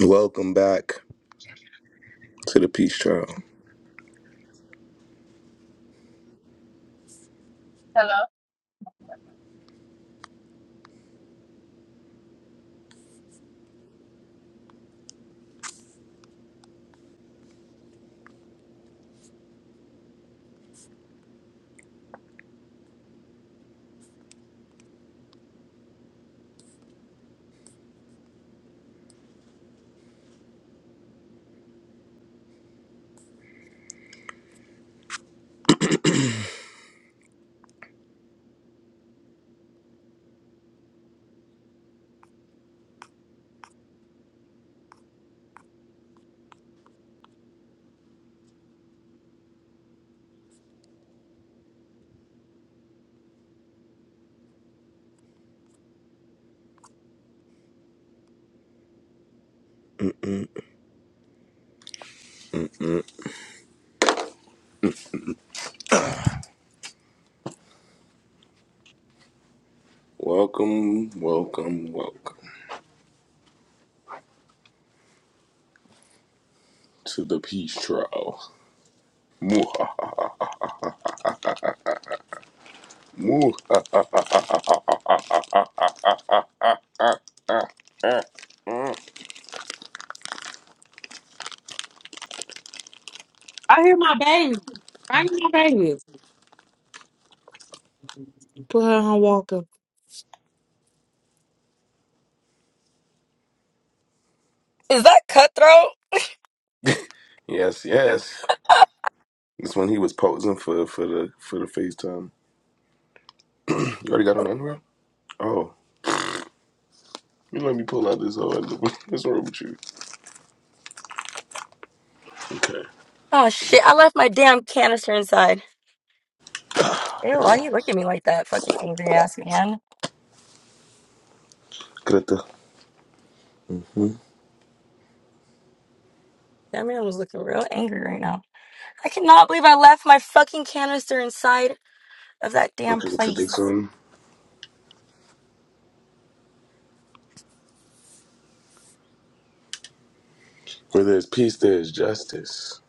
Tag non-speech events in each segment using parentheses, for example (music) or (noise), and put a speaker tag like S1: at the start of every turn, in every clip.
S1: Welcome back to the Peace Trial.
S2: Hello.
S1: Welcome, welcome, welcome to the Peace Trial. Mwah, mwah.
S3: I hear my baby. I hear my baby. Put her on walker.
S4: Is that cutthroat?
S1: Yes, yes. This one he was posing for for the for the FaceTime. You already got on underwear? Oh, you let me pull out this whole underwear. (laughs) What's wrong with you? Okay.
S4: Oh shit, I left my damn canister inside. Ew, why you look at me like that? Fucking angry ass man.
S1: Good.
S4: That man was looking real angry right now. I cannot believe I left my fucking canister inside of that damn
S1: Okay, for this
S4: place.
S1: one. Where there's peace, there's justice.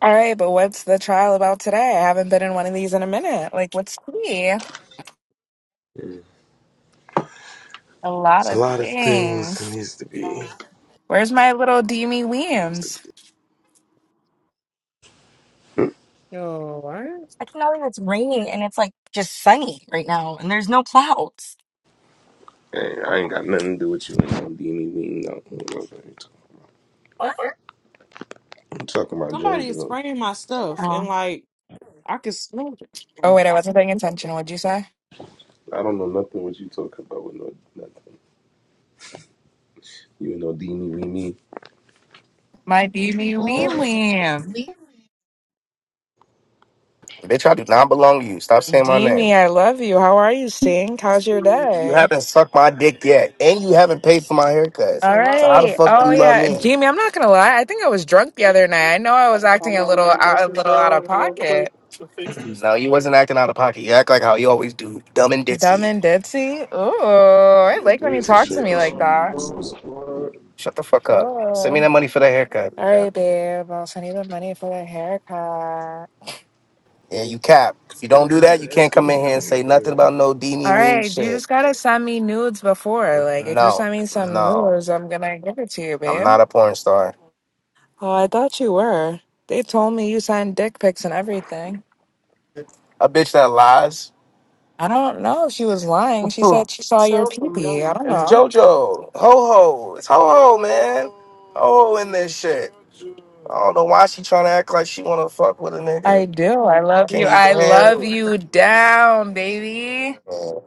S5: All right, but what's the trial about today? I haven't been in one of these in a minute. Like, let's see. A
S1: Mm.
S5: lot
S1: It's a
S5: of
S1: lot of things that
S5: things.
S1: needs to be. Needs
S5: Where's my little Deemy
S1: to be.
S5: Weems?
S1: Hmm?
S3: Oh,
S4: I cannot believe it's raining and it's like just sunny right now and there's no clouds.
S1: Hey, I ain't got nothing to do with you. Ain't gonna be me. No. no.
S4: What?
S1: I'm talking about
S3: Somebody is
S1: JoJo.
S3: spraying my stuff, and
S4: Oh.
S3: like I can smell
S5: Oh,
S3: it.
S5: wait, I wasn't paying attention. What'd you say?
S1: I don't know nothing what you talking about with no nothing. You know Dini Weenie.
S5: My Deemy
S4: Oh.
S5: Weem Weem.
S6: Bitch, I do not belong to you. Stop saying my
S5: Deemy,
S6: name.
S5: I love you. How are you, Stink? How's your
S6: You
S5: day?
S6: haven't sucked my dick yet, and you haven't paid for my haircut.
S5: All
S6: So how the
S5: right.
S6: fuck do
S5: Oh,
S6: you love
S5: yeah.
S6: me?
S5: Deemy, I'm not going to lie. I think I was drunk the other night. I know I was
S6: On
S5: acting a
S6: my
S5: little
S6: way to
S5: out, a little out of
S6: Murfreesboro real quick
S5: pocket.
S6: to fix this. No, you wasn't acting out of pocket. You act like how you always do, dumb and
S5: Dumb
S6: ditzy.
S5: and ditzy. Ooh, I like when you
S1: Where's the
S5: talk to
S1: shirt
S5: me
S1: that
S5: like
S7: Yo,
S1: you
S5: that.
S1: was
S7: what?
S1: wearing?
S6: Shut the fuck up. Send
S5: Ooh.
S6: me that money for the haircut.
S5: All right, babe. I'll send you the money for the haircut.
S6: Yeah,
S1: Well,
S6: you cap. If you
S1: you
S6: don't
S1: wanna
S6: do
S1: put on
S6: that, you
S1: pants
S6: can't
S1: because
S6: come
S1: it be
S6: in here and
S1: cold
S6: say
S1: over there,
S6: nothing
S1: right?
S6: about no
S5: All
S6: Dini Ween
S5: right, you
S6: shit.
S5: just gotta send me nudes before. Like, if you
S6: No,
S5: send me some
S6: no,
S5: nudes, I'm gonna give it to you,
S6: I'm
S5: babe.
S6: not a porn star.
S5: Oh, I thought you were. They told me you sent dick pics and everything.
S6: A bitch that lies
S5: I don't know if she was lying. She said she saw your pee pee. I don't
S6: It's
S5: know.
S6: JoJo. Ho ho. It's ho ho, man. Ho ho in this shit. I don't know why she trying to act like she wanna fuck with a
S5: I
S6: nigga.
S5: do. I love you.
S6: Can't
S5: I
S6: even
S5: love
S6: handle it.
S5: you down, baby.
S6: Uh,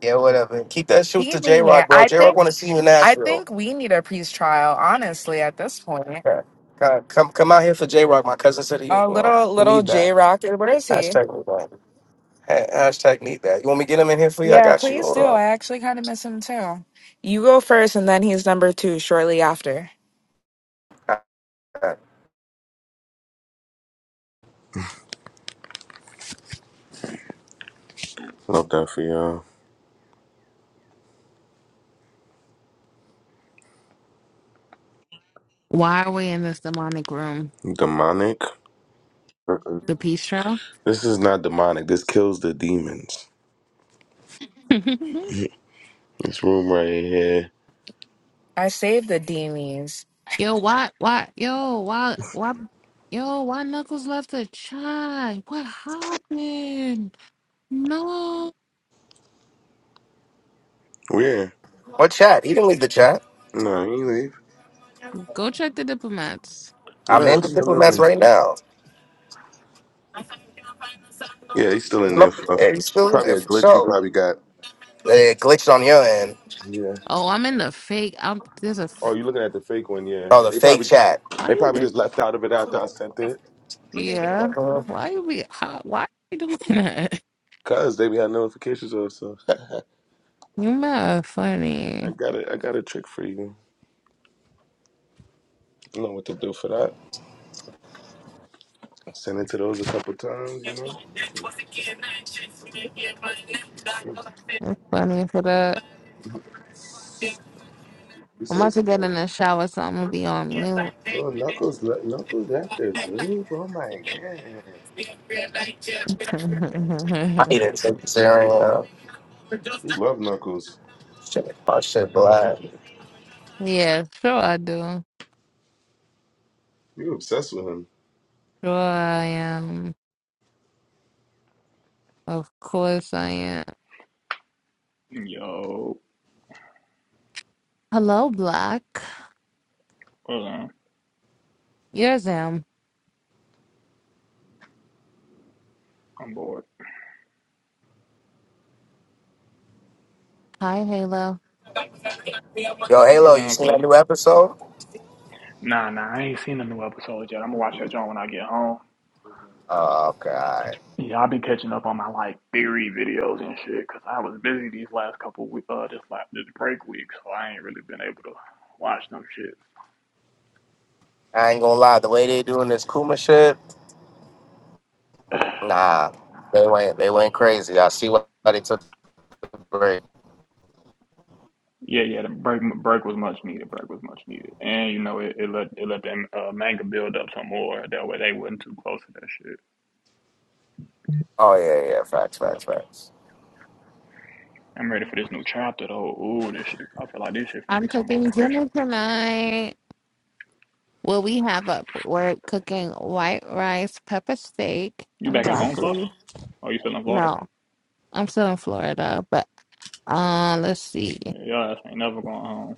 S6: Yeah, whatever. Keep that shoot
S5: See
S6: to J
S5: me here.
S6: Rock, bro.
S5: I
S6: J Rock
S5: think.
S6: wanna see you in
S5: I
S6: Nashville.
S5: think we need a peace trial, honestly. At this point,
S6: Yeah. Come come come out here for J Rock. My cousin said he you
S5: a
S6: know,
S5: little
S6: we
S5: little
S6: need
S5: J
S6: that.
S5: Rock. What is he?
S6: Hashtag need that. Ha- Hashtag need that. You want me to get him in here for you? I
S5: Yeah,
S6: got you.
S5: please
S6: Hold
S5: do.
S6: on.
S5: I actually kind of miss him too. You go first, and then he's number two shortly after.
S6: Alright.
S1: Love that for y'all.
S8: Why are we in this demonic room?
S1: Demonic. Uh-uh.
S8: The peace trail?
S1: This is not demonic. This kills the demons.
S8: (laughs) yo,
S1: This room right here.
S5: I saved the Demies.
S8: why, why, yo, why, why, yo, why Knuckles left the chat? What happened? No,
S1: Where?
S6: What chat? He didn't leave the chat.
S1: No, he leave.
S8: go check the diplomats.
S6: I'm
S1: No,
S6: in the
S1: he's still in
S6: diplomats
S1: there.
S6: right now.
S1: Yeah, he's still in
S6: There's
S1: there,
S6: no- Yeah,
S1: Fluff.
S6: he's still in
S1: Probably
S6: there
S1: a
S6: for
S1: glitch you
S6: sure.
S1: probably got.
S6: It glitched on your end.
S1: Yeah.
S8: Oh, I'm in the fake. I'm there's a.
S1: Oh,
S8: f-
S1: you looking at the fake one? Yeah.
S6: Oh, the
S1: They
S6: fake
S1: probably
S6: chat.
S8: Why
S1: they
S8: you
S1: probably
S8: did?
S1: just left out of it after I sent it.
S8: Yeah.
S6: I
S8: Why you be? How, why you doing (laughs) that?
S1: Cause they be having notifications on, so
S8: You mad
S1: I
S8: funny.
S1: got a I got a trick for you. You know what to do for that. Send it to those a couple times, you know.
S8: You're funny for that.
S1: You
S8: I'm
S1: so
S8: about to get
S1: slow.
S8: in the shower, so I'm gonna be on mute.
S1: Oh, Knuckles, le- Knuckles left the group. Oh my god,
S6: need it. Zero.
S1: you love Knuckles.
S6: Shit. Oh, shit, black.
S8: (laughs) yeah, sure I do.
S1: You obsessed with him.
S8: Sure, I am. Of course, I am.
S7: Yo,
S8: Hello, Black.
S7: hold on.
S8: Yes, I am.
S7: I'm bored.
S8: Hi, Halo.
S6: Yo,
S7: What's
S6: Halo, you
S7: on,
S6: seen
S7: close?
S6: that new episode?
S7: Nah, nah, I ain't seen a new episode yet. I'm gonna watch that joint when I get home.
S6: Oh, okay. all right.
S7: Yeah, i have been catching up on my like theory videos and shit. Cause I was busy these last couple weeks, uh, this like this break week, so I ain't really been able to watch no shit.
S6: I ain't gonna lie. The way they doing this Kuma shit,
S7: (sighs)
S6: nah. They went, they went crazy. I see why they took the break.
S7: yeah, yeah, the break break was much needed. Break was much needed, and you know it, it let it let them uh, manga build up some more. That way they wasn't too close to that shit.
S6: Oh, yeah, yeah. yeah. Facts, facts, facts.
S7: I'm ready for this new chapter though. Ooh, this shit. I feel like this shit finna be
S8: I'm
S7: some more
S8: cooking
S7: pressure.
S8: dinner tonight. Well, we have a We're cooking white rice, pepper steak,
S7: You
S8: and
S7: back at home, Fluff?
S8: broccoli.
S7: Oh, you still in Florida?
S8: No, I'm still in Florida, but uh, let's see.
S7: Yeah, your ass ain't never going home.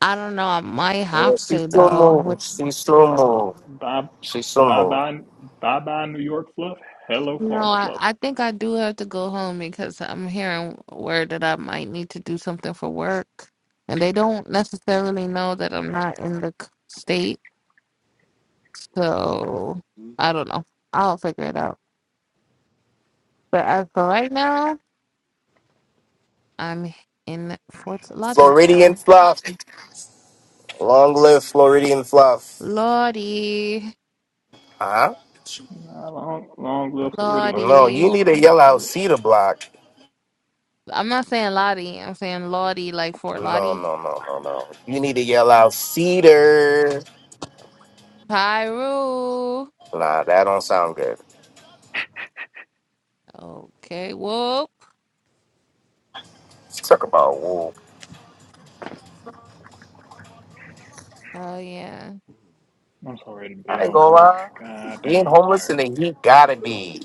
S8: I don't know. I might
S6: Yeah,
S8: have
S6: she
S8: to
S6: still
S8: though.
S6: move. She still move.
S7: Bye,
S6: She still
S7: bye,
S6: move.
S7: bye, bye, bye, New York, Fluff. Hello,
S8: No,
S7: Florida,
S8: I,
S7: Fluff.
S8: I think I do have to go home because I'm hearing word that I might need to do something for work. And they don't necessarily know that I'm not in the c- state. So I don't know. I'll figure it out. But as for right now, I'm in Fort Lauderdale.
S6: Floridian fluff. Long live Floridian fluff.
S8: Lottie.
S6: Huh?
S7: Nah, long, long live Floridian
S6: No,
S7: Fluff
S6: you
S8: Lottie.
S7: is
S6: need to
S7: funny
S6: yell
S7: as
S6: out
S7: shit.
S6: Cedar Block.
S8: I'm not saying Lottie. I'm saying Lottie like Fort
S6: No,
S8: Lottie.
S6: no, no, no, no. You need to yell out cedar.
S8: Pyro.
S6: Nah, that don't sound good.
S8: Okay. Whoop.
S6: Talk about wool.
S8: Oh yeah.
S7: I'm so ready to be
S6: I ain't
S7: off
S6: gonna
S7: work.
S6: lie.
S7: God
S6: Being
S7: damn, I'm
S6: homeless in
S7: tired.
S6: the heat gotta be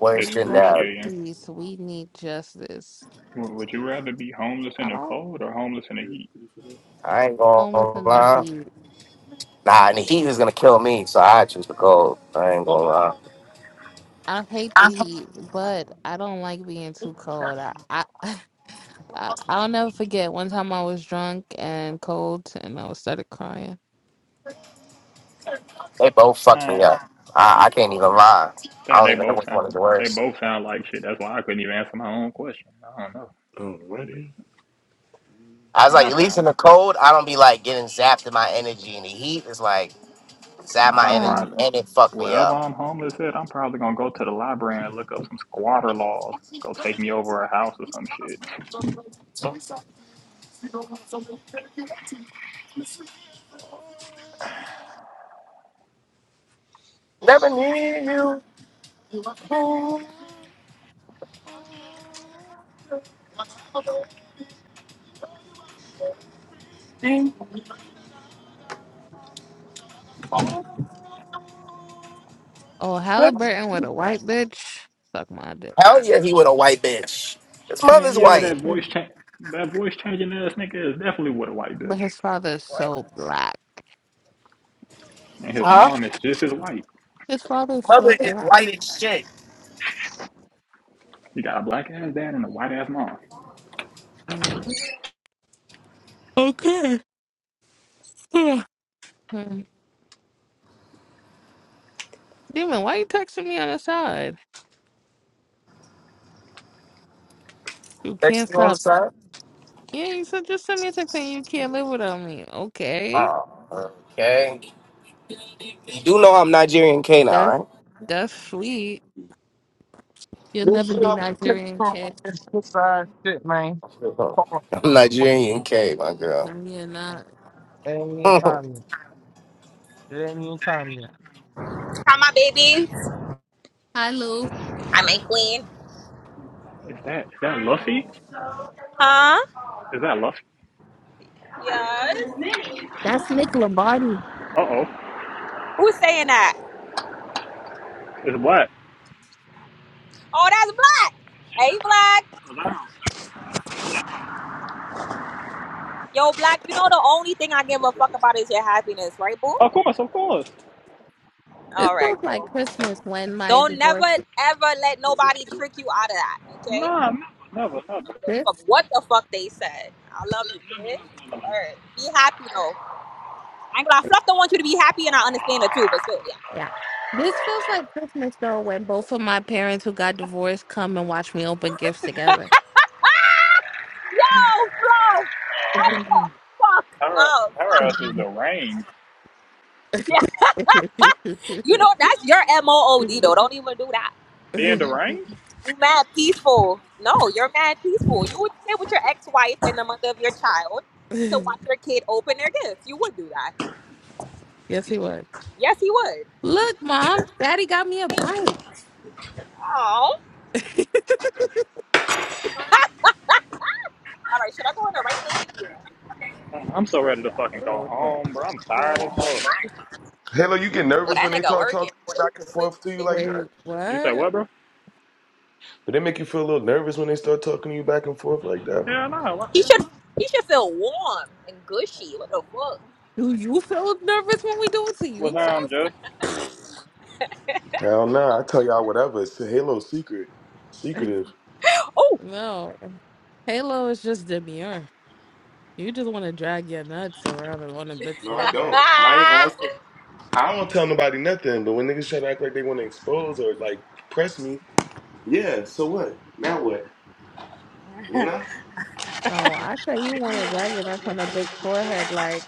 S6: worse
S8: Bring
S6: than
S8: back
S6: that.
S7: Excruciating.
S8: peace. We need justice.
S7: Would you rather be homeless in
S8: I
S7: the
S8: don't
S7: cold or homeless in the heat?
S6: I ain't gonna
S8: homeless in the
S6: lie.
S8: heat.
S6: Nah, and the heat is gonna kill me, so I choose the cold. I ain't gonna lie.
S8: I hate the heat, but I don't like being too cold. I, I, (laughs) I I'll never forget one time I was drunk and cold, and I started crying.
S6: They both fucked me
S7: I,
S6: up. I, I can't even lie.
S7: they,
S6: I don't
S7: they
S6: even know
S7: both
S6: which one is
S7: sound they
S6: worse.
S7: both sound like shit. That's why I couldn't even answer my own question. I don't know. but.
S1: Alrighty.
S6: I was like,
S7: I
S6: at least in
S7: probably,
S6: the cold, I don't be like getting zapped in my energy. And the heat is like zap my
S7: I
S6: energy
S8: Ah.
S7: probably,
S6: and it fucked me
S7: wherever
S6: up.
S7: I'm homeless at, I'm probably gonna go to the library and look up some squatter laws. Go take me over a house or some shit. (laughs)
S6: Never knew you.
S8: Oh, Halliburton with a white bitch. Fuck my dick.
S6: Hell yeah, he with a white bitch. His
S7: Yeah,
S6: mother's
S7: yeah,
S6: white.
S7: that
S8: His-
S7: voice change, that voice changing ass nigga is definitely with a white bitch,
S8: But his father is
S6: What?
S8: so black.
S7: and his mom is just as white.
S8: His father is so black.
S7: He got a black ass dad and a white ass mom.
S8: Mm. Okay. (sighs) Mm. Demon, why you texting me on the side? You
S6: Text
S8: can't
S6: you on the
S8: stop.
S6: side?
S8: Yeah, you said just send me a text saying you can't live without me. Okay.
S6: Oh, okay. You do know I'm Nigerian K now,
S8: That's that's sweet. You'll
S2: This
S8: never
S2: shit,
S8: be
S2: I'm taking
S8: Nigerian
S2: from
S8: cat.
S2: this side shit, man.
S6: right?
S2: Fuck,
S6: (laughs) I'm
S2: fuck,
S6: Nigerian K, my girl.
S8: No, you're
S2: fuck.
S8: not.
S2: It ain't even
S6: (laughs)
S2: time yet. It ain't even time yet.
S9: From my babies.
S8: Hi Lou.
S9: I'm a queen.
S7: Is that is that Luffy?
S9: Huh?
S7: Is that Luffy?
S9: Yes.
S8: That's Nick Lombardi.
S7: Uh oh,
S9: Who's saying that?
S7: it's black.
S9: Oh, that's black. Hey, black.
S7: Wow.
S9: Yo, black. You know the only thing I give a fuck about is your happiness, right, boo?
S7: Of course, of course.
S8: This
S9: All right,
S8: feels
S9: cool.
S8: like Christmas when my
S9: Don't never
S8: divorce
S9: ever let nobody trick you out of that. Okay.
S7: Nah, never, never, never,
S9: I don't
S7: never,
S9: give a
S8: this
S9: fuck what the fuck they said. I love you, kid.
S7: never, never,
S9: All
S7: never.
S9: right. Be happy though. I ain't gonna lie, Fluff don't want you to be happy, and I understand it too. But still, yeah.
S8: yeah. This feels like Christmas though when both of my parents who got divorced come and watch me open gifts together.
S9: Yo, Fluff.
S8: (laughs)
S9: What the fuck?
S7: Our,
S9: Oh.
S7: our ass is deranged.
S9: yeah. (laughs) you know, that's your MOOD though. Don't even do that.
S7: Being deranged?
S9: You mad peaceful. No, you're mad peaceful. You would stay with your ex-wife and the mother of your child to watch your kid open their gifts. You would do that.
S8: yes he was.
S9: Yes, he would.
S8: Look, Mom, Daddy got me a bike.
S9: Oh. (laughs)
S8: (laughs)
S9: All right, should I go in the right lane? Yeah.
S7: I'm so ready to
S9: yeah.
S7: fucking go
S8: Oh my
S7: home, bro. I'm tired
S8: god.
S7: as fuck.
S1: Hello, you get
S9: Oh,
S1: nervous
S9: that
S1: when they
S9: nigga
S1: talk
S9: working.
S1: talking
S9: (laughs)
S1: back and forth to you like that.
S8: Wait,
S7: You say
S8: what?
S7: what, bro?
S1: Do they make you feel a little nervous when they start talking to you back and forth like that?
S7: Hell no. What?
S9: He should he should feel warm and gushy. What the fuck?
S8: Do you feel nervous when we do it to
S7: Was
S8: you,
S7: um
S8: Tough?
S7: just?
S1: Hell no, I tell y'all whatever. It's a Halo secret,
S8: (laughs)
S1: secretive.
S9: Oh.
S8: No. Halo is just demure. You just want to drag your nuts around and on a big
S1: No, I
S9: (laughs)
S8: forehead.
S1: don't. I ain't
S9: Ah.
S1: asking. I don't tell nobody nothing. But when niggas try to act like they want to expose or like press me, yeah. So what? Now what? You know?
S8: No, I said you want to drag your nuts on a big forehead. Like,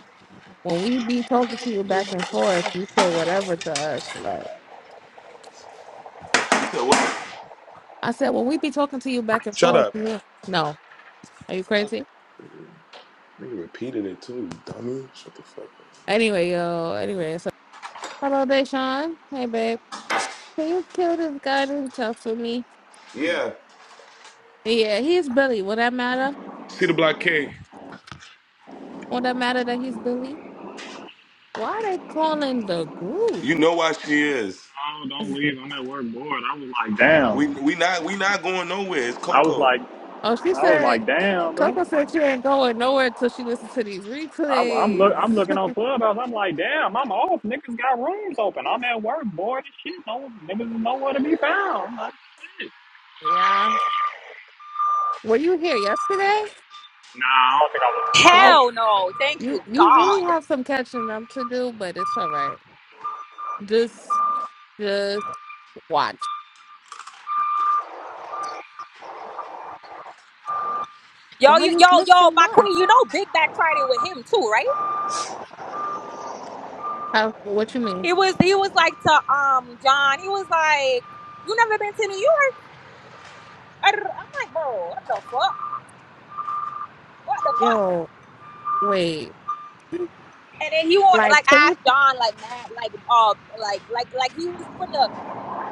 S8: when we be talking to you back and forth, you say whatever to us. Like,
S1: So what?
S8: I said, when we be talking to you back and
S1: Shut
S8: forth,
S1: up.
S8: yeah. No. Are you crazy?
S1: Nigga Nigga repeated it too, dummy. Shut the fuck up.
S8: Anyway, yo. Anyway, so hello, Deshaun. Hey, babe. Can you kill this guy named Tough for me?
S1: Yeah.
S8: Yeah, he's Billy. Would that matter?
S1: See the block K.
S8: Would that matter that he's Billy? Why they calling the group?
S1: You know why she is.
S7: Oh, don't leave. I'm at work bored. I was like, damn.
S1: We we not we not going nowhere. It's
S7: I was
S1: Coco.
S7: like,
S8: Oh, she
S7: I was like,
S8: said,
S7: damn, bro.
S8: Coco said she ain't going nowhere until she listens to these
S7: I, I'm look,
S8: replays.
S7: I'm looking
S8: (laughs)
S7: on Clubhouse. I'm like, damn, I'm off. Niggas got rooms open. I'm at work bored as shit. No niggas is nowhere to be found. I'm like, shit.
S8: yeah. Were you here yesterday?
S7: Nah, I don't think I was.
S8: You feel
S7: I
S8: like-
S7: was
S9: Hell no. Thank you,
S8: you you really
S9: God.
S8: have some catching up to do, but it's all right. Just just watch.
S9: Yo,
S8: Why
S9: you,
S8: you
S9: yo,
S8: miss
S9: yo,
S8: so
S9: my
S8: much?
S9: queen, you know Big Back Friday with him too, right?
S8: How, what you mean?
S9: He was he was like to um John. He was like, "You never been to New York?" I'm like, "Bro, what the fuck? What the fuck?"
S8: Yo, wait.
S9: And then he want
S8: Like
S9: like
S8: so you?
S9: ask John like mad like uh like like like he was finna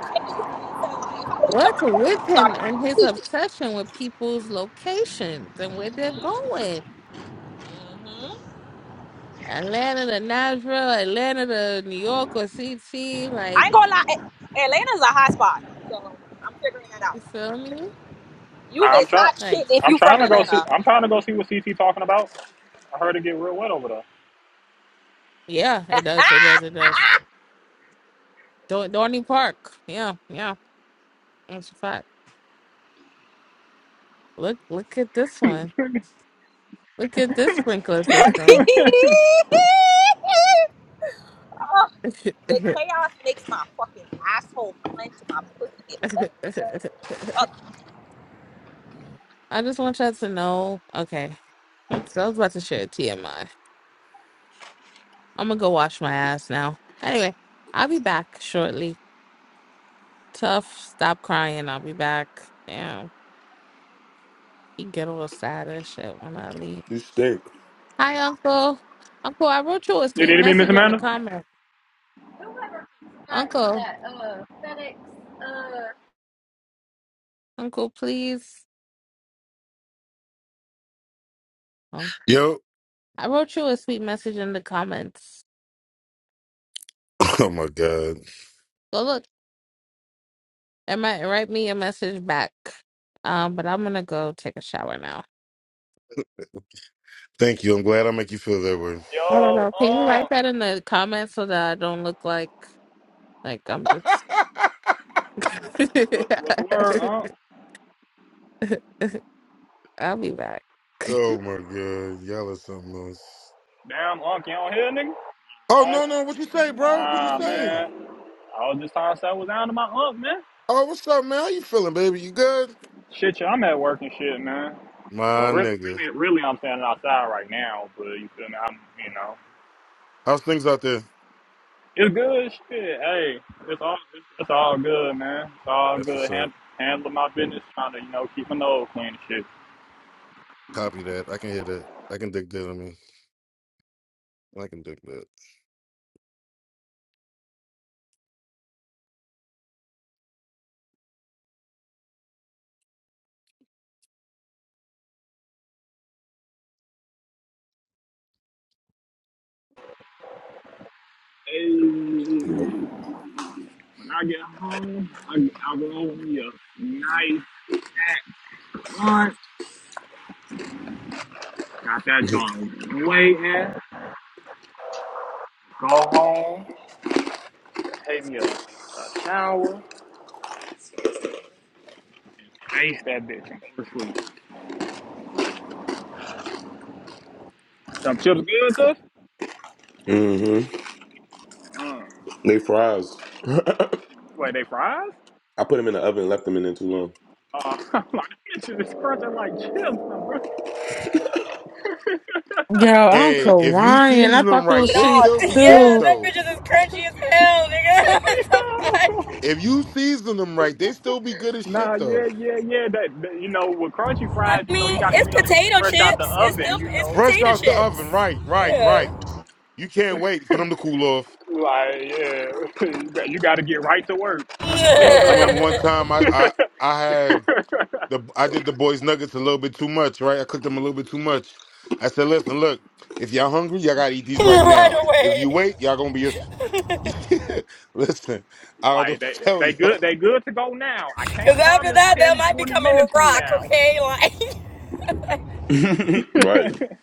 S9: change his answer. Like if I was John,
S8: What's
S9: I would
S8: with
S9: have
S8: him
S9: started
S8: and his
S9: tweaking.
S8: obsession with people's locations and where they're
S9: hmm
S8: going?
S9: hmm
S8: Atlanta to Nashville, Atlanta to New York or CT,
S9: I
S8: like
S9: ain't gonna lie, A- Atlanta's a hot spot, so I'm figuring that out.
S8: you feel me?
S9: You
S7: I'm
S9: is
S7: trying.
S9: hot
S8: Like
S9: shit if
S7: I'm
S9: you
S7: trying
S9: from
S7: to go
S8: yeah.
S7: see.
S9: Atlanta.
S7: I'm trying to go see what CT talking about. I heard it get real wet over
S8: Yeah, it does, it does, it does. Do- Dorney Park. Yeah, yeah. That's a fact. Look look at this one.
S7: there.
S8: Look at this sprinkler system.
S7: (laughs)
S9: (laughs)
S8: (laughs)
S9: The chaos makes my fucking asshole clench and my pussy get wet. Fuck.
S8: I just want y'all to know. Okay. (laughs) so I was about to share TMI. I'm gonna go wash my ass now. Anyway, I'll be back shortly. Tough, stop crying. I'll be back. Damn, you get a little sad and shit when I leave.
S1: You stink.
S8: Hi, Uncle. Uncle, I wrote you a
S7: you
S8: sweet
S7: need me, Miss
S8: message in the
S7: Amanda?
S8: comments.
S7: Whoever got to
S8: Uncle,
S7: that uh, FedEx. Uh...
S8: Uncle, please. Oh,
S10: Yo,
S8: I wrote you a sweet message in the comments.
S10: (laughs) (coughs) oh my god.
S8: Go look. It might write me a message back. Um, but I'm gonna go take a shower now.
S10: Thank you. I'm glad I make you feel that way.
S8: I don't
S7: Yo,
S8: know. Can you write
S7: Unc.
S8: that in the comments so that I don't look like like I'm just
S7: What, what's the word,
S8: (laughs)
S7: Unc?
S8: I'll be back.
S10: Oh my god. Y'all are something else.
S7: Damn, Unc, you don't hear, nigga?
S10: Oh
S7: I,
S10: no, no, what you say, bro? What you
S7: nah,
S10: say?
S7: man. I was just trying to say I was down to my Unc, man.
S10: Oh, what's up, man? How you feeling, baby? You good?
S7: Shit, yeah, I'm at work and shit, man. Well,
S10: My
S7: really,
S10: nigga.
S7: really, really, I'm standing outside right now, but you feel me? I'm, you know.
S10: How's things out there?
S7: It's good shit. Hey, it's all it's, it's all good, man. It's all
S10: That's what's
S7: good.
S10: up.
S7: Hand, handling my business, trying to you know keep my nose clean and shit.
S10: Copy that. I can hear that. I can dig that on me. I can dig that.
S7: Hey,
S1: Yeah.
S7: when I get home, I, I roll me a nice lunch. Got that joint waiting. Go home, take me a, a shower, and face that bitch and go to sleep. Them chips good, tough?
S1: Mm-hmm.
S7: Uh,
S1: They fries.
S7: wait, they fries?
S1: I put them in the oven and left them in there too long.
S7: Uh, (laughs) my! am like, bitches is crunching like chips, bro. (laughs)
S3: Yo, I'm
S10: Hey, if you
S3: crying. I
S10: season them
S3: thought
S10: right,
S3: those
S10: they
S3: shit
S4: No,
S10: still
S4: (laughs)
S10: be good
S4: yeah,
S3: too.
S4: that
S10: though.
S4: bitch is as crunchy as
S7: (laughs)
S4: hell, nigga.
S7: Yo.
S10: If you season them right, they still be good as shit
S7: Nah,
S10: though.
S7: yeah, yeah, yeah. That, that you know, with crunchy
S4: (laughs) I
S7: fries, you know, you
S4: mean,
S7: gotta
S4: it's
S7: eat them bitches
S4: potato
S7: fresh out the
S4: chips. It's
S7: oven.
S4: still
S7: You
S4: it's
S7: know,
S10: Fresh
S4: potato
S10: out the
S4: chips.
S10: oven, right, right,
S4: yeah.
S10: right. You can't wait for them to cool off.
S7: like yeah, (laughs) you got you gotta get right to work.
S4: (laughs)
S7: You can't
S1: Yep.
S7: even
S10: I
S7: let them.
S10: remember one time
S7: (laughs)
S10: I I I had the I did the boys nuggets a little bit too much, right? I cooked them a little bit too much. I said, listen, look, if y'all hungry, y'all gotta eat these right
S4: right
S10: now. If you
S4: away.
S10: wait, y'all gonna be a (laughs) listen. I
S7: like
S10: don't
S7: they
S10: tell
S7: they good
S10: y'all.
S7: they good to go now. I
S4: Because
S7: can't
S4: after
S7: promise
S4: that, they
S7: 10,
S4: might
S7: 20
S4: become a
S7: minutes from
S4: rock,
S7: now.
S4: okay? Like,
S1: (laughs) right.
S7: (laughs)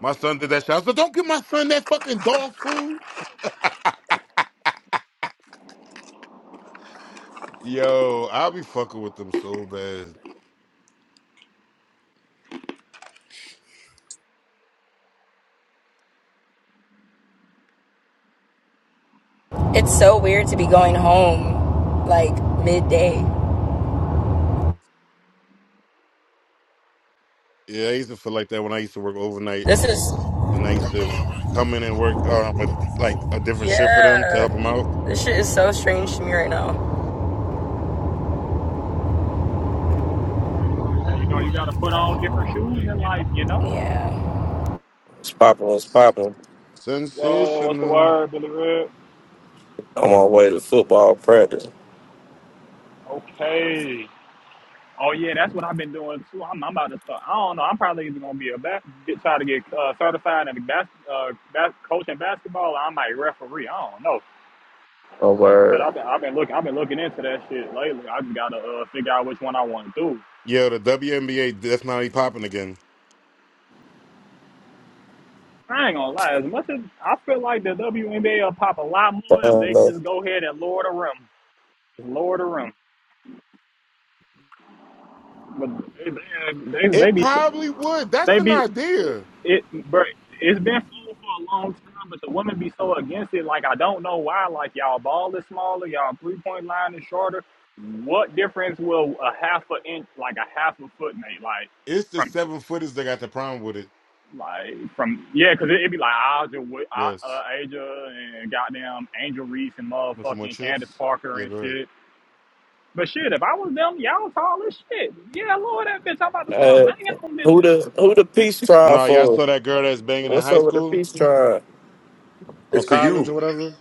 S10: My son did that shit. I said, don't give my son that fucking dog food. Yo, I'll be fucking with them so bad.
S4: (laughs) it's so weird to be going home like midday.
S10: Yeah, I used to feel like that when I used to work overnight,
S4: This is,
S10: and I used to come in and work um a, like a different shift for them to
S4: yeah.
S10: help them out.
S4: This shit is so strange to me right now.
S7: And, you know, you gotta put on different shoes in life. You know.
S4: Yeah.
S11: It's popping, it's popping.
S7: Whoa, what's the
S10: Sensational.
S7: word, Billy Red?
S11: I'm on my way to football practice.
S7: Okay. Oh yeah, that's what I've been doing too. I'm, I'm about to start. I don't know. I'm probably either gonna be a bas- get, try to get uh, certified in bas- uh, bas- coaching basketball, or I might referee. I don't know.
S11: Oh,
S7: But
S11: word.
S7: I've been I've been looking I've been looking into that shit lately. I just gotta uh, figure out which one I want to do.
S10: Yo, the WNBA definitely popping again.
S7: I ain't gonna lie. As much as I feel like the WNBA will pop a lot more if
S11: Fun,
S7: they could
S11: though.
S7: just go ahead and lower the rim, just lower the rim. But they they they, they
S10: It
S7: be
S10: probably would. That's
S7: They
S10: an
S7: be
S10: idea.
S7: it, bro. It's been sold for a long time, but the women be so against it. Like I don't know why. Like y'all ball is smaller, y'all three point line is shorter. What difference will a half a inch, like a half a foot make, like
S10: It's the
S7: from,
S10: seven footers that got the problem with it.
S7: like from yeah, because it'd be like Aja, Wi- A-
S10: Yes.
S7: uh, Aja and goddamn Angel Reese and
S10: Want some more
S7: motherfucking Candace
S10: chips?
S7: Parker
S10: Yeah,
S7: and
S10: go ahead.
S7: shit. But shit, if I was them, y'all tall as shit. Yeah, Lord, that bitch, I'm about to start
S11: Hey,
S7: banging on
S11: who the
S7: bitches.
S11: who the peace trial
S10: No, y'all
S11: for?
S10: saw that girl that's banging in
S11: What's
S10: high
S11: up with the
S10: school
S11: peace trial?
S10: or
S1: It's for
S10: college
S1: you.
S10: or whatever?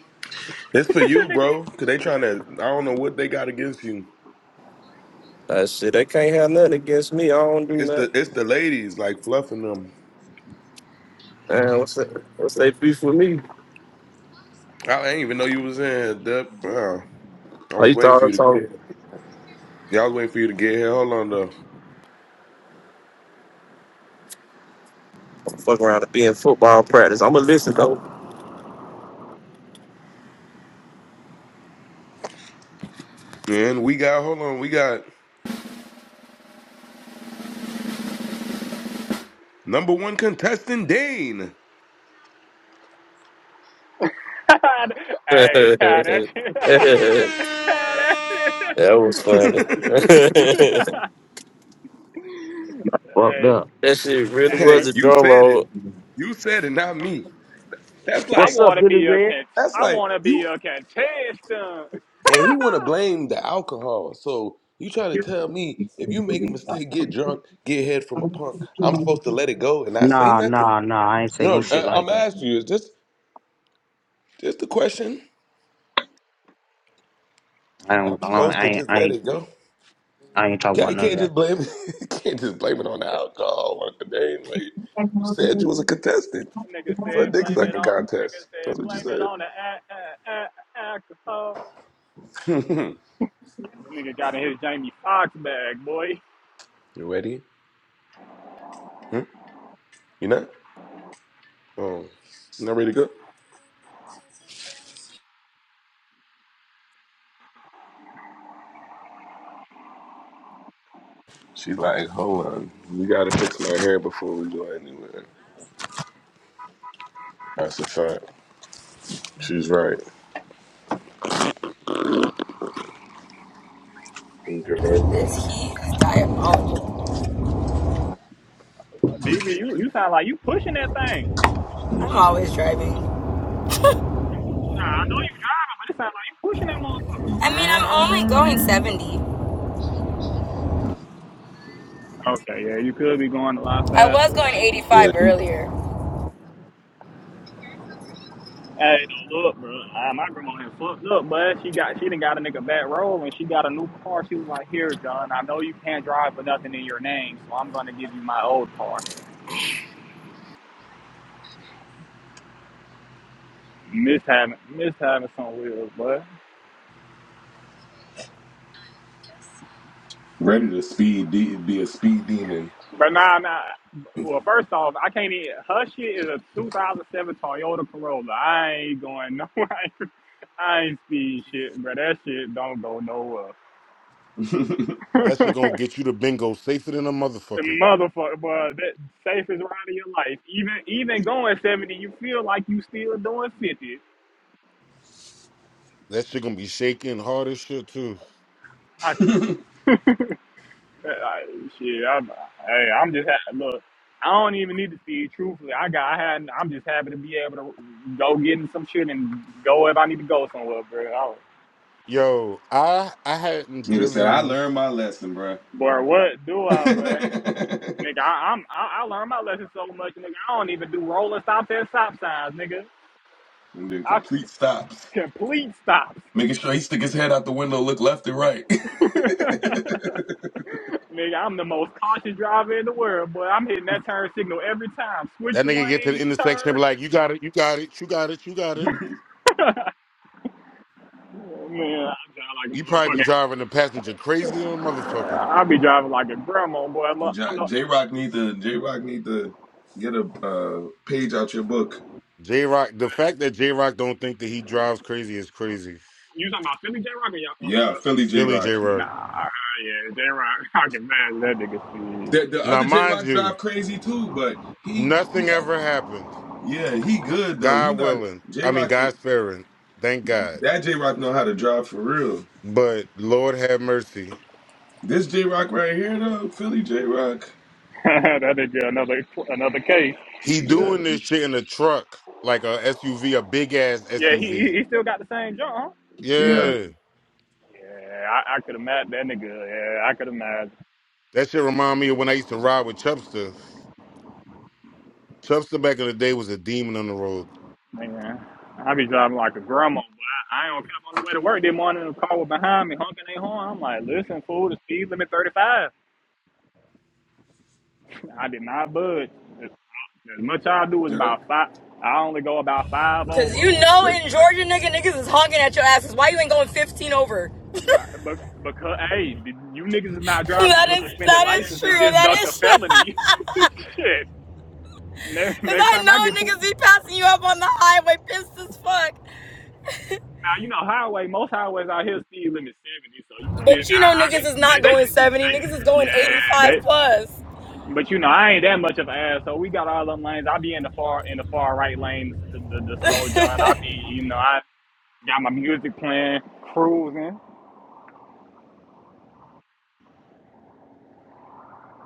S1: It's for you,
S7: (laughs)
S1: bro. Cause they trying to. I don't know what they got against you.
S11: That shit, they can't have nothing against me. I don't do
S1: It's the
S11: nothing.
S1: it's the ladies like fluffing them.
S11: Man, what's that? What's they beef with me?
S1: I didn't even know you was in here, Dep. Wow. I
S11: Oh,
S1: was
S11: you
S1: waiting
S11: thought
S1: for
S11: I
S1: you
S11: used
S1: to
S11: to
S1: get
S11: always talk.
S1: here. Yeah, I was waiting for you to get here. Hold on though.
S11: I'm fucking around to be in football practice. I'ma listen though.
S1: And we got hold on. We got number one contestant Dane.
S11: (laughs)
S7: hey, yeah, that shit.
S11: that
S7: that (laughs) (laughs)
S11: was
S1: (laughs)
S11: funny. (laughs)
S12: Fucked
S7: hey,
S12: up.
S11: that shit really
S7: damn
S1: hey,
S11: was
S7: it.
S11: a
S1: you
S11: drum
S1: said it.
S11: roll.
S1: You said it, not me. That's
S7: I
S12: What's
S1: like
S12: up,
S7: wanna
S12: Billy
S7: be a
S12: Red?
S7: cont-
S1: that's
S7: I
S1: like
S7: wanna be
S1: you.
S7: a contestant. (laughs)
S1: And he want to blame the alcohol. So you trying to tell me if you make a mistake, get drunk, get head from a punk, I'm supposed to let it go and I say
S12: Nah,
S1: nothing?
S12: nah, nah. I ain't say no
S1: No,
S12: shit
S1: uh,
S12: like
S1: I'm
S12: that.
S1: asking you. Is this just the question?
S12: I
S1: I'm
S12: don't. I don't-
S1: supposed
S12: I
S1: to
S12: ain't.
S1: just
S12: I
S1: let
S12: ain't,
S1: it go?
S12: I ain't talking
S1: Can't,
S12: about
S1: you
S12: none of
S1: can't
S12: that.
S1: just blame. (laughs) you can't just blame it on the alcohol or the name. Like you said, you was a contestant
S7: nigga
S1: for a
S7: said
S1: dick
S7: blame it
S1: sucking
S7: on. Nigga
S1: contest. That's
S7: said
S1: what you
S7: blame it
S1: said.
S7: on the a- a- a- alcohol.
S1: (laughs)
S7: Nigga got in his Jamie Foxx bag, boy.
S1: you ready? Hmm? You not? Oh, you not ready to go? She like, hold on, we gotta fix my hair before we go anywhere. That's a fact. She's right. In
S4: This heat is diabolical.
S7: BB, you you sound like you pushing that thing.
S4: I'm
S1: Mhm.
S4: always driving.
S7: Nah, I know you driving, but it sound like you pushing that
S4: I mean, I'm only going
S7: motherfucker.
S4: 70.
S7: Okay, yeah, you could be going a lot
S4: I was
S7: faster.
S4: going 85
S1: Yeah, he
S4: earlier.
S7: Hey, no, look, bro, I, my grandma done fucked up, but she got she done got a nigga back roll and she got a new car. She was like, "Here, John, I know you can't drive with nothing in your name, so I'm gonna give you my old car." Miss having miss having some wheels, but
S1: ready to speed de- be a speed demon.
S7: but nah, nah. Well, first off, I can't even. Her shit is a 2007 Toyota Corolla. I ain't going nowhere. (laughs) I ain't speed shit, bro. That shit don't go nowhere.
S1: (laughs) Nigga
S10: That shit
S7: (laughs)
S10: gonna get you to bingo safer than a
S7: The
S10: motherfucker.
S7: motherfucker, but that safest ride of your life. Even even going seventy, you feel like you still doing fifty.
S10: That shit gonna be shaking hard as shit too.
S7: I just, (laughs) I, shit, I'm, hey, I'm just happy. Look, I don't even need to see. it, Truthfully, I got, I had, I'm just happy to be able to go get in some shit and go if I need to go somewhere, bro. I don't-
S10: Yo, I I hadn't driven
S1: said, I
S10: in
S1: learned my lesson, bruh.
S7: Boy, what do I, but
S1: (laughs)
S7: nigga, I, I'm, I, I learned my lesson so much, nigga. I don't even do rolling stops and stop signs, nigga.
S1: and then
S7: I
S1: complete
S7: (laughs)
S1: stops,
S7: complete stops.
S1: making sure he stick his head out the window, look left and right. (laughs)
S7: (laughs) Nigga, I'm the most cautious driver in the world, boy. I'm hitting that turn signal every time. Switch
S10: that nigga get to the
S7: lanes,
S10: intersection and
S7: turn.
S10: be like, you got it, you got it, you got it, you got it.
S7: Oh, man, I drive like
S10: You probably be
S7: a
S10: driving the passenger crazy than a
S7: motherfucker.
S10: motherfucker.
S7: I be driving like a grandma, boy. I'm, a, I'm a,
S1: J Rock need to J Rock need to get a uh, page out your book.
S10: J Rock, the fact that J Rock don't think that he drives crazy is crazy.
S7: you talking about Philly J Rock or y'all?
S1: Yeah,
S7: Uh, uh,
S1: Philly J
S10: Philly J
S1: Rock.
S10: Rock.
S7: nah, uh, yeah, J Rock. (laughs) I can imagine that nigga speed.
S1: The the
S10: Now,
S1: other J
S10: mind
S1: Rock
S10: you,
S1: drive crazy too, but he
S10: nothing
S1: yeah,
S10: ever happens.
S1: yeah he good though. He
S10: God
S1: not
S10: willing.
S1: J
S10: I mean,
S1: Rock.
S10: God sparing. Thank God.
S1: That J Rock know how to drive for real.
S10: But Lord have mercy.
S1: This J Rock right here though, Philly J Rock.
S7: (laughs) that nigga another another case.
S10: He
S1: Yeah,
S10: doing this shit in a truck, like a SUV, a big ass
S7: Yeah, he
S10: SUV.
S7: he he still got the same jump. huh?
S1: yeah.
S10: Yeah.
S7: Yeah, I, I could imagine that nigga. Yeah, I could imagine.
S10: That shit remind me of when I used to ride with Chubster. Chubster back in the day was a demon on the road.
S7: Man, I be driving like a grandma, but I, I ain't gonna cap on the way to work this morning. The car was behind me, honking their horn. I'm like, listen, fool, the speed limit 35. (laughs) I did not budge. As, as much I do is
S1: yeah.
S7: about five. I only go about five
S4: Cause
S7: over.
S4: you know
S1: Good.
S4: in Georgia, nigga, niggas is honking at your asses. Why you ain't going 15 over? (laughs)
S7: But, but because hey, you niggas is not driving
S4: That
S7: on a
S4: is
S7: suspended
S4: that is
S7: license
S4: true.
S7: and just
S4: That
S7: ducked a
S4: is true. (laughs)
S7: felony. (laughs) Shit. Next,
S4: Cause
S7: next
S4: I
S7: time I get
S4: know
S7: pulled.
S4: niggas be
S7: Now
S4: passing you up on the highway, pissed as fuck.
S7: you know highway. Most highways out here speed limit seventy. So you feel
S4: But
S7: me?
S4: you
S7: I,
S4: know
S7: I,
S4: niggas is
S7: they,
S4: not
S7: they,
S4: going 70,
S7: they,
S4: niggas is going
S7: yeah, they.
S4: 85 plus.
S7: But you know, I ain't that much of an asshole. We got all them lanes. I be in the far in the far right lane, the, the, the slow
S4: (laughs)
S7: John. I
S4: yeah,
S7: be, you know, I got my music playing, cruising.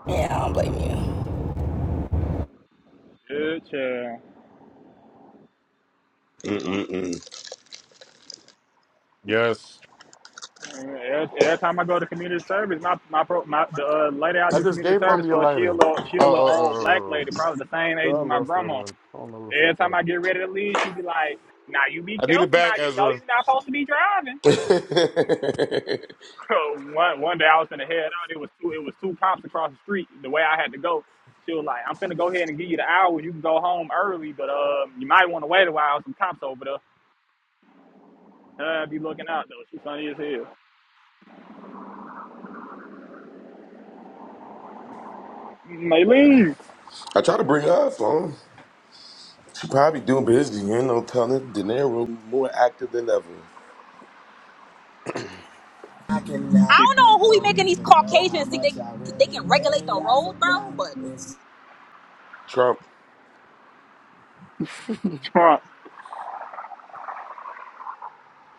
S4: I don't blame you.
S7: Good chill.
S1: Mm-mm-mm.
S10: Yes.
S7: Every, every time I go to community service, my my, pro, my the uh, lady I
S10: I
S7: do
S10: just
S7: community
S10: gave
S7: service
S10: mommy a
S7: for, she a
S10: lighter.
S7: little she
S10: Oh,
S7: a little
S10: oh, oh,
S7: old black
S10: oh.
S7: lady, probably the same
S10: So
S7: age
S10: I
S7: as my
S10: lost that
S7: grandma.
S10: one. I don't know what the
S7: Every
S10: fuck
S7: time
S10: that
S7: I
S10: one.
S7: get ready to leave, she be like, "Now you be
S10: I need it
S7: careful. Now
S10: back,
S7: you know
S10: Ezra.
S7: you're not supposed to be driving."
S1: (laughs)
S7: (laughs) one one day I was finna head out. It was two it was two cops across the street. The way I had to go, she was like, "I'm finna go ahead and give you the hour. You can go home early, but uh, you might want to wait a while. Some cops over there. Uh, be looking out though. She funny as hell. Maylene,
S1: I try to bring her up on. She probably doing business, you know, telling De Niro more active than ever.
S9: I
S7: (laughs) if
S9: don't know who I we making these Caucasians think they they really can regulate the road, bro. But
S1: Trump.
S7: Trump.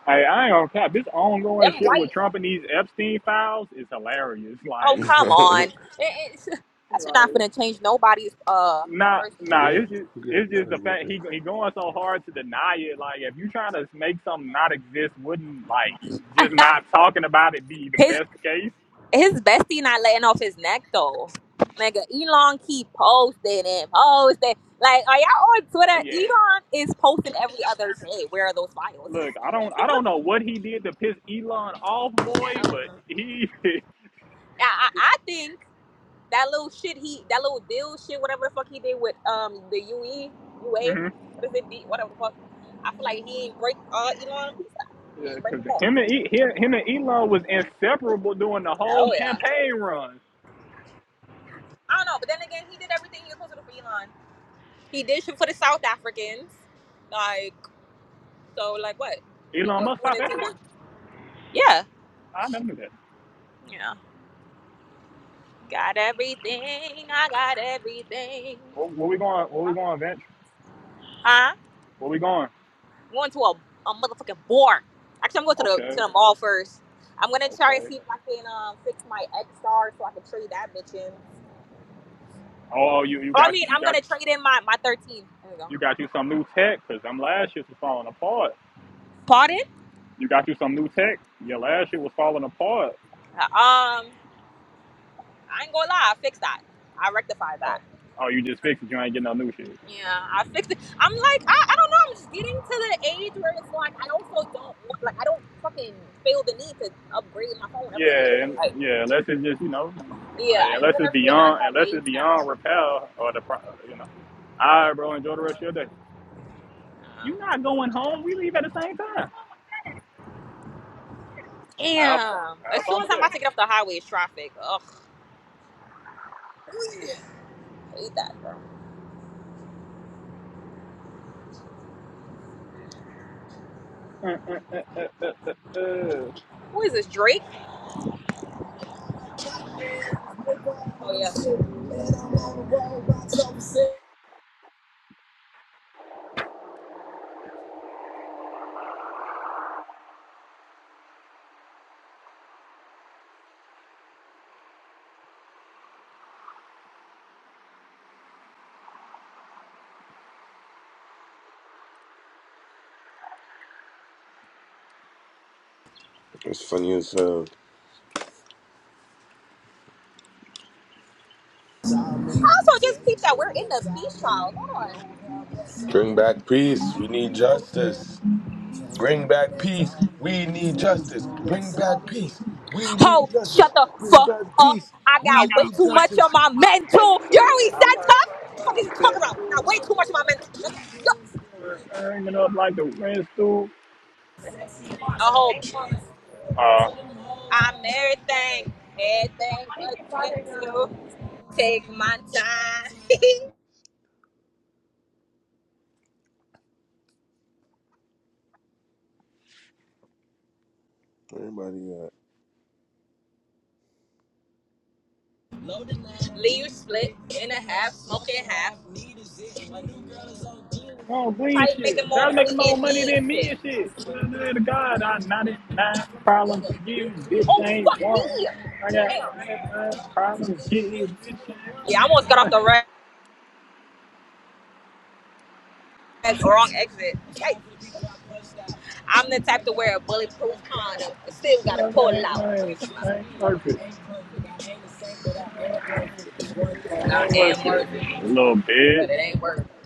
S7: Hey, I ain't gonna cap. This ongoing
S9: them
S7: shit
S9: white,
S7: with Trump and these Epstein files is hilarious.
S9: oh
S7: Like,
S9: come on,
S1: (laughs)
S9: It- it's- (laughs)
S7: (laughs)
S9: that's
S7: like.
S9: not gonna change nobody's uh
S7: Nah,
S9: person.
S1: Now Go
S7: nah.
S1: ahead.
S7: It's just
S1: Yeah,
S7: it's
S1: now
S7: just
S1: it's
S7: the
S1: right
S7: fact
S1: there.
S7: he he going so hard to deny it. Like if you trying to make something not exist, wouldn't like
S9: (laughs)
S7: just not talking about it be the
S9: his
S7: best case?
S9: his bestie not letting off his neck though. Nigga, Elon keep posting and posting. Like, are y'all on Twitter?
S7: Yeah.
S9: Elon is posting every other day. Where are those files?
S7: Look, I don't I don't know what he did to piss Elon off,
S9: (laughs) I
S7: boy,
S9: don't
S7: but
S9: know.
S7: he (laughs)
S9: I, I, I think. that little shit he that little deal shit whatever the fuck he did with um the UE UA
S7: Mhm.
S9: what is it D whatever the fuck I feel like he ain't break uh Elon he
S7: yeah,
S9: ain't break
S7: cause
S9: him off.
S7: him and E- him, him and Elon was inseparable during the whole
S9: Oh yeah.
S7: campaign run.
S9: I don't know, but then again he did everything he was supposed to do for Elon. He did shit for the South Africans, like so like what like
S7: Elon
S9: what
S7: must
S9: what
S7: stop
S9: does he
S7: everything.
S9: want? Yeah
S7: I never knew that.
S9: yeah. Got everything. I got everything.
S7: Where, where we going? Where we going, Vince? Where we going?
S9: going to a, a motherfucking bar. Actually, I'm going to the to
S7: Okay,
S9: the mall first. I'm gonna try to
S7: okay.
S9: see if I can um, fix my X star so I can trade that bitch in.
S7: Oh, oh, you you
S9: Oh, I
S7: got
S9: mean,
S7: you you
S9: I'm
S7: got
S9: gonna trade in my my 13. There we go.
S7: You got you some new tech because them last years was falling apart.
S9: Pardon?
S7: You got you some new tech. Your last year was falling apart.
S9: Uh, Um, I ain't gonna lie, I fixed that. I rectified
S7: Uh,
S9: that.
S7: oh, you just fixed it. You ain't getting no new shit.
S9: Yeah, I fixed it. I'm like, I, I don't know. I'm just getting to the age where it's like I also don't want, like I don't fucking feel the need to upgrade my phone every year.
S7: Yeah, and
S9: Like,
S7: yeah. Unless it's just you know,
S9: yeah,
S7: uh,
S9: I
S7: unless it's
S9: literally am at
S7: beyond,
S9: that
S7: unless
S9: age
S7: it's
S9: now.
S7: beyond repair or the pro, you know. All right, bro. Enjoy the rest of your day. You not going home. We leave at the same time. Have fun.
S9: Damn. As
S7: Have
S9: soon
S7: fun
S9: as
S7: with
S9: I'm
S7: that.
S9: about to get off the highway, it's traffic. Ugh, I hate that, bro.
S7: Uh, uh, uh, uh, uh, uh.
S9: Who is this, Drake? Oh, yeah.
S1: It's funny as hell.
S9: I also just peeped that we're in the beach house. Hold on.
S1: Bring back peace. We need justice. Bring back peace. We need justice. Bring back peace. We need
S9: Ho,
S1: justice.
S9: shut the
S1: Bring
S9: fuck
S1: back
S9: up.
S1: peace.
S9: I
S1: We
S9: got way
S1: need
S9: too much on
S1: justice.
S9: my mental. You
S7: Mental.
S9: already
S7: I learned
S9: said tough? The fuck is you
S7: what I've been
S9: talking about?
S7: through.
S9: Got way too much on my mental. nigga. Look,
S7: Burning up like the wind stool.
S9: A whole,
S7: Uh,
S9: I'm everything. Everything but gentle. Take my time. (laughs)
S1: Everybody,
S9: Leave split in a half, smoking half.
S7: Oh, green
S9: Probably making
S7: shit.
S9: more
S7: They're
S9: money
S7: making more
S9: than
S7: money
S9: me and
S7: than me
S9: shit.
S7: and shit. Glory to God, I 99 problems getting bitch
S9: Oh
S7: ain't
S9: fuck
S7: one.
S9: me!
S7: I got
S9: Damn.
S7: nine uh, problems getting bitch
S9: Yeah, I almost
S7: ain't
S9: got off
S7: one.
S9: the rag, wrong exit. Hey, I'm the type to wear a bulletproof condom and still gotta
S7: Well,
S9: pull
S7: that
S9: it out.
S7: ain't, I ain't worth it. That
S9: Not
S7: ain't
S9: damn
S7: worth it.
S9: worth it,
S7: Little bitch.
S9: but it ain't worth it.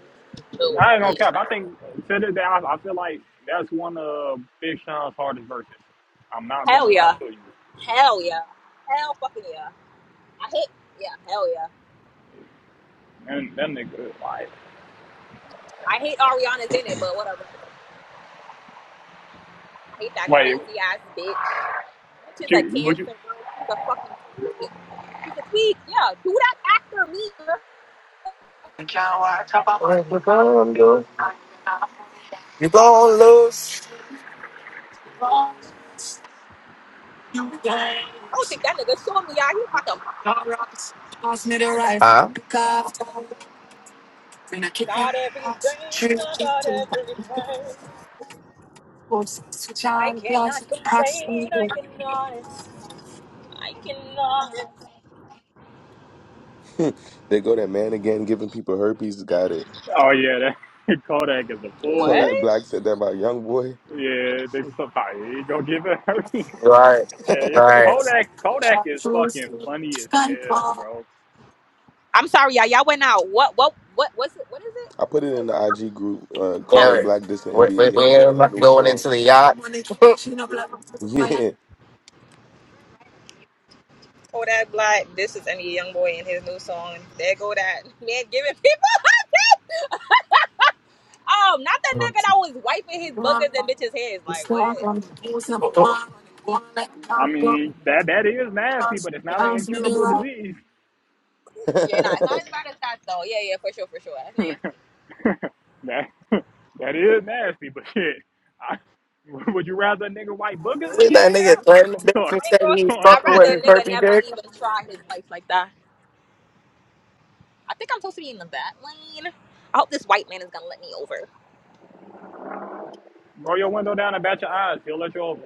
S9: Too.
S7: I ain't gonna
S9: Yeah.
S7: cap. I think to this day, I, I feel like that's one of Big Sean's hardest verses. I'm not gonna
S9: Hell
S7: lie
S9: yeah,
S7: to you.
S9: hell yeah, hell fucking yeah. I hate yeah, hell yeah.
S7: And that nigga, like,
S9: I hate Ariana's in it, but whatever. I hate that
S7: wait.
S9: crazy ass bitch. That bitch is a
S7: You, would you?
S9: cancer, bro. She's a fucking tweak. She's a tweak. Yeah, do that after me.
S6: you gonna lose.
S9: I don't think that nigga showing me out. He about to.
S6: Pass me the
S9: I go for
S6: rifle.
S9: this.
S6: Huh?
S9: Got everything. I got everything. I cannot complain. I cannot. I cannot.
S1: uh, (laughs) they go that man again giving people herpes. Got it.
S7: Oh yeah, that (laughs) Kodak is a fool.
S1: Kodak
S9: What?
S1: Black said that about Young Boy.
S7: Yeah, they somebody gonna give it. her. (laughs)
S6: Right,
S1: (laughs)
S7: hey, yeah,
S1: I
S6: right.
S7: Kodak, Kodak is fucking funny as hell, bro.
S9: I'm sorry, y'all. Y'all went out. What? What? What? What's it? What is it?
S1: put
S9: Who
S1: it
S9: said
S1: in
S9: what?
S1: the
S9: How-
S1: IG group. Uh,
S9: Oh,
S1: Kodak
S6: Yeah,
S1: Black dissed the
S6: we, we,
S1: NBA Young Boy
S6: we're
S1: in a
S6: not
S1: new
S6: going
S1: song.
S6: into the yacht. (laughs)
S1: Yeah.
S9: oh, that black. This is any young boy in his new song. There go that (laughs) man giving people. Um, not the nigga
S6: Isn't
S9: that was wiping his boogers and bitches' heads. Like what?
S7: I mean, that that is nasty, but it's not an incurable disease.
S9: Yeah, nah,
S1: (laughs)
S9: it's not as bad as that though. Yeah, yeah, for sure, for sure. That's
S7: (laughs)
S9: nasty.
S7: that that is nasty, but shit. I, (laughs) would you rather a nigga white boogers in your
S6: that
S7: hair? (laughs)
S6: nigga threatening the
S7: Or,
S9: I ain't gonna-
S7: or
S9: I'd rather
S7: (laughs)
S9: a nigga never even try his life like that. I think I'm supposed to be in the back lane. I hope this white man is gonna let me over.
S7: roll your window down and bat your eyes. He'll let you over.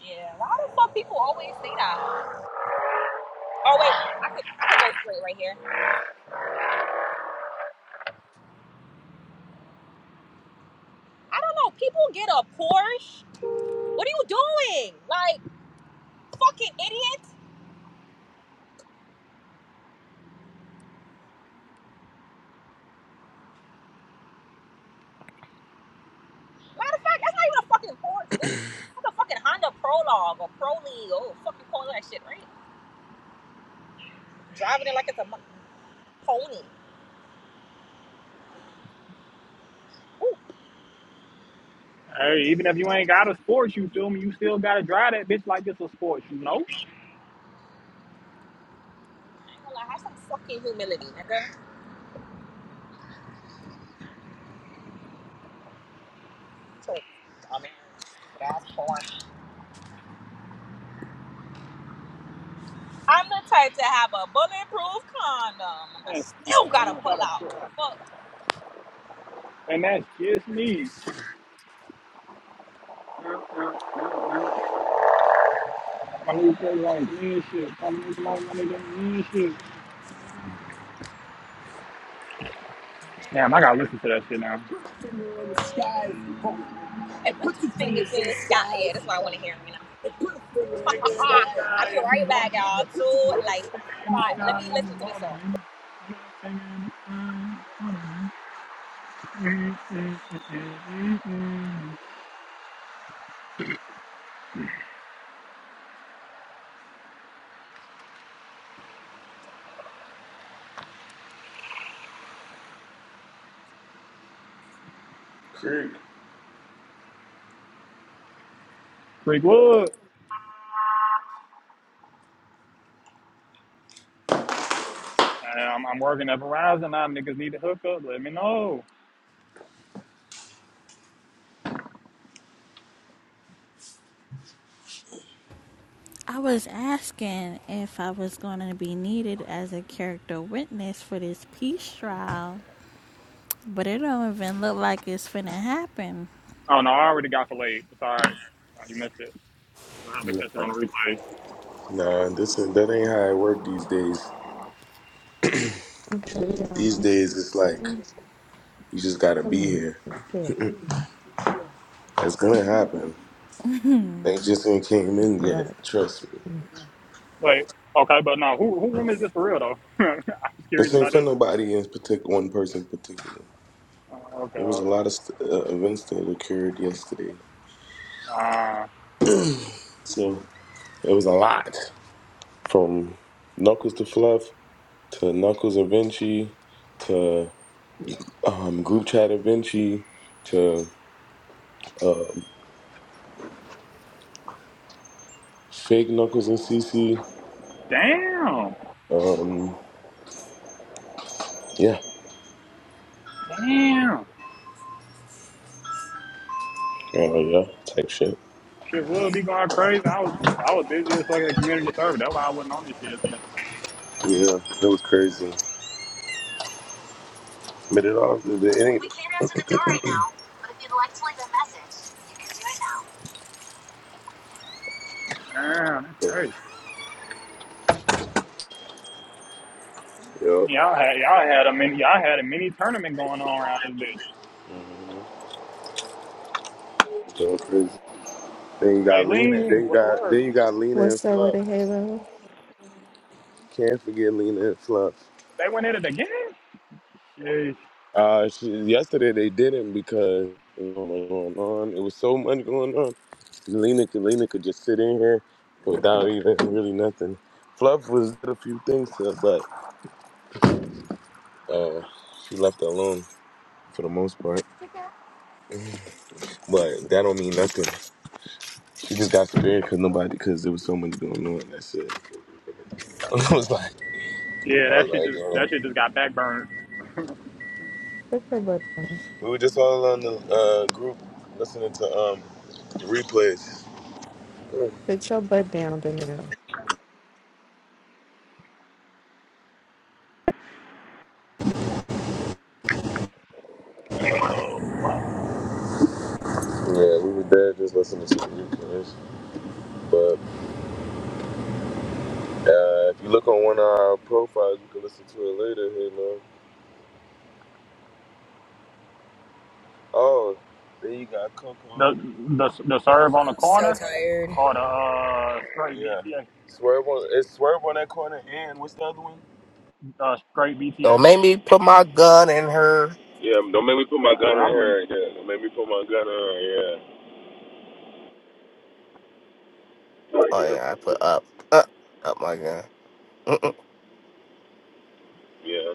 S9: Yeah, why the fuck people always say that? Oh wait, I could I could go straight right here. I don't know. People get a Porsche. What are you doing? Like fucking idiot. Matter of fact, that's not even a fucking Porsche, bitch. That's a fucking Honda Prologue or Prologue. Oh, fuck you call that shit, right? Driving it like it's a pony.
S7: Hey, even if you ain't got a sports, you feel me? You still gotta drive that bitch like it's a sports, you know?
S9: I ain't gonna lie, have some fucking humility, nigga. So, I mean, stupid ass porn. I'm the type to have a bulletproof condom, and I
S7: That's,
S9: still gotta pull out. What
S7: and that's just me. My new play like mean shit. Probably make my money than mean shit. Damn, I gotta listen to that shit now.
S9: The fuck? And put your finger in the sky. And put your fingers in the sky. Yeah, that's what I want to hear right now. And put a
S7: Put
S9: finger
S7: the
S9: in the
S7: finger in the
S9: sky. (laughs) I'll
S7: sky
S9: be
S7: if you
S9: right back,
S7: want me.
S9: y'all. Too
S7: Put
S9: like,
S7: the finger in the
S9: fine. Let
S7: sky if
S9: me listen
S7: you
S9: to this
S7: want
S9: song.
S7: me. Put the finger in the sky if you want me.
S1: Creek.
S7: Creekwood. I'm, I'm working at Verizon now. Niggas need to hook up. Let me know.
S13: I was asking if I was going to be needed as a character witness for this peace trial, but it don't even look like it's finna happen.
S7: Oh no, I already got delayed. It's all right. No, you missed it. You'll have to
S1: Nah,
S7: catch it on the replays.
S1: nah, this is, that ain't how it work these days.
S14: Come
S1: These days, it's like you just gotta be
S14: on,
S1: here.
S14: it's
S1: It's gonna happen. They just ain't came
S14: all
S1: in yet.
S14: right.
S1: Trust me.
S7: Wait, okay, but no, who who room is this for real though? (laughs) I was
S1: This
S7: curious
S1: ain't
S7: about
S1: for
S7: this.
S1: nobody in particular, one person in particular.
S7: Oh
S1: It was a
S7: god.
S1: lot of st- uh, events that occurred yesterday.
S7: Uh,
S1: So it was a lot from Knuckles to Fluff to Knuckles and Vinci to um, Group Chat and Vinci to Fake Knuckles and CC.
S7: damn.
S1: Um, yeah.
S7: Damn.
S1: Oh, yeah. Type shit.
S7: Shit would be going crazy. I was I was busy as fuck at the community service. That's why I wasn't on this shit yesterday.
S1: Yeah. It was crazy. But it all, it ain't.
S7: Damn, that's
S1: Yeah.
S7: crazy.
S1: It was
S7: Y'all had y'all had a mini y'all had a mini tournament going on around this bitch.
S1: going crazy. Then you got Lena. Then
S7: Maylene,
S1: you
S7: what's the
S1: got then
S7: word?
S1: you got Lena and
S14: What's up with
S1: Fluff.
S14: it, Halo?
S1: Can't forget Lena and Fluff.
S7: They went at it again? Jeez.
S1: Uh, she, yesterday they didn't because there was so much going on. It was so much going on. Lena could Lena could just sit in here without even really nothing. Fluff was did a few things to her, but uh, she left her alone for the most part.
S14: Put
S1: But that don't mean nothing. She just got scared because nobody because there was so much going on. That's it. (laughs) I was like, I
S7: Yeah,
S1: was
S7: that shit
S1: like,
S7: just
S1: damn.
S7: that shit just got backburned.
S14: your butt down.
S1: We were just all on the uh, group listening to um, the replays.
S14: Put your butt down, Danilo.
S7: Oh.
S1: Yeah, we were there just listening to the replays. But uh, if you look on one of our profiles, you can listen to it later. Hey, love. Oh, there you got Coco.
S7: The the the serve on the
S4: I'm so
S7: corner
S4: tired.
S7: or the uh, straight
S1: Yeah.
S7: BTA,
S1: Swerve on it's swerve on that corner and what's the other one?
S7: uh, straight
S6: bitch? Don't
S7: BTA.
S6: make me put my gun in her.
S1: Yeah, don't make me put my
S7: Uh,
S1: gun in
S7: I'm living.
S1: her. Yeah, don't make me put my gun in her. Yeah,
S6: Oh, yeah, I put up. Up, up my gun.
S1: yeah.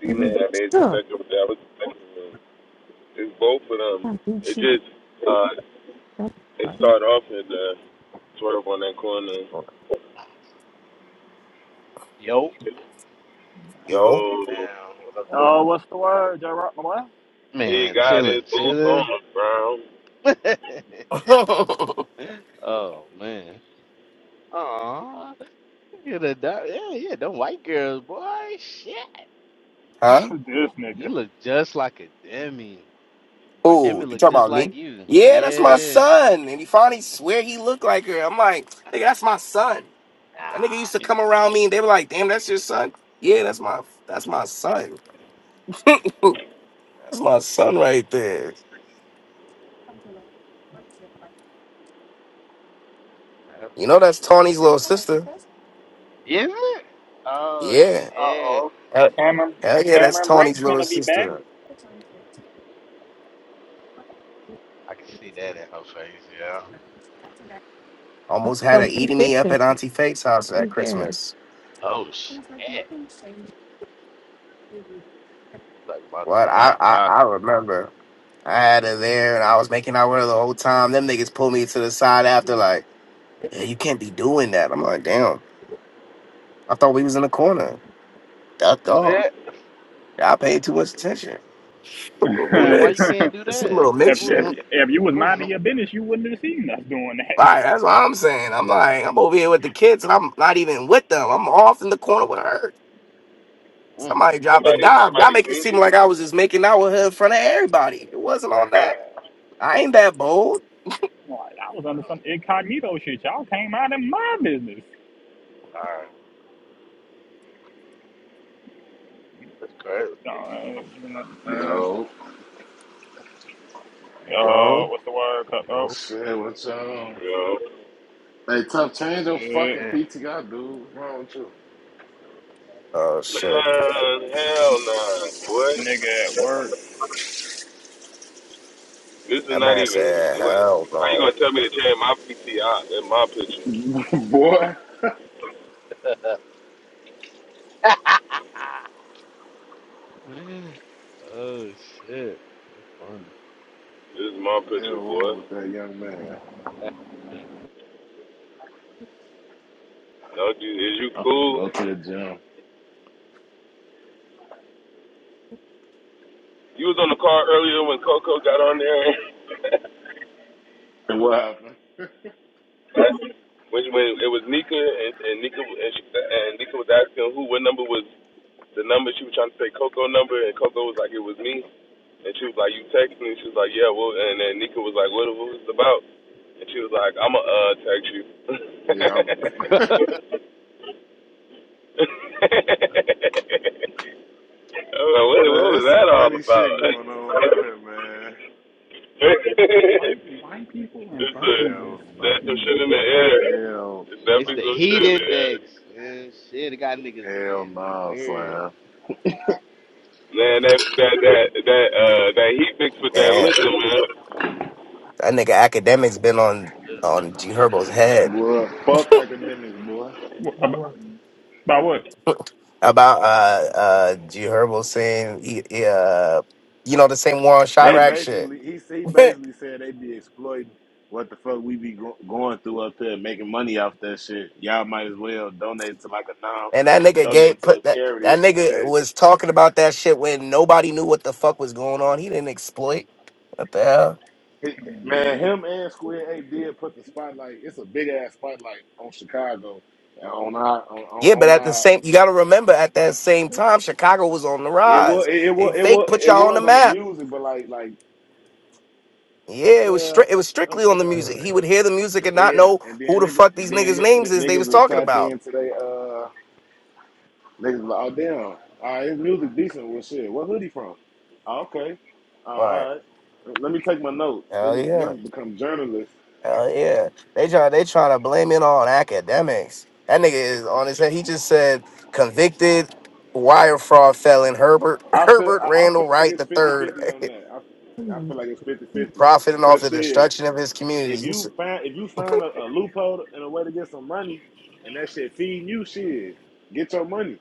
S1: Demon had AIDS, etc.
S14: Stop.
S1: That was it's both of them.
S14: I
S1: It
S14: beat you.
S1: just uh,
S14: up.
S1: They
S14: All
S1: start off at the swerve on that corner.
S15: Yo,
S6: Yo.
S15: damn,
S1: Yo,
S15: what up, dude?
S7: Uh, what's the word, J. Rock? My boy?
S1: he
S15: Man,
S1: got his
S15: chilling,
S1: boots on
S15: chilling.
S1: the ground.
S6: (laughs)
S15: (laughs)
S6: huh?
S15: oh man. Aw, look at the dog. Yeah, yeah, them white girls, boy. Shit,
S7: (laughs) this nigga.
S15: you
S7: Uh
S15: look just like a Demi, or Demi
S6: Who? You
S15: look
S6: talk
S15: just
S6: about me?
S15: like you.
S6: Yeah, that's my
S15: Yeah.
S6: son. And he finally swear he looked like her. I'm like, nigga, that's my son. That nigga
S15: Ah,
S6: used to
S15: yeah,
S6: come around me and they were like, damn, that's your son. Yeah, that's my that's my son. That's my son right there.
S15: that's
S6: You know
S15: fun.
S6: that's Tawny's little
S14: right.
S6: sister.
S15: Isn't it? Oh
S6: Yeah.
S15: shit,
S7: oh.
S6: Hell
S7: Cameron
S6: hell yeah, that's
S7: Cameron
S6: Tawny's
S7: Brink's
S6: little
S7: gonna be back.
S6: sister.
S15: I can see that in her face. Yeah.
S6: Almost had her
S14: So he's
S6: eating me up
S14: fixing
S6: at
S14: it. I
S6: Auntie Faith's house at
S14: don't care.
S6: Christmas.
S15: Oh shit, talking about
S6: What
S15: some
S6: I,
S15: white
S6: I I
S15: chocolate.
S6: remember, I had her there and I was making out with her the whole time. Them niggas pulled me to the side after like, yeah, you can't be doing that. I'm like, damn, I thought we was in the
S14: Come
S6: corner. Ducked off.
S15: Yeah.
S6: I paid too much attention. (laughs)
S7: (laughs)
S6: Who
S15: Then why you
S6: this?
S7: if,
S15: can't do
S6: It's a
S15: that?
S6: little
S15: What
S6: mixture.
S7: if if you was
S15: was wrong?
S7: minding your business, you wouldn't have seen us doing that.
S6: Right, that's what I'm saying. I'm like, I'm over here with the kids and I'm not even with them. I'm off in the corner with her.
S15: Mm.
S6: Somebody dropping
S1: Somebody,
S6: dime. Y'all
S1: somebody
S6: make it seem
S1: drinking.
S6: like I was just making out with her in front of everybody. It wasn't on that. I ain't that bold.
S7: (laughs) like I was under some incognito shit. Y'all came out in my business.
S15: All right. That's crazy.
S7: Uh, uh, uh,
S16: Yo,
S7: uh,
S6: Yo.
S7: what's the word? Cut oh
S15: Yo.
S16: shit, what's up?
S1: Yo,
S16: Hey, tough, change your
S7: shit,
S16: fucking
S15: Yeah.
S16: PTI, dude. What's wrong with
S6: Oh shit.
S1: nah, hell nah, boy.
S7: nigga at work.
S1: This is
S6: That
S1: not
S6: man
S1: even.
S6: said,
S1: What?
S6: "Hell
S1: How you
S6: no,
S1: gonna tell me to change my PTI? That's my picture.
S16: you? (laughs) Boy.
S15: Damn. (laughs) oh shit. That's funny.
S1: This is my
S16: Hell
S1: picture,
S16: wrong
S1: boy.
S16: with that young man.
S1: No, you, is you
S16: I'm finna
S1: cool?
S16: go to the gym.
S1: You was on the car earlier when Coco got on there.
S16: And what happened?
S1: (laughs) Which when it was Nika and, and Nika and, she, and Nika was asking who what number was the number she was trying to say Coco number, and Coco was like, it was me. And she was like, you text me. She was like, yeah, well, and then Nika was like, what, what was it about? And she was like, I'ma uh text you. (laughs)
S16: Yeah, I'm,
S1: I was like, what,
S16: man,
S1: what was
S16: there's some
S1: that all
S16: funny
S1: about?
S16: shit
S1: (laughs)
S16: going on out here, man.
S7: White white people in
S1: it's a,
S7: buggies is
S16: Hell no.
S1: there's some
S7: fucking
S1: shit in the
S7: hilarious.
S1: air.
S16: Hell
S1: There's
S15: (laughs) it's
S16: no.
S1: definitely
S15: the
S1: some shit
S15: heat
S1: in the air.
S15: index. Man, shit, it got niggas
S16: Hell
S15: being
S16: no,
S15: weird.
S16: slam.
S1: Man, that that that that uh that heat mix with that
S6: man!
S1: liquor, man.
S6: That nigga academics been on on G Herbo's head
S16: Boy, fuck academics, boy.
S7: Wh- ab- About what?
S6: about uh uh G Herbo saying he, he, uh you know the same war on
S16: They
S6: Chirac shit."
S16: basically, he, he
S6: (laughs)
S16: basically said they be exploiting what the fuck we be go- going through up here, making money off that shit. Y'all might as well donate to like a non,
S6: And that nigga
S16: donate
S6: gave
S16: to a
S6: put that
S16: charity
S6: that
S16: or some
S6: nigga
S16: shit.
S6: was talking about that shit when nobody knew what the fuck was going on. He didn't exploit. What the hell?
S16: He- man, him and Square A did put the spotlight. It's a big ass spotlight on Chicago, and on our, on,
S6: Yeah,
S16: on
S6: but
S16: on
S6: at the
S16: our.
S6: same, you got to remember, at that same time, Chicago was on the
S16: It was,
S6: rise.
S16: it was,
S6: Hey,
S16: it
S6: fake
S16: was,
S6: put
S16: it
S6: y'all on the
S16: was on the
S6: map.
S16: music, but like, like,
S6: Yeah, it was
S16: well,
S6: strict. It was
S16: what,
S6: strictly
S16: what
S6: on the
S16: can I
S6: music.
S16: say?
S6: He would hear the music and not
S16: Yeah,
S6: know
S16: and
S6: who
S16: then
S6: the
S16: niggas,
S6: fuck these
S16: then n-
S6: niggas' names
S16: n-
S6: is they
S16: niggas
S6: was
S16: will
S6: talking
S16: tap
S6: about.
S16: into they uh. Niggas be like, oh damn, all right, his music decent. Well, shit, what hood he from? Oh, okay, oh,
S6: All right,
S16: all right. Let me take my notes.
S6: hell
S16: Niggas,
S6: yeah,
S16: niggas become journalists.
S6: hell yeah. They try. They trying to blame it on academics. That nigga is on his head. He just said convicted wire fraud felon Herbert (laughs)
S16: I feel,
S6: Herbert
S16: I, I feel
S6: Randall
S16: like
S6: Wright
S16: it's
S6: the third,
S16: fifty-fifty on
S6: (laughs)
S16: that. I, feel- I
S14: on.
S16: feel like it's fifty-fifty.
S6: profiting off
S16: Cause
S6: the
S16: shit,
S6: destruction of his
S16: if
S6: community. You
S16: you
S6: see-
S16: find, if you find a, a loophole and a way to get some money, and that shit feeding you, shit, get your money.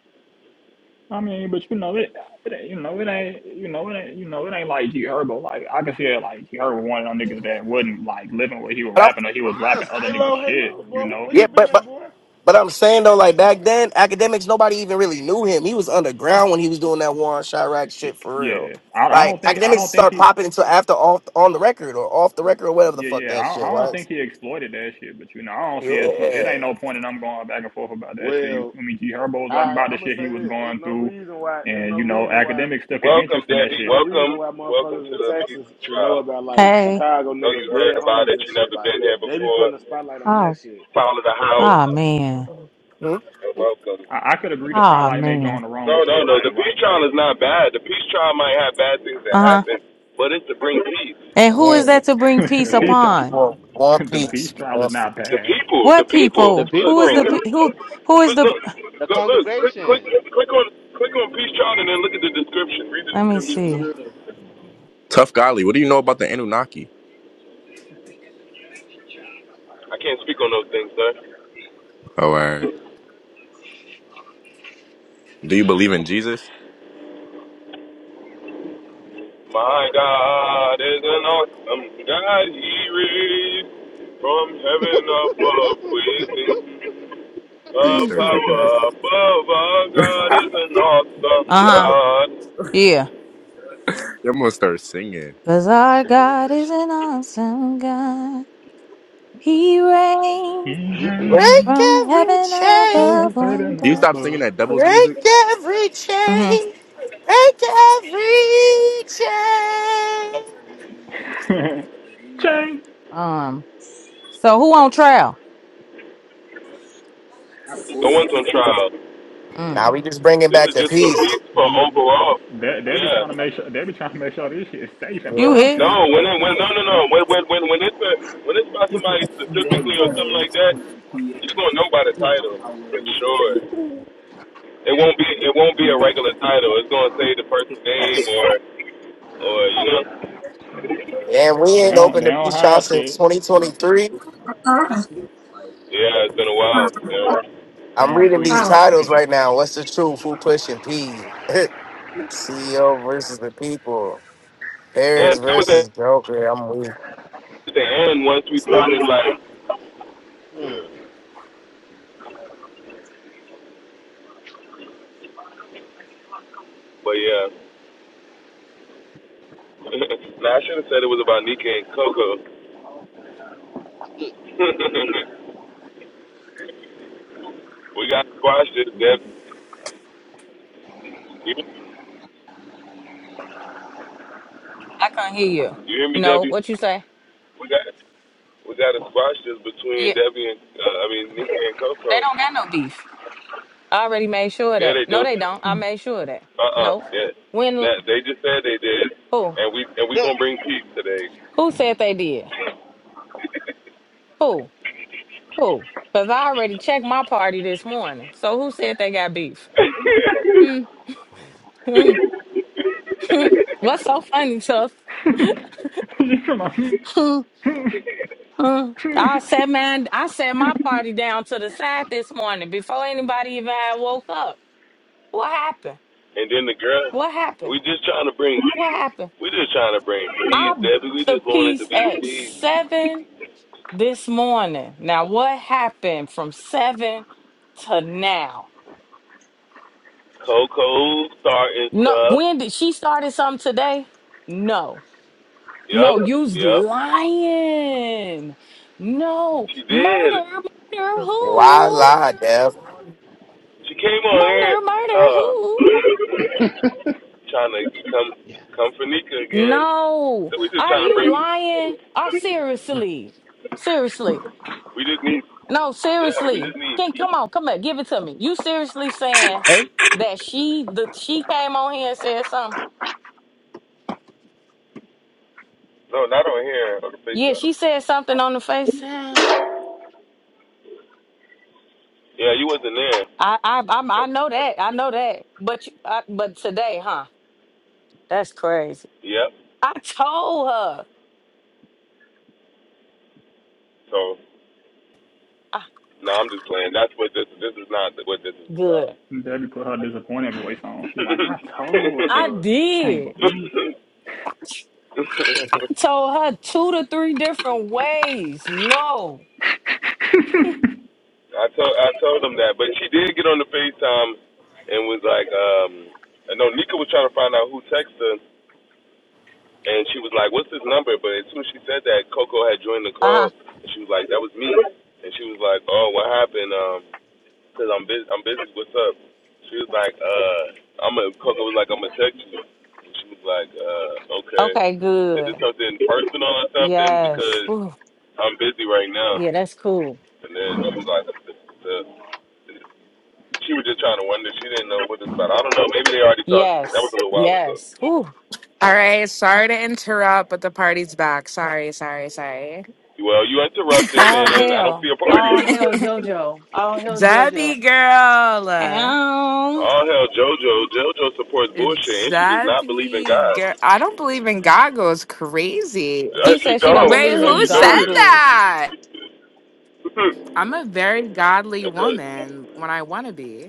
S7: I mean, but you know it, it ain't- you know it ain't you know it ain't you know it ain't like G Herbo. Like I can see like G Herbo one of them niggas that wasn't like living what he was
S6: But I'm
S7: rapping or he was rapping
S16: Honest,
S7: other niggas
S16: Halo,
S7: shit.
S16: Halo,
S7: You
S16: boy, where,
S7: know,
S16: where
S6: Yeah,
S16: you been
S6: but
S16: at,
S6: but
S16: boy?
S6: but I'm saying though, like back then, academics nobody even really knew him. He was underground when he was doing that Warren Chirac
S7: it,
S6: shit for real.
S7: yeah. I I
S6: Like
S7: don't think I
S6: academics didn't
S7: don't think
S6: start
S7: he.
S6: popping until after off on the record or off the record or whatever the
S7: Yeah,
S6: fuck
S7: yeah, I
S6: that
S7: don't,
S6: shit
S7: I don't
S6: was.
S7: think he exploited that shit, but you know, I don't see it's no, it
S6: Yeah.
S7: ain't no point in I'm going back and forth about that shit. You
S16: Well,
S7: feel me? G Herbo was rapping
S16: I,
S7: about the
S16: I'm gonna
S7: shit he
S16: say
S7: was
S16: this. It's
S7: going
S16: no
S7: through,
S16: reason why. It's
S7: and
S16: no
S7: you know,
S16: reason why
S15: The
S7: academics took an
S1: Welcome,
S7: interest in that
S16: There's
S1: Debbie.
S7: shit.
S16: no reason
S1: Welcome.
S16: why
S1: Welcome
S16: motherfuckers
S1: to
S16: in
S1: the
S16: Texas
S1: Peace
S16: should know
S1: Trial.
S16: about like
S17: Hey.
S16: Chicago
S1: Know
S16: niggas
S1: you heard
S16: dead
S1: about
S16: homies
S1: it.
S16: and
S1: You
S16: shit.
S1: never
S16: Like
S1: been here
S16: they be
S1: before.
S16: putting a spotlight on that
S17: Oh.
S16: shit.
S1: Follow the
S17: Oh
S1: house
S17: man.
S6: Hmm?
S1: and welcome.
S7: I, I could agree the
S17: Oh
S7: spotlight may go
S17: man.
S7: on the wrong
S1: No, no,
S7: shit.
S1: no.
S7: Like,
S1: The
S7: why,
S1: Peace Trial is not bad. The Peace Trial might have bad things that
S17: Uh huh.
S1: happen, but it's to bring peace.
S17: And who
S6: Yeah,
S17: is that to bring
S7: you know, (laughs)
S17: peace
S7: the peace trial,
S6: one,
S17: upon?
S7: (laughs)
S6: one
S7: the peace
S6: piece.
S7: trial
S6: One
S7: is
S6: piece.
S7: not
S1: The
S7: bad.
S1: people,
S17: What
S1: the people.
S15: the
S17: people? Who
S1: Look,
S17: is
S1: read
S17: the
S1: the
S15: people.
S17: pe-
S1: look,
S17: who? Who is
S1: look,
S17: the?
S15: The
S1: look, look. Click, click,
S15: congregation.
S1: click on, click on Peace Trial, and then look at the description. Read the
S17: Let me see.
S1: description.
S18: Tough golly, what do you know about the Anunnaki?
S1: I can't speak on those things, sir.
S18: All right. Do you believe in Jesus?
S1: My God is an awesome God. He reigns from heaven above, With the
S18: Or you start talking
S1: power
S18: it.
S1: above. Our
S16: You
S1: God
S16: know.
S1: is an awesome
S17: Uh huh.
S1: God.
S17: Yeah.
S18: I'm gonna start singing.
S17: Cause our God is an awesome God. He reigns
S6: Break
S7: Even
S17: from
S6: every
S17: heaven
S6: chain,
S17: above
S7: from
S17: one
S7: heaven
S18: Do you
S17: day.
S18: stop singing
S7: above.
S18: that devil's music?
S6: break every
S17: Mm-hmm.
S6: chain, break every chain.
S7: (laughs) Change.
S17: Um. So who on trial?
S1: No one's on trial.
S6: Now
S17: Mm.
S6: we just bringing
S1: This
S6: back
S1: is
S6: the
S1: just for
S6: peace.
S1: peace, for overall.
S7: They they be trying to
S1: Yeah.
S7: make sure they be trying to make sure this shit is safe and
S17: You hear?
S7: positive.
S1: No,
S17: me?
S1: when it, when no no no when when when when it's a, when it's about somebody specifically or something like that, you're gonna know by the title for sure. It won't be it won't be a regular title. It's gonna say the person's name or or you know
S7: Yeah.
S6: And we
S7: They
S6: ain't
S7: don't
S6: opened
S7: they
S6: a
S7: don't
S6: peace trial
S7: hide
S6: since
S7: shit.
S6: 2023.
S1: Yeah, it's been a while. Yeah.
S6: I'm
S7: Damn,
S6: reading
S7: two
S6: these
S7: years is
S6: titles
S7: crazy.
S6: right
S7: (laughs)
S6: now. What's the truth? Who pushing P? (laughs) CEO versus the people. Paris
S1: And that was at
S6: versus Joker. I'm weak.
S1: the end once we found it. like
S15: (laughs)
S1: yeah. but yeah. (laughs) now I should have said it was about Nika and Coco. (laughs) we got squashed this Debbie. you,
S17: I can't hear you.
S1: you hear me,
S17: No.
S1: Debbie?
S17: What you say?
S1: We got we gotta squash this between
S17: Yeah.
S1: Debbie and uh, I mean Nika and
S17: They
S1: Coco.
S17: don't got no beef. I already made sure of
S1: Yeah
S17: that.
S1: they
S17: No,
S1: do.
S17: they don't.
S14: Come
S17: I
S14: on.
S17: made sure of that.
S1: Uh uh
S17: no.
S1: yeah.
S17: When
S1: Now, they just said they did
S17: who
S1: and we and we gonna bring peace today.
S17: who said they did? Who who? Because I already checked my party this morning. So who said they got beef? Hmm. hmm, hmm. What's so funny, Tuck?
S7: She Come on.
S17: Hmm, hmm. I sat man, I set my party down to the side this morning before anybody even had woke up. What happened?
S1: And then the girl
S17: What happened?
S1: we just trying to bring
S17: What happened?
S1: we just trying to bring peace,
S17: I bought
S1: Debbie. We
S17: the
S1: just want it to
S17: piece
S1: be
S17: at
S1: peace.
S17: seven this morning. Now, what happened from seven to now?
S1: Coco starting
S17: No,
S1: stuff.
S17: when did she started something today? No,
S1: Yep,
S17: no, you's
S1: yep.
S17: lying. No,
S1: She did.
S17: murder, murder,
S6: Why
S17: who?
S6: lie, Def?
S1: She came on here
S17: Murder, murder,
S1: uh
S17: who?
S1: trying to come
S15: yeah.
S1: come for Nika again.
S17: No,
S1: So we just
S17: are
S1: trying to
S17: you
S1: bring
S17: lying? Are seriously, seriously?
S1: we just need
S17: No,
S1: yeah, we
S17: seriously.
S1: just need
S17: Can
S1: peace.
S17: come on, come back, give it to me. You seriously saying
S15: Hey.
S17: that she the she came on here and said something?
S1: No, not on here, on the
S17: Yeah,
S1: FaceTime.
S17: she said something on the face. I
S1: Yeah, you wasn't there.
S17: I I'm, I know that. I know that. But you, I, but today, huh? That's crazy.
S1: Yep.
S17: I told her.
S1: So
S17: I,
S1: no, I'm just playing. That's what this this is not what this is
S17: good.
S7: (laughs) Debbie put her disappointed voice on. She like, I told
S17: I
S7: her. Can't
S17: did.
S7: believe that.
S1: about. (laughs) (laughs)
S17: Told her two to three different ways. No.
S1: I told I told him that, but she did get on the FaceTime and was like, um, I know Nika was trying to find out who texted her, and she was like, "What's his number?" But as soon as she said that, Coco had joined the
S17: Uh huh.
S1: call, and she was like, "That was me," and she was like, "Oh, what happened?" Um, cause I'm busy. I'm busy. What's up? She was like, "Uh, I'm a Coco was like, I'm gonna text you," and she was like, "Uh, okay.
S17: Okay.
S1: Is it
S17: Good.
S1: something personal or something?
S17: Yes.
S1: Because
S17: Ooh.
S1: I'm busy right now."
S17: Yeah. That's cool.
S1: And then she was like, "Uh." She was just trying to wonder. She didn't know what this about. I don't know. Maybe they already thought that was
S17: Yes.
S1: a little while ago.
S17: Yes. Ooh.
S5: All right, sorry to interrupt, but the party's back. Sorry, sorry, sorry.
S1: Well, you interrupted,
S17: All
S1: and I don't
S17: hell.
S1: see a party.
S17: All hell,
S5: (laughs)
S17: JoJo. All hell, JoJo.
S5: Debbie girl.
S17: Ow.
S1: All hell, JoJo. JoJo supports bullshit, and she does not believe in
S5: Debbie
S1: God.
S5: girl. I don't believe in God goes crazy.
S1: Uh,
S17: She
S1: She
S17: said she don't
S1: don't,
S5: Wait,
S17: believe
S1: and
S17: in
S5: who
S1: you know
S5: said
S1: this.
S17: goggles.
S5: that?
S1: (laughs) and
S5: I'm a very godly woman when I want to be.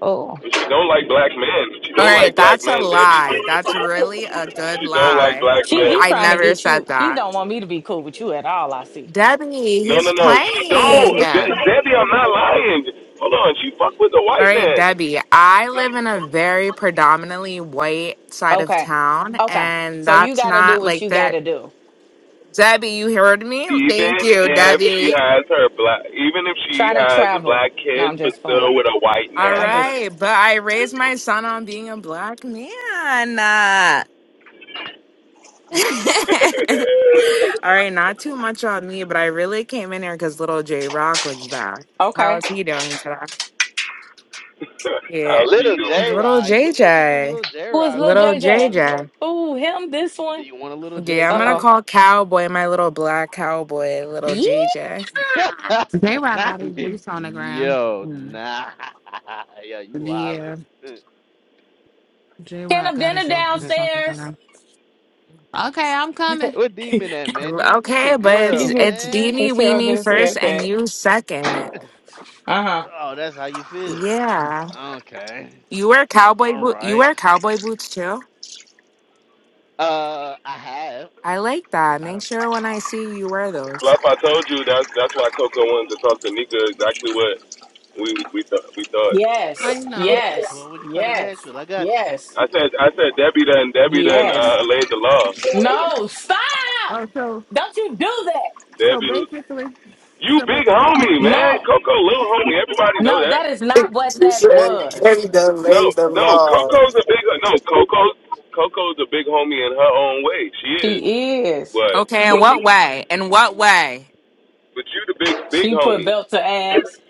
S17: Oh,
S1: she don't like black men. She
S5: All
S1: don't like
S5: right,
S1: black
S5: that's a
S1: men, Debbie.
S5: lie. That's really a good
S1: She don't like
S5: lie.
S1: black
S17: she
S1: men.
S17: he
S5: I
S17: trying to
S5: never
S17: get you.
S5: said
S17: He
S5: that.
S17: don't want me to be cool with you at all. I see.
S5: Debbie,
S1: No, no,
S5: he's
S1: no. She
S5: playing.
S1: don't.
S5: All
S1: De- Debbie, I'm not lying. Hold on. She fuck with the white
S5: right,
S1: man.
S5: Debbie, I live in a very predominantly white side of
S17: Okay,
S5: town,
S17: okay.
S5: and
S17: So you
S5: that's
S17: got to do
S5: not
S17: what
S5: like
S17: you got
S5: there.
S17: to do.
S5: Debbie, you heard me?
S1: Even
S5: Thank you,
S1: if she
S5: Debbie.
S1: has her black, even if she
S17: Try to
S1: has
S17: travel.
S1: black
S17: No,
S1: kids,
S17: I'm
S1: but
S17: just
S1: still
S17: playing.
S1: with a white
S5: All
S17: I'm
S1: man.
S17: just
S5: right, but I raised my son on being a black man. (laughs) All
S1: (laughs)
S5: right, not too much on me, but I really came in here because little J Rock was back. How
S17: okay.
S5: is he doing today? Yeah.
S1: How's he
S15: Little J
S1: doing?
S5: Little
S15: Rog, where you get this
S5: JJ.
S15: little J
S17: Who is
S15: Rog
S17: little
S5: Little
S15: from? What the
S17: JJ?
S15: fuck?
S5: JJ.
S17: Ooh, him. This
S15: Do
S17: one.
S15: you want a little
S5: Yeah, I'm
S17: Uh
S5: gonna
S17: oh.
S15: JJ?
S5: call cowboy my little black cowboy, little
S17: Yeah.
S5: JJ.
S8: J Rock got his
S15: (laughs)
S8: boots on the ground.
S15: Yo,
S5: Mm.
S15: nah. (laughs) Yo, you wildin'.
S8: Yeah, J
S17: Can
S8: Rock
S17: of
S8: got
S17: dinner
S8: his little
S15: (laughs)
S8: boots on the
S17: downstairs.
S8: ground. Okay, I'm
S17: (laughs)
S8: coming.
S15: what
S17: he
S15: demon at, man? Demon, get your
S5: Okay, but it's
S15: girl,
S5: it's
S15: man.
S5: Deenie
S17: sure
S5: Weenie
S17: did say
S5: first and
S17: that.
S5: you second.
S17: Uh huh.
S15: Oh, that's how you feel.
S5: Yeah.
S15: Okay.
S5: You wear cowboy
S15: All
S5: boot you
S15: right.
S5: wear cowboy boots too?
S15: Uh, I have.
S5: I like that.
S15: I
S5: Make
S15: don't.
S5: sure when I see you wear those.
S1: Fluff, I told you that's that's why Coco wanted to talk to Nika. Exactly what we we thought we thought.
S8: I
S17: Yes.
S8: know.
S17: Yes.
S15: Well, when you come to
S17: Yes.
S15: Nashville, I got
S17: Yes.
S1: I said I said Debbie done Debbie done
S17: Yes.
S1: uh, laid the law.
S17: No, stop!
S8: Oh, so
S17: Don't you do that.
S8: so
S1: Debbie,
S8: basically,
S1: you
S8: so ba-
S1: big homie man.
S17: No,
S1: Coco little homie. Everybody know
S17: no,
S1: that.
S17: that is
S6: (laughs)
S17: not what
S6: she
S17: that
S6: said,
S17: was.
S6: Kenny done
S1: No
S6: laid the
S1: no
S6: law.
S1: Coco's a big no Coco's Coco's a big homie in her own way. She is,
S17: She is.
S5: Okay,
S1: but
S5: in what way? In
S14: (laughs)
S5: what way?
S1: But you the big big
S17: She put
S1: homie.
S17: belt to ass.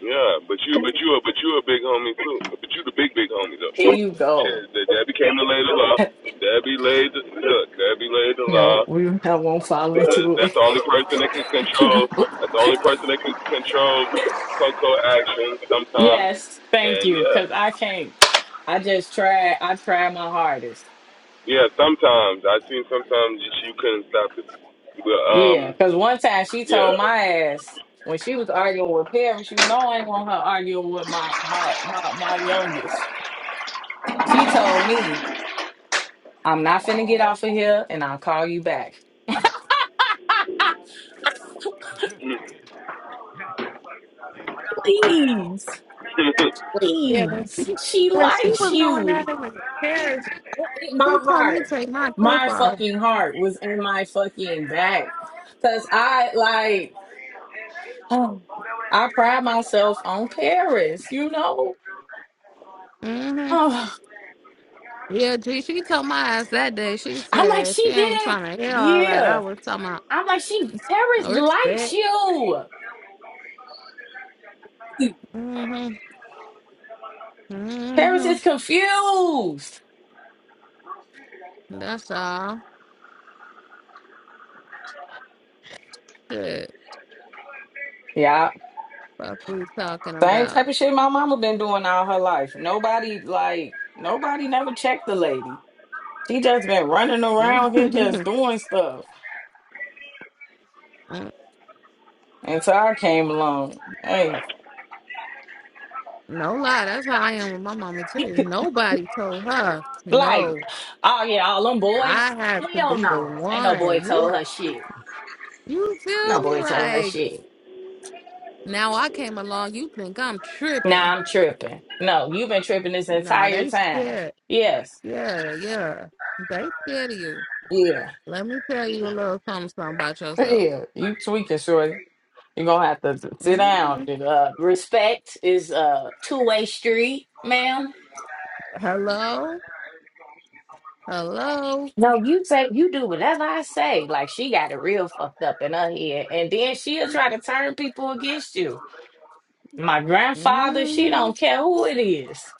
S1: Yeah, but you but you but you a big homie too. But you the big big homie
S17: Here
S1: though.
S17: you go.
S1: Shit, Debbie came to lay the law.
S17: (laughs)
S1: Debbie laid the look. Debbie laid the law.
S17: No, we I won't fall into
S1: That's
S17: it.
S1: the only person that can
S17: (laughs) no.
S1: control. That's the only person that can control Coco action sometimes.
S17: Yes, thank
S1: And
S17: you.
S1: yeah,
S17: Cause I can't. I just tried. I tried my hardest.
S1: yeah. Sometimes I seen sometimes you, couldn't stop it. But
S17: Yeah.
S1: um,
S17: Cause one time she
S1: yeah,
S17: told my ass when she was arguing with parents, you know I ain't want her arguing with my my my my youngest. She told me. I'm not finna get off of here and I'll call you back. (laughs)
S15: (laughs) Damn.
S17: please,
S8: yeah, when
S17: please.
S8: she,
S17: She
S8: when she
S17: likes
S8: was going
S17: you.
S8: at it with the carriage,
S17: My
S8: she told me
S17: heart,
S8: take my cuff
S17: my
S8: off.
S17: fucking heart was in my fucking back. Cause I like, (sighs) um, I pride myself on Paris, you know? (sighs)
S8: hmm
S17: Oh,
S8: Yeah, G, she told my ass that day. She
S17: I'm like,
S8: said she
S17: she
S8: ain't
S17: didn't,
S8: trying to hear all that. I
S17: yeah.
S8: was talking about
S17: I'm like, she, Paris likes
S8: respect.
S17: you.
S8: hmm
S17: Paris
S8: hmm
S17: is confused.
S8: That's all. Shit,
S17: Yeah.
S8: fuck we talking
S17: Same
S8: about.
S17: type of shit my mama been doing all her life. Nobody like nobody never checked the lady. She just been running
S8: (laughs)
S17: around here just
S8: no
S17: doing stuff until I came along. Hey,
S8: lie, that's how I am with my mama too. Nobody told her,
S17: Like,
S8: no,
S17: oh yeah, all them
S8: I
S17: boys?
S8: have to
S17: Hell
S8: be the
S17: no. Ain't no boy
S8: one.
S17: told
S8: Whoop,
S17: her shit.
S8: you feel
S17: No
S8: me?
S17: boy told her
S8: Like
S17: shit.
S8: now I came along, you think I'm
S17: nah,
S8: tripping.
S17: I'm tripping. No, you've been tripping this
S8: Nah,
S17: entire
S8: they
S17: time.
S8: scared.
S17: Yes,
S8: Yeah, yeah. They scared of you.
S17: yeah,
S8: Let me tell
S15: you.
S8: you a little something, something about
S17: (laughs)
S8: yourself.
S17: yeah. You tweaking, shorty. You're gonna have to sit down.
S8: Mhm.
S17: Uh, respect is a two-way street, ma'am.
S8: Hello? Hello?
S17: No, you say you do whatever I say. Like she got it real fucked up in her head, and then she'll try to turn people against you. My grandfather, she
S8: hmm
S17: don't care who it is.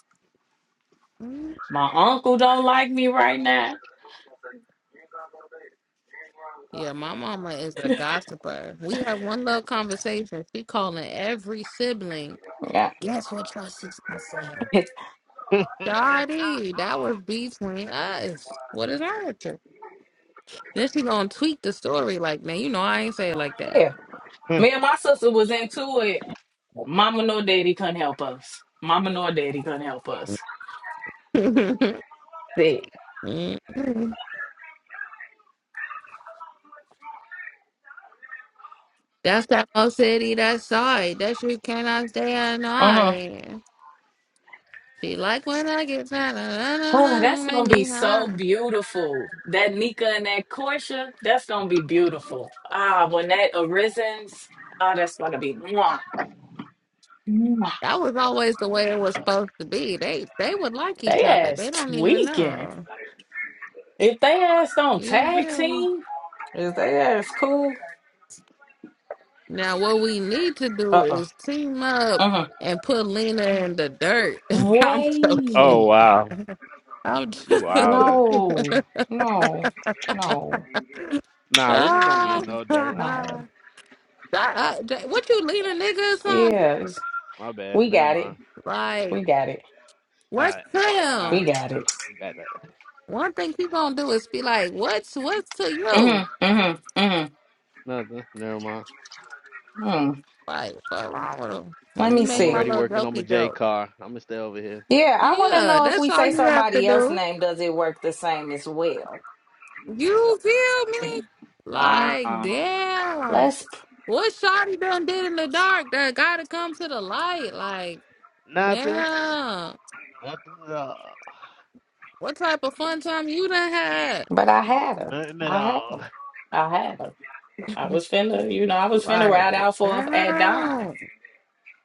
S17: My uncle don't like me right now.
S8: Yeah, my mama is a gossiper. We had one little conversation. She calling every sibling.
S17: Yeah,
S8: Guess what your sister said?
S17: (laughs)
S8: Daddy, that was
S15: (laughs)
S8: between us. What is that? with you? Then she gonna tweak the story like, man, you know I ain't say it like that.
S17: yeah. Me and my sister was into it. Mama nor daddy couldn't help us. Mama nor daddy couldn't help us.
S8: (laughs)
S17: Yeah.
S8: That's that old city that side that you cannot stay annoyed. She like when I get tired, (laughs) na- na- na-
S17: Oh,
S8: na-
S17: that's
S8: na- make
S17: gonna be
S8: me
S17: so
S8: high.
S17: beautiful. That Nika and that Korsha, that's gonna be beautiful. Ah, when that arises, ah, that's gonna be mwah, mwah.
S8: That was always the way it was supposed to be. They they would like each
S17: They
S8: other.
S17: ass
S8: They don't even
S17: tweaking.
S8: know.
S17: If they ass don't
S8: You
S17: tag
S8: feel me?
S17: team, if they ass cool,
S8: Now what we need to do
S17: uh-uh.
S8: is team up
S17: Uh-huh.
S8: and put Lena in the dirt. (laughs) I'm joking.
S15: oh
S17: Way.
S15: wow,
S8: I'm
S15: you
S8: joking.
S15: wildin'.
S17: No,
S8: (laughs)
S17: no, no,
S15: Nah, Lena don't be
S8: Ah,
S15: in no
S8: (laughs)
S15: dirt.
S8: ah,
S17: no.
S8: ah, what you Lena nigga or something?
S17: Yeah, it's-
S15: My bad.
S17: we
S15: Never
S17: got
S15: mind.
S17: it.
S8: Like,
S17: We got it.
S15: All
S8: what's
S15: right.
S8: to
S15: All
S17: We
S8: him?
S15: right.
S17: got it.
S15: You got that.
S8: One thing people gonna do is be like, What's what's to you?
S17: Mm-hmm. Mm-hmm. Mm-hmm.
S15: Nothing. Never mind.
S17: Mm.
S8: Like, what's wrong with him?
S17: Let
S8: Let me
S17: me
S15: I'm
S8: make
S17: see.
S8: my
S15: already
S8: little
S15: working on my
S8: jokey
S15: J
S8: joke.
S15: car. I'm going to stay over here.
S17: Yeah, I want to
S8: Yeah,
S17: know if
S8: that's
S17: we
S8: all
S17: say
S8: you have to
S17: somebody else's
S8: do.
S17: name, does it work the same as well?
S8: You feel me? Like,
S17: Um,
S8: damn.
S17: let's.
S8: What Shotty done did in the dark that gotta come to the light? Like,
S15: Nothing.
S8: damn.
S15: Nothing at all.
S8: What type of fun time you done had?
S17: But I had her.
S15: Nothing at
S17: I had.
S15: all.
S17: I had her. I was finna, you know, I was finna
S8: Like,
S17: ride out for at Don.
S8: damn.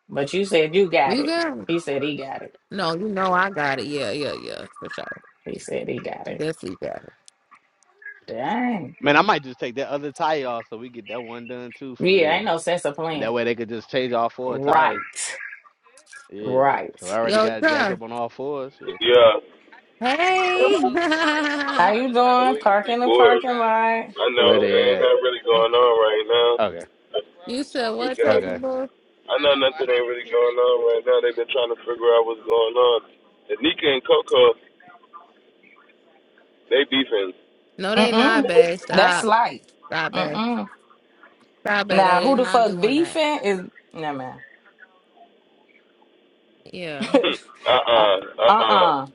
S17: But you said you got
S8: You
S17: it.
S8: got it.
S17: He said he got it.
S8: No, you know I got it. Yeah, yeah, yeah, for sure.
S17: He said he got it.
S8: Definitely got it.
S17: Dang.
S15: Man, I might just take that other tire off so we get that one done too for
S17: Yeah,
S15: real.
S17: ain't no sense of
S15: And that
S17: plan.
S15: way they could just change all four tires.
S17: Right.
S15: Yeah. So I
S17: Right.
S15: already
S8: Yo,
S15: got it jacked
S8: Tuff.
S15: up on all fours. Shit,
S1: (laughs)
S15: fuck it.
S1: yeah.
S8: Hey. (laughs)
S17: How you doing?
S1: We,
S17: Park
S1: we
S17: in the
S1: bored.
S17: parking lot.
S1: I know
S15: Where
S1: it
S15: they
S1: ain't
S15: at?
S1: that really going on right now.
S15: Okay.
S8: you said
S1: You
S8: what,
S1: guys,
S8: Tuffy
S15: Okay.
S8: boy?
S1: I know nothing ain't really going on right now. They've been trying to figure out what's going on. And Nika and Coco, they beefing. (laughs)
S8: No, they not,
S17: Mm-mm.
S8: babe.
S17: That's
S8: Stop.
S17: light.
S8: Stop, babe.
S17: Mm-mm.
S8: Probably
S17: Now,
S8: they
S17: who
S8: are
S17: the
S8: not
S17: fuck
S8: doing that.
S17: beefing is? Never man.
S8: Yeah.
S17: (laughs)
S1: uh
S17: uh uh
S1: uh, uh uh,
S17: uh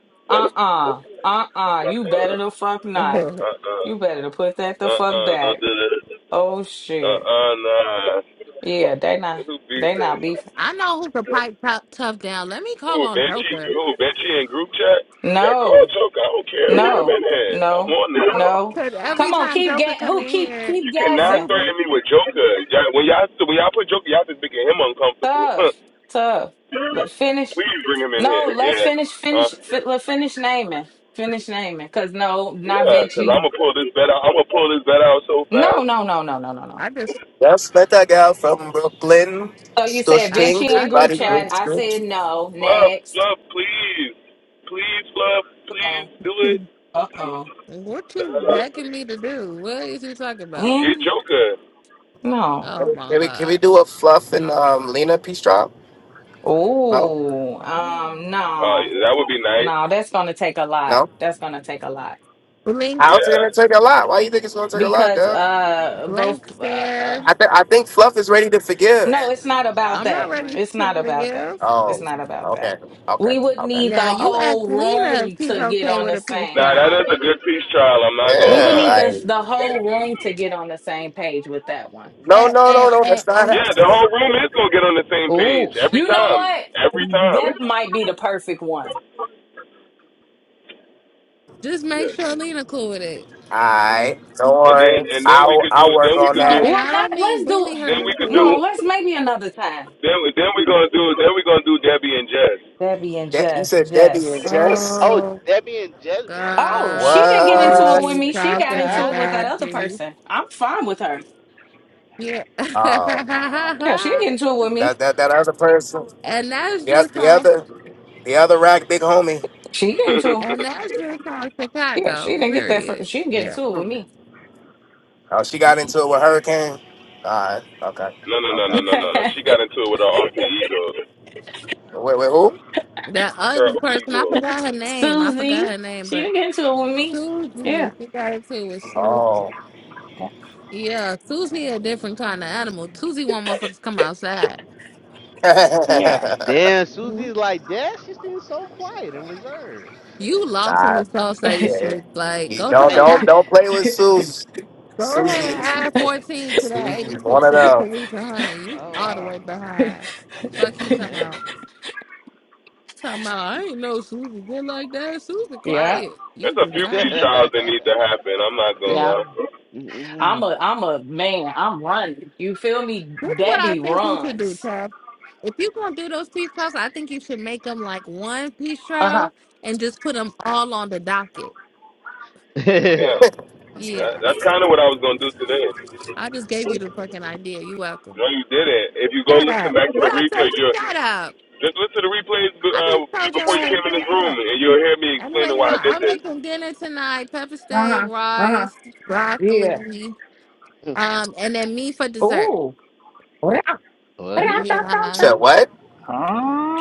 S17: uh uh uh. You better the fuck not.
S1: uh uh,
S17: You
S1: uh
S17: better to put that the fuck
S1: uh, don't
S17: back.
S1: do that.
S17: Oh
S1: Uh
S17: shit.
S1: uh, nah.
S17: Yeah, they not
S1: Who
S17: they not
S1: beefing?
S17: beefing.
S8: (laughs) I know who could pipe tough, tough down. Let me call
S1: Who
S8: on
S1: Benchy?
S8: Joker.
S1: Who Benchy in group chat? Yeah, call
S17: No,
S1: Choke. I don't care. Wait a
S17: no,
S1: minute. I'm
S17: no,
S1: on this.
S17: no.
S8: Cause every
S17: Come on,
S8: time
S17: keep
S8: Joker
S17: ga-
S8: come
S17: who
S8: in
S17: keep
S8: here,
S17: keep
S1: You cannot
S17: gassing.
S8: you be
S1: threaten me with Joker. Y'all, when y'all when y'all put Joker, y'all just making him uncomfortable.
S17: Tough,
S1: (laughs)
S17: tough.
S1: Huh.
S17: Let finish.
S1: Please bring him in here.
S17: No, let's
S1: Yeah.
S17: finish.
S1: Huh?
S17: Finish. Fi- let finish naming. Finish naming. Cause no, not
S1: Yeah, because
S17: Vinci.
S1: I'm
S8: mm,
S1: going to pull this bet out. I'm going to pull this bet out so
S17: No,
S1: fast.
S17: no, no, no, no, no, no.
S8: I just
S6: That's better girl from Brooklyn.
S17: So you
S6: Stush
S17: said
S8: I,
S6: Ting,
S17: Vinci and
S8: I
S6: good
S17: group
S6: body,
S8: just
S6: good
S17: chat.
S8: like
S17: I
S6: skin.
S17: said no.
S1: Fluff,
S17: Next.
S1: Fluff, please. Please, Fluff,
S17: Uh
S1: please
S17: oh.
S1: do it.
S8: (laughs)
S17: Uh oh.
S8: what you
S1: Uh,
S8: begging me to do? What is he talking about?
S1: Get
S17: Then
S1: Joker.
S17: no.
S8: Oh
S6: Can
S8: my
S6: we, can we
S8: god.
S6: do a fluff and um, Lena peace trial? No?
S17: Oh. Um.
S1: Uh,
S17: No.
S1: that would be nice.
S17: No. That's gonna take a lot.
S6: No?
S17: That's gonna take a lot
S8: Blink
S6: How's it
S1: Yeah.
S6: gonna take a lot? Why you think it's gonna take a lot,
S17: because
S6: Def?
S17: uh both
S8: blank
S17: uh, uh
S8: stare.
S6: I, th- I think Fluff is ready to forgive.
S17: no, it's not about
S8: I'm not
S17: that.
S8: ready
S17: It's
S8: to
S17: not about that.
S8: forgive.
S17: It's
S6: Oh,
S17: not about
S6: okay,
S17: that.
S6: okay,
S17: We would
S6: okay,
S17: need
S8: Now
S17: the
S8: you
S6: okay.
S8: ask
S17: whole
S8: Lena if
S17: room
S8: she's
S17: to get
S8: okay
S17: on
S8: with
S17: the
S8: a peace
S17: same.
S1: Nah, that
S8: trial.
S1: is a good peace trial. I'm not going
S17: We
S1: to
S17: would
S6: Yeah,
S17: need
S1: lie.
S17: the
S6: like
S17: the whole room to get on the same page with that one.
S6: no,
S8: And,
S6: no, no,
S8: and,
S6: no.
S8: and,
S6: That's not
S8: and
S1: Yeah,
S6: happening.
S1: the whole room is going to get on the same page
S17: Oh,
S1: every
S17: you know
S1: time.
S17: what?
S1: Every time.
S17: That might be the perfect one.
S8: just make
S1: Yeah.
S8: sure Lena cool with it.
S6: All right, don't
S1: and then
S6: worry.
S1: and then we
S6: I'll
S1: could do
S6: I'll
S1: then
S6: work
S1: we
S6: on
S1: could
S8: No,
S1: do
S6: that.
S8: and
S17: Well,
S8: I
S17: not
S8: don't mean
S17: let's do
S8: bully
S1: then
S8: her
S1: we could do
S8: into
S17: no,
S8: it.
S17: let's maybe another time.
S1: then then we gonna do then we gonna do Debbie and Jess.
S17: Debbie and
S6: De- you
S17: Jess,
S6: said Debbie and
S17: Jess.
S6: Jess.
S15: Oh,
S8: Oh
S15: Debbie and Jess beefing?
S17: Oh, she
S8: God,
S17: didn't get
S8: what
S17: into
S8: is
S17: it
S6: What?
S17: with
S8: he
S17: me. She got
S8: talking
S17: into it
S15: Yeah,
S17: with that
S8: about,
S17: other
S8: G?
S17: person. I'm fine with her.
S8: Yeah,
S6: Oh,
S17: Yeah, she didn't
S8: (laughs)
S17: get into it with me.
S6: that that that other person.
S8: and that's
S6: Yep,
S8: just
S6: the
S8: on,
S6: other the other rack big homie.
S17: She
S1: (laughs)
S17: get into
S8: and that's just on
S17: yeah, she
S8: Chicago.
S17: didn't get that. For,
S8: Period.
S17: she didn't get
S8: Yeah.
S17: into it with me.
S6: Oh, she got into it with Hurricane. All right, okay,
S1: no no no
S6: okay.
S1: no no no. no.
S17: (laughs)
S1: She got into it with her alter ego,
S6: Wait, wait, who?
S8: That
S1: her
S8: other person,
S1: ego.
S8: I forgot her name. I forgot
S17: Susie,
S8: her name,
S17: she
S8: but
S17: didn't get into it with me. Yeah,
S8: Susie, she got it too with Susie.
S6: Oh.
S8: Yeah, Susie a different kind of animal. Susie want motherfuckers to come outside.
S17: yeah,
S6: (laughs)
S15: Damn,
S8: Mhm.
S15: Susie's like that. She seems so quiet and reserved.
S8: You
S15: Shit.
S8: lost in
S6: Nah,
S8: the soul, Sadie
S6: yeah,
S8: shit. Like,
S6: you
S8: go
S6: don't
S15: I
S8: to
S6: don't
S15: am.
S6: don't play with
S17: (laughs)
S6: Susie.
S8: Go
S6: Susie
S8: ahead,
S6: is
S8: add 14 to that
S6: Susie is one
S8: 86
S6: of
S8: so you can
S6: them.
S8: reach 100. You
S15: Oh
S8: all the
S15: wow.
S8: way behind. Fuck he talking
S15: Damn.
S8: about. Talking about, I ain't know Susan did like that. Susan,
S17: yeah.
S8: quiet.
S1: There's
S8: You
S1: a
S8: did
S1: few peace
S8: not.
S1: trials that need to
S15: (laughs)
S1: happen. I'm not gonna
S17: Yeah.
S1: lie.
S17: I'm
S15: Mm,
S17: a I'm a man. I'm running. You feel me?
S8: That's what I
S17: Debbie
S8: think you should do,
S17: runs.
S8: Chad. If you going to do those peace trials, I think you should make them like one peace
S17: Uh huh.
S8: trial and just put them all on the docket.
S1: Yeah,
S15: mm, mm.
S1: Uh,
S8: Yeah.
S1: that's kind of what I was gonna do today.
S8: I just gave you the fucking idea. You welcome.
S1: No, you didn't. If you go
S8: Shut
S1: listen
S8: up.
S1: back to the
S8: What
S1: replay,
S8: I say?
S1: you're
S8: Shut up.
S1: just listen to the replays
S8: I
S1: uh,
S8: just told you
S1: before
S8: I
S1: you
S8: had
S1: came in this
S8: shut
S1: room,
S8: up.
S1: and you'll hear me
S8: I'm like,
S1: explaining
S8: yeah,
S1: why I did
S8: I'm
S1: this.
S8: making dinner tonight: pepper
S17: Uh
S8: steak,
S17: huh. Uh huh.
S8: rice,
S17: Yeah.
S8: broccoli,
S15: (laughs)
S8: um, and then me for dessert.
S17: Ooh. Rah, rah, rah,
S15: well.
S17: rah,
S8: Yeah,
S6: Said
S17: rah.
S6: what?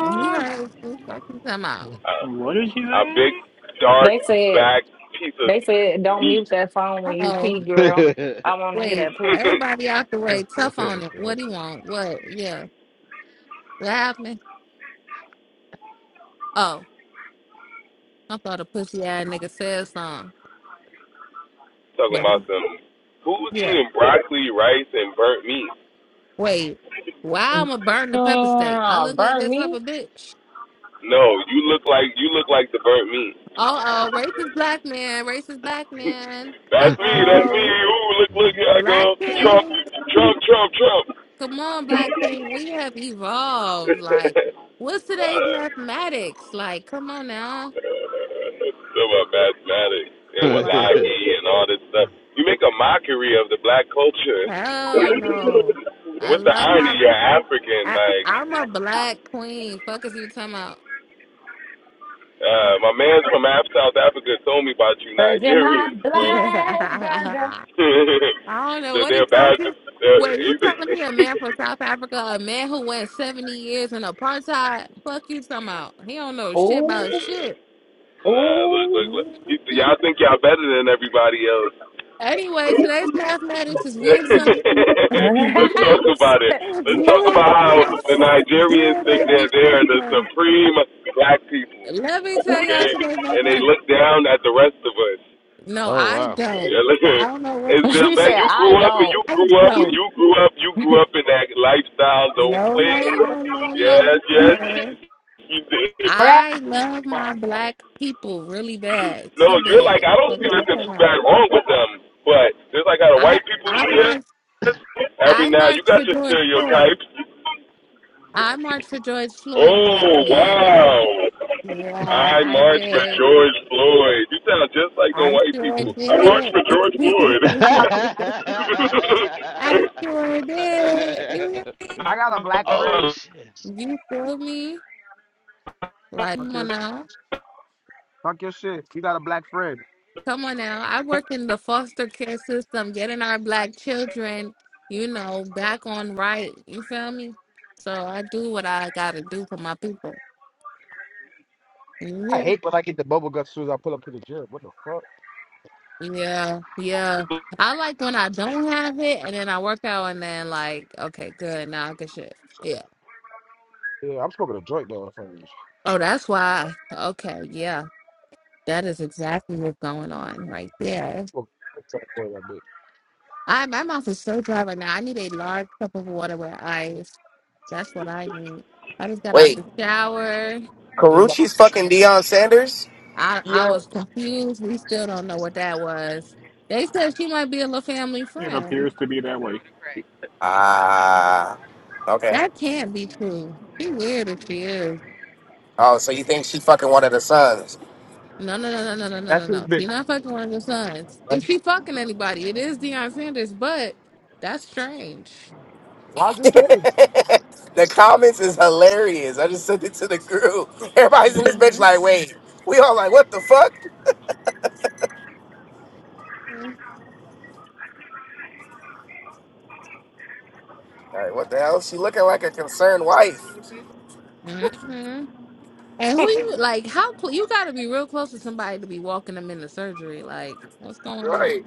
S8: you heard what I'm talking about.
S1: Uh,
S7: What did she
S1: A big,
S7: say?
S1: dark,
S17: They said
S1: back piece of
S17: they said don't
S1: meat.
S17: mute that phone when you
S8: Oh,
S17: pee, girl. I want to hear
S8: wait,
S17: that pussy.
S1: (laughs)
S8: everybody out the way, tough on it.
S15: (laughs)
S8: What do you want? What? Yeah, what happened? Oh, I thought a pussy ass nigga said something,
S1: Talking
S8: but
S1: about some. Who's
S8: yeah,
S1: eating broccoli, rice, and burnt meat?
S8: wait. Why I'ma burn the pepper steak. I
S17: Yeah,
S8: look like
S17: burn
S8: that type
S17: me,
S8: of bitch.
S1: No, you look like you look like the burnt meat.
S8: Uh oh, racist black man, racist black
S1: (laughs)
S8: man. Uh
S1: that's me. That's me.
S8: oh.
S1: Ooh, look, look, here I go.
S8: Black
S1: Trump,
S8: King,
S1: Trump, Trump, Trump.
S8: come on, Black King, we have evolved. Like, what's
S1: (laughs)
S8: today's
S1: uh,
S8: mathematics? Like, come on now.
S1: uh, so about mathematics and
S8: Like,
S1: Wallahi and all this stuff. You make a mockery of the black culture.
S8: hell
S1: (laughs)
S8: no.
S1: And
S8: I
S1: What's the
S8: love
S1: irony?
S8: my.
S1: You're African,
S8: I,
S1: like.
S8: I'm a black queen. Fuck is you talking about?
S1: Uh,
S8: Fuck.
S1: my man's from Af South Africa told me about you
S17: cause you're my
S1: Nigerians, bro.
S8: (laughs)
S17: black brother.
S8: I don't
S1: (laughs)
S8: know
S1: that
S8: what he
S1: they're bad.
S8: told
S1: They're,
S8: you.
S1: (laughs)
S8: Wait, you
S1: he's-
S8: telling me a man from South Africa, a man who went 70 years in apartheid? Fuck you talking about? He don't know shit
S17: Ooh,
S8: about shit.
S1: nah, look, look,
S17: ooh.
S1: look.
S8: (laughs)
S1: y'all think y'all better than everybody else.
S8: Anyway, today's mathematics is wisdom. (laughs)
S1: (laughs) Let's talk about it.
S8: Let
S1: Let's talk about how the
S17: (laughs)
S1: Nigerians think that they're the supreme black people,
S8: me tell y'all
S1: okay?
S8: today's
S1: And they
S8: mathematics.
S1: look down at the rest of us.
S8: No,
S15: oh
S8: I
S15: wow.
S8: don't.
S1: Yeah, look
S8: So
S1: here.
S8: I don't know what
S1: It's
S8: you're
S1: been
S17: she
S8: talking
S1: bad.
S17: said,
S8: about.
S1: You grew
S17: "I
S1: up and
S17: don't."
S1: you
S8: I
S1: grew up and
S8: don't.
S1: you grew up. You grew
S17: (laughs)
S1: up in that lifestyle. Don't
S8: No,
S1: play.
S8: no, no, no, no,
S1: Yes, yes.
S8: sir.
S1: You did.
S17: Bruh.
S8: I love
S15: Fuck.
S8: my black people really bad.
S1: No,
S8: Too
S1: you're
S8: bad.
S1: like I don't
S8: Fuck
S1: see
S8: is you
S1: nothing
S8: talking
S1: too
S8: about?
S1: bad wrong with them, but there's like out of
S8: I
S1: white people
S8: I marched
S1: yes. Every
S8: I
S1: now you
S8: marched
S1: got
S8: for
S1: your
S8: George Floyd.
S1: stereotypes.
S8: I marched for George Floyd, black
S1: Oh
S8: man. I
S1: wow!
S8: yeah,
S1: I
S8: I
S1: marched for
S8: did.
S1: George Floyd. You sound just like the
S8: I
S1: white
S8: sure
S1: people. I marched
S8: did.
S1: for George
S8: (laughs)
S1: Floyd.
S8: I sure did. You hear me?
S2: I got a
S15: (laughs)
S2: black
S15: oh
S2: friend.
S15: shit.
S8: You feel me? Like,
S2: Fuck
S8: come on
S2: your,
S8: now.
S2: fuck your shit. You got a black friend.
S8: Come on now. I work in the foster care system, getting our black children, you know, back on right. You feel me? So I do what I gotta do for my people.
S2: I
S8: Yeah.
S2: hate when I get the bubble guts as soon as I pull up to the gym. What the fuck?
S8: Yeah. Yeah. I like when I don't have it and then I work out and then like, okay, good. Now I get shit. Yeah.
S2: Yeah, I'm smoking a joint though. If I'm
S8: Oh, that's why. Okay. Yeah. That is exactly what's going on right there.
S2: smoking a joint, that bitch.
S8: I my mouth is so dry right now. I need a large cup of water with ice. That's what I need. I just got out
S6: Wait,
S8: the shower.
S2: It's like,
S6: Karuchi's fucking Deion Sanders?
S8: I I
S2: Yeah,
S8: was confused. We still don't know what that was. They said she might be a little family
S7: It
S8: friend.
S7: appears to be that way.
S6: Ah, okay.
S8: That can't be true. She weird if she is.
S6: Oh, so you think she fucking one of the sons?
S8: No no no no no no no no
S2: that's his
S8: no.
S2: bitch.
S8: She not fucking one of your sons.
S2: Like,
S8: If she fucking anybody, it is Deion Sanders. But that's strange.
S2: Why is
S6: (laughs)
S2: it strange?
S6: the comments is hilarious. I just sent it to the group. (laughs) Everybody's in this bitch
S8: Mm
S6: like, wait, we all like, what the fuck?
S8: hmm
S6: All right, what the hell? She looking like a concerned wife,
S8: Mm hmm And who you (laughs) like? How cl- you got to be real close to somebody to be walking them into surgery? Like, what's going on?
S6: right?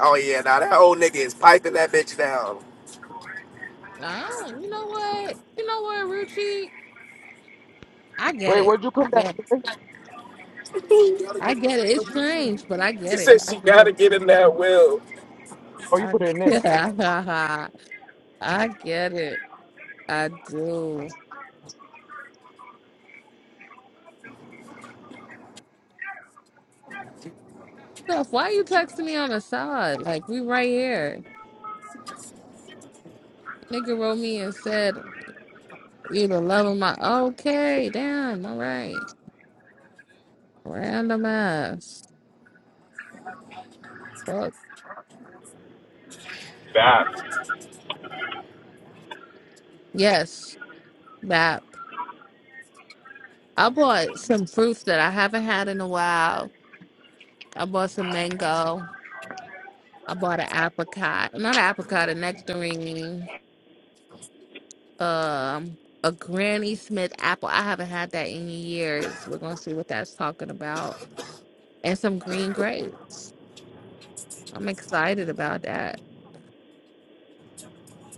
S6: Oh yeah, now that old nigga is piping that bitch down.
S8: I don't. You know what? You know what, Ruchi? I
S2: (laughs)
S8: get
S2: Wait,
S8: it.
S2: where'd you
S8: I
S2: put that?
S8: get. It. I get it. It's strange, but I get it. I get it.
S2: Oh, you
S8: I
S2: put it in
S8: get
S2: this.
S8: it. (laughs) I get it. I do. Steph, why you texting me on the side? Like we right here. Nigga wrote me and said you the love of my. Okay, damn. All right. Random ass. Fuck.
S1: (laughs) nah,
S8: Yes. That. I bought some fruits that I haven't had in a while. I bought some mango. I bought an apricot, not an apricot, a nectarine, um, a Granny Smith apple. I haven't had that in years. We're gonna see what that's talking about, and some green grapes. I'm excited about that.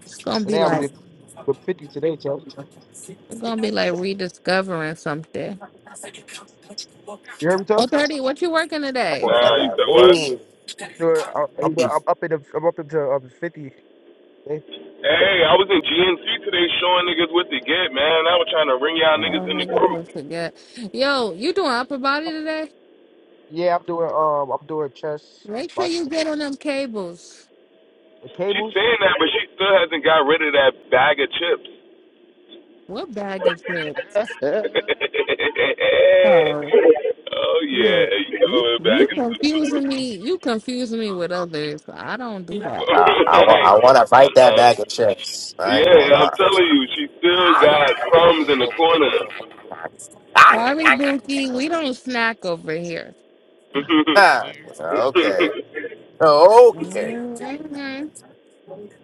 S8: It's gonna be
S2: Today I would
S8: like
S2: do 50 today, Chuck.
S8: we're gonna be like rediscovering something.
S2: You heard me,
S8: Oh,
S2: Chuck?
S8: 30, what you working
S6: That
S8: today?
S6: boy
S1: Nah,
S6: got
S1: you
S8: Sorry.
S1: said
S6: that
S1: what?
S6: lean.
S2: doing. I- I'm doing.
S6: beef.
S2: I'm up in. The, I'm up into um fifty. eh?
S1: Hey, I was in GNC today showing niggas what to get, man. I was trying to ring y'all
S8: Oh,
S1: niggas in the
S8: niggas
S1: group.
S8: will forget. Yo, you doing upper body today?
S2: Yeah, I'm doing. Um, I'm doing chest.
S8: Make sure
S2: Like
S8: you get on them cables.
S2: the
S1: She's
S2: cables.
S1: saying that, but she still hasn't got rid of that bag of chips.
S8: What bag of chips?
S15: (laughs)
S1: (laughs)
S8: Oh,
S1: oh yeah,
S8: yeah.
S1: you got a
S8: You,
S1: little
S15: Clubhouse.
S1: bag
S8: you
S1: of
S15: (laughs)
S1: chips.
S8: confusing
S1: (laughs)
S8: me. You confusing me
S15: All
S8: with
S15: these the same
S8: others. I
S15: time.
S8: don't do that.
S1: uh,
S6: Uh, I want I want to bite that bag of chips. I ain't
S1: yeah,
S6: gonna
S1: I'm
S6: lie.
S1: telling you, she still got crumbs in the corner. (laughs)
S8: Sorry, Binky. We don't snack over here.
S6: Ah,
S15: year.
S6: okay, okay.
S8: hmm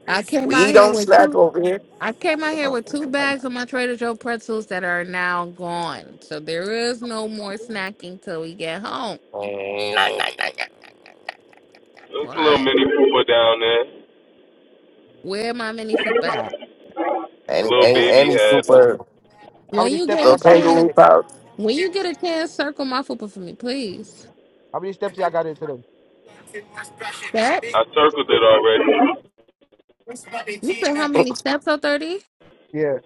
S8: I came out
S6: We
S8: here
S6: don't
S8: with
S6: slack
S8: two.
S6: over here.
S8: I came out here with two bags of my Trader Joe pretzels that are now gone. So there is no more snacking till we get home.
S1: That's a little
S8: Right.
S1: mini pooper down there,
S8: Where my mini fupa at?
S1: a
S6: Any
S1: little
S6: any
S1: baby
S6: any
S1: head.
S6: super
S2: How
S8: When
S2: many
S8: you
S2: steps
S8: get a
S2: I
S6: little
S2: got in
S6: kangaroo
S2: today?
S8: chance,
S6: pouch.
S8: when you get a chance, circle my fupa for me, please.
S2: How many steps y'all got in today?
S8: That.
S1: I circled it already.
S8: You said how many steps are 30?
S2: Yeah,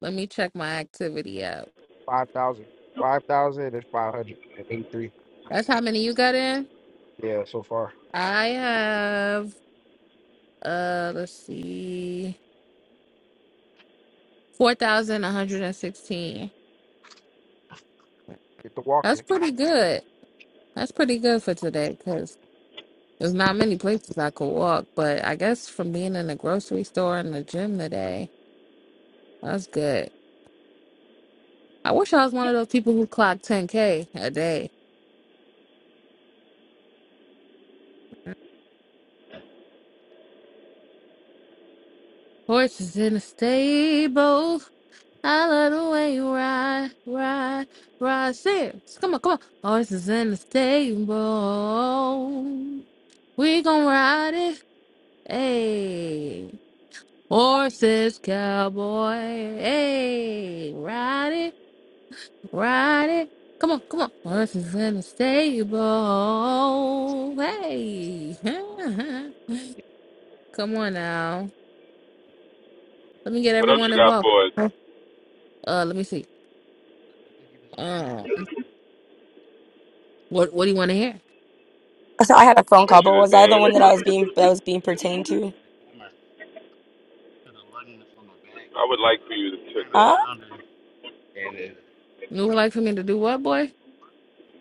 S8: Let me check my activity app.
S2: five thousand. Five thousand is five hundred and eighty-three.
S8: That's how many you got in?
S2: Yeah, so far.
S8: I have uh let's see 4,116.
S2: Get to walking.
S8: That's pretty good. That's pretty good for today cuz there's not many places I could walk, but I guess from being in the grocery store and the gym today, that's good. I wish I was one of those people who clock 10k a day. Horses in the stable I love the way you ride, ride, ride. Sing. it. Come on, come on. Horses in the stable. We gon' ride it. Hey.
S15: Yeah.
S8: Horses, cowboy. Hey. Ride it, ride it. Come on, come on. Horses in the stable. Hey. (laughs) come on now. Let
S15: And
S8: me get
S1: What else
S8: everyone
S1: you got
S8: involved.
S1: for us?
S8: Uh, let me see.
S15: I think he just ran over
S8: Uh,
S15: something. Get
S8: what what do you want to hear?
S4: So I had a
S15: my
S1: I
S4: phone
S15: hand
S1: want
S4: call,
S1: you
S4: but
S15: with
S1: to
S4: was I
S15: the
S4: the
S1: dance.
S4: one that
S15: damn
S4: I was
S15: hammer.
S4: being that was being pertained to?
S15: The hammer to the luggage from the back.
S1: I would like for
S15: Uh,
S1: you to, to
S15: kind of
S4: Huh?
S1: dance.
S15: rounded. And it.
S8: You would like for me to do what, boy?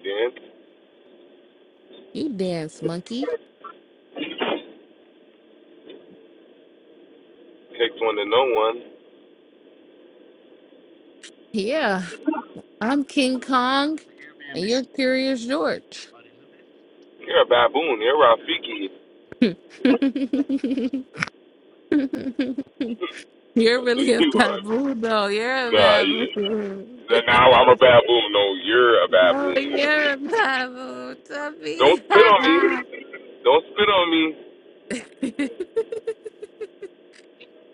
S1: Dance
S8: You dance, monkey.
S1: takes one to know one.
S8: Yeah, I'm King Kong,
S15: b and
S8: and you're Curious George.
S1: You're a baboon. You're Rafiki.
S8: (laughs) you're
S1: That's who
S8: really a
S1: you are.
S8: baboon, though. You're
S1: Nah,
S8: a
S1: yeah.
S8: baboon.
S1: Then Now nah,
S8: (laughs)
S1: I'm a baboon. No, you're a
S8: no,
S1: baboon.
S8: you're a baboon,
S1: Don't spit on me.
S8: Tuffy.
S1: Don't spit on me.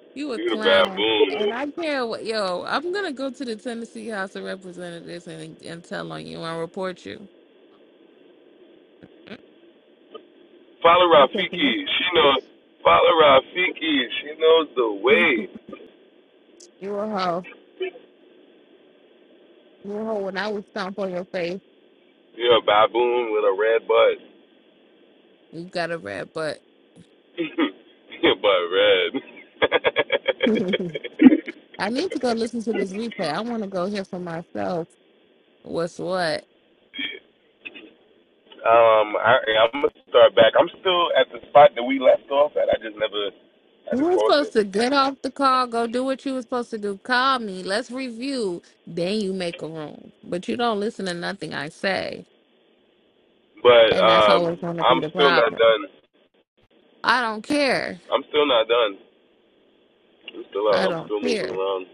S8: (laughs) you a
S1: You're a
S8: clown. And I
S1: baboon.
S8: can't, wa- yo, I'm going to go to the Tennessee House of Representatives and, and tell on you and report you.
S1: Follow
S8: I'm taking
S1: Rafiki. She knows. Follow Rafiki. She knows the
S8: this. (laughs)
S1: way.
S8: You a hoe. You a hoe. When I would stomp on your face,
S1: You're a baboon with a red butt.
S8: you got a red butt.
S1: (laughs) but red.
S8: (laughs)
S1: (laughs)
S8: I need to go listen to this replay. I want to go hear for myself what's what.
S1: um, I, I'm gonna start back. I'm still at the spot that we left off at. I just never, I
S8: You
S1: just
S8: were
S1: paused it.
S8: supposed to get off the call, go do what you were supposed to do. Call me. Let's review. Then you make a room. But you don't listen to nothing I say.
S1: But
S8: And that's always
S1: um,
S8: going to be
S1: I'm
S8: the
S1: still not
S8: problem.
S1: done.
S8: I don't care.
S1: I'm still not done. I'm still out.
S8: I
S1: I'm
S8: don't
S1: still moving
S8: care.
S1: around.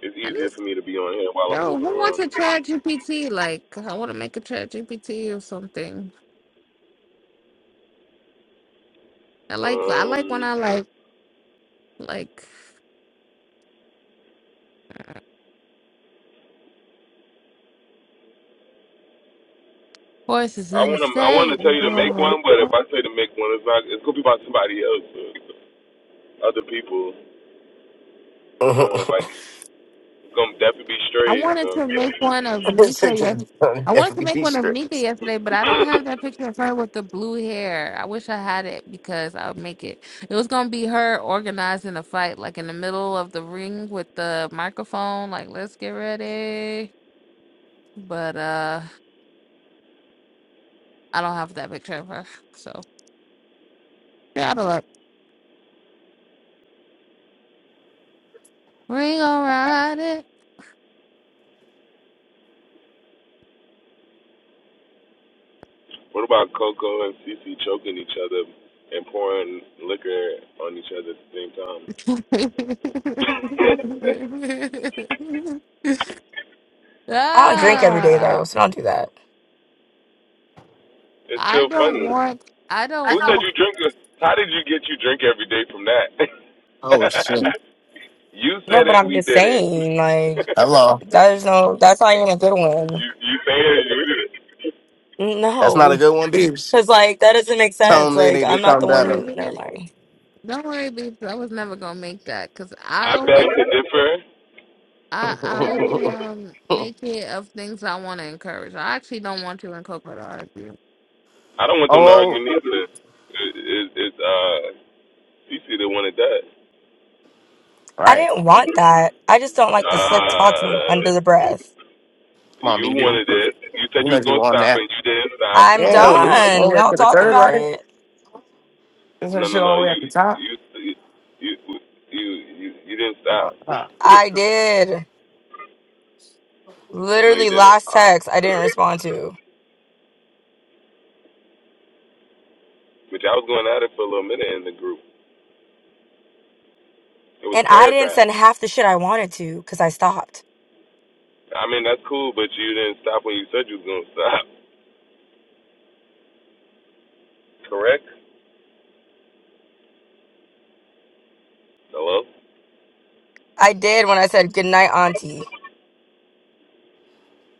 S1: It's
S8: I need,
S1: easier for me to be on here while I'm
S8: yo,
S1: moving
S8: who wants
S1: around.
S8: a chat GPT? Like, I want to make a chat GPT or something. I like, I
S1: Um,
S8: like when I like, like, horses
S1: I
S8: in the
S1: wanna, I wanna
S8: state.
S1: tell you to make one, but if I say to make one, it's not. It's gonna be about somebody else, or other people. I don't wanna
S6: Mhm.
S1: like. It's gonna definitely be
S8: I
S1: straight.
S8: wanted
S1: So.
S8: to make one of
S6: I didn't say
S8: Nika yes.
S6: James Harden
S8: I wanted to make
S6: MVP
S8: one of Nika
S6: strips.
S8: yesterday, but I don't have that picture of her with the blue hair. I wish I had it because I would make it. It was gonna be her organizing a fight, like in the middle of the ring with the microphone, like let's get ready. But uh I don't have that picture of her. So yeah, out of luck. Ring around it.
S1: What about Coco and Cece choking each other and pouring liquor on each other at the same time?
S8: (laughs)
S4: I don't drink every day
S8: ah,
S4: though, so don't do that.
S1: It's
S8: I
S1: still
S8: don't
S1: funny.
S8: want I
S1: Who
S8: don't want
S1: said you drink? How did you get you drink every day from that?
S6: Oh
S1: (laughs)
S6: shit.
S1: you
S4: No,
S1: said
S4: but
S1: it,
S4: I'm
S1: we
S4: just
S1: didn't.
S4: saying, like,
S6: Hello.
S1: (laughs)
S4: that is no that's not even a good one.
S1: you you said it, you did it.
S6: That's not a
S4: No.
S6: good one, Beeps.
S4: Cause like that doesn't make
S6: Tell
S4: sense.
S6: them they
S4: Like
S6: need to
S4: I'm not
S6: come
S4: the
S8: Don't
S4: one
S8: worry,
S6: better.
S4: who never
S8: babe.
S4: mind.
S8: Don't worry, babe. 'cause I was never gonna make that because
S1: (laughs)
S8: I
S1: I beg
S8: only,
S1: to differ.
S6: (laughs)
S8: I, I
S6: oh,
S8: only um make it of things I want to encourage. I actually don't want you and Coco to argue.
S1: I don't want them to argue neither. It, it, it's uh, Cece the one that does.
S4: I
S6: right.
S4: didn't want that. I just don't like the slick talking under the
S1: Uh,
S4: breath.
S6: Come on,
S1: You
S6: BB.
S1: wanted it. You said
S6: You
S1: you
S6: know
S1: was
S6: you
S1: gonna
S6: on
S1: stop, and
S6: that.
S1: you didn't stop.
S4: I'm
S6: Damn, this is all
S4: done.
S6: the way
S1: (laughs)
S6: up
S4: Y'all
S6: to the
S4: talking
S6: third,
S4: about
S6: right?
S4: it?
S6: Isn't
S1: no,
S6: that
S1: no,
S6: shit
S1: no.
S6: all the way
S1: You,
S6: at the top?
S1: you, you, you, you, you didn't
S6: I'm
S1: stop.
S6: on top.
S4: I did.
S1: (laughs) no, you
S4: Literally
S1: didn't.
S4: last
S6: Oh.
S4: text I didn't respond to.
S1: But I was going at it for a little minute in the group. It was
S4: And I didn't
S1: paragraphs.
S4: send half the shit I wanted to because I stopped.
S1: I mean, that's cool, but you didn't stop when you said you was gonna stop. (laughs) Correct? Hello?
S4: I did when I said goodnight, auntie.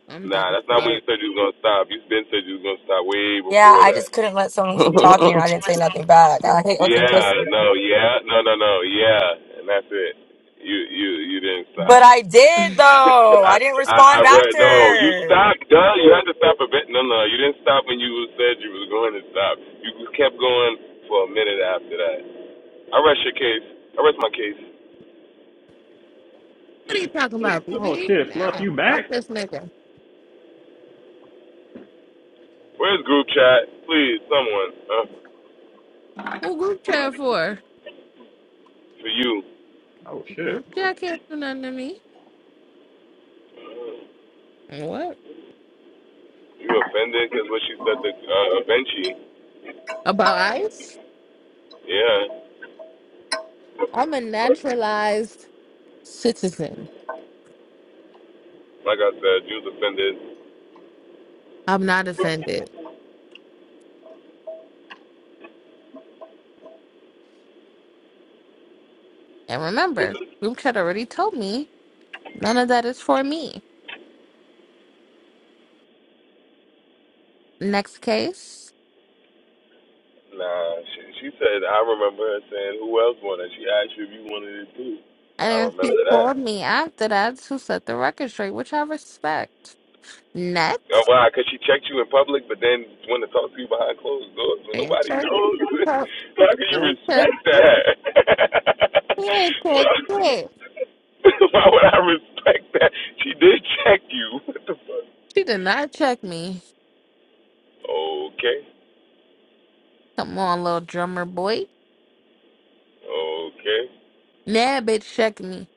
S8: I'm dead
S1: Nah,
S8: as
S1: that's not when you
S8: fuck.
S1: said you was gonna stop. You been said you was gonna stop way
S4: Yeah,
S1: before
S4: I just
S1: that.
S4: couldn't let someone keep talking and I didn't say nothing back. I hate looking
S1: Yeah,
S4: pussy.
S1: no, yeah, no, no, no, yeah, and that's it. You, you, you didn't stop.
S4: But I did though.
S1: I,
S4: I didn't
S1: I, I
S4: respond back to
S1: read. No, you
S4: her.
S1: stopped. Duh, you had to stop a bit. No, no, you didn't stop when you said you was going to stop. You kept going for a minute after that. I rest your case. I rest my case.
S8: What are you talking about,
S7: Oh
S8: BB?
S7: shit, Fluff,
S8: Now,
S7: you
S8: fuck
S7: back?
S8: this nigga.
S1: Where's group chat? Please, someone. Uh,
S8: Who group chat for?
S1: for you.
S7: Oh shit.
S8: Group chat can't do nothing to me. What
S1: You offended because what she said to uh, Benchi.
S8: about ice?
S1: Yeah.
S8: I'm a naturalized citizen.
S1: Like I said, you was offended.
S8: I'm not offended. And remember, group chat already told me none of that is for me. Next case.
S1: Nah, she, she said, I remember her saying, who else wanted? She asked you if you wanted it too. I
S8: And
S1: remember
S8: she
S1: that.
S8: called me after that to set the record straight, which I respect.
S1: Oh,
S8: Next,
S1: why? Because she checked you in public, but then want to talk to you behind closed doors when
S8: you
S1: nobody
S8: check,
S1: knows. (laughs)
S8: you check,
S1: How can you
S8: you check,
S1: respect that? (laughs) why,
S8: check, check.
S1: (laughs) why would I respect that? She did check you. (laughs) What the fuck?
S8: She did not check me.
S1: Okay,
S8: Come on, little drummer boy.
S1: okay.
S8: Nah, bitch, check me.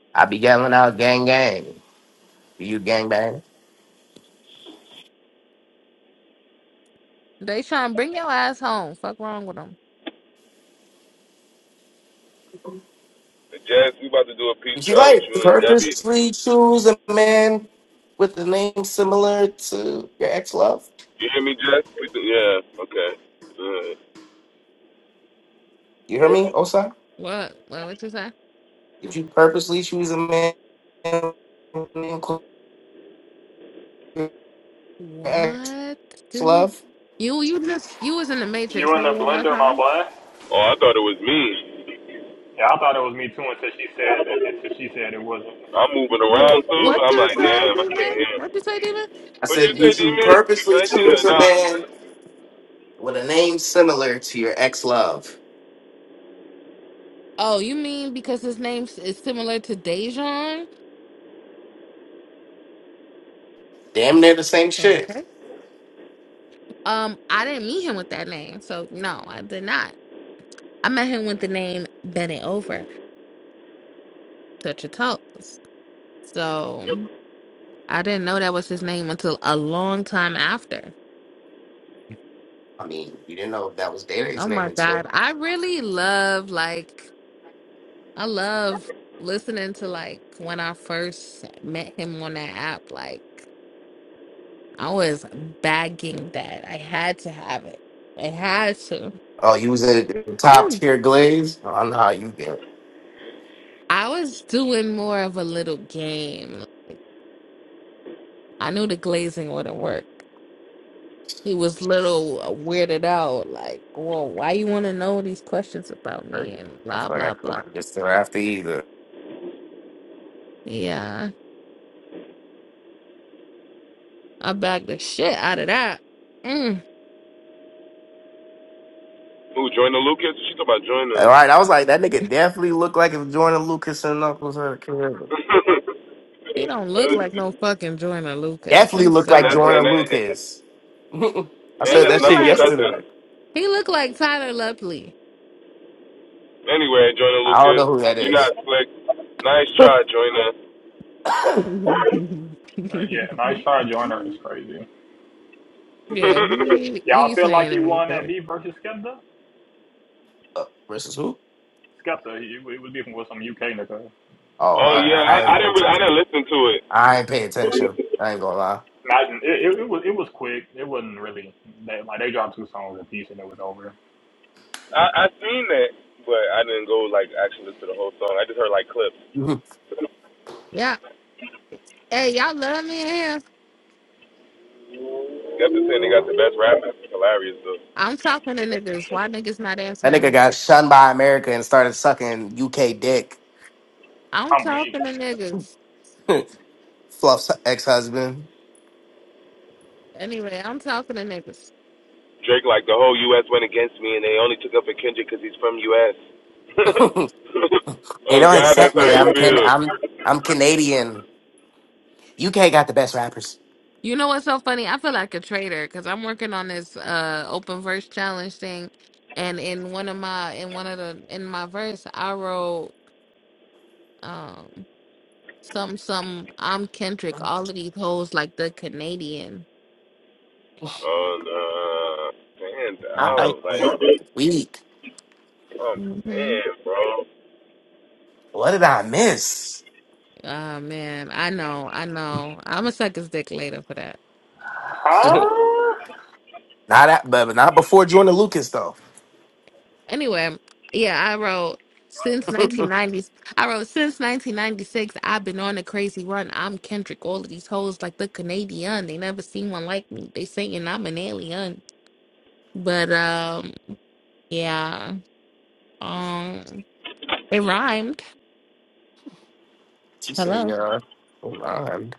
S6: (laughs) I be yelling out gang gang. You gang bang.
S8: They trying to bring your ass home. Fuck wrong with them.
S1: Jess, we about to do a peace
S6: You see,
S1: trial with
S6: like,
S1: you and Debbie.
S6: purposely choose a man with a name similar to your ex love.
S1: You hear me, Jess? We do, yeah. Okay. Good.
S6: You hear me, Osai?
S8: What? What? What you say?
S6: Did you purposely choose a man named ex
S8: What? Dude?
S6: love?
S8: You you just you was in the matrix.
S7: You in
S8: Say
S7: the
S8: it one more
S7: blender, my
S8: time.
S7: boy?
S1: Oh, I thought it was me.
S7: Yeah, I thought it was me too until she said that. Until she said it wasn't.
S1: I'm moving
S8: What?
S1: around too.
S8: What
S1: I'm
S8: you
S1: like,
S8: say,
S1: damn, I can't
S8: demon?
S1: hear.
S8: What you say, demon?
S6: I
S1: What you
S6: said,
S1: say,
S6: did you
S1: D-Man? I
S6: purposely
S1: ain't hear.
S6: choose a
S1: Nah.
S6: man with a name similar to your ex love?
S8: Oh, you mean because his name s- is similar to Dejan?
S6: Damn near the same shit.
S8: Okay. Um, I didn't meet him with that name, so no, I did not. I met him with the name Bennett Over, Touch Your Toes. So I didn't know that was his name until a long time after.
S6: I mean, you didn't know that was Dede's
S8: Oh
S6: name
S8: my God.
S6: until.
S8: I really love like I love listening to like when I first met him on that app. Like I was bagging that. I had to have it. I had to.
S6: Oh, you was a top tier glaze? Oh, I know how you get.
S8: I was doing more of a little game. I knew the glazing wouldn't work. He was little uh, weirded out, like, "Whoa, why you want to know these questions about me?"
S6: hurt.
S8: and
S6: I
S8: blah
S6: feel like I
S8: blah blah.
S6: couldn't get there after either.
S8: Yeah, I backed the shit out of that. Mm,
S1: Who Joyner Lucas? She talking about Joyner.
S6: All
S1: (laughs)
S6: right, I was like, that nigga definitely looked like if Jordan Lucas and Knuckles had a kid.
S1: and
S8: he don't look like no fucking Joyner Lucas.
S6: Definitely
S8: I'm
S6: look like
S1: that's
S8: sorry.
S1: and
S6: Jordan
S1: that
S6: Lucas. (laughs) I
S1: and
S8: He
S6: said
S1: that's
S6: that
S8: look
S6: shit
S1: Knuckles'
S8: like
S1: cousin.
S6: yesterday.
S8: he look like Tyler Lupley.
S1: Anyway, Joyner
S6: I don't
S1: Lucas,
S6: know who that
S1: you
S6: is.
S1: not slick. Nice try, Joyner.
S8: (laughs)
S7: Uh, yeah, nice try, Joyner. It's crazy.
S8: yeah,
S1: (laughs)
S8: he
S7: Y'all
S8: he's
S7: feel like
S8: saying
S7: he won that
S8: everything.
S7: beef versus Skepta?
S6: Uh, versus who?
S7: Skepta, he, it was beefing with some UK nigga.
S6: Oh,
S7: Like,
S1: oh
S6: I,
S7: I-
S1: yeah, I,
S6: I ain't
S1: I
S6: paying
S1: didn't really, I
S6: attention.
S1: didn't listen to it.
S6: I ain't paying attention. I ain't gonna lie. (laughs)
S7: imagine it, it, it was it was quick. It wasn't really they, like they dropped two songs a piece and it was over.
S1: I I seen that, but I didn't go like actually listen to the whole song. I just heard like clips.
S6: Mhm.
S8: Yeah. Hey, y'all love me in here.
S1: Skepta saying they got
S6: Uh,
S1: the best rappers. Hilarious though.
S8: I'm talking to niggas. Why niggas not
S6: that nigga
S8: answering me?
S6: got shunned by America and started sucking UK dick.
S8: I'm
S7: I'm weak.
S8: talking to niggas.
S6: (laughs) Fluff's ex husband.
S8: Anyway, I'm talking to niggas.
S1: Drake, like the whole U.S. went against me, and they only took up for Kendrick because he's from U.S. (laughs)
S6: (laughs) they
S1: oh
S6: don't
S1: God, that's
S6: accept
S1: how
S6: me.
S1: you
S6: I'm can
S1: feel.
S6: I'm I'm Canadian. UK got the best rappers.
S8: You know what's so funny? I feel like a traitor because I'm working on this uh open verse challenge thing, and in one of my in one of the in my verse, I wrote um some some I'm Kendrick. All of these hoes like the Canadian.
S1: Oh no, stand
S6: I
S1: out, like,
S6: am weak.
S1: oh
S8: Mm-hmm.
S1: damn, bro.
S6: What did I miss?
S8: Oh man, I know, I know. I'm gonna suck his dick later for that.
S6: (laughs) not
S7: Huh?
S6: at, but not before Jordan Lucas though.
S8: Anyway, yeah, I wrote since 1990s. I wrote since 1996. I've been on a crazy run. I'm Kendrick. All of these hoes like the Canadian. They never seen one like me. They saying I'm an alien. But um, yeah, um, it rhymed.
S6: She said,
S8: Hello.
S6: yeah, hold on.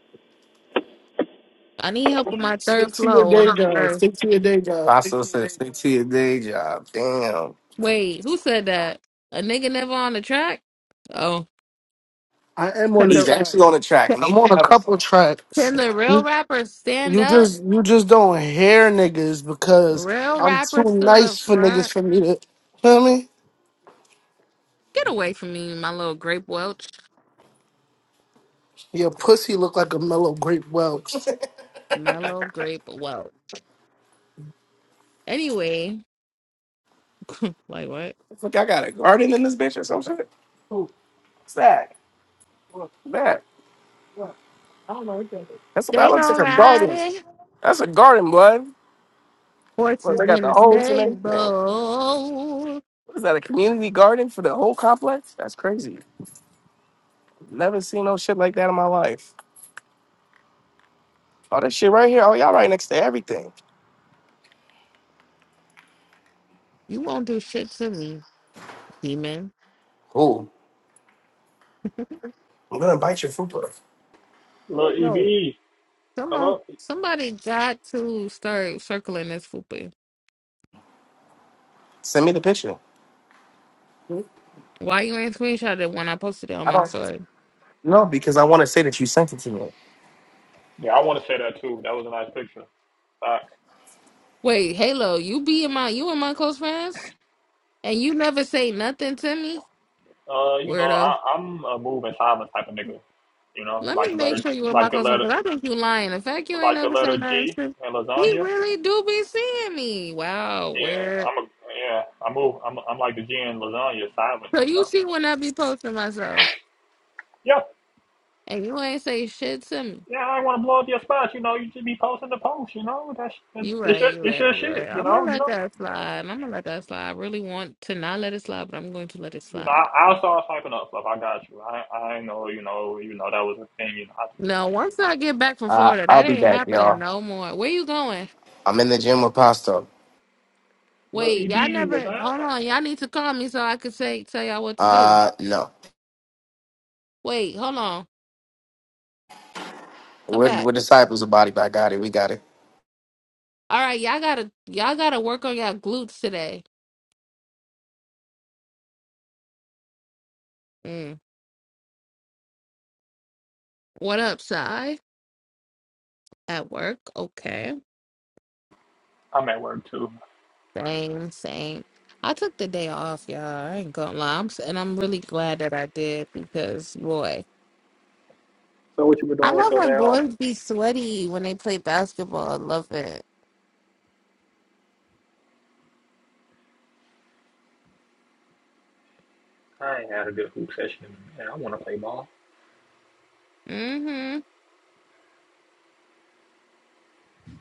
S8: I need help with my
S6: Stick
S8: third
S6: to your
S8: flow
S6: day
S8: on that
S6: job.
S8: verse.
S6: Stick to your day job. Stick to your Paso said, stick to your day job. Damn.
S8: Wait, who said that? A nigga never on the track? Oh,
S6: I am on
S8: can
S6: the He's
S8: the
S6: track. actually on the track. I'm Leave on a that couple tracks.
S8: can
S6: (laughs)
S8: the real rappers stand up? Real rappers to the front. Get away from me, my little grape welch. Mellow grape welch. Anyway, (laughs) like what?
S6: It's like I got a garden in this bitch or some shit. What's that? That. That's that
S8: They
S6: looks like
S8: gon'
S6: a
S8: ride
S6: garden.
S8: it.
S6: That's a garden, blood. Look,
S8: Horses
S6: they got
S8: in the
S6: the holes and everything.
S8: stable.
S6: What is that? A community garden for the whole complex? That's crazy. Never seen no shit like that in my life. Oh, that shit right here. Oh, y'all right next to everything.
S8: You won't do shit to me, demon.
S6: Cool.
S8: (laughs)
S6: I'm gonna bite your food, bro.
S7: Little
S8: No.
S7: EB, come
S8: Someone,
S7: up.
S8: somebody got to start circling this fupa.
S6: Send me the picture.
S8: Why you ain't screenshot it when I posted it on
S6: I
S8: my
S6: don't
S8: story?
S6: know because I want to say that you sent it to me.
S7: Yeah, I want to say that too. That was a nice picture. Facts.
S8: Wait, Halo, you be in my you and my close friends? And you never say nothing to me?
S7: Uh, you know,
S8: Weirdo.
S7: I, I'm a move and silence type of nigga. You know,
S8: Let
S7: like
S8: me
S7: the
S8: make
S7: letter,
S8: sure you were my
S7: like the
S8: close friend
S7: letter,
S8: because I think you lying. The fact you ain't
S7: like the
S8: never say
S7: letter
S8: nothing
S7: G
S8: true.
S7: and
S8: He
S7: lasagna.
S8: really do be seeing me. Wow,
S7: Yeah,
S8: weird.
S7: I'm a yeah. I move. I'm I'm like the G in lasagna, silent.
S8: So
S7: You
S8: you
S7: know.
S8: see when I be posting myself
S7: Yeah,
S8: and you ain't say shit to me.
S7: yeah. I want to blow up your spot. You know, you should be posting the post. You know, that's
S8: You
S7: it's
S8: right,
S7: your
S8: you
S7: it's
S8: right,
S7: your
S8: you
S7: shit.
S8: right.
S7: You
S8: I'm gonna
S7: know, you
S8: let
S7: know.
S8: that slide. I'm gonna let that slide. I really want to not let it slide, but I'm going to let it
S7: You know,
S8: slide.
S7: I, I start us up. Like I got you. I I know. You know. You know that was a thing. You know. I, you
S8: No,
S7: know.
S8: once I get back from
S6: Uh,
S8: Florida,
S6: I'll
S8: that
S6: be
S8: ain't
S6: back,
S8: happening
S6: y'all.
S8: no more. Where you going?
S6: I'm in the gym with Pasto.
S7: But
S8: Wait, y'all
S7: Ed was
S8: never hold
S7: I.
S8: on, y'all need to call me so I could say tell y'all what to do.
S6: Uh, no,
S8: Wait, hold on. Come
S6: we're,
S8: back.
S6: we're disciples of Body by Gotti. We got it,
S8: All right, y'all gotta y'all gotta work on y'all glutes today. Mm. What up, Sai? At work? Okay.
S7: I'm at work too.
S8: Same, same. I took the day off, y'all. I ain't gonna lie. I'm, s- and I'm really glad that I did because boy.
S7: So what you been
S8: I
S7: doing with
S8: love
S7: your day
S8: when
S7: off?
S8: boys be sweaty when they play basketball. I love it.
S7: I ain't had a good hoop session in a minute. I want to play ball.
S8: Mm-hmm.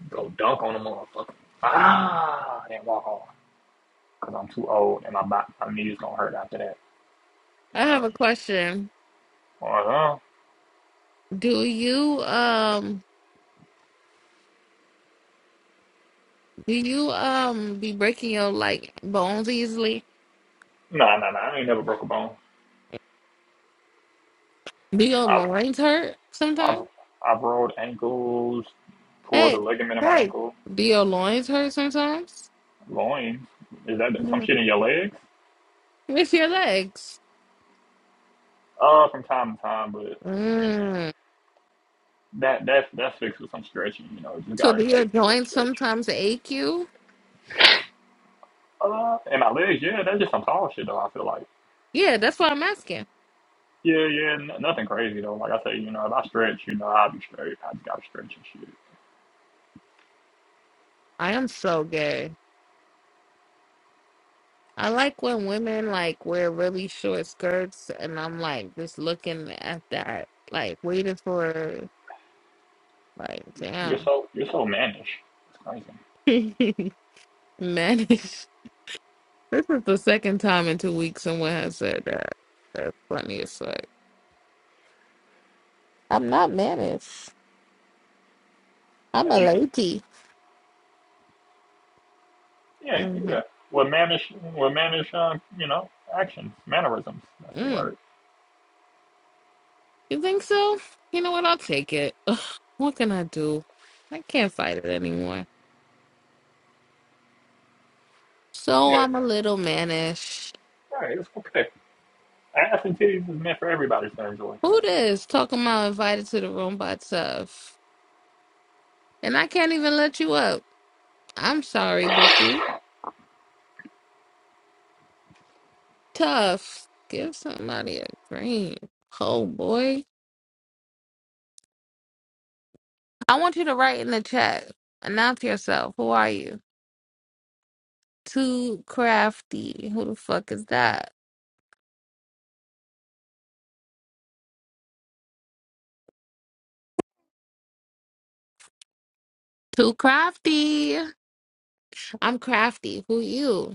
S7: Go dunk on a motherfucker. Ah, and walk on. Because I'm too old and my, bo- my knees going to hurt after that.
S8: I
S7: You know?
S8: have a question.
S7: uh,
S8: Do you um do you um be breaking your like bones easily?
S7: nah, nah, nah. I ain't never broke a bone.
S8: Do your
S7: I've,
S8: loins hurt sometimes?
S7: I've, I've rolled ankles, pulled a
S8: Hey,
S7: ligament in my
S8: hey.
S7: ankle,
S8: Do your loins hurt sometimes?
S7: loins. Is that some
S8: Mhm.
S7: shit in your legs?
S8: It's your legs.
S7: Uh, from time to time, but you know,
S8: Mm.
S7: that that's that's fixed with some stretching. You know, just
S8: So
S7: gotta
S8: do your
S7: take a good
S8: joints
S7: stretch.
S8: sometimes ache you?
S7: Uh, in my legs, yeah, that's just some tall shit though. I feel like,
S8: Yeah, that's why I'm asking.
S7: yeah, yeah, n- nothing crazy though. Like I say, you know, if I stretch, you know, I'll be straight. I just gotta stretch and shit.
S8: I am so gay. I like when women like wear really short skirts and I'm like just looking at that, like waiting for like
S7: You're
S8: damn.
S7: so you're so mannish. It's crazy.
S8: (laughs) Manish. This is the second time in two weeks someone has said that. That's funny as fuck. I'm not manish. I'm
S7: Like,
S8: a
S7: you just,
S8: lady.
S7: yeah,
S8: hmm
S7: yeah. With mannish, with mannish, um, you know, actions, mannerisms. That's the
S8: Mm.
S7: word.
S8: You think so? You know what? I'll take it. Ugh, what can I do? I can't fight it anymore. So
S7: Yeah,
S8: I'm a little mannish.
S7: right. It's okay. Ass and titties is meant for everybody to enjoy.
S8: Who this? Talking about invited to the room by Tough. And I can't even let you up. I'm sorry, Bookie. Tough. Give somebody a green. Oh boy. I want you to write in the chat. Announce yourself. Who are you? Too crafty. Who the fuck is that? Too crafty. I'm crafty. Who you?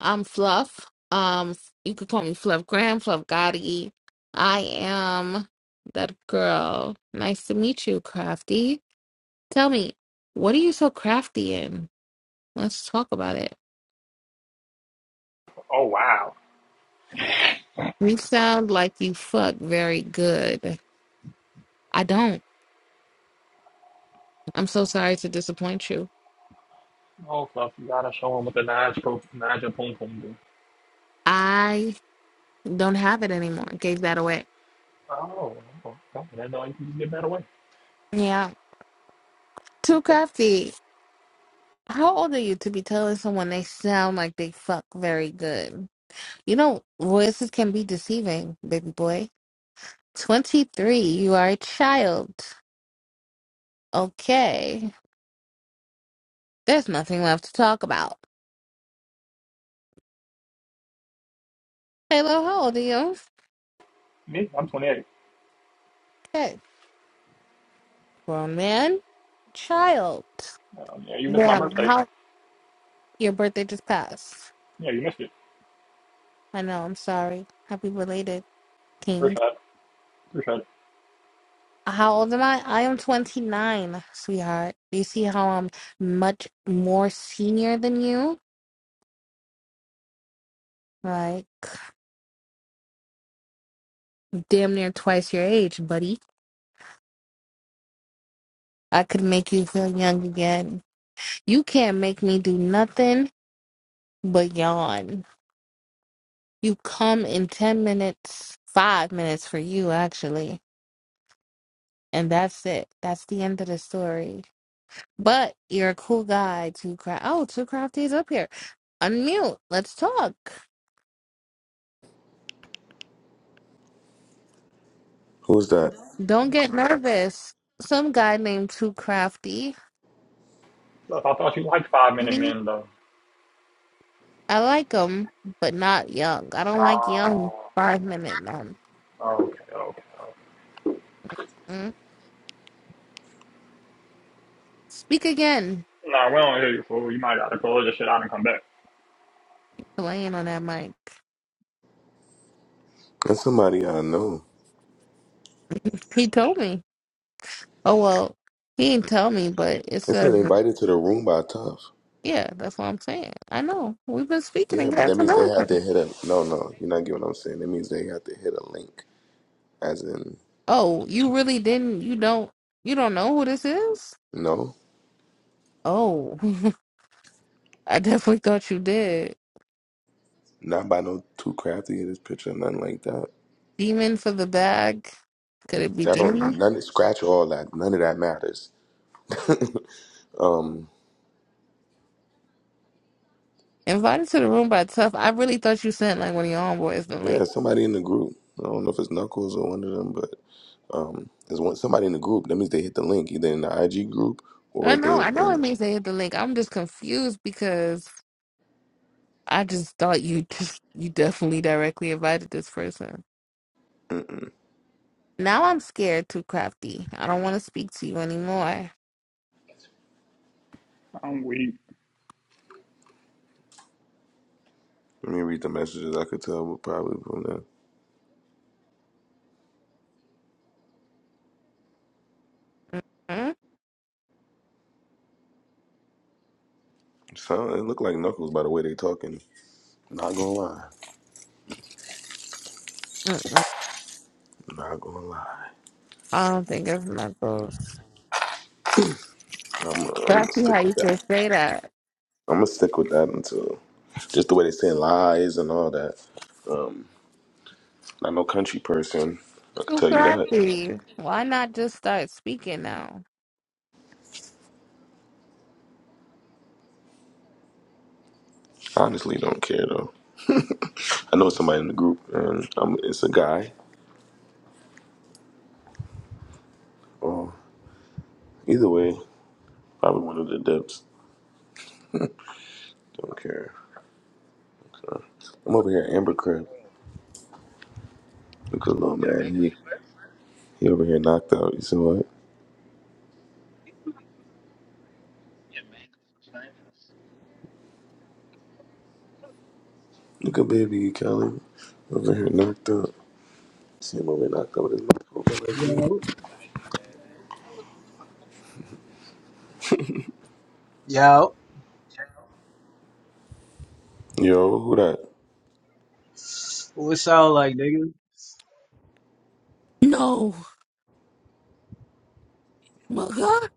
S8: I'm Fluff. Um, you could call me Fluff Graham, Fluff Gotti. I am that girl. Nice to meet you, Crafty. Tell me, what are you so crafty in? Let's talk about it.
S7: Oh wow.
S8: You sound like you fuck very good. I don't. I'm so sorry to disappoint you.
S7: Oh, Fluff, you gotta show them what the Nige pro Nige Pum Pum do.
S8: I don't have it anymore. Gave that away.
S7: Oh, okay. I didn't know you could just get that away.
S8: Yeah. Too crafty. How old are you to be telling someone they sound like they fuck very good? You know, voices can be deceiving, baby boy. 23, you are a child. Okay. There's nothing left to talk about. Halo, how old are you?
S7: Me, I'm 28.
S8: Okay. Grown man, child.
S7: Um, yeah, you missed my
S8: Damn,
S7: birthday.
S8: how your birthday just passed.
S7: Yeah, you missed it.
S8: I know, I'm sorry. Happy belated,
S7: First
S8: King.
S7: shot. First shot.
S8: How old am I? I am 29, sweetheart. Do you see how I'm much more senior than you? Like, damn near twice your age, buddy. I could make you feel young again. You can't make me do nothing but yawn. You come in 10 minutes, five minutes for you, actually. And that's it. That's the end of the story. But you're a cool guy, Two Craft. Oh, Two Crafty's up here. Unmute. Let's talk.
S1: Who's that?
S8: Don't get nervous. Some guy named Two Crafty.
S7: I thought, you liked five minute
S8: Mhm.
S7: men though.
S8: I like him, but not young. I don't like young
S7: Oh,
S8: five minute men.
S7: okay, okay. okay.
S8: Mm. Speak again.
S7: Nah, we don't hear you, fool. You might gotta close this shit out and come back.
S8: Playing on that mic.
S1: That's somebody I know.
S8: He told me. Oh well, he didn't tell me, but it
S1: They said
S8: says
S1: invited to the room by Tough.
S8: yeah, that's what I'm saying. I know. We've been speaking
S1: Yeah,
S8: and
S1: but
S8: got
S1: that
S8: to
S1: means they
S8: know each
S1: had
S8: other.
S1: to hit a. No, no, you're not getting what I'm saying. That means they had to hit a link. As in,
S8: Oh, you really didn't you don't you don't know who this is?
S1: no,
S8: Oh. (laughs) I definitely thought you did.
S1: not by no too crafty in his picture, nothing like that.
S8: Demon for the bag. Could it be
S1: That don't
S8: demon?
S1: none scratch all that. None of that matters. (laughs) um,
S8: Invited to the room by Tough. I really thought you sent like one of your homeboys the
S1: yeah,
S8: link.
S1: somebody in the group. I don't know if it's Knuckles or one of them, but um, there's one somebody in the group. That means they hit the link either in the IG group
S8: I
S1: or
S8: know,
S1: they.
S8: I know it
S1: And
S8: means they hit the link. I'm just confused because I just thought you just you definitely directly invited this person. Now I'm scared too crafty. I don't want to speak to you anymore.
S7: I'm weak.
S1: let me read the messages. I could tell probably from the
S8: Mm,
S1: sound. It looked like Knuckles by the way they talking. Not gonna lie.
S8: mm-mm.
S1: Not gonna lie.
S8: I don't think it's knuckles.
S1: I'm, I'm
S8: But
S1: gonna
S8: I see how
S1: stick with
S8: you could
S1: that.
S8: say that.
S1: I'm gonna stick with that until just the way they saying lies and all that. Um, not no country person. I could
S8: Too
S1: tell you that.
S8: crafty. Why not just start speaking now?
S1: I Honestly, don't care though. I know somebody in the group, and um, it's a guy. Um, either way, probably one of the depths. Don't care. Okay. I'm over here, at Amber Crab. Look at little man. He he over here knocked out. You see what? Look at baby Kelly over here knocked out. See him over here knocked out with his mouth open like
S19: Yo,
S1: you.
S19: yo,
S1: Yo, who that?
S19: what it sound like, nigga?
S8: No, mother,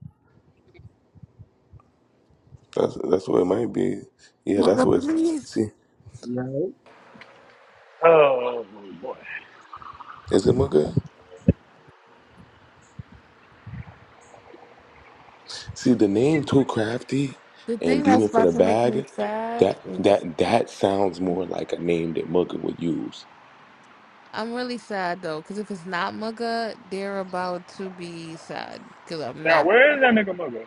S1: That's that's what it might be. Yeah, that's
S8: mother,
S1: what. It's,
S8: please.
S1: see,
S19: Yo,
S7: Oh boy.
S1: is it Mugga? See the name too crafty
S8: The
S1: and
S8: thing that's
S1: demon for
S8: about
S1: the
S8: to make me
S1: bag.
S8: sad
S1: That
S8: is
S1: that that sounds more like a name that Mugga would use.
S8: I'm really sad though, because if it's not Mugga, they're about to be sad. Because I'm
S7: Now
S8: not.
S7: where is that nigga mugger?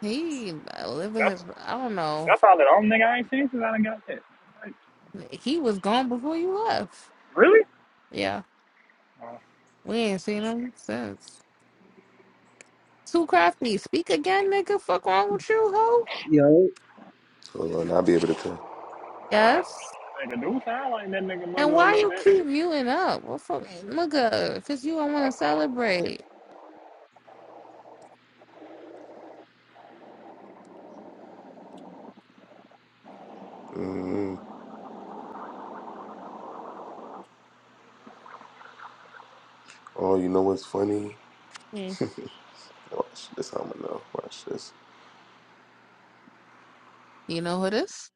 S8: He uh, living
S7: That's
S8: his. I don't know.
S7: that's all the only nigga I ain't seen since I done got that. Like,
S8: He was gone before you left.
S7: really?
S8: Yeah.
S7: Uh,
S8: We ain't seen him since. Too crafty. Speak again, nigga. Fuck wrong with you, hoe?
S19: yo,
S1: Hold on, I'll be able to tell.
S8: Yes.
S7: nigga do sound like that nigga
S8: And
S7: mugger a
S8: why
S7: little
S8: you
S7: bit.
S8: keep muting up? Well, fuck, nigga, because you don't want to celebrate.
S1: mm Oh, you know what's funny?
S8: Mm.
S1: Watch this. how I'm gonna know. Watch this.
S8: You know who this?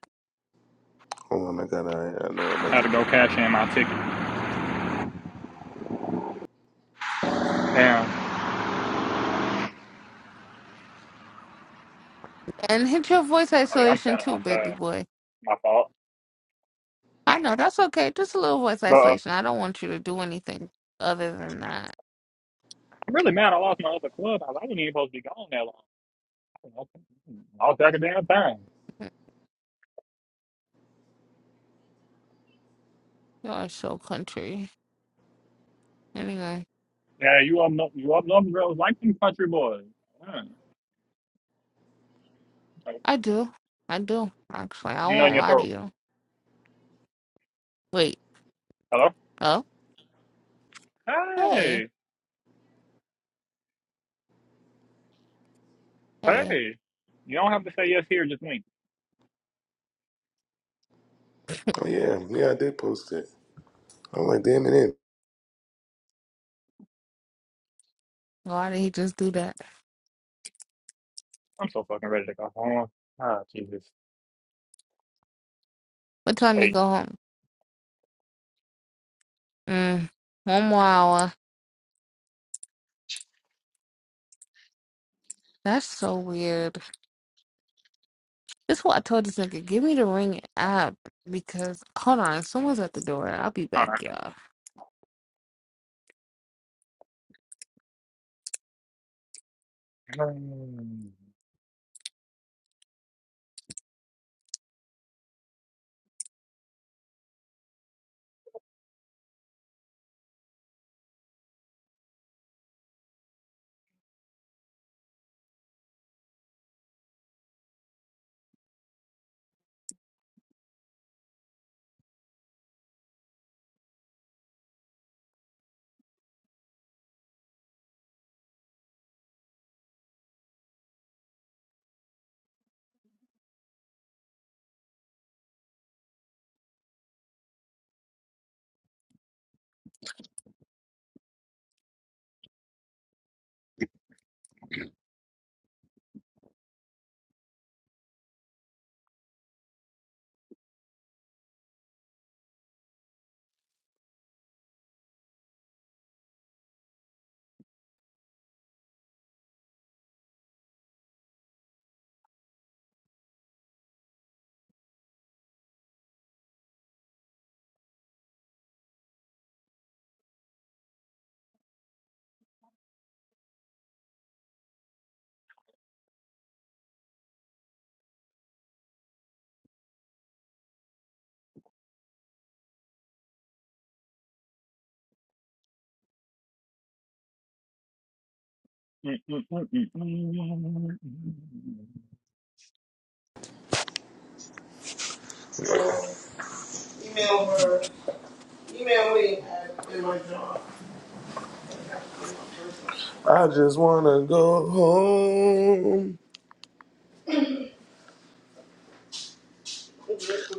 S1: Hold on, I got. I, I know what I'm
S7: I
S1: about
S7: had
S1: to
S7: to go
S1: do.
S7: cash in my ticket. Damn.
S8: And hit your voice
S7: Oh yeah, I'm
S8: isolation
S7: standing
S8: too, baby
S7: outside.
S8: boy.
S7: My fault.
S8: I know that's okay. Just a little voice
S7: But uh,
S8: isolation. I don't want you to do anything other than that.
S7: I'm really mad I lost my other club. I wasn't even supposed to be gone that long. I'll I'll take a damn thing.
S8: Mm, You are so country. Anyway,
S7: Yeah, you up no, you up north girls like them country boys. Mm.
S8: I do. I do. Actually, I
S7: You know in
S8: won't
S7: your
S8: lie to
S7: throat.
S8: you. Wait.
S7: Hello?
S8: Oh. Hey.
S7: Hey,
S8: Hey.
S7: hey. You don't have to say yes here, just me.
S1: Oh yeah, yeah, I did post it. I'm like, damn it, in.
S8: Why did he just do that?
S7: I'm so fucking ready to go home. Ah, Jesus.
S8: What time you
S7: Hey.
S8: go home? Mm, one more hour. That's so weird. This is what I told this nigga. Give me the ring app because hold on, someone's at the door. I'll be
S7: All
S8: back,
S7: right.
S8: y'all.
S7: It's
S1: I just wanna go home.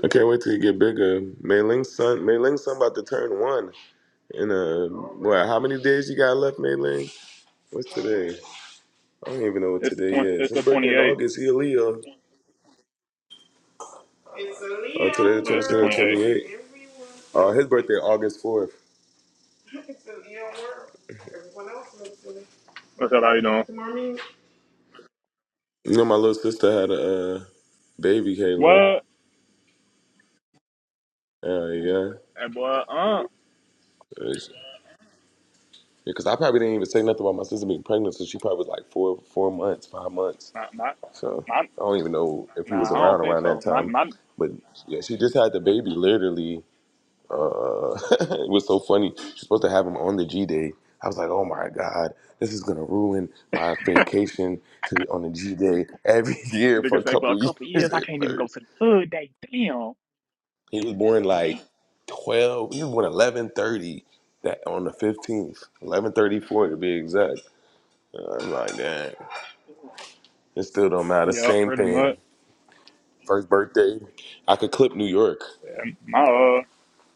S1: I can't wait till you get bigger. Mei Ling's son, Mei Ling's son about to turn one in a what? How many days you got left, Mei Ling? What's today? I don't even know what
S7: the
S1: today
S7: twenty.
S1: is.
S7: It's the
S1: His birthday in
S7: twenty-eight.
S1: August. He a Leo.
S7: Yeah, it's the twenty-eight.
S1: Uh, his birthday August fourth.
S7: What's up? How you doing?
S1: You know, my little sister had a uh, baby, Caleb.
S7: What?
S1: Uh, yeah,
S7: Hey, boy. Uh,
S1: because I probably didn't even say nothing about my sister being pregnant, so she probably was like four, four months, five months.
S7: my, my,
S1: So
S7: my-
S1: I don't even know if he was
S7: nah, I
S1: around
S7: don't think
S1: around that
S7: so. My,
S1: time.
S7: my
S1: But yeah, she just had the baby literally. uh, (laughs) it was so funny. She's supposed to have him on the G Day. I was like, oh my God, this is gonna ruin my vacation to the, on the G Day every (laughs)
S7: The
S1: year for a
S7: niggas like, well, a
S1: couple (laughs)
S7: couple of
S1: years
S7: years, I
S1: at
S7: can't even go
S1: first.
S7: to the hood day. Damn.
S1: He was born like 12, he was born 1130 that on the 15th, 1134 to be exact. I'm like, dang, it still don't matter.
S7: Yeah,
S1: Same
S7: pretty
S1: thing.
S7: much.
S1: First birthday, I could clip New York
S7: And my uh,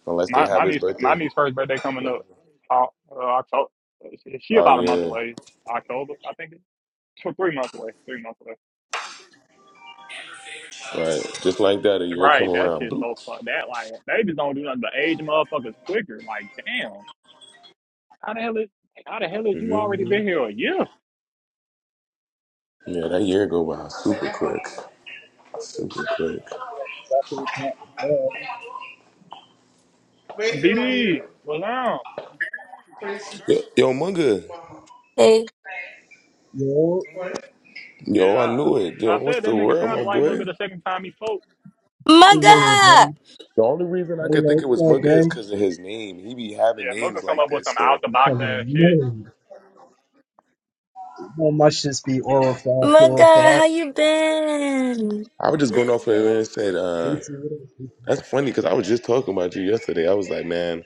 S1: unless they
S7: my
S1: have
S7: my
S1: his
S7: niece, my
S1: birthday.
S7: niece's first birthday coming up. Uh, uh, October. She, she
S1: Oh
S7: about a month
S1: yeah,
S7: away. October, I think. it- Two, three months away. Three months away.
S1: right. Just like that, a year come
S7: Right. That
S1: around.
S7: shit's so
S1: Bloop.
S7: fun. That like babies don't do nothing but age motherfuckers quicker. Like, damn. How the hell is how the hell is you already
S1: hmm
S7: been here a year?
S1: Yeah, that year go by super quick. Super quick.
S19: talking about the club.
S7: BD, well now,
S1: Yo, yo, Munga.
S4: Hey.
S19: Yo,
S1: Yo, I
S7: yeah.
S1: knew it.
S7: I,
S1: Yo,
S7: I
S1: what's
S7: said that
S1: the
S7: nigga
S1: word, my
S7: sounded like
S1: boy?
S7: Mugga the second time he spoke.
S19: yeah,
S4: Mugga!
S19: buddy.
S1: The only reason I could
S19: Hello,
S1: think it
S19: it's
S1: was
S19: all
S1: Munga is
S19: gay.
S1: because of his name. He be
S7: Yeah,
S1: having
S7: Mugga
S1: names
S7: come
S1: like
S7: up with
S1: this.
S7: some out
S1: So
S7: the box ass
S19: Fucking
S7: shit.
S19: amazing. How much this be oral fly, pure
S4: Mugga,
S19: fly?
S4: how you been?
S1: I was just going off of it and said,
S19: See,
S1: uh,
S19: see
S1: that's funny because I was just talking about you yesterday. I was like, man,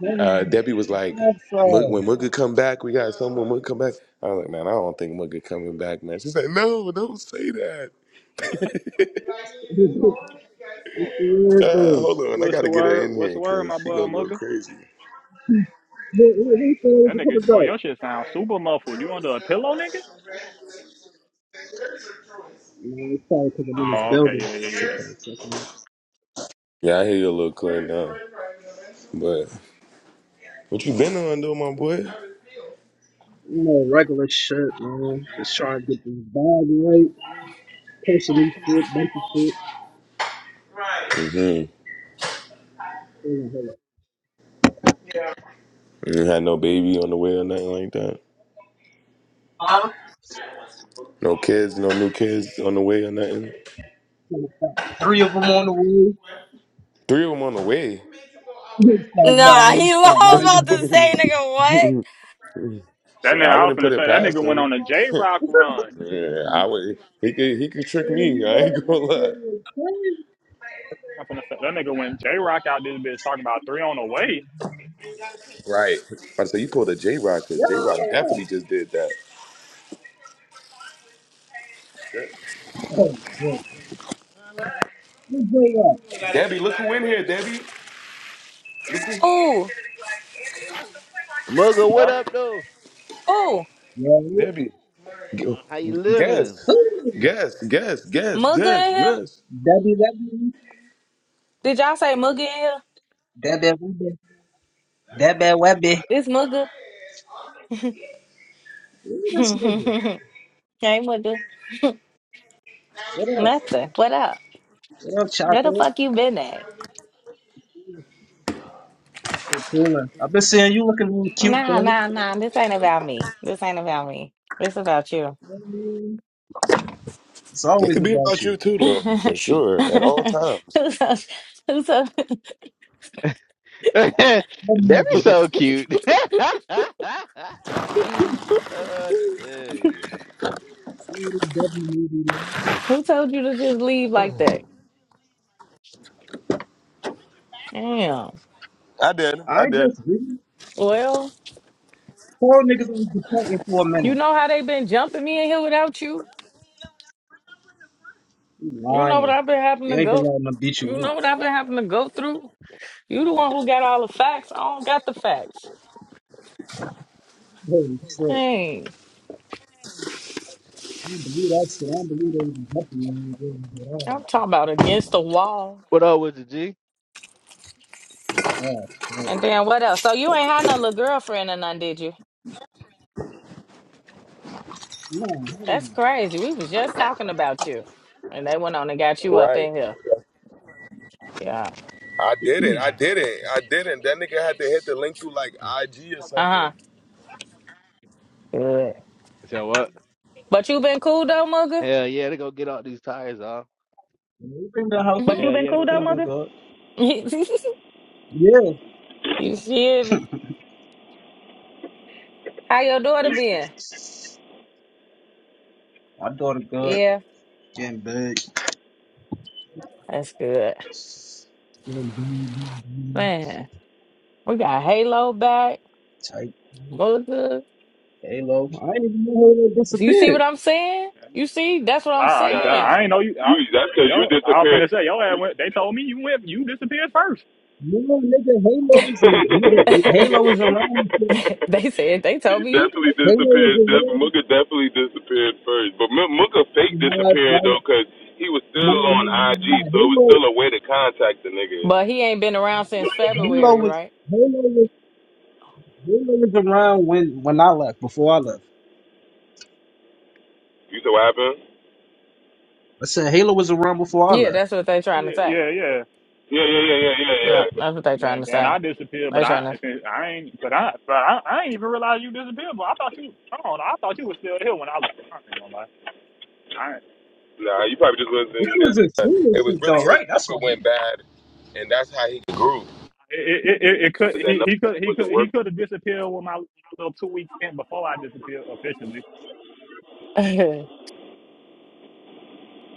S19: what it
S1: uh, Debbie was like,
S19: is.
S1: "Mug- when
S19: Outside.
S1: Mugga come back, we got someone Mugga come back. I was like, man, I don't think Mugga coming back, man. She's like, no, don't say that. (laughs)
S19: (laughs) It's the weird
S1: Uh,
S19: thing.
S1: hold on, I
S7: What's the
S1: gotta get her
S7: word?
S1: in
S7: What's
S1: here
S7: the word, my
S1: because she
S7: boy
S1: gonna go
S7: Mugga?
S1: crazy.
S19: Who who said it was
S7: That
S19: coming
S7: nigga, boy,
S19: back?
S7: your shit sounds super muffled. You under a pillow, nigga?
S19: No, it's probably because I'm in this
S7: Oh, okay,
S19: building.
S7: yeah,
S19: It's
S7: yeah,
S19: just
S7: yeah.
S19: kind of fucking up.
S1: Yeah, I hear you a little clear now. But what you been on though, my boy?
S19: You know, regular shit, man. Just trying to get this bag right. Personally fit, bunch of fit.
S1: Mm-hmm.
S19: Hold on, hold on.
S1: You had no baby on the way or nothing like that.
S19: Huh?
S1: No kids, no new kids on the way or nothing.
S19: Hold on, Three of them on the way. (laughs)
S1: Three of them on the way.
S19: It's like, nah,
S4: Nah,
S19: let me
S4: he (laughs)
S19: stop. Nah,
S4: was
S19: I ain't got
S4: about
S19: no
S4: to
S19: thing.
S4: say, nigga, what?
S7: That
S1: Shit,
S7: nigga,
S1: I
S7: I was
S1: wouldn't put
S7: finna
S1: it
S7: say that
S1: past
S7: nigga went
S1: him.
S7: on a J Rock run.
S1: Yeah, I would. He could. He could trick me. I ain't (laughs) gonna lie.
S7: I'm finna say that nigga went J Rock out this bitch talking about three on the way.
S1: Right. I say you pulled a J Rock because
S19: Yeah.
S1: J Rock definitely just did that.
S19: Oh, wait. Let's go up.
S1: Debbie, look who in here, Debbie.
S17: Ooh.
S15: Mugga, what up, though?
S17: Ooh.
S1: Debbie. Gu-
S15: Uh, How you living?
S1: Guess, guess, guess, guess,
S17: Mugga
S1: guess,
S17: in here?
S1: guess.
S19: Debbie, Debbie,
S17: Did y'all say Mugga in here?
S19: Debbie, Webby, Debbie, Webby.
S17: It's Mugga. (laughs)
S19: This nigga,
S17: hey, Mugga. (laughs)
S19: what up?
S17: Nothing. What up?
S19: What up,
S17: Where the
S19: chocolate?
S17: fuck you been at?
S19: Hey, Cooler. I've been seeing you looking a little cute, though.
S17: Nah,
S19: You
S17: nah, nah. This ain't about me. This ain't about me. This about you.
S19: know what I mean? It's
S1: It
S19: always
S1: could be
S19: about
S1: about
S19: you.
S1: you too,
S17: (laughs) who,
S1: though, for sure, at all times.
S17: told, who, told,
S15: (laughs) that
S19: What
S15: be
S19: movie?
S15: so cute. (laughs)
S17: (laughs)
S15: uh, hey.
S19: You know this Debbie movie, man?
S17: who told you to just leave like that? Damn.
S1: I did,
S19: I
S1: I did.
S19: just
S17: Well,
S19: four niggas on the department for a
S17: you
S19: minute.
S17: know how they been jumping me in here without you.
S19: You
S17: You know what
S19: lying.
S17: I've been having
S19: They
S17: to
S19: ain't been
S17: go.
S19: letting them beat you with.
S17: You know what I've been having to go through. You the one who got all the facts. I don't got the facts.
S19: Holy shit.
S17: Hey,
S19: I don't believe that shit. I don't believe they even helping you in the at all.
S17: I'm
S19: But,
S17: talking about against the wall.
S15: What up with the G?
S19: oh, but,
S17: And then what else? So you ain't had no little girlfriend or none, did you?
S19: no, hell
S17: That's crazy. We was just talking about you. And they went on and got you up
S1: Right.
S17: in here. Yeah.
S1: I did
S19: no.
S1: it,
S19: (clears throat)
S1: I
S15: (laughs)
S1: did it, I did it. That nigga had to hit the link through like IG or something.
S17: Uh-huh. Good.
S15: Tell what?
S17: But you been cool though,
S15: Hell yeah, they go get all these tires off.
S19: Everything been
S1: But
S19: healthy.
S1: you
S17: Mugga?
S1: been yeah, cool but though,
S19: Everything been
S1: mother?
S19: good.
S17: (laughs) you
S19: Yeah.
S17: shivy. How your daughter been?
S19: My daughter good.
S17: Yeah.
S19: Getting big.
S17: That's good.
S19: Getting big, big, big.
S17: Man, we got Halo back.
S19: Tight.
S17: Mugga.
S19: Halo. I didn't even know Halo
S17: You see
S19: disappeared.
S17: what I'm saying? You see? That's what
S7: I,
S17: I'm
S7: I,
S1: Nah,
S7: I
S17: saying.
S7: ain't know you.
S1: you.
S7: I, yo,
S1: That's
S7: I was finna say yo.
S1: because
S7: ass Went, they told me you went. You disappeared first.
S19: No, nigga, Halo
S1: you
S19: is a nigga. Halo is
S1: disappeared. (laughs)
S19: around.
S17: (laughs) they said they
S1: He
S17: told me you,
S1: definitely
S19: Halo
S1: disappeared. Def-
S19: is
S1: Mooka definitely disappeared first. But M- Mooka fake disappeared
S19: around.
S1: though, cause he was still
S19: No,
S1: on
S19: no, no. no.
S1: IG, so it was still a way to contact the nigga.
S17: but he ain't been around since
S19: Halo, Halo
S17: February,
S19: was
S17: right?
S19: Halo was Halo was around when when I left. Before I left,
S1: You said what happened?
S19: I said Halo was around before I
S17: Yeah,
S19: left.
S17: that's what they trying to
S7: Yeah,
S17: say.
S7: yeah, yeah.
S1: Yeah, yeah, yeah, yeah, yeah, yeah.
S17: Yeah, that's what they trying to
S7: And, and
S17: say.
S7: I disappeared, but
S17: They
S7: I,
S17: trying to
S7: I I ain't, but I, but I, I ain't even realize you disappeared. But I thought you, I don't know, I thought you was still here when I looked. I ain't gonna lie. I,
S1: Nah, you probably just wasn't.
S19: This was a
S1: it
S19: serious
S1: was
S19: shit
S1: really
S19: though,
S1: his
S19: right? That's
S1: number
S19: why.
S1: went bad, and that's how he grew.
S7: it, it, it, it could, he, he could, he
S1: Wasn't
S7: could, he
S1: working.
S7: could have disappeared with my little two week stint before I disappeared officially.
S17: (laughs)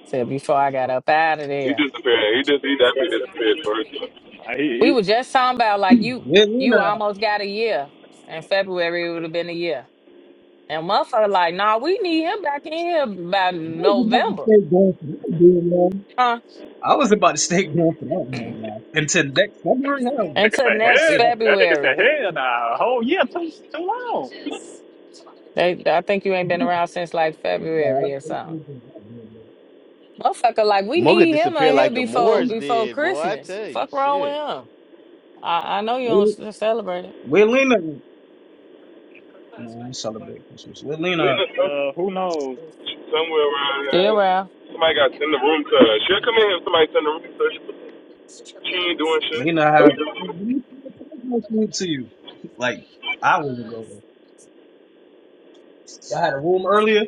S17: say before I got up out of
S1: He
S17: there.
S1: disappeared. He just he definitely disappeared first.
S17: We were just talking about like you,
S19: Yeah, Luna,
S17: you almost got a year. In February, it would have been a year. And motherfucker, like, nah, we need him back in here by
S19: I was about to
S17: November,
S19: stay going for that damn long.
S17: huh?
S19: I was about to stay going for that long now. Until next February, hell, no.
S7: Nigga
S19: I
S17: Until
S7: say,
S19: was about to
S17: next
S7: hell,
S19: stay that
S7: that nigga said,
S17: February.
S7: hell nah, a whole year too too long.
S17: They, I think you ain't been
S19: long.
S17: around since like
S19: (laughs) nah,
S17: February
S19: that's
S17: or
S19: that's
S17: something.
S19: what I'm doing, that damn
S17: Motherfucker, like we
S15: Mugga
S17: need him on
S15: disappeared
S17: here
S15: like the
S17: before
S19: long.
S15: Moors
S17: before
S15: did, boy. I
S17: Christmas.
S15: tell you,
S17: Fuck wrong with
S15: shit.
S17: him. I, I know you
S19: Wait,
S17: don't
S19: wait,
S17: s- celebrate it.
S19: wait, Lena, no, I celebrate Christmas. Wait, Lena.
S1: Lena some-
S7: Uh, who knows?
S1: somewhere around.
S17: Still
S1: Here.
S17: around.
S1: Somebody got to send the room to her. She'll come in here. Somebody send the room to her. She ain't doing shit.
S19: You know how let me send a Christmas thing to you (laughs) like hours ago. Y'all had a room earlier.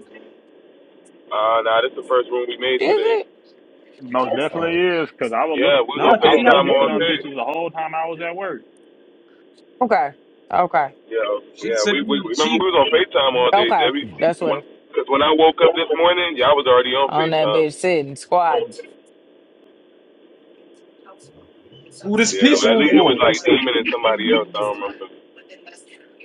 S1: Uh, nah, this is the first room we made
S17: Is
S1: today.
S17: it?
S7: Most definitely
S19: Oh
S7: is, cause I was look,
S1: Yeah, we
S19: no,
S1: was on
S19: cause
S7: I
S19: she
S7: was
S19: had a
S1: FaceTime
S7: looking for
S1: all
S7: them
S19: room.
S1: day.
S7: bitches the whole time I was at work.
S17: Okay. Okay.
S1: Yeah,
S19: She
S1: yeah,
S19: sent
S1: we, we
S19: me.
S1: remember
S19: She
S1: we was on FaceTime all day,
S17: Okay.
S1: Debbie.
S17: That's what
S1: Cause when when I woke up this morning, y'all was already on
S17: on that bitch
S1: FaceTime.
S17: sitting, squatting.
S19: who this
S1: Yeah,
S19: peace
S1: well, at
S19: room
S1: least it was
S19: for?
S1: like
S19: This
S1: Demon and
S19: peace
S1: somebody
S19: room is
S1: else. I
S19: for.
S1: don't remember.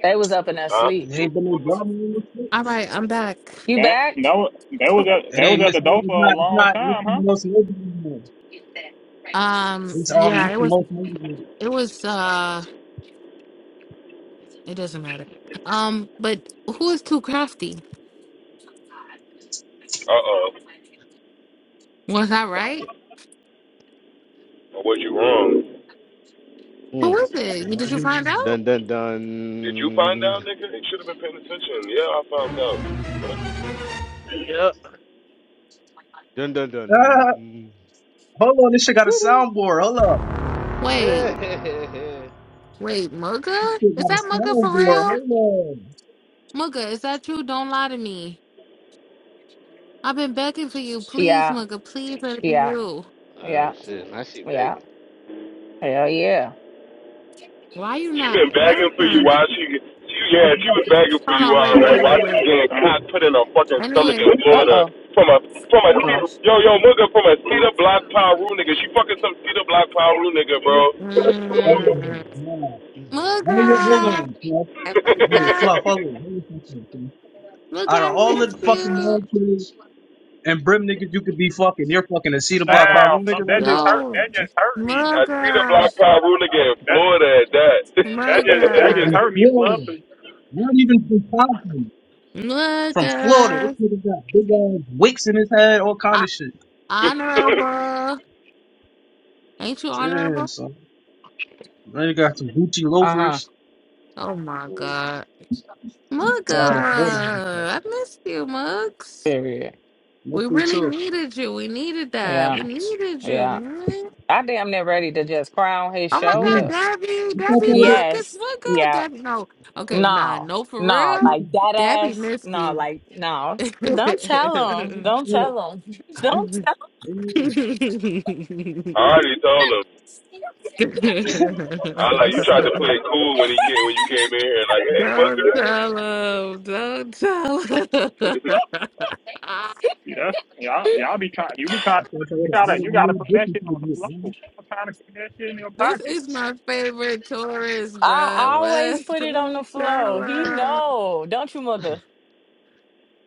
S17: They was up in that
S1: Huh?
S17: sleep.
S19: there ain't been no drama in this shit.
S8: All right, I'm back.
S17: You
S7: That
S17: back?
S7: that was that was at
S19: It
S7: that was
S19: ain't
S7: at the
S19: Miss. Mo-
S7: door
S19: It's
S7: for a
S19: not. It's
S7: long
S19: not Mr.
S7: time, huh?
S19: Most Motivated anymore.
S8: Um,
S19: It's um
S8: yeah,
S19: Mr.
S8: it was
S19: Most Motivated.
S8: it was uh it doesn't matter. Um, but who is too crafty?
S1: Uh oh.
S8: Was I right?
S1: Was you wrong?
S8: Who
S15: Mm.
S8: is
S19: But
S8: it? You- Did
S19: what's
S8: you
S19: your
S8: find
S19: name?
S8: out?
S15: Dun dun
S1: Did you find
S15: dun
S1: out, nigga? You should have been paying attention. Yeah, I found out.
S15: dun dun
S19: Ah,
S15: dun.
S19: hold on, this shit got a
S15: Doo-doo.
S19: soundboard. Hold up,
S8: Wait,
S15: Eh,
S8: wait,
S19: this
S8: Mugga?
S19: shit
S8: Is
S19: got a
S8: that Mugga for
S19: soundboard.
S8: real?
S19: Hold on.
S8: Mugga, is that you? Don't lie to me. I've been begging for you. Please,
S17: Yeah.
S8: Mugga, please let it be
S17: Yeah.
S8: you.
S15: (laughs) oh
S17: Yeah.
S15: shit! I see
S17: Yeah.
S15: begging.
S17: Hell yeah.
S8: Why you
S1: She
S8: not
S1: been begging for you
S8: answering?
S1: while she, she
S19: Watch
S1: yeah, she
S19: this
S1: was begging for
S8: Hold
S1: you
S8: on,
S1: all
S8: wait,
S1: right
S8: wait, wait,
S1: while she
S8: wait.
S1: getting
S7: Uh,
S1: cock put in her fucking stomach
S8: Anyway,
S1: in
S17: Uh
S1: Florida
S17: oh.
S1: from a from a yo yo nigga from a cedar block Paru nigga. She fucking some cedar block Paru nigga, bro.
S19: Oh
S8: mm-mm.
S19: my god. Hold on, hold
S8: Mugga,
S19: on, Fluff. Hey,
S8: Mugga,
S19: Fluff, hold on. Hold on a second, Fluff.
S8: Mugga,
S19: Out
S8: I
S19: of all the
S8: missed
S19: fucking
S8: you.
S19: military and brim niggas you could be fucking, you're fucking a Cedar
S17: Uh
S19: Block Power
S17: oh.
S7: wow,
S19: Room
S7: Fluff,
S19: nigga,
S7: that
S19: man.
S7: just hurt.
S8: Yo,
S7: That just hurt me.
S1: A cedar
S8: Mugga,
S1: block Paru nigga in
S7: That
S1: Florida at that.
S7: that just that just
S19: From
S8: Mugga,
S7: hurt
S1: (laughs)
S7: me, Fluff.
S19: Florida.
S7: And
S19: Not even from Compton. From Florida. This
S8: Mugga,
S19: nigga got big ass wicks in his head, all kind
S8: I-
S19: of shit.
S8: honorable. Ain't you
S19: Damn,
S8: honorable?
S19: son. Now you got some Gucci
S17: Uh huh.
S19: loafers.
S8: Oh my
S15: Mm.
S8: God, Mugga,
S19: All Out of Florida niggas, man.
S8: I missed you, Muggs.
S17: Period.
S19: Let's
S8: We
S19: do it
S8: really
S19: too.
S8: needed you. We needed that.
S17: Yeah.
S8: We needed you,
S17: Yeah.
S8: man.
S17: I damn near ready to just crown his
S8: Oh my God,
S17: shoulder.
S19: Damn.
S8: Debbie,
S19: I thought
S8: Debbie,
S19: y'all would
S8: look, it's
S17: Yes.
S8: one girl.
S17: Yeah.
S8: Debbie, no, okay, nah,
S17: No.
S8: no, for
S17: No.
S8: real.
S17: Like that
S8: Debbie
S17: ass.
S8: missed
S17: No.
S8: you.
S17: Like no.
S8: (laughs) don't
S17: Don't tell him. Don't
S19: have,
S17: tell him. (laughs) Don't tell.
S19: damn.
S1: I already told him. I like you tried to play it cool when he came when you came in here like hey mugger.
S8: tell him. Don't tell him. (laughs)
S7: See, that's y'all y'all be trying. You be
S19: I
S7: trying.
S19: thought y'all
S7: You
S19: would have
S7: gotta
S19: added a
S7: you gotta
S19: new
S7: put that
S19: addition
S7: shit
S19: to the
S7: on the
S19: group,
S7: floor.
S19: man.
S7: Stop trying to keep that shit in your
S8: this
S7: pocket.
S8: is my favorite
S17: Him.
S8: tourist,
S17: I
S8: bruh.
S17: always
S8: What?
S17: put it on the
S8: Don't tell
S17: floor. He
S8: him.
S17: know. Don't you, mother?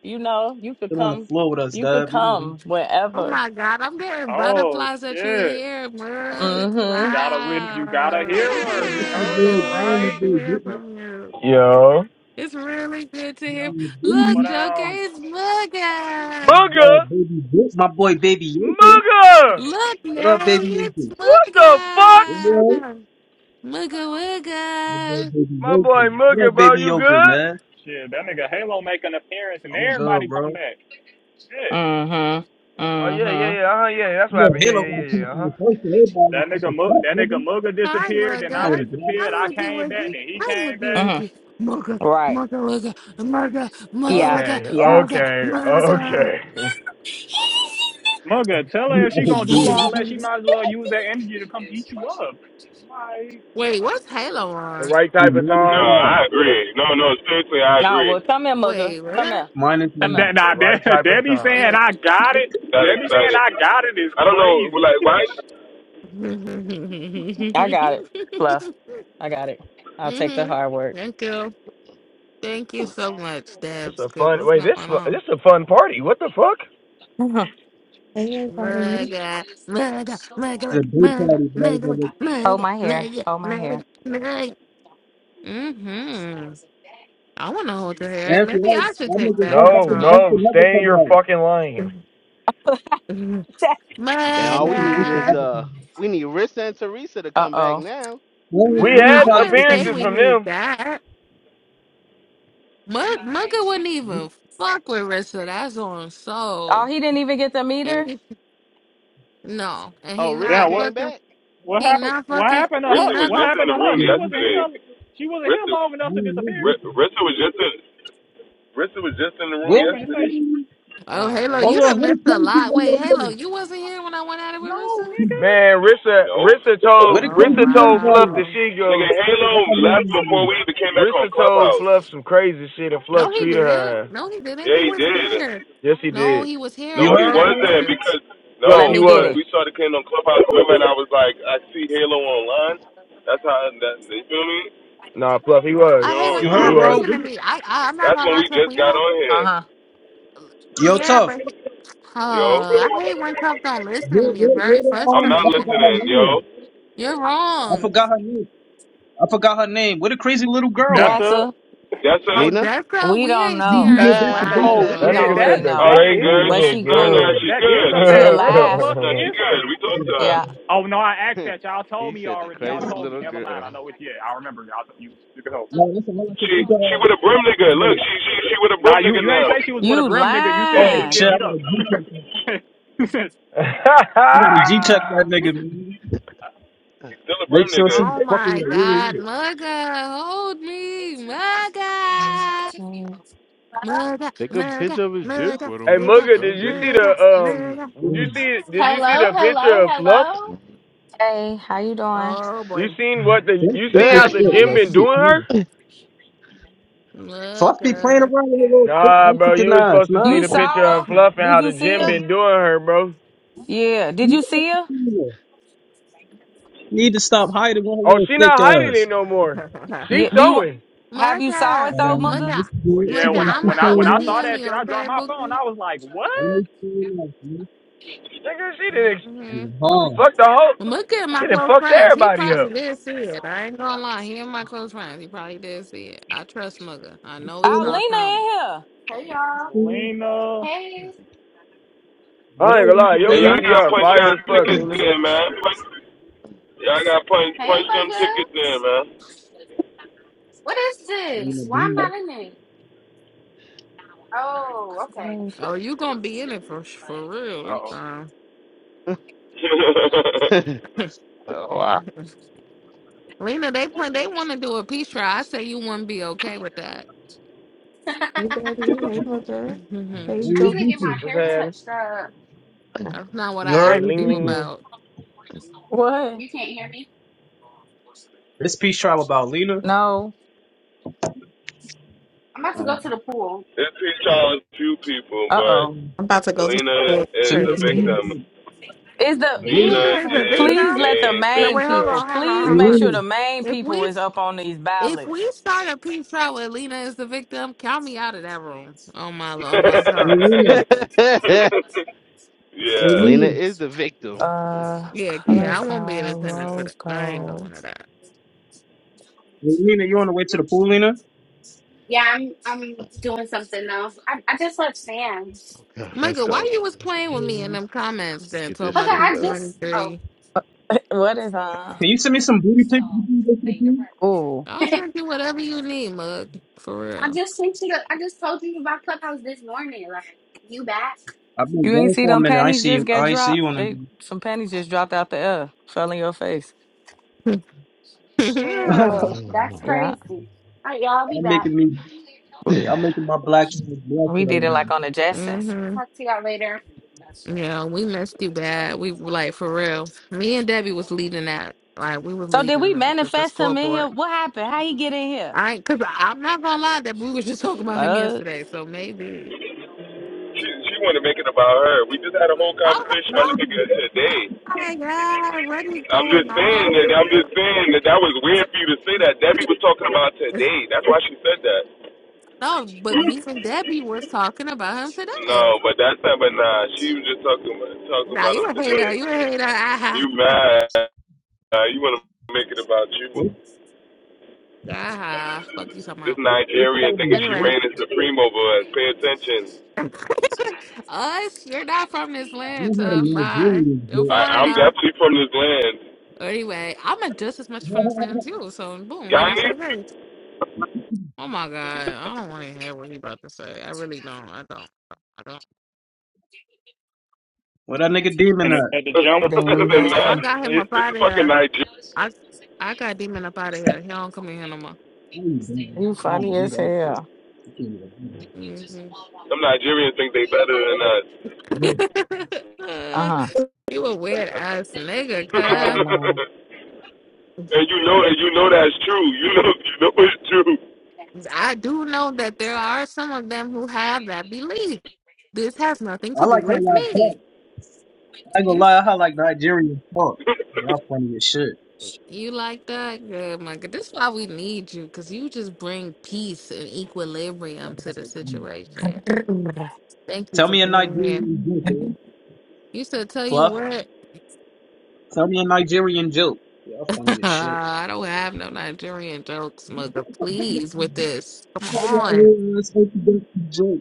S17: You know. You could
S19: Sit on the
S17: come.
S19: floor with us,
S17: You could
S19: dub.
S17: come
S8: Oh
S17: wherever.
S8: my God, I'm getting
S7: Oh
S8: butterflies at you
S7: shit!
S8: here,
S7: You
S17: Mm
S8: Merc.
S7: you
S17: hmm.
S7: gotta re- you gotta
S8: Wow.
S7: hear
S8: It's
S19: Uh,
S7: her. You
S19: my
S7: heard
S8: good.
S19: boy,
S8: It's
S7: her,
S8: really
S19: my
S8: good
S7: right?
S8: to
S19: boy,
S8: hear
S19: my
S8: from you.
S20: Yo.
S8: It's really good to hear.
S7: Yeah.
S8: Look,
S7: But
S8: Joker,
S7: um,
S8: it's Mugga.
S20: Mooga!
S19: baby, my boy, baby, my boy, baby, Yoker.
S20: Mooga!
S8: Look,
S19: What up,
S8: Nelly,
S19: baby,
S8: it's
S19: Yoker?
S20: What the
S19: You
S20: fuck?
S8: Mugga.
S19: all right?
S8: Mugga
S19: My boy,
S8: Wugga.
S19: baby,
S20: My boy
S19: Yoker. What
S20: Mooga,
S19: up,
S20: bro,
S19: baby,
S20: you
S19: Yoker,
S20: good?
S19: man?
S7: shit, that nigga Halo make an appearance and
S19: I'm good,
S7: everybody come
S19: bro.
S7: back. Shit,
S17: Mm hmm.
S20: Oh, yeah, yeah,
S17: Mm
S20: yeah, uh-huh, yeah, yeah, that's
S19: You
S20: what
S19: know,
S20: happened. Yeah,
S19: Halo
S20: yeah,
S19: got to
S20: yeah,
S19: pop
S20: yeah, uh-huh.
S19: on first for everybody that's
S7: that nigga
S19: fucking
S7: Mu-
S19: stuck,
S7: that
S19: nigga.
S7: nigga Mugga
S8: Hi,
S7: disappeared, then
S19: You
S7: I
S19: know
S8: Mugga.
S19: the guy.
S8: Hi,
S7: disappeared. I
S8: Muggy
S7: came back,
S8: Wuggy.
S7: then he
S8: Hi,
S7: came
S8: Muggy
S17: hmm.
S7: back.
S17: Mm
S8: Wuggy. Mugga,
S17: hmm. Right.
S8: Mugga Wugga. Mugga,
S17: Yeah.
S8: Mugga
S20: Okay,
S17: Yeah.
S8: Wugga.
S20: okay,
S8: Mugga,
S20: okay. (laughs)
S7: Mugga, tell
S19: He
S7: her if she
S19: oh
S7: gonna do
S19: dear.
S7: all that, she
S8: Mugga.
S7: might as well use that energy to come eat you up. Like
S8: (laughs) Wait, what's Halo
S20: The
S8: on?
S20: right
S19: He
S20: type of
S19: minus
S1: No,
S20: time.
S19: five.
S1: I agree. No, no, seriously, I
S17: No.
S1: agree.
S17: Well, come here, mother.
S8: Wait,
S17: Come
S8: what?
S17: here.
S19: Minus
S17: Come
S7: (laughs)
S17: here.
S19: one.
S7: that,
S20: The
S7: nah,
S20: right
S7: that,
S20: type of
S7: Debbie
S20: time.
S7: saying
S8: Yeah.
S7: I got it.
S1: That
S7: Debbie saying
S1: exciting.
S7: I got it is
S1: I don't know,
S7: crazy.
S1: like why
S8: (laughs) mm-hmm.
S7: (laughs)
S17: I got it. Fluff. I got it. I'll take the hard work.
S8: Thank you. Thank you so much,
S20: This
S8: Debs.
S20: a
S8: Cause
S20: fun,
S8: what's
S20: wait,
S8: going
S20: this, fu-
S8: on?
S20: this a fun party. What the fuck?
S17: (laughs) Mhm.
S14: Hey everybody.
S8: Mega, mega,
S19: It's
S8: mega,
S19: a day
S8: mega,
S19: party, bro. It's
S8: mega, mega,
S19: over.
S17: Hold
S8: mega,
S17: my hair.
S8: mega,
S17: Hold my
S8: mega,
S17: hair.
S8: mega. Mm-hmm. I want to hold your hair.
S19: After
S8: Maybe
S19: right,
S8: I should
S19: that
S8: take
S19: nigga,
S8: back
S19: Ant- I
S20: No,
S19: think
S8: control.
S19: Esther
S20: no,
S19: never
S20: stay in
S19: come
S20: your
S19: back.
S20: fucking lane.
S8: (laughs)
S17: (laughs)
S19: Yeah,
S15: Now
S19: I
S15: all
S19: don't
S15: we
S19: think
S15: need
S19: Esther
S15: is
S8: mega.
S19: ever come
S15: uh,
S19: back.
S15: we need Rissa and Teresa to
S17: Uh
S15: come back
S17: oh.
S15: now.
S19: Wayne,
S20: We
S8: Mm,
S19: Wayne
S20: had
S8: I
S19: probably
S8: wouldn't
S19: could come
S8: say
S20: appearances
S8: we
S19: back.
S20: from
S8: need
S20: them.
S8: that. Mug Mugga wouldn't even fuck with Rissa. That's on
S17: Oh,
S8: soul.
S17: he didn't even get the meter?
S8: He- no, and
S15: Oh,
S8: he
S15: Rissa
S8: not
S7: Damn, what
S15: came
S8: fucking.
S15: back.
S7: what
S8: He
S7: happened?
S8: not
S7: What
S8: fucking.
S7: happened to
S8: He
S1: Rissa
S7: her?
S1: was
S8: not
S7: What
S8: going
S1: just
S8: to
S1: in
S7: happened to
S1: the
S7: her?
S1: room
S7: She
S19: Yeah,
S7: wasn't
S1: yesterday.
S7: here. She wasn't here
S1: Rissa,
S7: long enough to disappear.
S1: R-
S19: Where?
S1: Rissa was just in. Rissa was just in the
S7: No,
S1: room
S7: I'm finna say
S1: yesterday.
S7: she.
S19: um,
S8: Oh,
S15: Ah,
S8: Halo,
S15: damn.
S8: you
S19: Hold
S8: done
S19: on. What a
S8: missed a
S19: crazy
S8: lot. Wait,
S19: little bro?
S8: Halo, you wasn't here when I went at it with
S7: No,
S8: Rissa.
S7: nigga.
S20: Man, Rissa,
S1: No, what
S20: Rissa
S1: the fuck?
S19: Where
S20: told,
S19: the
S8: Oh
S19: crazy
S20: Rissa
S19: little
S20: told Fluff
S19: girl!
S20: that
S8: wow.
S20: she
S1: Nigga,
S20: go.
S1: Halo
S19: That's my name
S1: left
S19: is
S1: before
S19: again.
S1: we even came back on
S20: Rissa told
S1: Clubhouse.
S20: Fluff some crazy shit and Fluff
S8: No, he
S20: treated
S8: didn't.
S20: her.
S8: No, he didn't.
S1: Yeah,
S8: He
S1: he
S8: was
S1: did.
S8: here.
S20: Yes, he
S8: No,
S20: did.
S8: he was here
S1: No,
S19: You
S8: up there
S1: he
S19: heard,
S8: at
S19: bro?
S1: wasn't
S8: first.
S1: because
S20: Fluff,
S17: Let
S20: he
S1: no,
S17: me get
S1: because
S20: was.
S17: it.
S1: we started came on Clubhouse with him and I was like, I see Halo online. That's how that you feel me?
S20: Nah, Fluff, he was.
S1: You
S8: I hate
S1: know,
S8: when
S19: You
S8: you
S1: you
S20: He
S19: heard,
S8: don't
S20: was.
S19: bro? Where
S8: listen to
S19: the-
S8: me. I, I I'm not
S1: that's
S8: gonna
S1: when
S8: lie
S1: we
S8: to you.
S1: just
S8: When you
S1: got
S8: don't,
S1: on
S17: Uh
S1: here,
S17: huh.
S19: Yo,
S8: yeah,
S19: tough.
S8: but he, oh,
S1: yo.
S8: I hate when Tough don't listen
S19: Where,
S8: to me.
S19: where,
S8: It's
S19: where
S8: very
S19: the
S1: I'm
S19: um?
S1: not
S19: I forgot
S8: frustrating.
S19: her
S1: listening, yo.
S19: name.
S8: You're
S19: I
S8: wrong.
S19: forgot her name. I forgot her name. Where the crazy little girl
S7: That's
S19: at?
S17: That's
S7: a.
S17: a.
S1: That's
S8: Oh,
S1: it.
S15: Lena.
S8: Jessica,
S17: We
S8: we
S17: don't
S8: ain't
S19: You,
S8: seen
S17: know.
S19: you
S8: her in
S19: did
S8: a
S19: that's it. That's
S15: Ah.
S19: it.
S7: Oh
S19: What
S15: (laughs)
S19: the
S20: That
S17: We
S8: while.
S17: don't
S7: shit.
S19: fuck
S20: nigga
S19: is
S17: really
S20: said
S7: That
S20: the
S1: Oh,
S17: know.
S7: that
S1: she
S20: crazy
S1: good.
S7: is
S17: But
S20: little
S1: She
S17: she
S1: nah
S17: cool.
S1: nah
S20: girl.
S1: she
S7: that is
S20: (laughs)
S1: good.
S20: hey
S7: a
S17: She
S7: fact. Where the
S17: alive.
S7: fuck
S1: Nah she
S7: is
S1: good.
S7: her?
S1: We talked
S19: that?
S1: to her.
S17: Yeah.
S7: Oh no, I asked that. Y'all told
S15: he
S7: me
S15: said the
S7: already. Y'all
S15: crazy
S7: told me.
S15: little
S7: Never mind.
S15: girl.
S7: I know it. Yeah, I remember. Y'all told you. You can help.
S19: No, that's all I can
S1: She
S19: think of. uh,
S1: she with a brim nigga.
S19: last
S1: Look,
S19: minute.
S1: she she she with a brim
S7: Nah, you
S1: nigga
S7: you ain't
S1: now.
S7: say she was with a
S17: You
S7: brim nigga. You said she
S19: Oh
S7: was
S17: lying.
S19: shit!
S7: getting
S19: I
S7: beat up.
S19: gotta G check that.
S7: (laughs) You said-
S19: I gotta G check that nigga, man.
S1: She's still a
S19: Make
S1: brim
S19: sure she
S8: Oh
S1: nigga.
S19: fucking with
S8: my
S19: a
S8: God,
S19: real
S8: Mugga, hold me, Mugga, Mugga,
S15: Take a
S8: Mugga,
S15: picture of his dick,
S8: Mugga,
S15: why don't you?
S8: Mugga,
S20: Mugga, did
S15: God
S20: you
S15: damn.
S20: see the
S8: Mugga,
S20: um?
S8: Mugga.
S20: Did you
S19: nigga.
S20: see? Did you see
S21: Hello,
S20: the picture
S21: hello,
S20: of Fluff?
S21: hello.
S17: Hey, how you doing?
S8: Oh
S20: You
S8: boy,
S20: seen what the?
S19: Fluff
S20: You
S19: thick
S20: seen
S19: as
S20: how
S21: Mugga,
S20: the
S21: you
S19: shit,
S21: in
S20: gym
S19: yo.
S21: this
S19: She
S20: been
S19: be
S21: shit?
S20: doing her?
S19: clean. Fluff be playing
S8: Mugga,
S19: around with her little thick
S20: Nah, bro.
S19: African
S20: You was
S19: eyes,
S20: supposed to
S19: man.
S20: see
S17: You
S20: the picture
S17: saw
S20: of
S17: her?
S20: Fluff and
S17: Did
S20: how the
S17: you see
S20: gym
S17: her?
S20: been doing her, bro.
S17: Yeah. Did
S19: You
S17: you see her?
S19: Need to stop hiding with her
S20: Oh,
S19: little
S20: she
S19: thick
S20: not hiding it
S19: eyes.
S20: no more.
S8: (laughs)
S20: She
S17: Yeah. Do you want?
S20: showing.
S17: Have you saw
S8: Mugga,
S17: it
S7: yeah,
S17: though,
S19: Um,
S17: Mugga?
S8: Mugga,
S19: what she
S7: Well,
S19: did- she
S7: yeah.
S8: Mugga.
S7: When
S19: gonna
S7: I
S8: I'm
S19: keep
S8: a,
S7: when I
S8: I'm
S7: when
S8: a
S19: showing
S7: I
S19: up.
S7: saw
S8: DM
S7: that
S8: you,
S7: shit, I dropped
S8: okay,
S7: my phone.
S8: Bookie?
S7: I was like, what?
S19: Let me clean up, man.
S20: Nigga, she didn't
S8: Mm-hmm.
S19: I'm hard.
S20: fuck the whole.
S8: Look at my
S20: She done
S8: close
S20: fucked
S8: friends. He
S20: everybody
S8: probably
S20: up.
S8: did see it. I ain't gonna lie. He and my close friends. He probably did see it. I trust Mugga. I
S19: I'm
S8: know he
S19: showing up,
S8: saw something.
S17: Alina
S21: Hey, y'all.
S19: Christina.
S7: Lena. Uh
S21: Hey.
S20: I ain't
S19: Whatever,
S20: gonna lie, your
S1: Hey,
S19: Medina.
S1: y'all gotta
S20: PTR
S1: punch y'all
S20: fire as fuck,
S1: tickets
S20: Nina.
S1: in, man. Punch, y'all gotta punch
S21: Hey,
S1: punch them
S21: Mugga.
S1: tickets in, man.
S21: What is
S19: And
S21: this? Why I'm
S19: Medina.
S21: not in it? Oh,
S17: in
S21: okay.
S17: here.
S8: Oh, you gonna be in it for for real this
S7: oh.
S8: time.
S1: (laughs)
S15: (laughs)
S8: (laughs)
S15: (laughs) oh,
S8: Lena, they plan. They want to do a peace trial. I say you wouldn't be okay with that.
S21: (laughs)
S14: Hey Betty. Hey
S8: (laughs)
S14: Booker.
S8: That's
S14: Hey
S19: And
S21: I need
S14: Joe.
S21: to get my
S19: beefing.
S20: What's
S21: hair
S20: happening?
S21: touched up.
S15: wow. (coughs)
S8: not what
S19: You
S8: I
S20: They
S19: heard
S8: asked
S19: we
S20: ling
S8: you
S20: ling
S19: beefing.
S20: ling.
S8: about.
S17: What?
S21: You can't hear me?
S19: This peace tribe about Lena.
S17: No.
S21: I'm about to go
S19: Oh,
S21: to the pool.
S1: it's P. Charles few people,
S17: Uh
S1: but
S17: oh.
S19: man.
S14: I'm about to go to the
S1: Lena
S14: store
S19: Send
S1: is
S19: me
S1: a
S19: some
S14: crazy.
S1: victim.
S19: beautiful.
S17: Is the
S19: Lena.
S8: Lena
S1: Nina
S8: is a
S21: Damn.
S1: is
S17: please
S8: victim.
S17: let the
S1: a
S8: No,
S17: main
S8: wait, hold
S1: victim.
S17: people
S8: on, hold on,
S17: please
S19: And
S8: hold
S17: make
S8: on.
S17: sure
S19: Lena.
S17: the main
S8: If
S17: people
S8: we
S17: is up on these
S8: if we
S17: ballots.
S8: start a peace trial with Lena is the victim, count me out of that room. Oh my, oh my soul.
S19: And Lena.
S15: (laughs)
S1: (laughs)
S19: And
S1: yeah.
S15: Lena
S19: Lena.
S15: is the victim. Shit.
S17: Uh,
S8: Yeah, yeah,
S17: colors
S8: I
S19: Hey,
S8: won't be in
S17: are
S15: Oh,
S8: attendance
S15: man.
S8: for
S17: rose
S8: that. I ain't
S17: gold.
S8: going to that.
S19: Lena, you on the way to the pool, Lena?
S21: Yeah, I'm I'm doing something else. I, I just left Sam.
S15: Okay, let's
S8: Michael, why
S15: go.
S8: you was playing with me in
S19: Mhm.
S8: them comments
S15: Look
S8: then
S15: at
S8: told
S15: this
S21: Mugga,
S8: my
S15: shit,
S21: I
S15: dog.
S21: just... Oh.
S8: 223?
S17: (laughs) What is uh?
S19: Can you send me some booty pics? you think they should do?
S17: Ooh,
S8: I'll send you whatever you need, mug.
S21: I
S8: For
S21: just sent you. The, I just told you about Clubhouse this morning. Like you back?
S19: I've been
S17: you
S19: gone
S17: ain't see
S19: for a
S17: them
S19: minute. I
S17: panties
S19: see
S17: just
S19: you.
S17: got
S19: I see you
S17: dropped.
S19: on a
S17: They some panties just dropped out the air, fell in your face.
S8: real. (laughs)
S19: minute.
S21: Chill. That's
S15: then,
S17: Yeah,
S21: crazy. All right, y'all be
S19: I'm (laughs)
S21: back.
S19: making me. I'm making my black man blush
S17: we
S19: right
S17: did it
S19: now.
S17: like on the Jetsons.
S21: I'll
S8: hmm
S21: talk to y'all later.
S8: Yeah, we missed you bad. We like for real. Me and Debbie was leading that. Like we was
S17: So did
S8: leading
S17: we
S8: the, the, the
S17: manifest him in here?
S8: scoreboard.
S17: What happened? How he get in here?
S8: I cause I'm not gonna lie that we was just (laughs) talking about him
S17: Fuck.
S8: yesterday. So maybe.
S1: She, she wanted to make it about her. We just had a whole
S8: Oh
S1: conversation
S8: my
S1: about the
S8: god!
S1: nigga today.
S8: Oh my god! What is
S1: I'm
S8: going
S1: just saying
S8: on
S1: that.
S8: with you?
S1: I'm just saying that that was weird for you to say that. Debbie was talking about today. That's why she said that.
S8: No, but me and Debbie was talking about him today.
S1: No, but that's not. But nah, she was just talking about talking
S8: Nah,
S1: about
S8: you
S1: us
S8: a
S1: today.
S8: hater. You a hater. Ah,
S1: You mad? Uh, you want to make it about
S19: What?
S1: you?
S8: ah, ah. Fuck you, somehow.
S1: This
S19: What's
S1: Nigerian
S19: going
S1: thinking
S19: on?
S1: she
S19: What?
S8: Anyway,
S1: ran as supreme over us. Pay attention.
S8: (laughs) us, you're not from this
S19: You
S8: land,
S19: know how the
S8: tough. Bye.
S19: Nigerians
S8: You're a
S19: get.
S1: I, I'm
S8: foreigner.
S1: definitely from this land.
S8: Anyway, I'm a just as much from this land
S19: (laughs)
S8: as you. So, boom, we don't say
S1: Guyanese?
S8: race. Oh my God, I don't want to hear what he about to say. I really don't. I don't. I don't.
S19: Where that nigga demon
S7: And at at the
S1: (laughs)
S7: jump,
S1: Other
S17: damn,
S1: than
S8: Oh,
S1: that,
S8: I
S17: damn.
S8: got him
S7: it,
S8: up
S1: (laughs) this is
S8: out of
S1: fucking
S8: here.
S1: Nigeria.
S8: I, I got demon up out of
S19: at?
S8: here. He don't come in here no
S19: I ain't doing
S17: You
S19: it. I don't
S17: funny
S19: believe
S17: as
S19: that shit.
S17: hell.
S19: You can't even do it.
S8: more.
S1: Some Nigerians think they better than us.
S19: Yeah.
S8: hmm (laughs)
S17: Uh-huh.
S8: You a weird ass nigga, cuz.
S17: Hello.
S1: (laughs) and you know and you know that's true. You know you know it's true.
S8: I do know that there are some of them who have that belief. This has nothing
S19: I
S8: to do
S19: like how
S8: with
S19: y'all
S8: me.
S19: talk. I ain't gonna
S8: You
S19: lie. I like Nigerian talk. Y'all funny as shit.
S8: you like that? Good, my God. This is why we need you, because you just bring peace and
S19: Y'all
S8: equilibrium to the
S19: fucking funny.
S8: situation. Thank you
S19: Tell
S8: for
S19: me a
S8: being here.
S19: Nigerian joke, man.
S8: You said, tell you
S19: Fluff.
S8: what,
S19: Tell me a Nigerian joke. Y'all funny
S8: (laughs)
S19: as shit.
S8: I don't have no Nigerian jokes,
S19: Tell
S8: mother. Please, with this. Come
S19: your
S8: on.
S19: old ass like you got joke.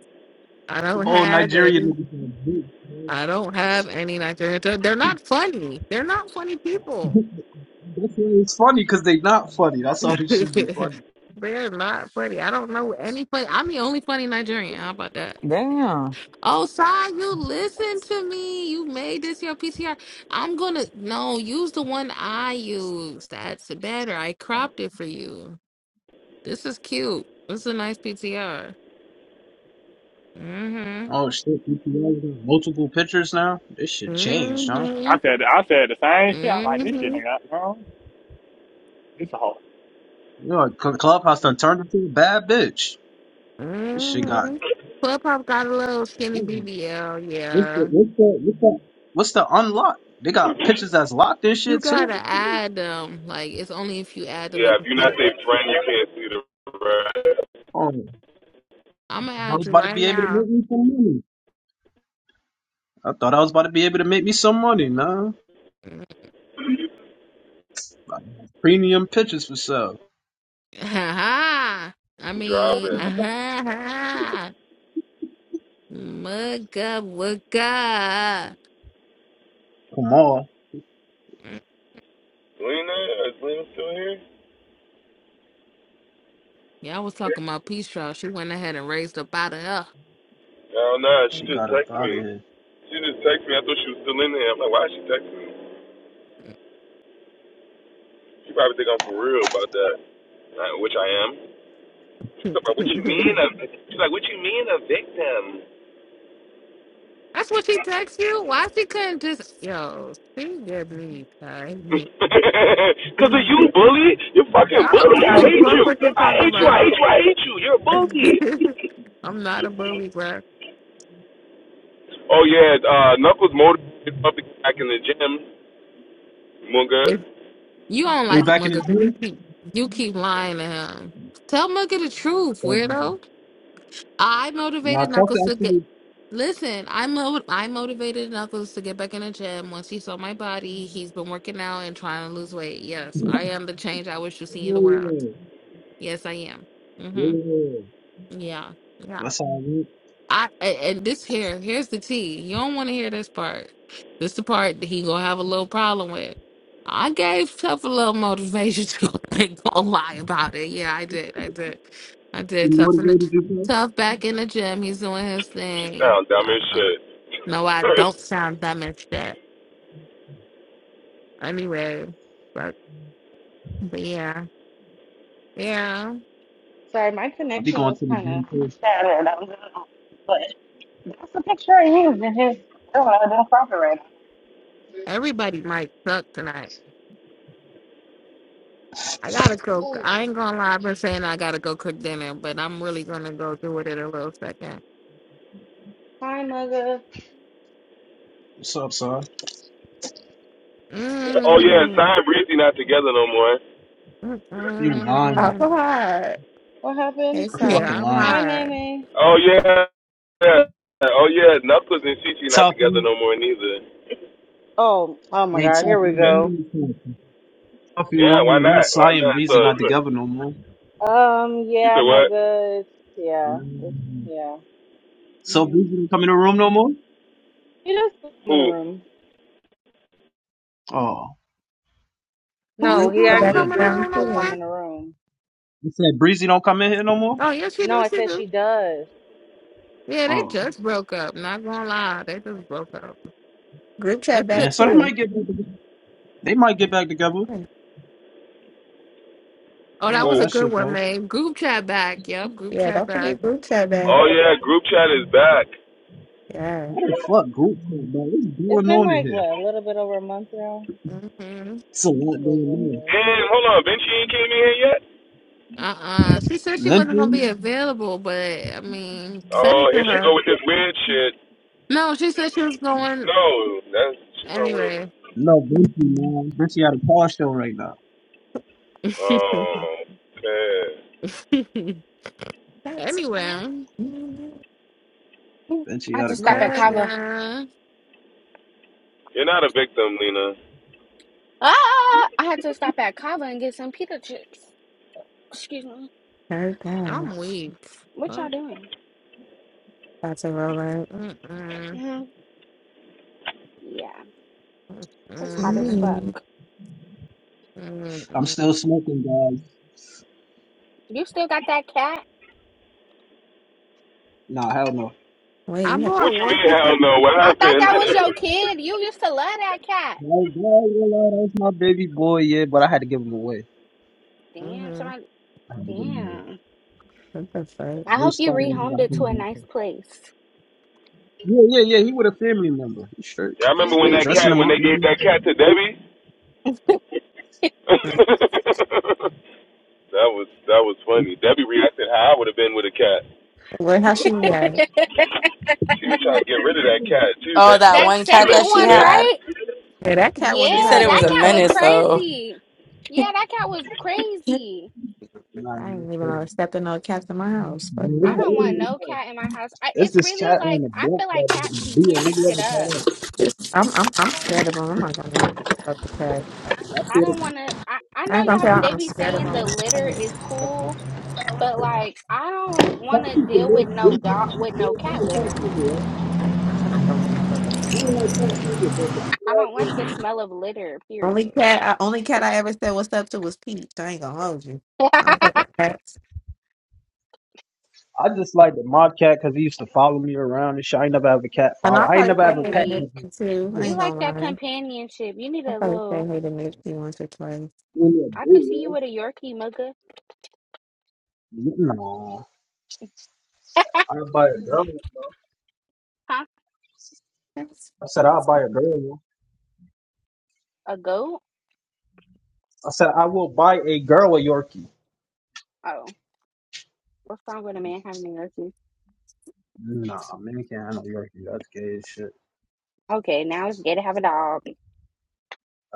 S8: I
S19: Them
S8: don't
S19: old
S8: have
S19: Nigerian
S8: any.
S19: niggas are big, man.
S8: I don't have any Nigerian. to- They're not funny. They're not funny people.
S19: That's why it's funny, because they not funny. That's why
S8: (laughs)
S19: this shit be funny.
S8: They're not funny. I don't know any funny. I'm the only funny Nigerian. How about that?
S17: Damn.
S8: Oh, Sai, you listen to me. You made this your PTR. I'm gonna no use the one I use. That's better. I cropped it for you. This is cute. This is a nice PTR. Mhm.
S19: Oh shit, PTRs done multiple pictures now? This shit changed, huh?
S7: I
S8: Mhm.
S7: said I said the same shit. I like this shit
S8: Mhm.
S7: nigga. Wrong. This a hoe.
S19: You know, Cl- Clubhouse done turned into a bad bitch. This shit got...
S8: Mhm. Clubhouse got a little skinny
S19: Ooh.
S8: BBL.
S19: What's
S8: Yeah.
S19: the, what's the, what's the, what's the unlock? They got pictures that's locked and
S8: You
S19: shit, too.
S8: gotta add them. Like it's only if you add them you
S1: Yeah, if
S8: can
S1: you're
S8: see
S1: not
S8: it.
S1: their friend you can't see the red.
S19: Oh,
S8: I'm gonna
S19: I
S8: add
S19: was
S8: you
S19: about to
S8: right
S19: be able to
S8: now.
S19: make me some money. I thought I was about to be able to make me some money, man. Like, Premium pictures for sale.
S8: (laughs) I
S1: I'm
S8: mean, (laughs)
S1: driving.
S8: uh mugga wugga.
S19: Come on.
S1: Lena? Is Lena still here?
S8: Yeah, I was talking about Peace Trial. She went ahead and raised up (laughs) out of her.
S1: No, no,
S19: She
S1: she
S19: got
S1: just
S19: up
S1: texted
S19: out
S1: me.
S19: of here.
S1: She just texted me. I thought she was still in there. I'm like, why is she texting me? She probably think I'm for real about that. Uh, which I am. She's like, what you mean?
S8: (laughs)
S1: A, she's like, what you mean a victim?
S8: That's what she text you. Why she couldn't just yo? She get me tight.
S1: (laughs)
S8: (laughs)
S1: Cause of
S8: I
S1: you, bully. You're fucking
S8: don't
S1: bully.
S8: give
S1: I
S8: a
S1: hate you.
S8: fuck what you
S1: I
S8: talking
S1: hate you. I hate
S8: about.
S1: you. I hate you. You're a bully.
S8: (laughs) I'm not a bully, bro.
S1: Oh yeah, uh, Knuckles motivated public back in the gym. Munga,
S8: If You don't
S19: Are you
S8: like
S19: back in the
S8: Mugga 'cause you
S19: gym?
S8: keep you keep lying to him. Tell Mugga the truth, weirdo. I
S19: No, I
S8: motivated
S19: talked
S8: Knuckles
S19: to
S8: to get.
S19: actually.
S8: Listen, I mo- I motivated Knuckles to get back in the gym. Once he saw my body, he's been working out and trying to lose weight.
S19: (laughs)
S8: Yes,
S19: yeah,
S8: I am the change I wish to see in the world. Yes, I am.
S19: yeah,
S8: Mhm.
S19: yeah.
S8: Yeah. Yeah.
S19: That's how I went.
S8: I and and this here, here's the tea. You don't want to hear this part. This the part that he gonna have a little problem with. I gave Tough a little motivation to (laughs) ain't gonna lie about it. Yeah, I did. I did. I
S19: You
S8: did. Tough in the
S19: motivated you, bro?
S8: Tough back in the gym. He's doing his
S1: she
S8: thing.
S1: sound dumb as
S8: Uh,
S1: shit.
S8: no, I don't sound dumb and shit. Anyway, but but yeah, yeah.
S22: Sorry, my
S19: i be
S22: connection
S19: going to
S22: was
S19: the
S22: kind of
S19: gym, too.
S22: scattered. I don't know. But that's the picture I used in his. Oh, I don't know. It didn't cooperate.
S8: Everybody might suck tonight. I gotta cook.
S22: Oh,
S8: I ain't gonna lie. I've been saying I gotta go cook dinner, but I'm really gonna go do it in a little second.
S22: hi, mother.
S19: What's up, son?
S1: (laughs) oh yeah,
S8: Mm.
S1: Sign Breezy not together no more.
S19: You
S14: Oh
S19: lying.
S8: Mm-mm.
S14: hi.
S22: What
S14: Hey
S22: happened?
S19: You're
S14: so
S19: fucking
S8: Yeah, I'm
S22: Hi,
S19: lying.
S8: hot.
S22: Mammy.
S1: Oh yeah, yeah. Oh yeah, Knuckles and Shishi not
S19: Tough
S1: together
S19: you.
S1: no more neither.
S22: Oh, oh my
S19: They
S22: God.
S19: tough
S22: Here we
S19: you
S1: Eh,
S22: go.
S19: lying, too. Tough you
S1: Yeah, why
S19: lying. Not
S1: not? Why
S19: Cy and
S1: not? So
S19: Breezy not together no more.
S22: Um,
S1: (laughs) you
S22: yeah,
S1: said what?
S22: mother. It's, yeah, it's,
S19: Yeah.
S22: yeah.
S19: So
S22: hmm
S19: Breezy don't come in the room no more?
S22: He does still come in the
S1: Who?
S22: room.
S19: Oh,
S22: No,
S8: Who
S14: group
S22: he
S8: who
S14: chat
S8: don't
S22: asked
S14: back
S19: damn.
S22: does
S8: come in the
S22: Breezy
S14: down
S8: room no
S22: still come in
S8: more?
S14: too.
S22: the room.
S19: You said Breezy don't come in here no more.
S8: Oh yes, she
S22: No,
S8: do.
S22: I
S8: She
S22: said
S8: do.
S22: she does.
S8: Yeah, they
S19: Oh,
S8: just broke up. Not gonna lie, they just broke up.
S14: Group chat
S8: It's
S19: damn.
S14: back
S8: good.
S19: So they
S14: too.
S19: might get back they might get back together.
S14: Okay.
S8: Oh, that was
S19: Nah,
S8: a
S1: Who?
S19: that
S8: good
S19: should
S8: one,
S19: go.
S8: man. Group chat back. Yep, group
S14: Yeah,
S8: chat
S14: don't
S8: back.
S14: forget group chat back.
S1: Oh yeah, group chat is back.
S14: Yeah.
S19: What the fuck group chat, bro? What's
S22: It's
S19: going
S22: been
S19: on in
S22: like
S19: here?
S22: what a little bit over a month now.
S8: hmm
S19: It's a
S22: It
S19: lot
S22: is what
S19: going on.
S22: it is.
S1: And hold on, Ben, she ain't came in here yet.
S8: Uh-uh. She said she wasn't gonna
S19: Vinci?
S8: be available, but I mean, send
S1: Oh,
S8: it
S1: if
S8: to
S1: she
S8: her.
S1: go with this weird shit,
S8: No, she said she was going
S1: no, that's she's on weird.
S8: anyway.
S19: No, Vinci, man. Vinci had a car show right now.
S8: (laughs)
S1: Oh man,
S14: That's
S21: Mhm.
S8: anyway,
S19: Vinci
S21: I had
S19: had a
S21: to stop
S19: car
S21: at
S8: but,
S19: show.
S21: Kava.
S8: uh,
S1: you're not a victim, Lena.
S21: Ah! I had to stop at Kava and get some pita chips. Excuse me.
S14: very bad.
S8: I'm weak.
S21: What
S8: Fuck,
S21: y'all doing?
S14: About to roll out.
S8: mm-mm,
S21: hmm Yeah, it's hot as
S8: mm-mm,
S21: fuck.
S14: Mm.
S19: I'm still
S8: mm-mm.
S19: smoking, guys.
S21: You still got that cat?
S19: Nah, hell no.
S14: Wait, you
S8: I'm
S14: have
S8: more
S1: What you
S8: worse
S1: mean? Hell
S8: because
S1: no. What
S21: I thought
S1: happened? (laughs)
S21: that was your kid. You used to love that cat.
S19: No, God, you know, that was my baby boy, yeah, but I had to give him away.
S21: Damn,
S8: mm-hmm.
S21: somebody.
S19: I had to give him away.
S21: Damn.
S14: what the fuck?
S19: There's
S21: I
S19: No
S21: hope you
S19: spot on that
S21: rehomed it to a
S19: thing.
S21: nice place.
S19: Yeah, yeah, yeah. He with a family member. He straight.
S1: yeah, I remember when
S19: They
S21: Mm-hmm.
S1: that
S19: dressing
S1: cat,
S19: him
S1: when
S19: up.
S1: they gave that cat to Debbie. (laughs) that
S14: Mm.
S1: was that was funny. Debbie reacted how I would have been with a cat.
S14: Where how she react?
S21: (laughs)
S1: She was trying to get rid of that
S19: Yeah.
S1: cat too, man.
S4: Oh,
S1: She
S4: that
S1: like,
S21: That
S4: one
S1: she
S4: cat
S1: like,
S21: second
S4: that she
S21: one,
S1: man.
S4: had?
S21: right?
S14: Yeah, that cat wouldn't
S4: He
S14: even
S4: said
S21: Yeah,
S14: have
S4: it
S14: been
S4: was
S21: that
S4: a
S14: able to
S21: cat
S14: come
S21: was
S14: in
S4: menace,
S14: my house.
S4: though.
S21: crazy. Yeah, that cat was crazy.
S19: Nah,
S14: I didn't even know
S19: man.
S14: to step in no cats in my house. Fuck
S21: I
S14: that.
S21: don't want no cat in my house. I,
S19: It's
S21: it's
S19: this
S21: really
S19: cat on
S21: like
S19: the
S21: I
S19: block
S21: feel like
S19: that just be
S21: cats be
S19: being. I
S21: tearing
S19: never
S21: shit up.
S19: caught up.
S14: It's, I'm, I'm, I'm scared of them. I'm not gonna lie about the cat.
S19: I
S21: I
S19: feel the
S21: don't want to. I I
S14: I
S21: know
S14: ain't gonna
S21: y'all.
S14: tell
S21: They
S14: I'm
S21: be
S14: scared of
S21: saying the
S14: them. I
S21: litter
S14: just
S21: is
S14: like,
S21: cool, but like I don't
S19: cat
S21: want to
S19: is the
S21: deal with
S19: most
S21: no
S19: recent.
S21: dog with no
S19: most
S21: cat
S19: recent thing
S21: litter.
S19: ever, right?
S14: I just don't want to
S19: I don't like cat either, so cat
S21: I
S19: flag
S21: don't like
S19: is-
S21: the smell of litter.
S14: Only
S21: Period.
S14: cat, I, only cat I ever said what's up to was Peach. I ain't gonna hold you.
S21: (laughs)
S14: I don't fuck with cats.
S19: I just like the mob cat because he used to follow me around and shit. I ain't never have a cat
S14: And
S19: follow.
S14: I
S19: I ain't
S14: probably
S19: never have
S14: said
S19: a
S21: I'm
S14: hey to
S19: pet.
S21: weak.
S14: Nipsey too. I
S19: Really
S21: You
S14: ain't
S21: like
S14: gonna
S21: that
S14: lie.
S21: companionship. You need
S14: I
S21: a
S14: probably
S21: little.
S14: said hey to Nipsey once or twice.
S19: a dude,
S21: I could see
S19: yeah.
S21: you with a Yorkie, mugga.
S19: No, I'll buy a girl. bro.
S21: (laughs)
S14: That's,
S19: I said I'll
S14: that's
S19: buy
S14: not-
S19: a girl. yo.
S21: A goat?
S19: I said I will buy a girl a Yorkie.
S21: Oh, what's wrong with a man having a goatee?
S19: Nah, man, can't handle Yorkie. That's gay as shit.
S21: Okay, now it's gay to have a dog.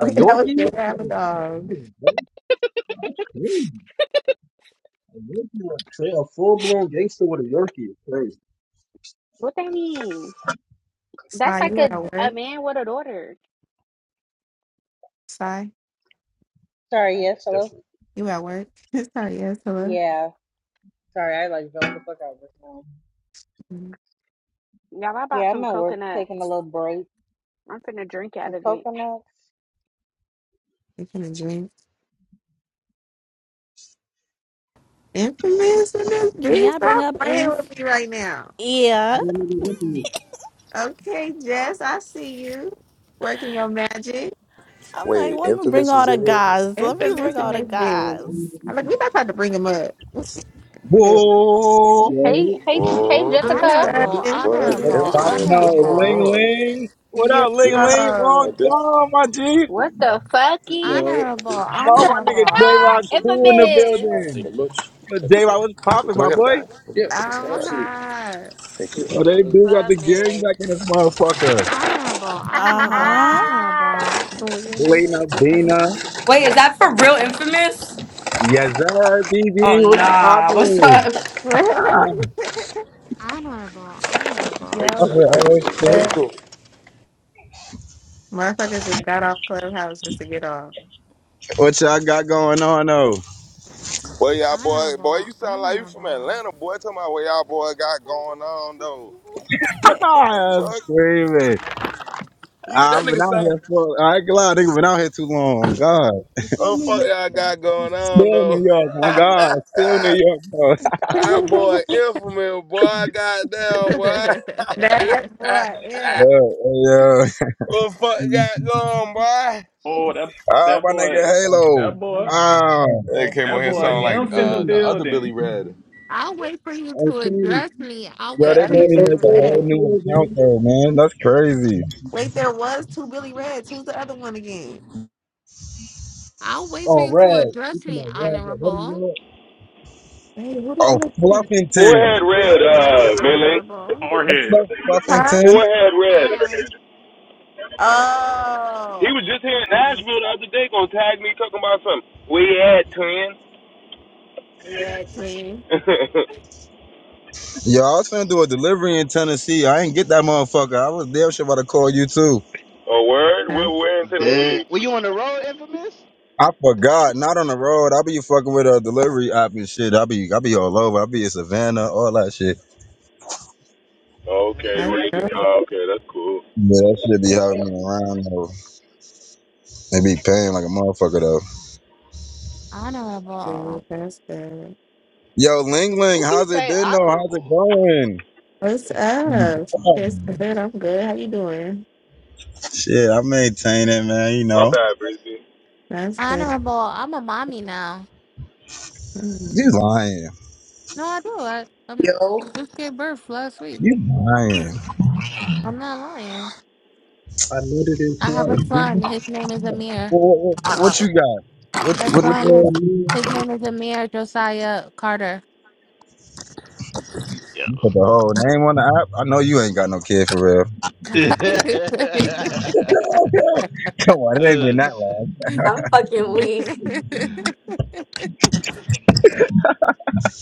S14: (laughs) okay, that was
S19: Yorkie?
S14: good. I have a dog.
S19: That's crazy. A Yorkie, like, tra- a full blown gangster with a Yorkie is crazy.
S21: What that mean? That's
S14: Sai,
S21: like
S14: you
S21: a
S14: at
S19: Nah,
S21: a
S14: work?
S21: man with a daughter.
S14: Sai,
S22: Sorry.
S19: nah,
S22: Yes.
S19: that's
S22: Hello.
S19: different.
S14: you at work? (laughs) Sorry, yes, hello.
S22: Yeah. Sorry, I like zoned the fuck out just now.
S14: Mm,
S21: Y'all, I bought
S22: Yeah, I'm
S21: some
S22: at work taking a
S21: coconuts.
S22: little break.
S21: I'm finna drink out
S22: Some
S21: of it.
S22: coconuts.
S14: You finna drink? Infamous in this
S13: Can
S14: bitch.
S13: y'all bring
S14: Stop
S13: up
S14: playing
S13: Inf?
S14: with me right now.
S13: Yeah.
S19: But I'm gonna be with you.
S14: Okay, Jess, I see you working your magic.
S13: I'm like,
S1: Wait,
S13: let me bring
S1: Infamous
S13: all
S1: is
S13: the
S1: in here?
S13: guys. Let me
S14: Infamous
S13: bring
S14: in
S13: all the
S14: this bitch.
S19: But I'm gonna
S13: guys.
S19: be
S14: I'm
S19: with
S14: like, we
S19: you.
S14: not trying to bring him up. (laughs)
S23: Whoa!
S19: Yo,
S21: Hey, hey, hey,
S1: Oh.
S14: What's
S21: Jessica.
S8: honorable,
S14: up,
S19: yo,
S1: What
S8: honorable,
S23: Oh,
S14: infamous?
S23: Bob,
S1: infamous? What's
S23: no,
S1: going
S23: Ling
S8: honorable,
S1: on?
S23: Ling. What
S14: Yo,
S23: up,
S1: Yeah,
S23: Ling Ling? Long
S14: I'm
S1: At this,
S23: time, my G.
S21: What the fucky?
S1: we
S19: yo.
S8: honorable,
S23: Oh,
S21: (laughs)
S23: my nigga J
S8: honorable,
S23: Rock
S1: should be
S23: Cool in the
S21: Infamous.
S23: building. Yo, J Rock,
S1: dead.
S23: what's
S1: so
S23: poppin',
S1: can I
S23: my
S1: get a
S23: boy?
S1: bag? Yeah, put this in the bag. absolutely.
S14: high.
S23: Yo, they do got the gang
S21: Infamous.
S23: back in this motherfucker.
S8: honorable, honorable,
S13: Uh
S21: (laughs)
S8: honorable,
S13: huh.
S14: We in this.
S23: Lena,
S14: bitch.
S23: Bina.
S4: Wait, is that for real infamous?
S23: Yes, sir,
S4: Oh,
S23: BB. What's
S4: nah. (laughs) What's
S23: poppin'?
S4: up?
S23: Ah,
S14: (laughs)
S8: honorable, honorable,
S14: Yo,
S23: I
S14: what's
S23: said,
S14: up?
S23: oh, shit.
S14: Motherfuckers just got off Clubhouse just to get off.
S23: What y'all got going on, though?
S1: Well, y'all boy, boy,
S8: honorable,
S1: you sound like you from
S8: honorable.
S1: Atlanta, boy. Tell me what y'all boy got going on though.
S23: (laughs)
S1: The
S23: I'm
S1: fuck,
S23: screaming.
S1: yeah, that
S23: I've been
S1: nigga
S23: out
S1: sound.
S23: here for, I ain't gonna lie, nigga, been out here too long. God.
S1: Oh fuck, y'all got going on
S23: Still New
S1: though.
S23: York, my God. Still New
S1: (laughs)
S23: York, bro.
S14: (laughs)
S1: That boy
S14: that
S1: infamous, boy. Goddamn, boy. (laughs)
S8: (laughs)
S14: boy, yeah.
S23: Yeah, yeah.
S1: what the fuck
S19: Um,
S1: got going, boy?
S7: Oh that
S23: Ah,
S7: that
S23: my nigga
S7: boy.
S23: Halo.
S7: That boy.
S23: Ah,
S19: uh,
S1: They came
S7: That
S1: on here
S7: boy
S1: sounding like
S7: Imp in the
S1: uh, the other Billy
S7: building.
S1: Red.
S8: I'll wait for you
S19: Hey,
S8: to
S19: Tony.
S8: address me. I'll
S23: yo,
S14: The
S23: they
S8: wait
S14: other
S23: made
S19: Yo,
S23: me
S14: good
S19: hey,
S23: make a
S19: Tony,
S8: patiently.
S14: way.
S23: whole
S19: what
S23: new
S19: you doing,
S23: account
S19: man?
S23: though, man. That's crazy.
S14: Wait, there was two Billy Reds. Who's the other one again?
S8: I'll wait for
S19: Oh,
S8: you to
S19: Rad. You
S8: address
S19: come
S8: me,
S19: out, Rad. Rad. What do you
S8: Honorable.
S19: want?
S14: Hey, who the
S23: Oh,
S14: other Billy?
S23: Fluffington.
S1: Forehead Red, uh,
S8: Hello,
S1: Melee.
S8: Honorable.
S23: What's
S7: Forehead.
S23: up,
S14: Huh?
S23: Fluffington?
S1: Forehead Red.
S8: Hi,
S1: He was
S14: Oh.
S1: just here in
S14: Mm,
S1: Nashville the other day, gonna tag me talking about something. We had twin.
S14: Yeah, twin.
S1: (laughs)
S23: Yo, I was finna do a delivery in Tennessee. I ain't get that motherfucker. I was damn sure about to call you too.
S1: oh, word? We're,
S14: Huh?
S1: we're in Tennessee.
S15: were you on the road, infamous?
S23: I forgot. Not on the road. I be fucking with a delivery app and shit. I be, I be all over. I be in Savannah, all that shit.
S1: Okay,
S14: That's
S15: Mm.
S1: what you do?
S14: good.
S1: Oh, okay, that's cool.
S23: Yeah, that shit be helping me around though. They be paying like a motherfucker though.
S8: Honorable.
S14: dude. That's good.
S23: Yo, Ling Ling,
S15: Who keeps
S23: how's it
S15: saying
S23: been though? How's it
S15: honorable?
S23: going?
S14: What's up? It's good. I'm good. How you doing?
S23: Shit, I maintain it, man. You
S1: My
S23: know,
S1: bad, Breezy.
S14: That's good.
S8: Honorable, I'm a mommy now.
S14: Mm.
S23: you lying.
S8: No, I do. I um,
S24: Yo,
S8: just gave birth last week.
S23: You lying.
S8: I'm not lying.
S19: I noted in
S8: I have
S19: flow.
S8: a son. His name is
S23: What,
S8: Amir.
S23: what, what you got? What,
S8: My
S23: what, what
S8: son,
S23: you
S19: Oh,
S8: his,
S23: got?
S19: man.
S8: his name is Amir Josiah Carter.
S15: Yo.
S23: You put the whole name on the app? I know you ain't got no kid for real.
S15: (laughs)
S8: (laughs)
S23: (laughs) Come on, it ain't been
S15: oh,
S23: that
S15: shit.
S23: long.
S4: I'm fucking weak.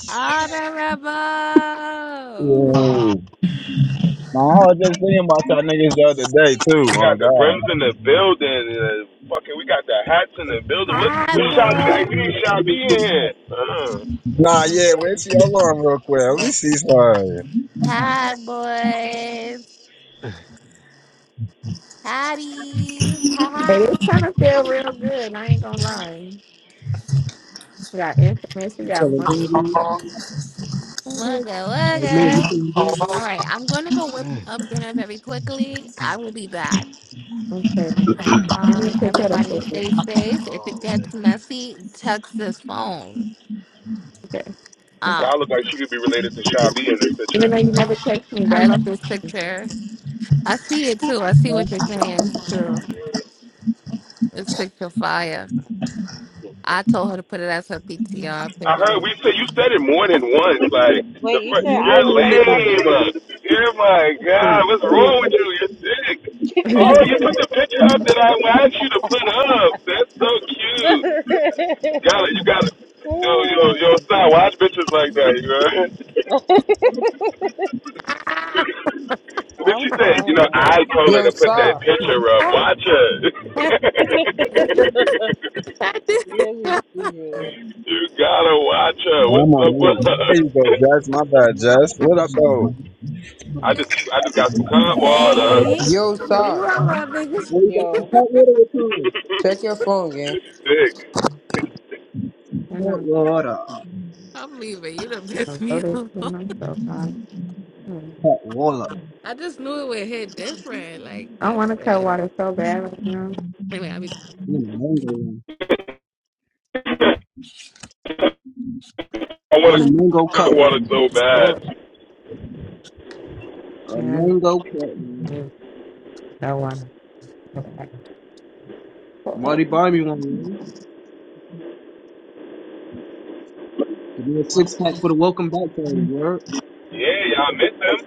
S8: Honorable. (laughs)
S23: Ooh. Nah, I was just thinking about y'all niggas the other day, too,
S1: We
S23: on
S1: got the brims
S23: God.
S1: in the building. uh, fucking, we got the hats in the building. What?
S19: That's
S8: Hi,
S1: What
S19: good,
S1: shot? We
S19: man.
S1: got
S19: That's
S8: boys,
S1: we need
S19: good,
S1: Shy B
S19: man.
S1: in
S19: That's
S1: here.
S19: good.
S1: Uh,
S23: Nah, yeah, wait till y'all on real quick. Let
S19: Yeah,
S23: me see some.
S8: Hi, boys. Hotties.
S14: Hey,
S8: Hi.
S14: this kind of feel real good. I ain't gonna lie. We got infamous. We
S19: You
S14: got
S19: feeling good, man?
S8: Wugga,
S14: money.
S19: Hey, man, you
S8: wugga.
S19: feeling good,
S8: All
S19: man?
S8: right, I'm going to go whip up dinner very quickly. I will be back.
S14: Okay. Let me
S8: Um,
S14: take care of
S8: everybody
S14: food.
S8: stay
S15: This in the
S8: safe. If it
S15: hall,
S8: gets messy, text this phone.
S14: Okay. I
S1: so
S14: got.
S8: Um,
S1: I look like she could be related to Shy B in this picture.
S14: Even though you never text me,
S8: I
S14: back.
S8: love this picture. I see it too. I see what
S19: Yeah.
S8: you're saying too. This picture fire. I told her to put it as her PTR
S1: I heard we
S8: period.
S1: said you said it more than once. Like the
S22: Wait, you
S19: I
S1: first,
S22: said I
S19: know,
S1: you're
S22: look
S19: my
S22: like
S19: nigga.
S22: Shabi?
S1: lame. Oh my God.
S19: Well,
S1: What's wrong with you? You're sick.
S14: (laughs)
S1: Oh,
S14: I
S1: you put the picture up that I asked you to put up. That's so cute. Got it. You got it. Yo, yo, yo,
S15: baby.
S1: stop. Watch bitches like that. You know.
S22: (laughs)
S8: (laughs)
S1: (laughs) then
S22: I'm
S1: she said, you know,
S22: crying.
S1: I told her
S24: yo,
S1: to put that
S24: sir.
S1: picture up. Watch her. (laughs)
S22: (laughs)
S8: I did.
S22: You're Really stupid.
S1: you gotta watch her. What's
S23: I'm on
S1: up with
S23: mute.
S1: her? (laughs)
S23: There you go, Jess. My bad, Jess. What up, though?
S1: I just, I just got some cold water.
S13: Hey,
S24: Yo,
S8: You
S24: sir.
S8: are loving.
S19: you got some
S22: Yo,
S19: hot water with time.
S24: Check your phone, gang.
S1: Just sick.
S19: Hot
S14: am
S19: water.
S8: I'm leaving. You done (laughs) pissed
S14: gonna go
S8: me
S14: to
S8: off.
S14: school. I'm so tired. Hmm.
S19: Hot water.
S8: I just knew it would hit different. Like
S14: I
S8: that's
S14: want to cut
S8: bad.
S14: water so bad right now.
S8: Anyway, I'll be
S19: I want a mango one.
S1: I
S19: I
S1: want to
S19: want a mango
S1: I
S19: cut
S1: want it
S19: one.
S1: so bad.
S14: So
S19: A
S14: and
S19: mango cut one.
S14: I want to. cut back. Cut back.
S19: Somebody buy me one, man. Give me a six pack for the welcome back party, word.
S1: Yeah, y'all miss him.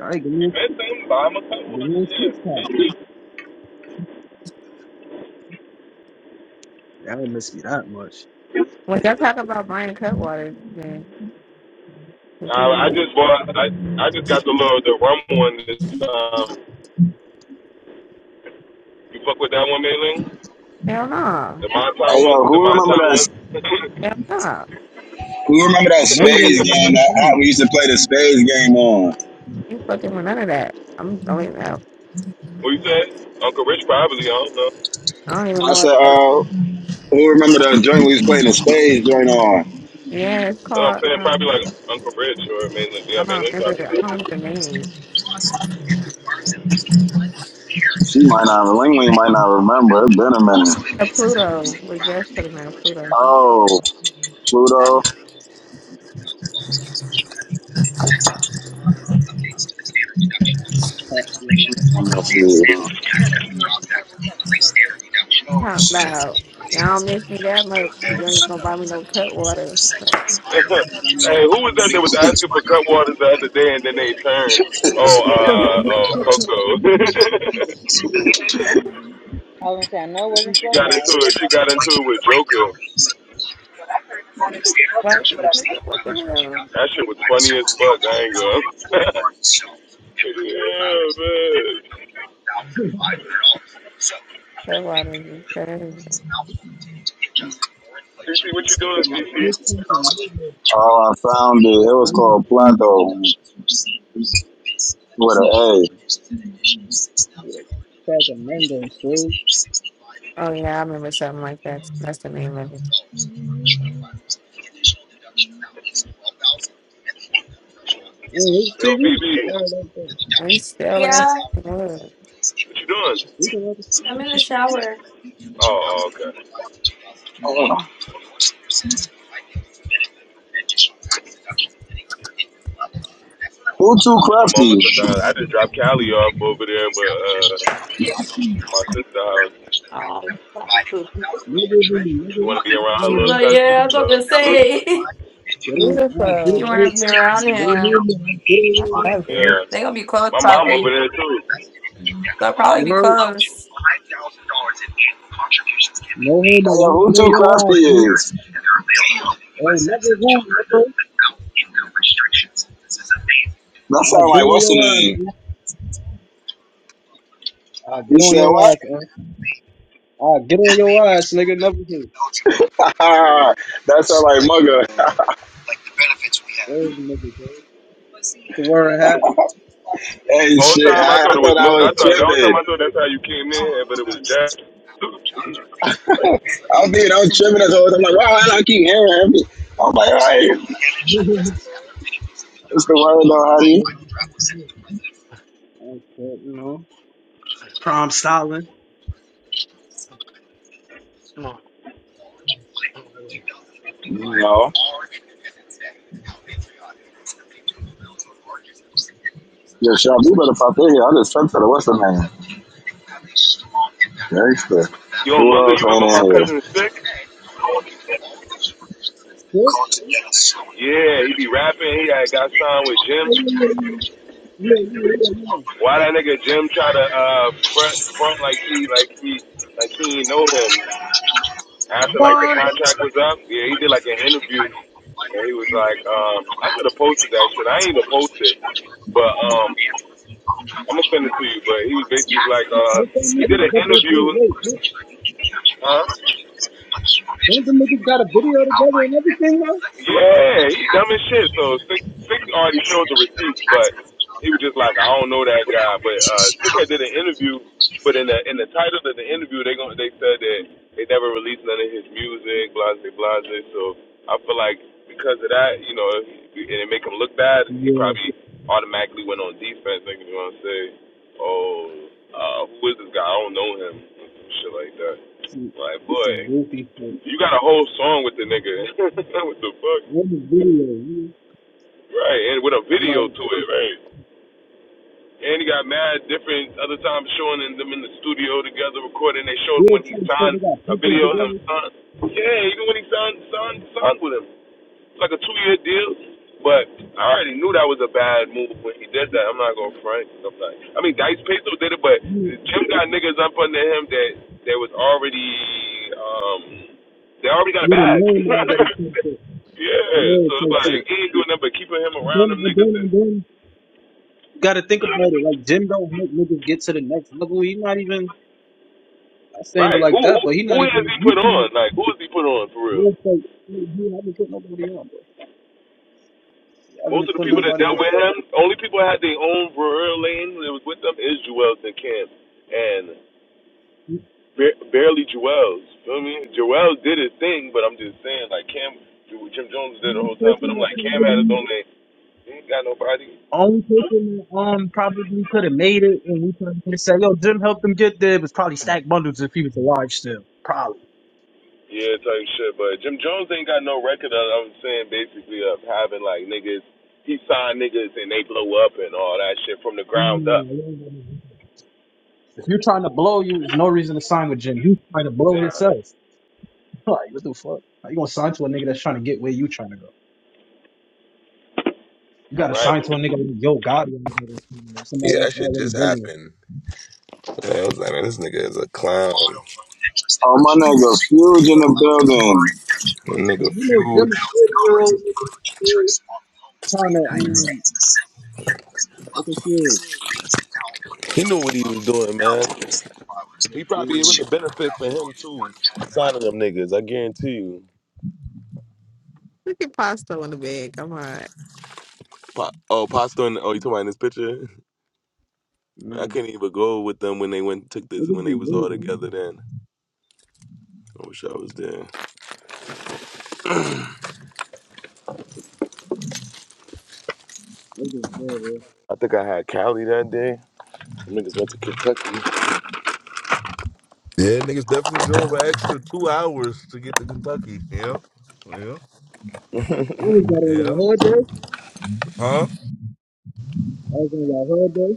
S19: All right, give
S1: You
S19: me a,
S1: miss him, but I'm a cool one.
S19: give me a
S1: Yeah,
S19: six pack.
S1: miss him.
S19: Y'all don't miss me that much.
S14: When y'all talk about buying cut waters, man, listen to
S1: I, I
S14: my
S1: just bought. I I just got the little the rum one. This um, you fuck with that one, Mailing?
S14: hell no,
S1: The Mai Tai
S23: Hey
S1: one?
S23: yo,
S1: The
S23: who
S1: Mai
S23: remember
S1: Tai one?
S23: that?
S14: hell no,
S23: Who remember that
S19: The mango
S23: spades
S19: one,
S23: game
S19: that's
S23: that
S19: it,
S1: (laughs)
S23: app we used
S19: that's
S23: to play the spades game on?
S14: you fucking with none of that. I'm going out.
S1: what you say? Uncle Rich probably. I don't know.
S14: I don't even
S23: I
S14: know what
S23: said,
S14: that.
S23: uh, who remember that joint we was playing the spades joint on?
S14: Yeah, it's
S1: No, I'm
S14: called.
S1: saying
S14: um,
S1: probably like Uncle Rich or Mailing.
S14: I
S1: Yeah,
S14: don't
S1: Mailing
S14: remember.
S1: probably.
S14: the, I don't
S1: Knows.
S14: remember the
S1: (laughs)
S14: name.
S23: She might not. Ling Ling might not remember. It been a minute.
S14: Uh, Pluto was just putting man Pluto.
S23: Oh, Pluto.
S14: Not loud. Y'all don't miss me that much. You ain't gonna buy me no cut water. Like,
S1: (laughs)
S19: what I'm
S1: hey, who was that that
S19: doing.
S1: was asking for Cutwaters the other day and then they turned? Oh,
S14: (laughs)
S1: uh, oh, Coco. (laughs)
S22: I was gonna say I know it wasn't
S1: she
S22: fluff
S1: got
S22: ass.
S1: into it. She got into it with Joker.
S14: Why do you what the hell?
S1: That shit was funny as fuck. I ain't gonna. (laughs) yeah, man.
S14: Cut water is just better.
S1: CC, what you doing,
S19: Give me a
S1: CC?
S19: six pack of mango, baby. Give
S23: called
S19: me
S23: Plato
S19: a six pack of mango, so.
S14: Oh yeah, I remember something like that. That's the name of it.
S22: (laughs)
S19: Oh,
S1: Yo,
S19: TV.
S1: BB,
S19: All right, that's it.
S14: I still last
S4: Yeah,
S14: word.
S1: what you doing?
S19: We can
S4: I'm in the shower.
S1: Oh, oh, okay.
S23: who too
S1: I'm
S23: crafty?
S1: almost done.
S23: Hey,
S1: I just dropped Callie off over there, but uh, my sister house.
S4: Oh, fucking poop.
S19: Nigga be
S1: She
S19: nigga.
S1: want to be around her
S4: she's
S1: little
S4: like,
S1: cousin,
S4: yeah, I was
S1: so.
S4: about to
S1: look.
S4: say. (laughs)
S19: I get
S4: you
S14: Beautiful.
S4: want
S19: it.
S4: to be
S14: right?
S4: around
S19: No
S4: him.
S19: homo.
S14: I
S19: I
S14: love
S19: get on
S1: Yeah.
S14: it.
S4: they going to be close,
S1: My mom over
S4: probably.
S1: there too.
S4: They'll probably
S19: You
S4: be
S19: heard?
S4: close.
S19: No homo.
S23: yo,
S19: I get on
S23: who too
S19: your
S23: crafty
S19: ass, man.
S23: is?
S19: Hey, never who, nigga.
S23: That sound like what's the name?
S19: I get
S23: You
S19: on
S23: said
S19: your
S23: what?
S19: ass, man. I get on your ass, man. I get on your ass, nigga. Never who.
S23: (laughs) that sound like mugger.
S19: Those niggas, man. To wear a hat. (laughs)
S1: (laughs)
S23: Hey,
S1: whole
S23: shit,
S1: time I
S23: I, I
S1: thought it was
S23: thought I
S1: Mug- I
S23: was
S1: thought the whole time
S23: tripping.
S1: I thought that's how you came in, but it was Jack. (clears throat)
S23: I was thinking I was tripping this whole time. I'm like, wow, I keep hearing him. I'm like, all right,
S19: I
S23: it's the word though,
S19: just
S23: honey.
S19: make I You know,
S15: (laughs) what
S19: prom styling.
S23: No. Yeah, Sean, you better pop in here. I just sent to the what's the name? Gangsta.
S1: Yo,
S23: Who
S1: Mugga,
S23: else
S1: you remember my
S23: ain't in here?
S1: cousin Sick?
S19: What?
S1: Yeah, he be rapping. He had got signed with Jim.
S19: Oh, yeah, yeah, yeah. Yeah, yeah, yeah, yeah.
S1: Why that nigga Jim try to uh front front like he like he like he ain't know him? After like the
S19: What?
S1: contract was up, yeah, he did like an interview and he was like, um, I should have posted that shit. I ain't even posted, but um. I'm gonna send it to you, but he was basically like, uh,
S19: do that
S1: he
S19: nigga,
S1: did an
S19: but, but
S1: interview,
S19: wait, wait, wait.
S1: huh?
S19: Don't the niggas got a video together and everything now?
S1: Yeah, he dumb as shit. So Sick Sick already showed the receipts, but he was just like, I don't know that guy. But uh, six had did an interview, but in the in the title of the interview, they gon' they said that they never released none of his music, blase blase. So I feel like because of that, you know, and it make him look bad, he
S19: Yeah,
S1: probably automatically went on defense. Like you know what I'm saying? Oh, uh, who is this guy? I don't know him. Some shit like that.
S19: see,
S1: Like boy,
S19: some goofy shit.
S1: you got a whole song with the nigga. (laughs) what the fuck?
S19: Where's the video? You-
S1: Right, and with a
S19: I'm like,
S1: video to it, right? And he got mad different other times showing them in the studio together recording. They showed
S19: real
S1: when he
S19: type shit.
S1: signed
S19: They got
S1: a
S19: pictures
S1: video of him.
S19: together.
S1: Signed. Yeah, even when he signed, signed, signed with him. It's like a two year deal. But I already knew that was a bad move when he did that. I'm not gonna front. I'm not. I mean, Dice Peso did it, but
S19: You
S1: Jim got niggas up under him that that was already um they already got a
S19: with a
S1: bag.
S19: name already put it.
S1: (laughs) yeah, so
S19: Real
S1: it's
S19: type
S1: like
S19: shit.
S1: he ain't doing nothing but keeping him
S19: And
S1: around
S19: then
S1: them
S19: and
S1: niggas
S19: then and
S1: and
S19: then. Got to think about it. Like Jim don't help niggas get to the next level. He not even. I'm saying it
S1: Right. Who
S19: like that,
S1: who
S19: but he
S1: who
S19: not
S1: has
S19: even.
S1: he
S19: You
S1: put
S19: trying
S1: on? Like who has he put on for real?
S19: real type. i haven't put nobody on, bro. I
S1: Most
S19: haven't
S1: of the
S19: put
S1: people that
S19: nobody
S1: dealt
S19: on.
S1: with him, only people that had their own real lane that was with them is Joel's and Cam, and ba- barely Joel's. Feel me? Joel did his thing, but I'm just saying like Cam, Jim Jones
S19: The
S1: did the
S19: Only
S1: whole time. But
S19: person
S1: I'm
S19: that
S1: like Cam had his
S19: probably
S1: own lane. He ain't got nobody.
S19: Only person that um probably could have made it, and we could have said, "Yo, Jim helped them get there." Was probably Stack Bundles if he was alive still. Probably.
S1: Yeah, type shit. But Jim Jones ain't got no record of. I'm saying basically of having like niggas. He signed niggas and they blow up and all that shit from the ground
S19: No,
S1: up.
S19: I don't know. If you're trying to blow, you there's no reason to sign with Jim. He's trying to blow himself. (laughs)
S1: Yeah.
S19: Like what the fuck? How you gonna sign to a nigga that's trying to get where you trying to go? You gotta sign to a
S1: Right.
S19: nigga like Yo Gotti or somebody
S1: Yeah, that
S19: that's
S1: shit
S19: already
S1: just
S19: been there.
S1: happened. Yeah, I was like, man, this nigga is a clown.
S23: Oh, my nigga, huge in the building.
S1: That nigga
S19: You know, Jim is
S1: huge.
S19: forty year old nigga still trying to um look at kids.
S1: He knew what he was doing, man. He probably it was
S19: Mm.
S1: a benefit for him too. Signing them niggas, I guarantee you.
S14: Look at pasta in the bed. Come on.
S1: Pa- oh, Pastor and oh, you talking about in this picture? (laughs) I
S19: man.
S1: couldn't even go with them when they went took this
S19: Niggas
S1: when
S19: be
S1: they was all
S19: weird, man.
S1: together. Then I wish I was there.
S19: Niggas be weird, bro.
S1: I think I had Cali that day. Them niggas went to Kentucky.
S25: Yeah, niggas definitely drove an extra two hours to get to Kentucky. Yeah, yeah,
S19: You was that on
S25: yeah.
S19: your hood day?
S25: Huh?
S19: I was on your hood day.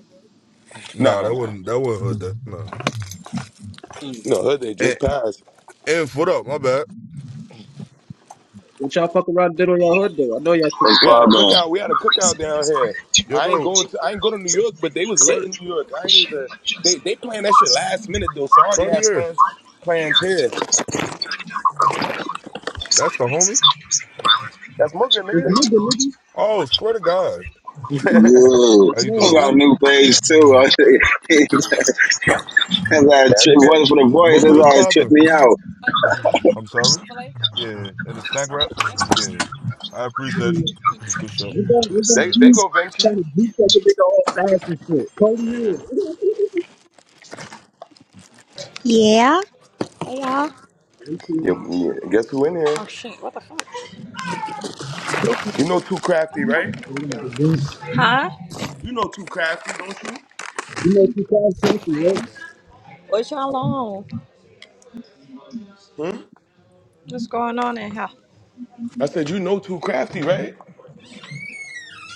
S1: Nah,
S25: Nah,
S1: nah,
S25: that
S1: nah.
S25: wasn't that wasn't hood. That no.
S19: Hmm.
S1: No, her day
S25: And
S1: just passed.
S25: and foot up. My bad.
S19: What y'all fuck around did on y'all hood day? I know y'all
S23: What's
S19: super
S1: We had a
S19: tired.
S23: poppin'?
S1: cookout. We had a cookout down here.
S25: Yo,
S1: I ain't
S25: bro.
S1: go to I ain't go to New York, but they was lit
S25: Cart-
S1: in New York. I ain't even they they planned that shit last minute though, so I already had
S25: Cartier.
S1: plans plans here.
S25: That's the homie.
S1: That's Mugga,
S19: This
S1: nigga.
S19: nigga, nigga.
S25: Oh, swear to God.
S23: Yeah.
S19: Let's
S25: How you
S19: know,
S23: He
S25: doing?
S23: got
S19: bro.
S23: a new page, too. (laughs) I think- That's how it
S1: Yeah,
S23: tri-
S1: nigga.
S23: wasn't for the voice. That's
S25: Bogo is
S23: how it tripped
S25: popping.
S23: me out.
S25: I'm sorry. Yeah, and the snack wrap. Yeah, I appreciate you
S19: We
S25: for sure.
S19: got, we got
S1: They they
S19: you
S1: go Vinci.
S19: trying to beat that nigga all fast and shit. Cody Hill. (laughs)
S9: Yeah. Hey y'all.
S19: Okay.
S1: Yeah,
S19: We
S1: yeah, guess who in here?
S9: Oh shit, what the fuck?
S1: You know too crafty, right?
S19: got the game.
S9: Huh?
S1: You know too crafty, don't you?
S19: You know, two fast country, right? You
S9: What y'all on? What's going on in here?
S1: I said you know too crafty, right?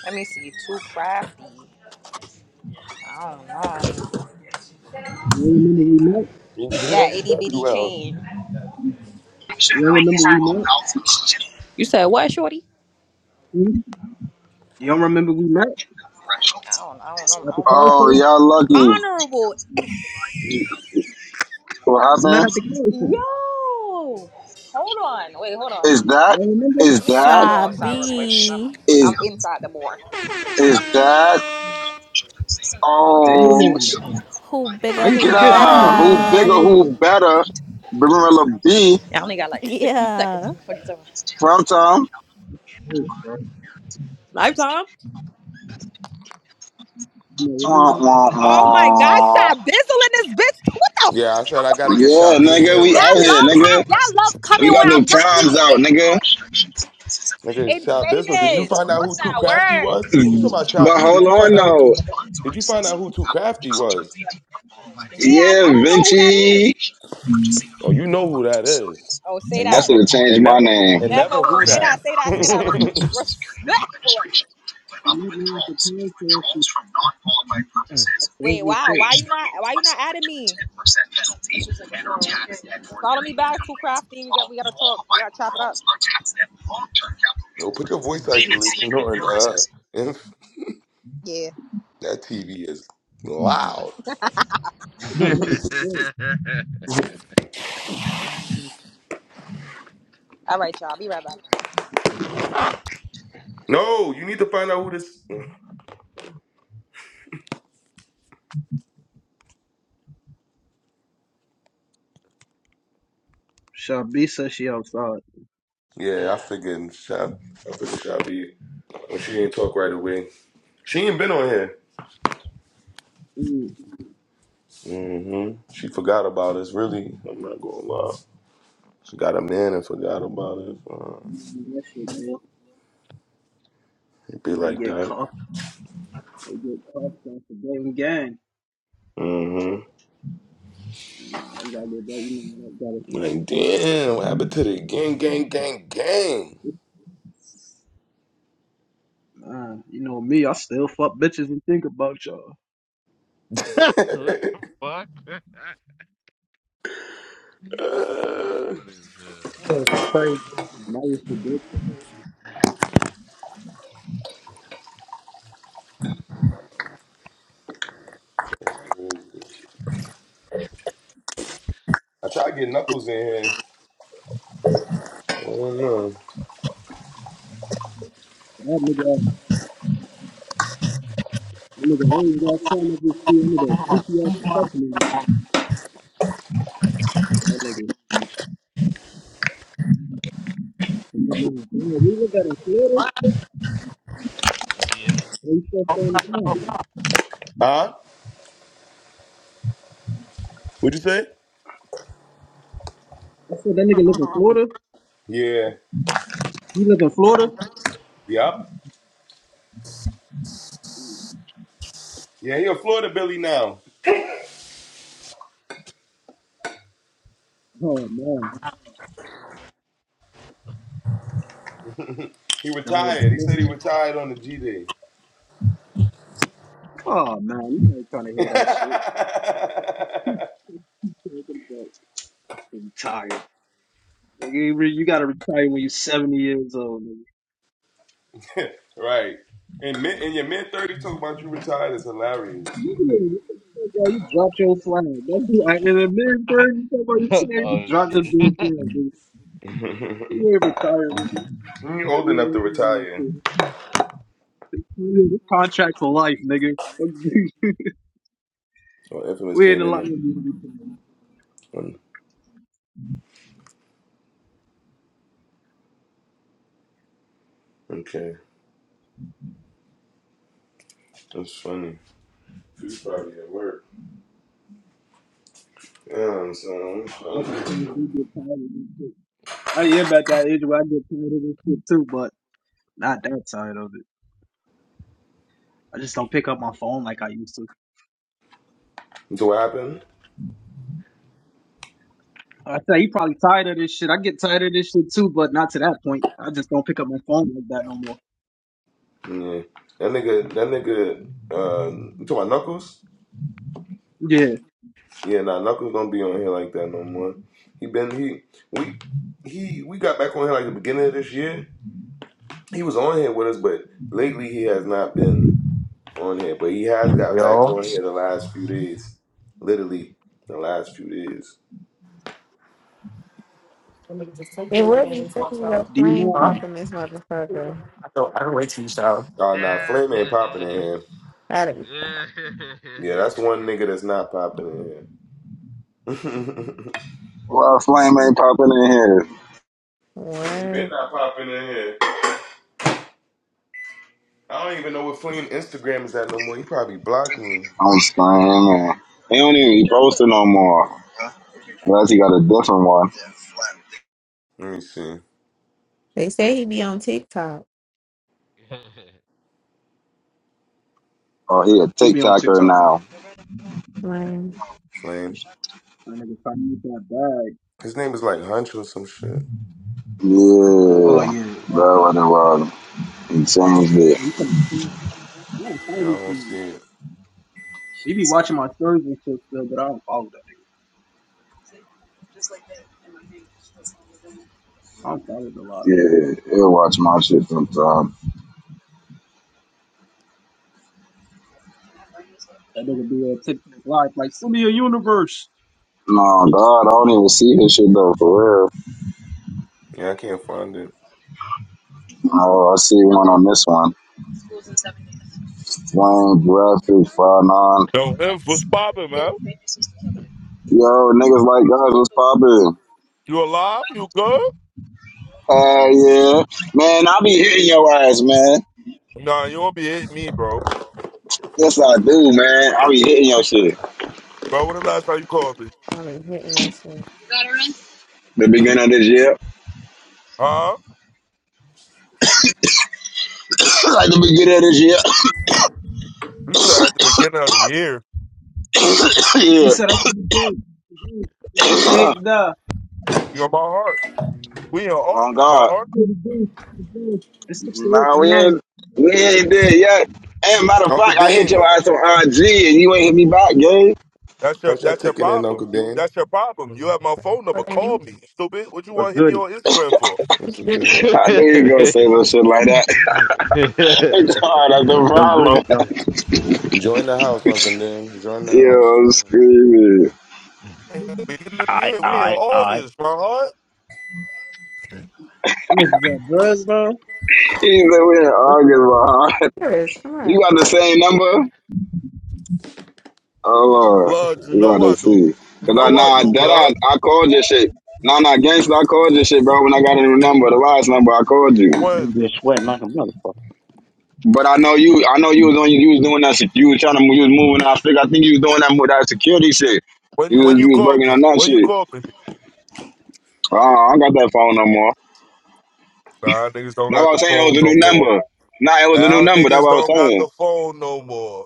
S9: Let me see. Too crafty. I don't know.
S19: don't remember we met?
S1: He, he know
S9: That
S1: you
S9: itty
S1: very
S9: bitty
S1: well.
S9: chain.
S19: You don't remember we met?
S9: You said what, shorty?
S19: Hmm? You don't remember we met
S9: I don't. I don't know.
S19: at
S9: I
S19: the
S9: don't
S19: car
S9: remember.
S23: Oh,
S19: show?
S23: y'all
S9: Honorable.
S23: lucky. What
S19: We met
S23: happened?
S19: at the car show.
S9: Yo. Hold on. Wait. Hold on.
S23: Is
S19: You
S23: that?
S19: don't remember?
S23: Is
S9: Let me let me
S23: that?
S9: go outside real quick because I'm
S13: Shabi.
S23: Is
S9: I'm inside the board.
S23: is that? Oh,
S19: Damn.
S13: Who
S19: How
S13: bigger,
S19: you
S23: get
S13: who
S19: forget me?
S23: out!
S19: We
S23: Who
S19: met at
S23: bigger?
S13: better?
S19: the
S14: (laughs)
S19: car show.
S23: Who better? Barilla B
S9: I only got like 60 seconds.
S13: Yeah.
S9: in the fucking time.
S23: from Tom.
S19: Hey, bro.
S9: Lifetime.
S19: You know,
S23: Wah, wah,
S9: Oh my gosh,
S23: wah.
S9: I bizzle in this bitch. What the? F-
S1: Yeah, I said I gotta get
S23: Yeah,
S1: Shabby in
S23: nigga,
S1: here
S23: we
S9: y'all
S1: real
S23: out
S1: quick.
S23: here,
S9: love how
S23: nigga.
S9: y'all love coming
S23: We
S9: when
S23: got the
S9: I'm not
S23: primes
S9: even
S23: out,
S9: in.
S23: nigga.
S9: Like
S1: Okay, Shot Bizzle,
S19: Shabisa, let
S1: did you
S9: infamous.
S1: find out
S9: What's
S1: who Too
S9: that
S1: Crafty
S9: word?
S1: was? You talking about Shot
S23: But
S1: B? Did
S23: hold
S1: you find
S23: on
S1: out who Too?
S23: though.
S1: Did you find out who Too Crafty was?
S9: Yeah, I,
S23: Yeah,
S9: I don't know who that is.
S23: Vinci.
S1: Oh, you know who that is,
S9: Oh, say
S1: and
S23: I
S9: that.
S23: should
S1: never,
S23: have changed
S1: and
S23: my
S1: never,
S23: name.
S1: and
S9: Never
S1: never
S9: who.
S1: who
S9: Say that.
S1: that.
S9: Say that. Say that. Res- respectfully.
S19: so
S9: Wait. Wow. Why you not? Why you not adding me? Follow me back. Too crafty. We got. We gotta talk. We gotta chop it up.
S1: Yo, put your voice isolation on. Uh, (laughs) and
S9: Yeah.
S1: that TV is loud.
S9: All right, y'all. Be right back.
S1: No, you need to find out who this.
S19: y'all. That
S1: Yeah, I figured Shot. I figured Shot B. Well, She didn't talk right away. She ain't been on here. hmm She forgot about us. Really, I'm not gonna lie. She got a man and forgot about it. Uh,
S19: shit, bro.
S1: it be
S19: They
S1: like
S19: get
S1: that.
S19: caught. They get caught off the game gang. Nah, they gotta get that. You know, they gotta.
S1: Like, damn, what happened to the gang, gang, gang, gang?
S19: Nah, you know me. I still fuck bitches and think about y'all.
S15: the fuck? (laughs) it's funny as hell.
S24: That was crazy.
S19: That was the bitch.
S1: That's crazy. I try to get Knuckles in here. I don't know.
S19: That nigga, that nigga always got something up his sleeve. That nigga CPR professional. That nigga. That nigga- we look at in Florida,
S15: Yeah.
S19: and he still staying in the car.
S1: Huh? What'd you say?
S19: I said that nigga live in Florida.
S1: Yeah.
S19: He live in Florida.
S1: Yup. Yeah, he a Florida Billy now.
S19: Oh man,
S1: He
S19: done with the
S1: retired. He
S19: Florida.
S1: said he retired on the G Day.
S19: Oh man, you ain't trying to hear that shit. You ain't gonna get Retired. Nigga, you re- you gotta retire when you're 70 years old, nigga.
S1: Right. In, mid, in your mid 30s, talking about you retired is hilarious.
S19: You, you, you dropped your flag. That's the, I, in a mid bird, you talk about you
S15: (laughs)
S19: saying you
S15: oh
S19: dropped your
S15: shit. (laughs)
S19: big bird, nigga. You ain't retired, nigga.
S1: you
S19: You,
S1: old enough to
S19: you, you,
S1: retire.
S19: you, you, you contract for life, nigga.
S1: So
S19: (laughs)
S1: Infamous
S19: we ain't
S1: came in.
S19: allowed
S1: Like,
S19: to do this.
S1: um, okay. That's funny. He's probably at work. Um, so
S19: shit. I am at that age where I get tired of this shit too, but not that tired of it. I just don't pick up my phone like I used to.
S1: do what happened?
S19: I say you probably tired of this shit. I get tired of this shit too, but not to that point. I just don't pick up my phone like that no more.
S1: Yeah, that nigga, that nigga, uh, you talking about Knuckles?
S19: Yeah,
S1: Yeah, nah, Knuckles don't be on here like that no more. He been he we he we got back on here like the beginning of this year. He was on here with us, but lately he has not been on here. But he has got back
S6: yo.
S1: on here the last few days, literally the last few days.
S14: It would be pretty your
S19: D
S14: plane
S6: Huh?
S19: Moon,
S14: popping this motherfucker.
S6: I don't. I don't wait till you shower,
S1: Oh, nah,
S15: Yeah.
S1: Flame ain't
S15: (laughs)
S1: popping in here.
S14: That'd be
S1: Yeah, that's one nigga that's not popping in here. (laughs)
S23: Well, Flame ain't popping in here.
S1: he been
S14: what
S1: not popping in here. I don't even know what Flame Instagram is at no more. He probably blocked me.
S23: I'm screaming. He don't even post it no more. Unless he got a different one.
S1: Let me see.
S14: they say he be on TikTok.
S23: Oh, he a
S19: who be on
S23: TikToker
S19: TikTok?
S23: now.
S14: Man,
S1: Flame.
S19: That nigga finally got bag.
S1: His name is like Hunch or some shit.
S19: Oh
S23: Yeah.
S19: yeah,
S23: That what it was. He changed it.
S19: you can. I don't follow
S1: Yeah, I
S19: these
S1: don't
S19: things.
S1: see it.
S19: He be watching my stories and shit still, but I don't follow that. nigga. I don't follow a lot.
S23: Yeah, he'll watch my shit sometime.
S19: That nigga be on TikTok live like send me a universe.
S23: No, God, I don't even see his shit though, for real.
S1: Yeah, I can't find it.
S23: Oh, I see one on this one. Flame graphic five nine.
S25: Yo, Inf, what's popping, man?
S23: Yo, niggas like guys, what's poppin'?
S25: You alive? You good?
S23: Hell yeah. Man, I be hitting your ass, man.
S25: Nah, you won't be hitting me, bro.
S23: Yes, I do, man. I be hitting your shit.
S25: Bro, when the last time you called me?
S14: I've been hitting that shit.
S23: The beginning of this year, (laughs)
S25: Huh?
S23: like the beginning of this
S25: You said at the beginning of the year.
S19: He
S23: year.
S19: said I did it big. I did it. It's six
S23: (laughs)
S19: to eight,
S23: yeah.
S19: nah. I
S25: You're my heart. We in
S23: (clears throat) on
S25: August, my
S23: God,
S25: heart.
S19: did it big. I did it. It's six to eight,
S23: nah, we
S19: nah.
S23: ain't
S19: I
S23: we ain't there yet. And matter of
S1: Uncle
S23: fact, I hit your
S1: Dan.
S23: ass on IG and you ain't hit me back, gang.
S25: That's your
S1: Punch that
S25: that's your
S1: ticket in,
S25: problem.
S1: Uncle
S25: You
S1: Dan.
S25: that's your problem. You have my phone number.
S14: What's his
S25: Call
S14: name?
S25: me, stupid. What you want
S12: What's
S25: to hit me
S12: goody?
S25: on Instagram for?
S1: What's
S14: It's
S1: the
S14: good.
S1: deal?
S23: I
S15: yeah.
S23: knew you gonna say some shit like that. (laughs) God, that's the
S12: What's goody,
S23: problem.
S12: John?
S15: (laughs) (laughs)
S1: Join the house, Uncle Dan. Join
S23: (laughs)
S1: the house.
S23: Yo, I'm
S1: Join the house.
S23: screaming.
S25: Beginning of the
S12: Alright,
S25: year, we in
S12: alright, alright.
S25: August, my heart.
S19: look at that buzz, man.
S23: He said we in
S19: Shit, different out here.
S23: August, bro. (laughs)
S14: Here it is. Come
S23: You
S14: on.
S23: got the same number? Oh Lord,
S25: Blood, you
S23: you
S25: know
S23: gotta
S25: I do.
S23: see.
S25: You
S23: Cause I
S25: know I
S23: nah
S25: do,
S23: that
S25: blood.
S23: I I called your shit. Nah nah gangster, I called your shit, bro. When I got a new number, the last number, I called you.
S12: I'm gonna
S25: When
S12: be sweating like a motherfucker.
S23: But I know you. I know you was on. You was doing that. sec- You was trying to. You was moving. I think. I think you was doing that. mo- That security shit. You
S25: when when
S23: was,
S25: you
S23: you was
S25: call
S23: working
S25: me,
S23: on that
S25: when you
S23: shit.
S25: call me,
S23: Uh, I don't got that phone no more.
S25: nah, niggas don't
S23: That's what
S25: got
S23: I was
S25: the
S23: saying. It was
S25: phone
S23: a
S25: no
S23: new
S25: more.
S23: number. Nah, it was a new
S25: Now
S23: number. That's
S25: niggas
S23: what I was
S25: don't got
S23: saying.
S25: the phone no more.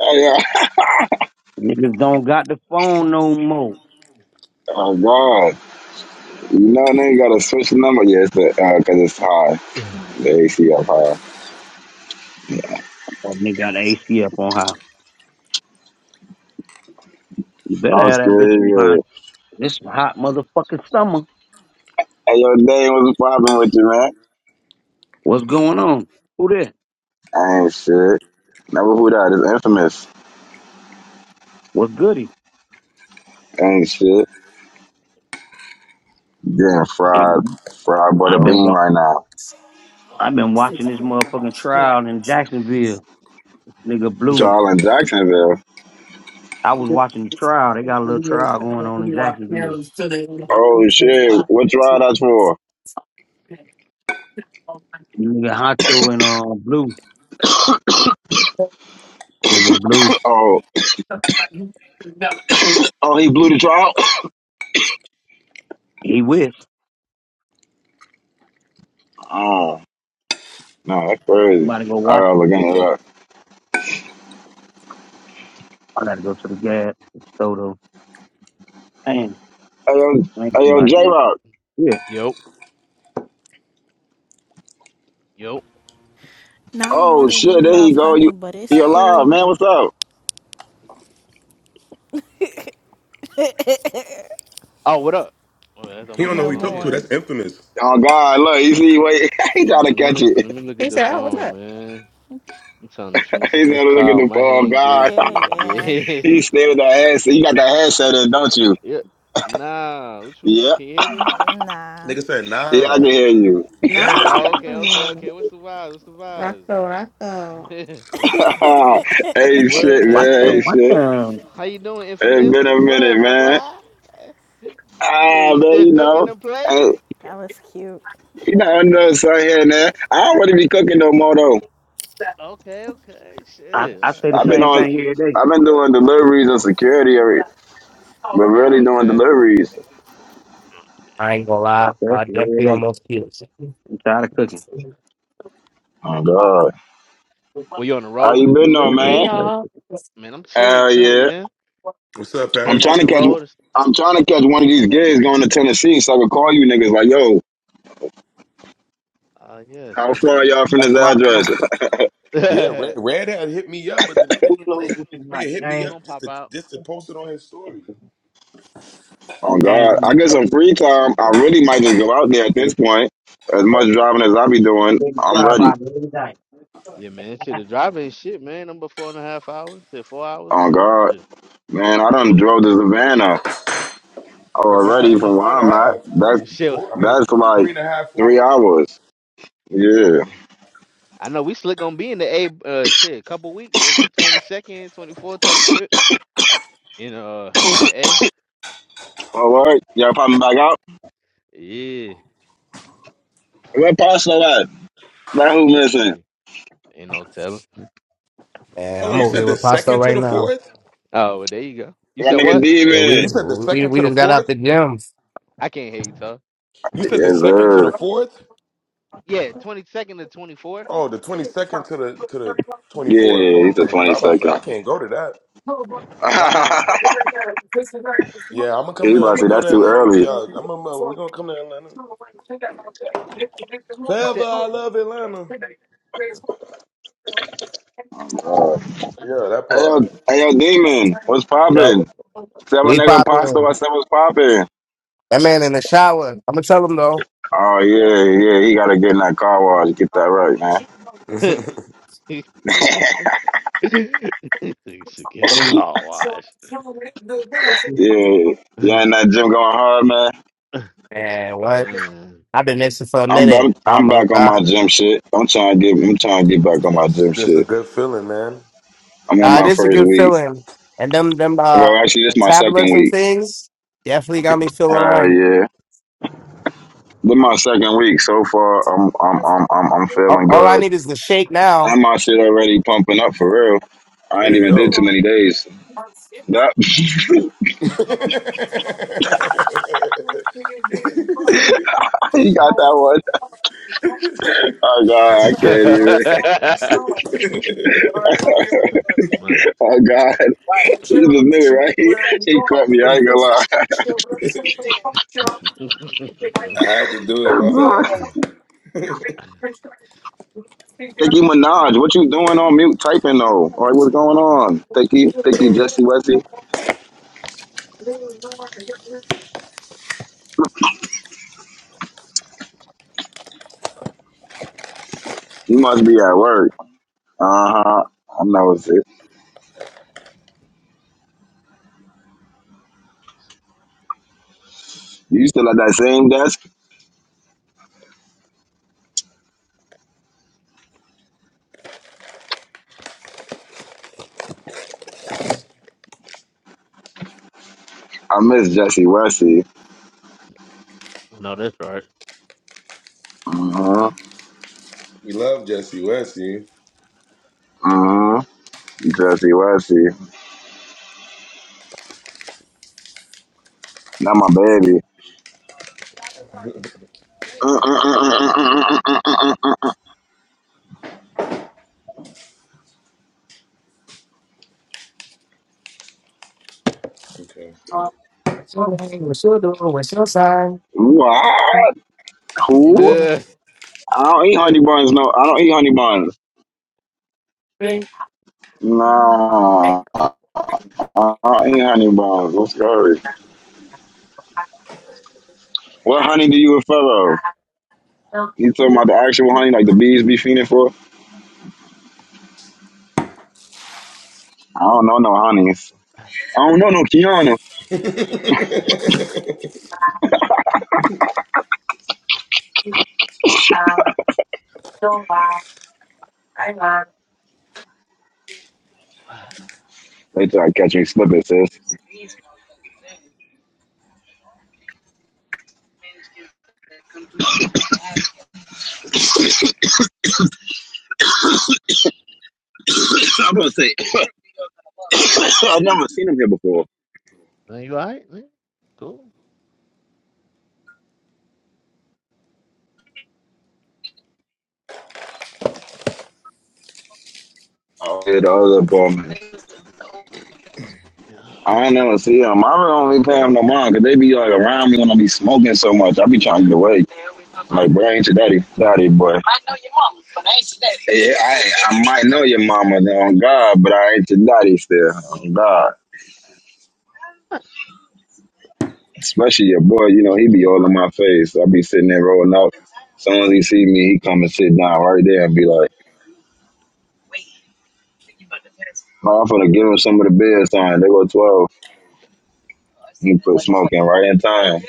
S23: Oh, yeah. (laughs)
S12: Niggas don't got the phone no more.
S23: Oh God. You know they gotta switch the number. Yeah, it's the, uh, cause it's high. The AC ACF high.
S12: Oh, nigga got the AC up on high. You better
S23: I was
S12: have that bitch on high.
S23: scared.
S12: This some hot motherfucking summer.
S23: Hey, yo, Dane, what's the problem with you, man?
S12: What's going on? Who there?
S23: I ain't shit. Never who that is infamous.
S12: What's goody?
S23: ain't shit. Getting fried,
S12: I've
S23: fried butter
S12: been
S6: yo.
S23: bean right now.
S12: I've been watching this motherfucking trial in Jacksonville. Nigga
S1: You tell
S12: Blue.
S1: me-
S23: Trial in Jacksonville.
S12: I was watching the trial. They got a little trial going on in Jacksonville.
S23: Oh shit, what trial that's for? (clears throat)
S12: Nigga Honcho and uh Blue. Nigga Blue.
S23: (coughs) Oh, oh, he blew the trial. (clears throat)
S12: He with.
S23: (coughs) Oh, no, that's
S12: I'm
S23: crazy.
S12: about to go
S23: I
S12: watch
S23: gotta
S12: this
S23: look
S12: shit
S23: into
S12: though.
S23: that.
S12: I gotta go to the gas store though. Damn,
S23: Hey, yo,
S12: I ain't
S23: hey,
S12: feel
S23: yo,
S12: like
S23: J
S12: that.
S23: Rock.
S12: Yeah.
S15: Yup. Yup.
S13: not more
S23: Oh
S13: than you
S23: shit, there he
S13: love
S23: go. You,
S13: honey, but it's
S23: you alive,
S13: cool.
S23: man? What's up?
S15: Oh, what up? Oh, I thought
S1: He
S15: my
S1: don't know who
S13: No
S15: phone's
S1: he
S15: on
S1: talking to.
S15: mute.
S13: more.
S1: That's infamous.
S23: Oh God, look, you see, wait, (laughs) he trying to
S15: Mm, Let
S23: catch
S15: me
S23: it.
S15: let me look at
S14: He
S15: the
S14: said, "Oh, what's
S15: phone,
S14: up?"
S15: man. I'm trying to
S23: (laughs)
S15: finish
S23: He's
S15: this
S23: trying to look at
S15: call.
S23: the
S15: My
S23: phone.
S15: hand
S23: God.
S13: Yeah,
S15: greasy.
S13: yeah.
S15: Yeah.
S23: You stay with that ass. You got that ass shut
S15: (laughs)
S23: in, don't you?
S15: yeah. Nah. What you mean?
S23: Yeah,
S15: Can you hear me?
S13: Nah,
S1: Nigga said,
S23: yeah, I can
S1: nah.
S23: hear you.
S14: No, no,
S1: Yeah.
S15: Oh,
S14: no, no,
S15: okay, okay,
S14: no, no.
S15: okay. What's the vibes? What's the
S14: Rocco, Rocco.
S15: vibes? (laughs) Ooh,
S23: (laughs) hey,
S15: what up,
S23: shit,
S12: Watch
S15: man,
S23: man. Hey,
S12: them,
S15: man?
S12: watch
S23: shit.
S12: them.
S15: How you doing,
S23: It's
S15: infamous?
S23: been
S15: What's
S23: a
S15: the
S23: minute,
S15: word, my
S23: man.
S15: boy? (laughs) Shit, were
S23: Ah,
S15: you
S23: man,
S15: still
S23: you
S15: cooking
S23: know,
S15: the place?
S23: hey,
S13: that was cute.
S23: you know, I know it's out here and there. I don't really be cooking
S15: (laughs)
S23: no more though.
S15: Okay, okay.
S12: I,
S15: Shit.
S12: I
S15: Oh,
S12: say the
S23: I've been
S15: damn.
S12: same
S23: on,
S12: thing here today.
S23: I've been doing deliveries and security, every, but
S15: Oh,
S23: really doing
S15: okay.
S23: deliveries.
S6: I ain't gonna
S12: I
S6: lie.
S12: say that
S6: I
S12: shit every
S6: definitely
S12: day.
S6: almost killed. you.
S12: I'm tired of cooking.
S23: Oh God,
S15: Were you on the
S23: how
S15: road with the
S23: you been though,
S12: That's, what he
S26: Hey
S23: man?
S15: deliveries?
S26: y'all.
S12: say.
S15: Man, I'm chilling,
S23: Hell
S15: chilling,
S23: yeah.
S15: man.
S1: What's up,
S23: I'm
S15: Came
S1: Paris?
S23: trying
S15: off
S1: What
S23: to
S15: the
S1: you?
S23: catch,
S15: road. it's-
S23: I'm trying to catch one of these gigs going to Tennessee so I can call you niggas like, yo,
S15: Uh, yeah,
S23: how
S15: shit. Pop-
S23: far
S15: (laughs)
S23: y'all from
S12: That's
S23: this
S12: a lot of
S23: address?
S12: smoke.
S1: Yeah, Red,
S15: we
S1: Red Hat hit me up, but the nigga
S12: Who
S1: didn't
S12: closed
S1: link.
S12: with this night?
S1: Nigga hit me up
S12: James?
S15: gonna
S1: just
S15: pop
S1: to
S15: out.
S1: just to post it on his story.
S23: Oh
S12: Oh, James has
S23: God, I get some free time. I
S12: been
S23: really might just go out there at this
S12: closed.
S23: point. As much driving as I be doing,
S12: They
S23: I'm
S12: cry
S23: ready.
S12: about it every night.
S15: Yeah, man. Shit, the driving shit, man. I'm about four and a half hours. Shit, four hours for
S23: Oh
S15: real.
S23: God,
S15: Shit.
S23: man, I done
S15: Yeah.
S23: drove to Savannah
S1: But you're not
S23: already
S1: even
S23: from where
S1: four and a
S23: I'm at.
S1: half,
S23: That's
S15: (laughs)
S1: three,
S15: Shit.
S1: four. I mean,
S23: that's
S1: three
S23: like
S1: and a half,
S23: three
S1: four.
S23: hours. Yeah.
S15: I know we slick gonna be in the A. Uh, shit. Couple weeks. Was it 22nd, 24 type shit? In uh, in the A.
S23: All right, y'all popping back out?
S15: Yeah.
S23: Where Pasta at? That who missing?
S15: Yeah. Ain't no telling.
S6: Man,
S1: Hold on,
S6: I'm
S1: you
S6: over
S1: said
S6: here
S1: the
S6: with
S15: (laughs)
S6: Pasto
S15: oh,
S1: second to
S6: right
S1: the
S6: now.
S1: fourth?
S15: well, there you go. You
S23: That
S15: said
S23: nigga
S15: what?
S6: Yeah, we
S1: You
S23: Demon.
S1: said the
S6: we
S1: second
S6: we
S1: to the
S6: just got out
S1: fourth?
S6: the gym.
S15: I can't hear you, talk.
S1: You
S23: Yes
S1: said the second to the
S23: sir.
S1: fourth?
S15: Yeah, 22nd to 24th.
S1: Oh, the twenty second to the to the twenty fourth.
S23: Yeah,
S1: Oh,
S23: he's
S1: okay.
S23: the
S1: Because
S23: twenty
S1: I was about to
S23: second. (laughs)
S1: say I
S15: Yeah.
S1: can't go to that.
S15: Why not?
S1: Yeah, I'm gonna come
S23: he
S1: to.
S23: about
S1: I'm
S23: to say
S1: gonna go
S23: that's
S1: to
S23: too
S1: Atlanta with
S23: early.
S1: y'all. I'm gonna. We're gonna come to Atlanta.
S15: You
S1: Forever,
S15: said
S1: I love Atlanta.
S23: Uh,
S15: (laughs)
S1: Yeah, that
S23: hey yo,
S1: part.
S23: hey yo, Demon, what's poppin'?
S6: Yo,
S23: Seven
S6: we
S23: nigga pasta,
S6: popping.
S23: what's up was popping?
S6: That man in the shower. I'm gonna tell him though.
S23: Oh yeah, yeah, he gotta get in that car wash, get that right, man.
S15: "You should get
S12: Or
S15: a
S12: they,
S15: car wash.
S12: or
S23: Yeah,
S15: (laughs)
S23: yeah,
S15: Man.
S23: in that gym going hard, man.
S15: (laughs)
S6: Man, what? I've been missing for a
S23: I'm
S6: minute.
S23: I'm,
S6: Oh
S23: I'm
S6: my
S23: back on my
S6: god.
S23: gym
S15: Man.
S23: shit. I'm trying to get I'm trying to get back on my gym
S1: That's a
S23: shit.
S1: good feeling, man.
S23: I'm on
S6: Uh, it
S23: my
S6: is a
S23: first
S6: good
S23: week.
S6: feeling. And them them
S23: Well,
S6: uh
S23: actually, this is my second
S6: metabolism
S23: week.
S6: things definitely got me feeling
S23: Hell
S6: right.
S23: yeah, this my second week so far. I'm I'm I'm I'm, I'm
S6: All,
S23: feeling
S6: all I
S23: good.
S6: need is the shake now.
S23: And my shit already pumping up for real. I ain't
S1: Hey,
S23: even did
S1: yo,
S23: too many days. That (laughs) you got that one. Oh god, I
S15: (laughs)
S23: can't even. Oh God, (laughs) he just knew it, right? He, he caught me. I ain't gonna lie.
S1: I had to do it. My bad.
S23: (laughs) Thinky Minaj, what you doing on mute typing though? All right, what's going on? Thinky, Thinky, Jesse, Wesley, you must be at work. Uh huh. I know it's it. You still at that same desk? I miss Jesse Wesley.
S15: no, that's right.
S23: Uh huh.
S1: We love Jesse West. You.
S23: Uh huh. Jesse Wesley, not my baby. Uh, uh, uh, uh, uh, uh, uh, uh, uh. uh, uh, uh.
S6: What's your name? What's your door? What's your sign?
S23: What? Who?
S15: Yeah.
S23: I don't eat
S15: (laughs) Are
S23: honey buns. No, I don't eat honey buns. No. I, I ain't honey bombs. What's the hurry? What honey do you refer of? You talking about the actual honey like the bees be feeding for? I don't know no honeys. I don't know no Kiana. They try to catch me slipping, sis. I'm gonna say (coughs) I've never seen him here before.
S15: you all right? man? Cool.
S23: Oh, yeah, the other ball man.
S15: Yeah.
S23: I ain't never see him. I really don't really pay him no mind 'cause they be like around me when I be smoking so much. I be trying to get away. Like, bro, I ain't your daddy. Daddy, boy. Yeah, I, I might know your mama, then, on God, but I ain't your daddy still. On God. Especially your boy, you know, he be all in my face. I be sitting there rolling out. As soon as he see me, he come and sit down right there and be like, oh, I'm gonna give him some of the best time. They go 12. He put smoking right in time.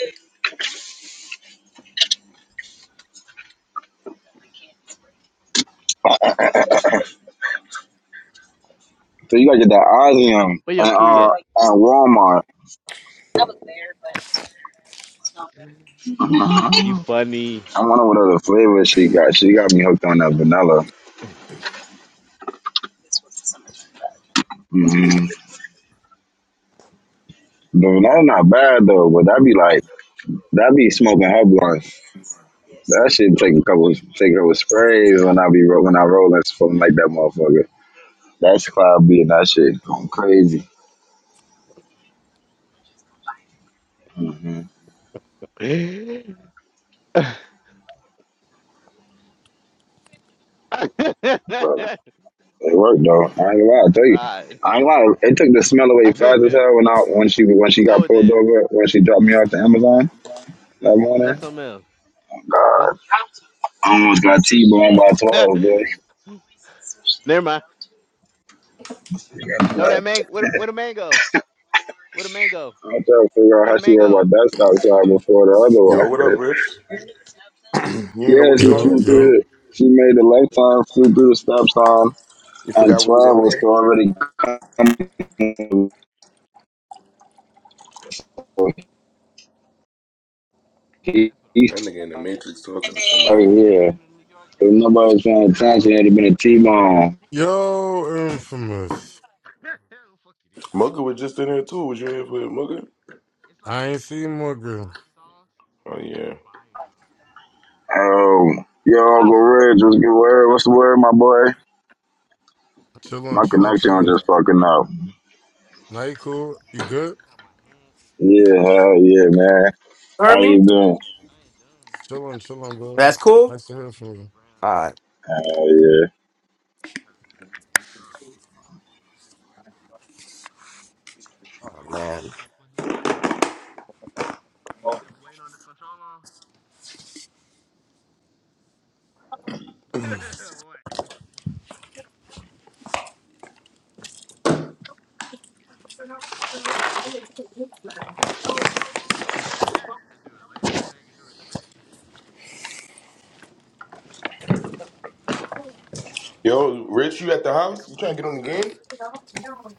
S23: So you gotta get that Ozium
S15: Where your
S23: at,
S15: kid at?
S23: uh, at Walmart. Mm-hmm.
S15: You funny.
S23: I wonder what other flavor she got. She got me hooked on that vanilla. Mm-hmm. The vanilla not bad though, but that be like that be smoking her blunt. That shit take a couple, take a couple sprays when I
S15: (laughs)
S23: be ro- when I roll and something like that motherfucker. That's probably and that shit going crazy. hmm
S15: All right.
S23: But
S15: (laughs)
S23: it worked though. I ain't gonna lie, I tell you. I ain't gonna lie, it took the smell away fast as hell when I when she when she
S15: Throw
S23: got
S15: it
S23: pulled
S15: in.
S23: over when she dropped me off to Amazon that
S15: That's
S23: morning.
S15: something else.
S23: Oh,
S15: That's
S23: God, I almost got T boned by
S15: (laughs)
S23: twelve, boy.
S15: never mind.
S23: You got to
S15: Throw
S23: that.
S15: that mango. What? a- What a mango. What a mango.
S23: I'm trying to figure out
S15: What
S23: how
S15: a
S23: she went about
S15: mango.
S23: that stop sign before the other
S1: Yo,
S23: one.
S15: Throw
S1: what
S15: the
S1: up,
S15: mango.
S1: Rich? You
S15: (laughs)
S1: didn't know
S23: Yeah,
S1: we was
S23: she
S1: on
S10: Yo,
S1: here
S23: flew
S1: still?
S10: yo,
S23: through it. She made the left turn, flew through the stop sign,
S1: You
S23: and
S1: forgot we was
S23: twelve
S1: on
S23: was
S1: here?
S23: already going
S15: That's what I
S1: That
S23: east.
S15: want.
S1: nigga in the
S15: Mango.
S1: Matrix talking
S15: Oh,
S1: to
S23: Oh
S1: somebody.
S15: have you
S23: yeah.
S15: ever been to New York? They
S23: If
S15: made
S23: nobody
S15: the
S23: was paying
S15: mango
S23: attention, it'd have been a
S15: in a
S23: T-bone.
S15: pickle sauce.
S10: yo, infamous.
S15: (laughs) Fuck it. is.
S1: Mugga was just in here too. Was you in here for Mugga?
S15: (laughs) it's like
S10: I ain't
S15: some
S10: seen
S15: vinegar with
S10: Morgan.
S15: hot sauce.
S1: Oh
S15: It's
S1: yeah.
S15: fire though.
S23: Oh, yo,
S15: It's not.
S23: Uncle Reg, what's
S15: Yeah, it's
S23: good
S15: a little
S23: word? What's
S15: sweet.
S23: the word, my boy?
S10: Chillin',
S23: My
S10: chillin',
S15: Yeah.
S23: connection was
S10: chillin'.
S23: just fucking up.
S10: Now you cool?
S15: You
S10: You
S15: love.
S10: good?
S15: They got my hand itching.
S23: Yeah, hell yeah, man. How
S6: Heard me?
S23: you doing?
S15: I ain't done.
S10: Chillin', chillin', bro.
S6: That's cool?
S10: Nice to
S15: It's a
S10: hear from you.
S15: different brand on.
S6: Alright.
S23: Hell yeah.
S15: Bro. (laughs)
S6: Oh
S15: Okay. You
S6: man.
S15: gonna put these. tire? And you said
S6: No
S15: we waiting on this control on? (laughs) what? I do it later. (laughs) I do it later. (laughs) I can do it today. (laughs) Okay, we
S1: Yo,
S15: waiting on it.
S1: Rich, you
S15: Cause
S1: at
S15: you
S1: the
S15: stay in a
S1: house? You
S15: couple
S1: trying
S15: more
S1: to get on
S15: weeks,
S1: the
S15: right?
S1: game?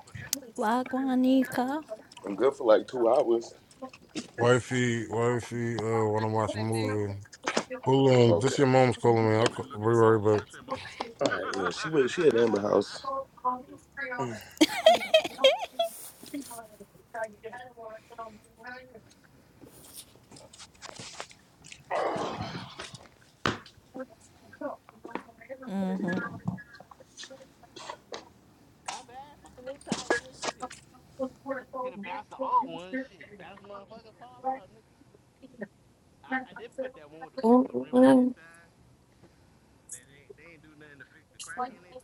S15: What?
S13: Lagwanika.
S1: I'm good for like two hours.
S10: Wifey, wifey, uh, wanna watch a movie. Hold on,
S1: Okay.
S10: this your
S1: All
S10: mom's calling me.
S15: You're like,
S10: I'll
S15: what
S10: call,
S15: you
S10: be
S15: looking at me
S10: right
S15: for?
S10: back.
S15: This ain't my car.
S1: right. Yeah, she was. She at Amber House.
S15: (laughs) my bad. Fucking they tired of shit. Can and bounce the old one. Shit. Bounce motherfucker fall out, nigga. Shit. I, I did put that one with the fucked up rim on this side. They, they, they ain't do nothing to fix the crack in it.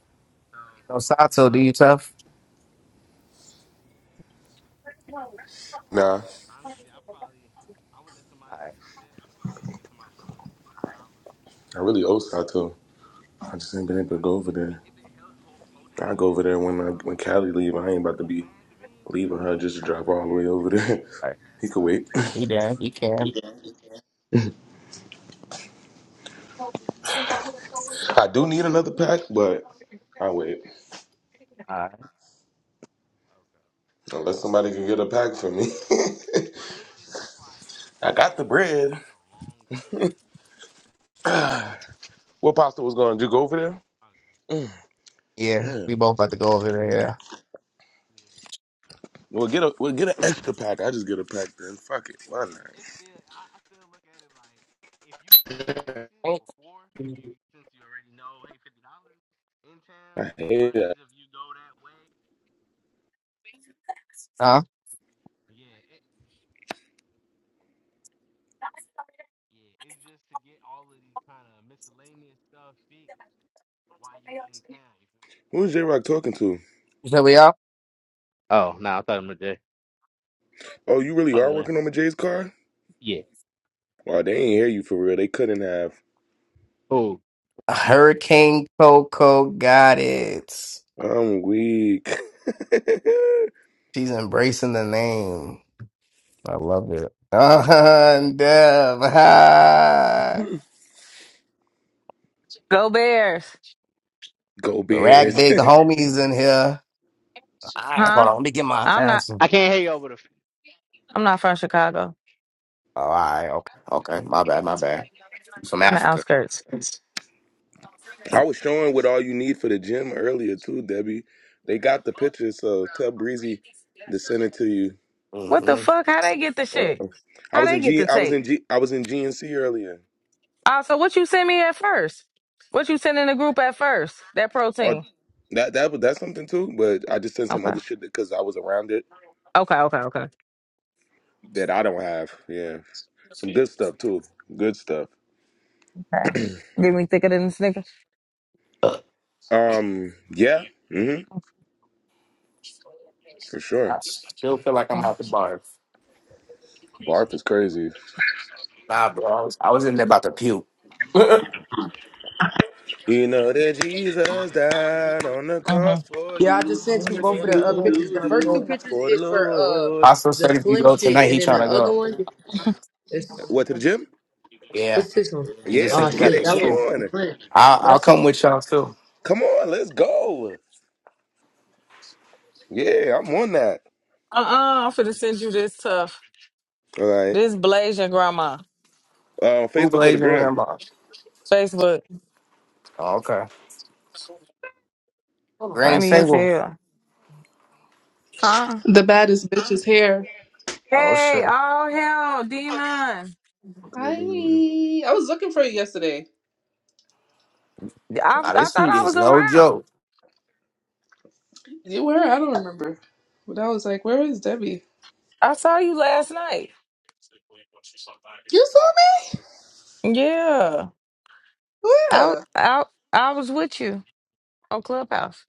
S15: So,
S6: Sato, do
S15: huh?
S6: you tough?
S1: Nah,
S15: Honestly, I probably (laughs) I would let somebody
S6: Alright,
S15: look at that if you say you get somebody welding for fifty dollars.
S1: I really owe Sato. I just ain't been
S15: But
S1: able to go over
S15: honestly, I mean,
S1: there.
S15: it been held hold, holding
S1: I go
S15: ear,
S1: over there when
S15: so
S1: I, when
S15: uh,
S1: Callie leave. I
S15: it
S1: ain't about to
S15: look
S1: be
S15: bad to me.
S1: leaving
S15: But
S1: her
S15: if it
S1: just to
S15: been
S1: drive
S15: holding
S1: all the way
S15: ear, it's
S1: over
S15: cool.
S1: there.
S15: Maybe
S6: alright.
S15: you can have
S1: (laughs) he could
S15: somebody.
S1: wait. (laughs)
S6: You there? You can.
S1: I do need another pack, but I wait.
S6: Alright.
S15: Okay,
S1: Unless somebody can get a pack for
S15: I
S1: me.
S15: feel you. For me, it's just like
S1: (laughs) I
S15: being
S1: got
S15: that
S1: the
S15: you're gonna
S1: bread.
S15: take a long trip. I won't.
S1: What pasta was going? Did you go over there?
S6: Yeah,
S1: Damn.
S6: we both about to go over there.
S15: Okay,
S1: We'll get a we'll get an extra pack. I just
S15: yeah.
S1: get a pack then. Fuck it. Why
S15: it,
S1: not?
S15: it's still I, I still look at it like if you can fix it
S6: Yeah.
S15: before if you since you already know hey fifty dollars in town
S1: I hate that.
S15: versus if you go that way
S6: Huh?
S15: yeah it, yeah it's just to get all of these kind of miscellaneous stuff fixed while you in town you feel what I'm
S1: Who's J
S15: saying
S1: Rock talking to?
S6: So we up?
S15: Oh, no, I thought it was just.
S1: Oh, you really
S15: My
S1: are
S15: bad.
S1: working on my Jay's car?
S15: Yeah.
S1: Wow, they ain't hear you for real. They couldn't have.
S15: Oh,
S6: Hurricane Coco got it.
S1: I'm weak. (laughs)
S6: She's embracing the name. I love it. (laughs) Uh, Dev. (laughs)
S17: Go Bears.
S1: go
S6: Rag
S1: Bears. (laughs)
S6: big homies in here. All right,
S17: Huh?
S6: hold on. Let me get my
S17: I'm not
S6: answer.
S15: I can't hear you over the.
S17: I'm not from Chicago.
S6: All right, okay. Okay, my bad, my bad. You from
S17: From the
S6: Africa.
S17: outskirts.
S1: I was showing what all you need for the gym earlier too, Debbie. They got the picture, so tell Breezy to send it to you.
S17: What the
S6: hmm
S17: fuck? How they get the shit?
S1: Uh-uh. I
S17: How
S1: was
S17: they
S1: in
S17: get
S1: G.
S17: the
S1: I was
S17: tape?
S1: in G. I was in GNC earlier.
S17: Uh so what you send me at first? What you send in the group at first? That
S1: Oh,
S17: protein.
S1: that that was that's something too. But I just said some
S17: Okay.
S1: other shit because I was around it
S17: Okay, okay, okay.
S1: that I don't have. Yeah, some good stuff too. Good stuff.
S17: Okay. Get me thicker than the Snickers.
S6: I
S1: Um, yeah, mm-hmm, for sure.
S6: still feel like I'm out the barf.
S1: Barf is crazy.
S6: Nah, bro. I was, I was in there about to puke. (laughs)
S1: You know that Jesus died on the
S17: Mm-hmm. Uh-uh.
S1: cross for
S24: Yeah, I
S1: you.
S24: just
S1: So
S24: sent you
S1: what you
S24: both of
S1: gonna
S24: the uh,
S1: do,
S24: pictures.
S1: do,
S24: The first
S1: do
S24: two pictures
S1: for the
S24: is for uh
S1: Lord?
S6: Pastor
S24: the
S6: said if you
S24: slim
S6: go tonight,
S24: shit, and
S6: he
S24: then
S6: trying
S24: the
S6: to
S24: other
S6: go.
S24: one is
S1: What to the gym?
S6: Yeah.
S24: what's this one?
S6: He just
S1: Yeah,
S6: said
S24: Oh
S1: let's
S6: you
S1: get
S6: got
S24: shit,
S6: to
S1: it.
S24: that
S1: Come
S6: school.
S24: one.
S1: on,
S6: I'll,
S24: But I
S6: I'll
S24: sent
S6: come with y'all too.
S1: come on, let's go. Yeah, I'm on that.
S17: I'm finna send you this tough.
S1: All right.
S17: This blazing grandma.
S1: Uh,
S6: Who
S1: Facebook or the
S6: blazing
S1: gram?
S6: Rambo?
S17: Facebook.
S6: Okay. Granny
S17: Funny as
S6: single.
S17: hell. Huh?
S27: The baddest bitch is here.
S6: Oh
S17: Hey,
S6: shit.
S17: all hell, demon. I
S27: Hi. I was looking for you yesterday.
S6: Ah,
S17: I
S6: this
S17: thought
S6: heat
S17: I
S6: is
S17: was
S6: no
S17: around.
S6: joke.
S27: You were? I don't remember. But I was like, where is Debbie?
S17: I saw you last night.
S27: You saw me?
S17: Yeah, I
S27: Where?
S17: I I was with you on Clubhouse.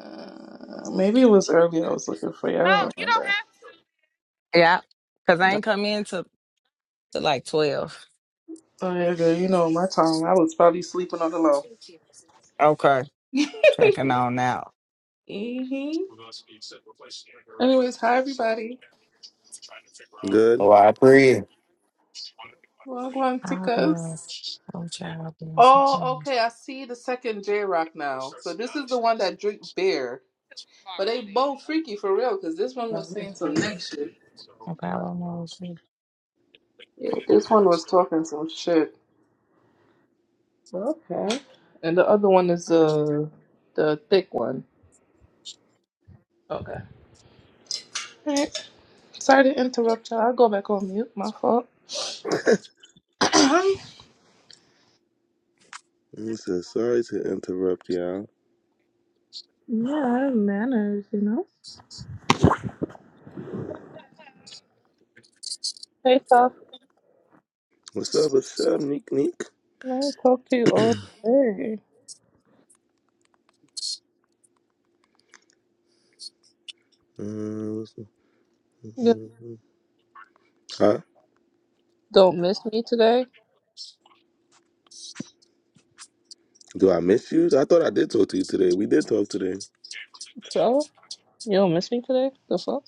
S27: Uh, maybe it was early I was looking for you. I don't remember.
S17: Yeah, cause I ain't come in to to like twelve.
S27: Oh, yeah, girl. You know, my time. I was probably sleeping on the low.
S17: Okay,
S27: (laughs)
S17: checking
S27: hmm
S17: on out.
S27: Anyways, hi, everybody.
S1: Good.
S6: Oh, I agree.
S27: Welcome to
S17: I
S27: us.
S17: was I'm trying to do
S27: Oh,
S17: something
S27: okay. I see the second J Rock now. So this is the one that drink beer. But they both freaky for real, because this one was saying some neck shit.
S17: about almost-
S27: Yeah, this one was talking some shit. Okay. And the other one is uh, the thick one. Okay. Alright. Sorry to interrupt y'all. I'll go back on mute. My fault. (clears throat) yeah, I
S1: He says, sorry to interrupt y'all.
S27: have manners, you know? Hey, Soph.
S1: What's up? What's up, Neek Neek?
S27: I ain't talk to you all day.
S1: Uh, what's up?
S27: You
S1: Huh?
S27: don't miss me today?
S1: Do I miss you? I thought I did talk to you today. We did talk today.
S27: So? You don't miss me today? The fuck?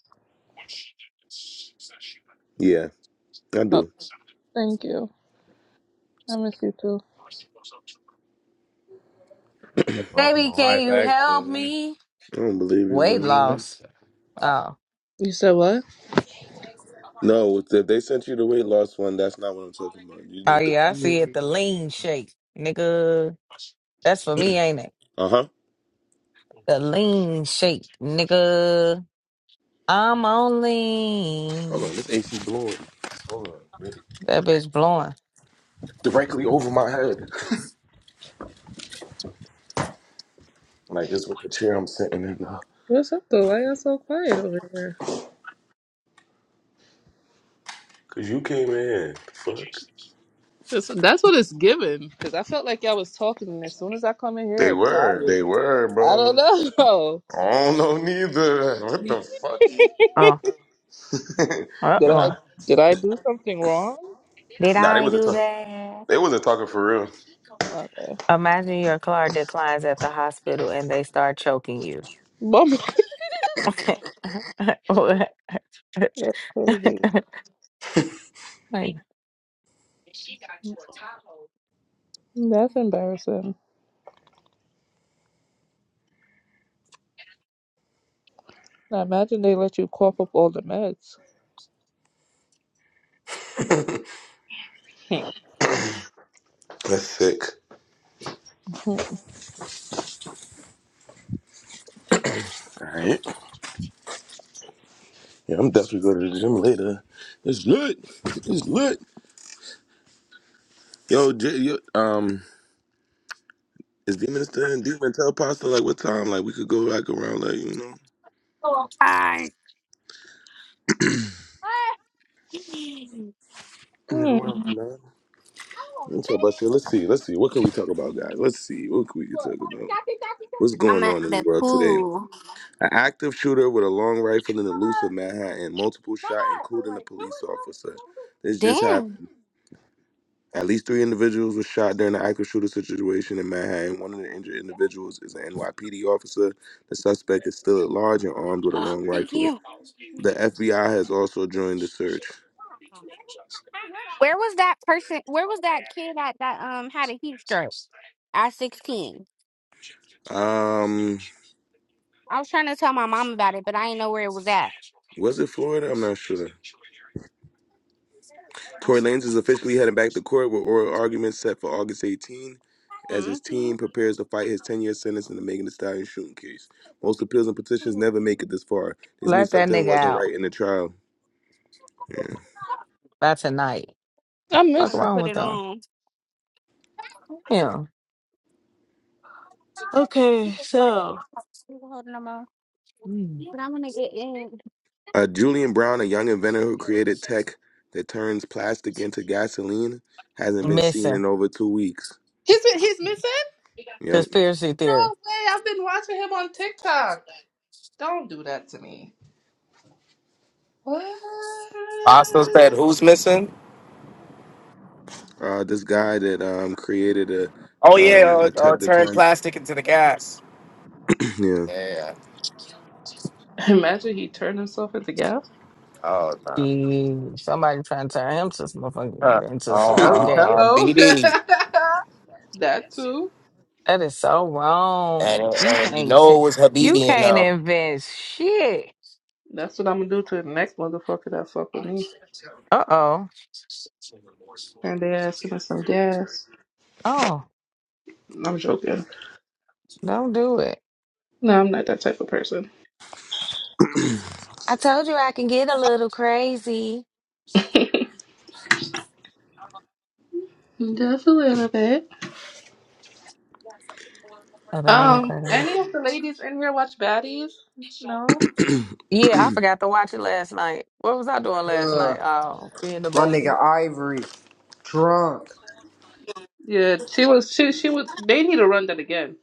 S1: Yeah, I
S27: Oh,
S1: do.
S27: thank you. I miss you too.
S15: That's my my
S17: Baby, can
S15: wife,
S17: you help
S15: actually. man.
S17: me?
S1: I don't believe you,
S17: Weight
S1: bro.
S17: loss.
S15: That's-
S17: Oh,
S27: You said what?
S1: No, if they sent you the weight loss one, that's not what I'm talking about. You
S17: oh
S1: need the.
S17: yeah, I see it. The lean shake, nigga. That's for me, ain't it?
S1: Uh huh.
S17: The lean shake, nigga. I'm on
S1: Hold
S17: lean.
S1: on, this AC blowing
S17: That bitch blowing.
S1: directly over my head.
S27: What's up, though? Why y'all so quiet over here?
S1: Cause you came in. here. The fuck.
S27: That's, that's what it's given. Because I felt like y'all was talking, and as soon as I come in
S1: They
S27: here,
S1: were.
S27: quiet.
S1: They were,
S27: I
S1: bro.
S27: don't know.
S1: I don't know neither.
S27: (laughs)
S1: What the fuck?
S17: Oh, uh
S1: (laughs)
S27: Did I
S17: oh.
S1: nah,
S27: did I do something wrong?
S17: Did
S1: nah, they
S17: I
S1: wasn't
S17: do
S1: talking.
S17: that?
S1: They wasn't talking for real.
S27: Okay.
S17: Imagine your car declines at the hospital and they start choking you.
S27: Bum- (laughs)
S17: (laughs) What?
S27: That's crazy.
S17: like,
S27: That's embarrassing. I imagine they let you cough up all the meds. Hmm.
S1: That's sick.
S27: (laughs)
S1: All right. Yeah, I'm definitely going to the gym later. It's lit. It's lit. Yo, J, yo um, is Demon still in? Demon tell Pasta like what time? Like we could go back around, like you know.
S21: oh, my.
S1: We go around
S27: Hmm.
S1: nine. Let's talk about shit. Let's see. Let's see. What can we talk about, guys? Let's see. What can we can talk about? What's
S21: I'm
S1: going
S21: at
S1: on in the
S21: the
S1: world today?
S21: pool.
S1: An active shooter with a long rifle in the loose Manhattan, multiple shot, including a police officer. This just happened.
S21: Damn.
S1: At least three individuals were shot during the active shooter situation in Manhattan. One of the injured individuals is an NYPD officer. The suspect is still at large and armed with a
S21: (gasps)
S1: long
S21: Thank
S1: rifle.
S21: you.
S1: The FBI has also joined the search.
S21: Where was that person? Where was that kid at that um had a heat stroke at 16?
S1: Um,
S21: I was trying to tell my mom about it, but I didn't know where it was at.
S1: was it Florida? I'm not sure. Tory Lanez is officially heading back to court with oral arguments set for August 18 as
S21: hmm
S1: his team prepares to fight his 10 year sentence in the Megan Thee Stallion shooting case. Most appeals and petitions never make it this far. This
S17: let
S1: means
S17: that
S1: something
S17: nigga
S1: wasn't
S17: out
S1: right in the trial. Yeah.
S17: by tonight.
S27: I
S17: Fuck
S21: I'm
S27: miss
S21: gonna
S27: him.
S17: wrong
S21: put
S17: with
S21: it
S17: them?
S21: on.
S17: Yeah. Okay, so
S21: You holding them on?
S17: mm,
S21: But I'm gonna get in.
S1: Uh, Julian Brown, a young inventor who created tech that turns plastic into gasoline, hasn't been seen
S17: missing
S1: in over two weeks.
S27: He's he's missing?
S1: Yep.
S27: No
S17: conspiracy
S27: way! I've been watching him on TikTok. Don't do that to me. What?
S6: I said, who's missing?
S1: Uh, this guy that um, created a
S6: Oh yeah,
S1: um, a
S6: uh,
S1: tech
S6: uh,
S1: that
S6: turn
S1: turns
S6: plastic into the gas.
S1: (clears throat) yeah.
S6: Yeah.
S27: Imagine he turned himself into gas.
S6: Oh no.
S17: Gee, somebody trying to turn him to some
S6: Huh.
S17: motherfucking
S6: Uh,
S17: into some
S27: Hel-
S6: uh,
S17: gas.
S6: uh,
S27: Hello. (laughs)
S6: BD
S27: that too.
S17: That is so
S6: and
S17: wrong. You
S6: and you
S17: can't t-
S6: know it was
S17: you
S6: Habibi and
S17: can't
S6: um.
S17: invent shit.
S27: That's what I'm gonna do to the next motherfucker that fuck with me.
S17: Uh oh.
S27: Turn their ass into some gas.
S17: Oh,
S27: I'm joking.
S17: don't do it.
S27: No, I'm not that type of person.
S17: I told you I can get a little crazy.
S27: Just a little bit.
S17: A little
S27: Um,
S17: crazy.
S27: any of the ladies in here watch baddies? No.
S17: Yeah, I forgot to watch it last night. What was I doing last
S24: uh
S17: night? Oh, being a
S24: my
S17: baddie.
S24: nigga Ivory drunk.
S27: Yeah, she was. She she would. They need to run that again.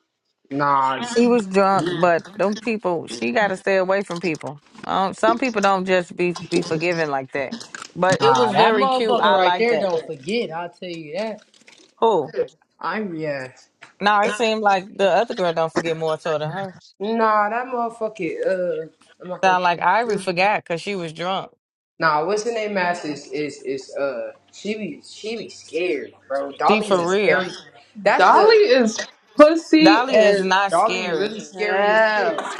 S24: Nah,
S17: She was drunk, but them people, she got to stay away from people. Um, some people don't just be be forgiven like that. But it
S24: nah,
S17: was
S24: that
S17: very cute.
S24: motherfucker
S17: I
S24: right
S17: like
S24: there
S17: that.
S24: don't forget. I'll tell you that.
S17: Who?
S24: Ivory ass.
S17: No, it seemed like the other girl don't forget more so than her.
S24: Nah, that motherfucker. Uh, I'm not gonna.
S17: Sound like Ivory forgot because she was drunk.
S24: Nah, what's her name? Masses is is is uh she be she be scared, bro.
S17: See,
S24: Dolly is
S17: for
S24: a
S17: real.
S24: scary. That's
S27: Dolly
S24: the
S27: is pussy
S17: Dolly is
S27: as
S17: not
S24: Dolly
S17: scary.
S24: really scary as shit.
S27: hell,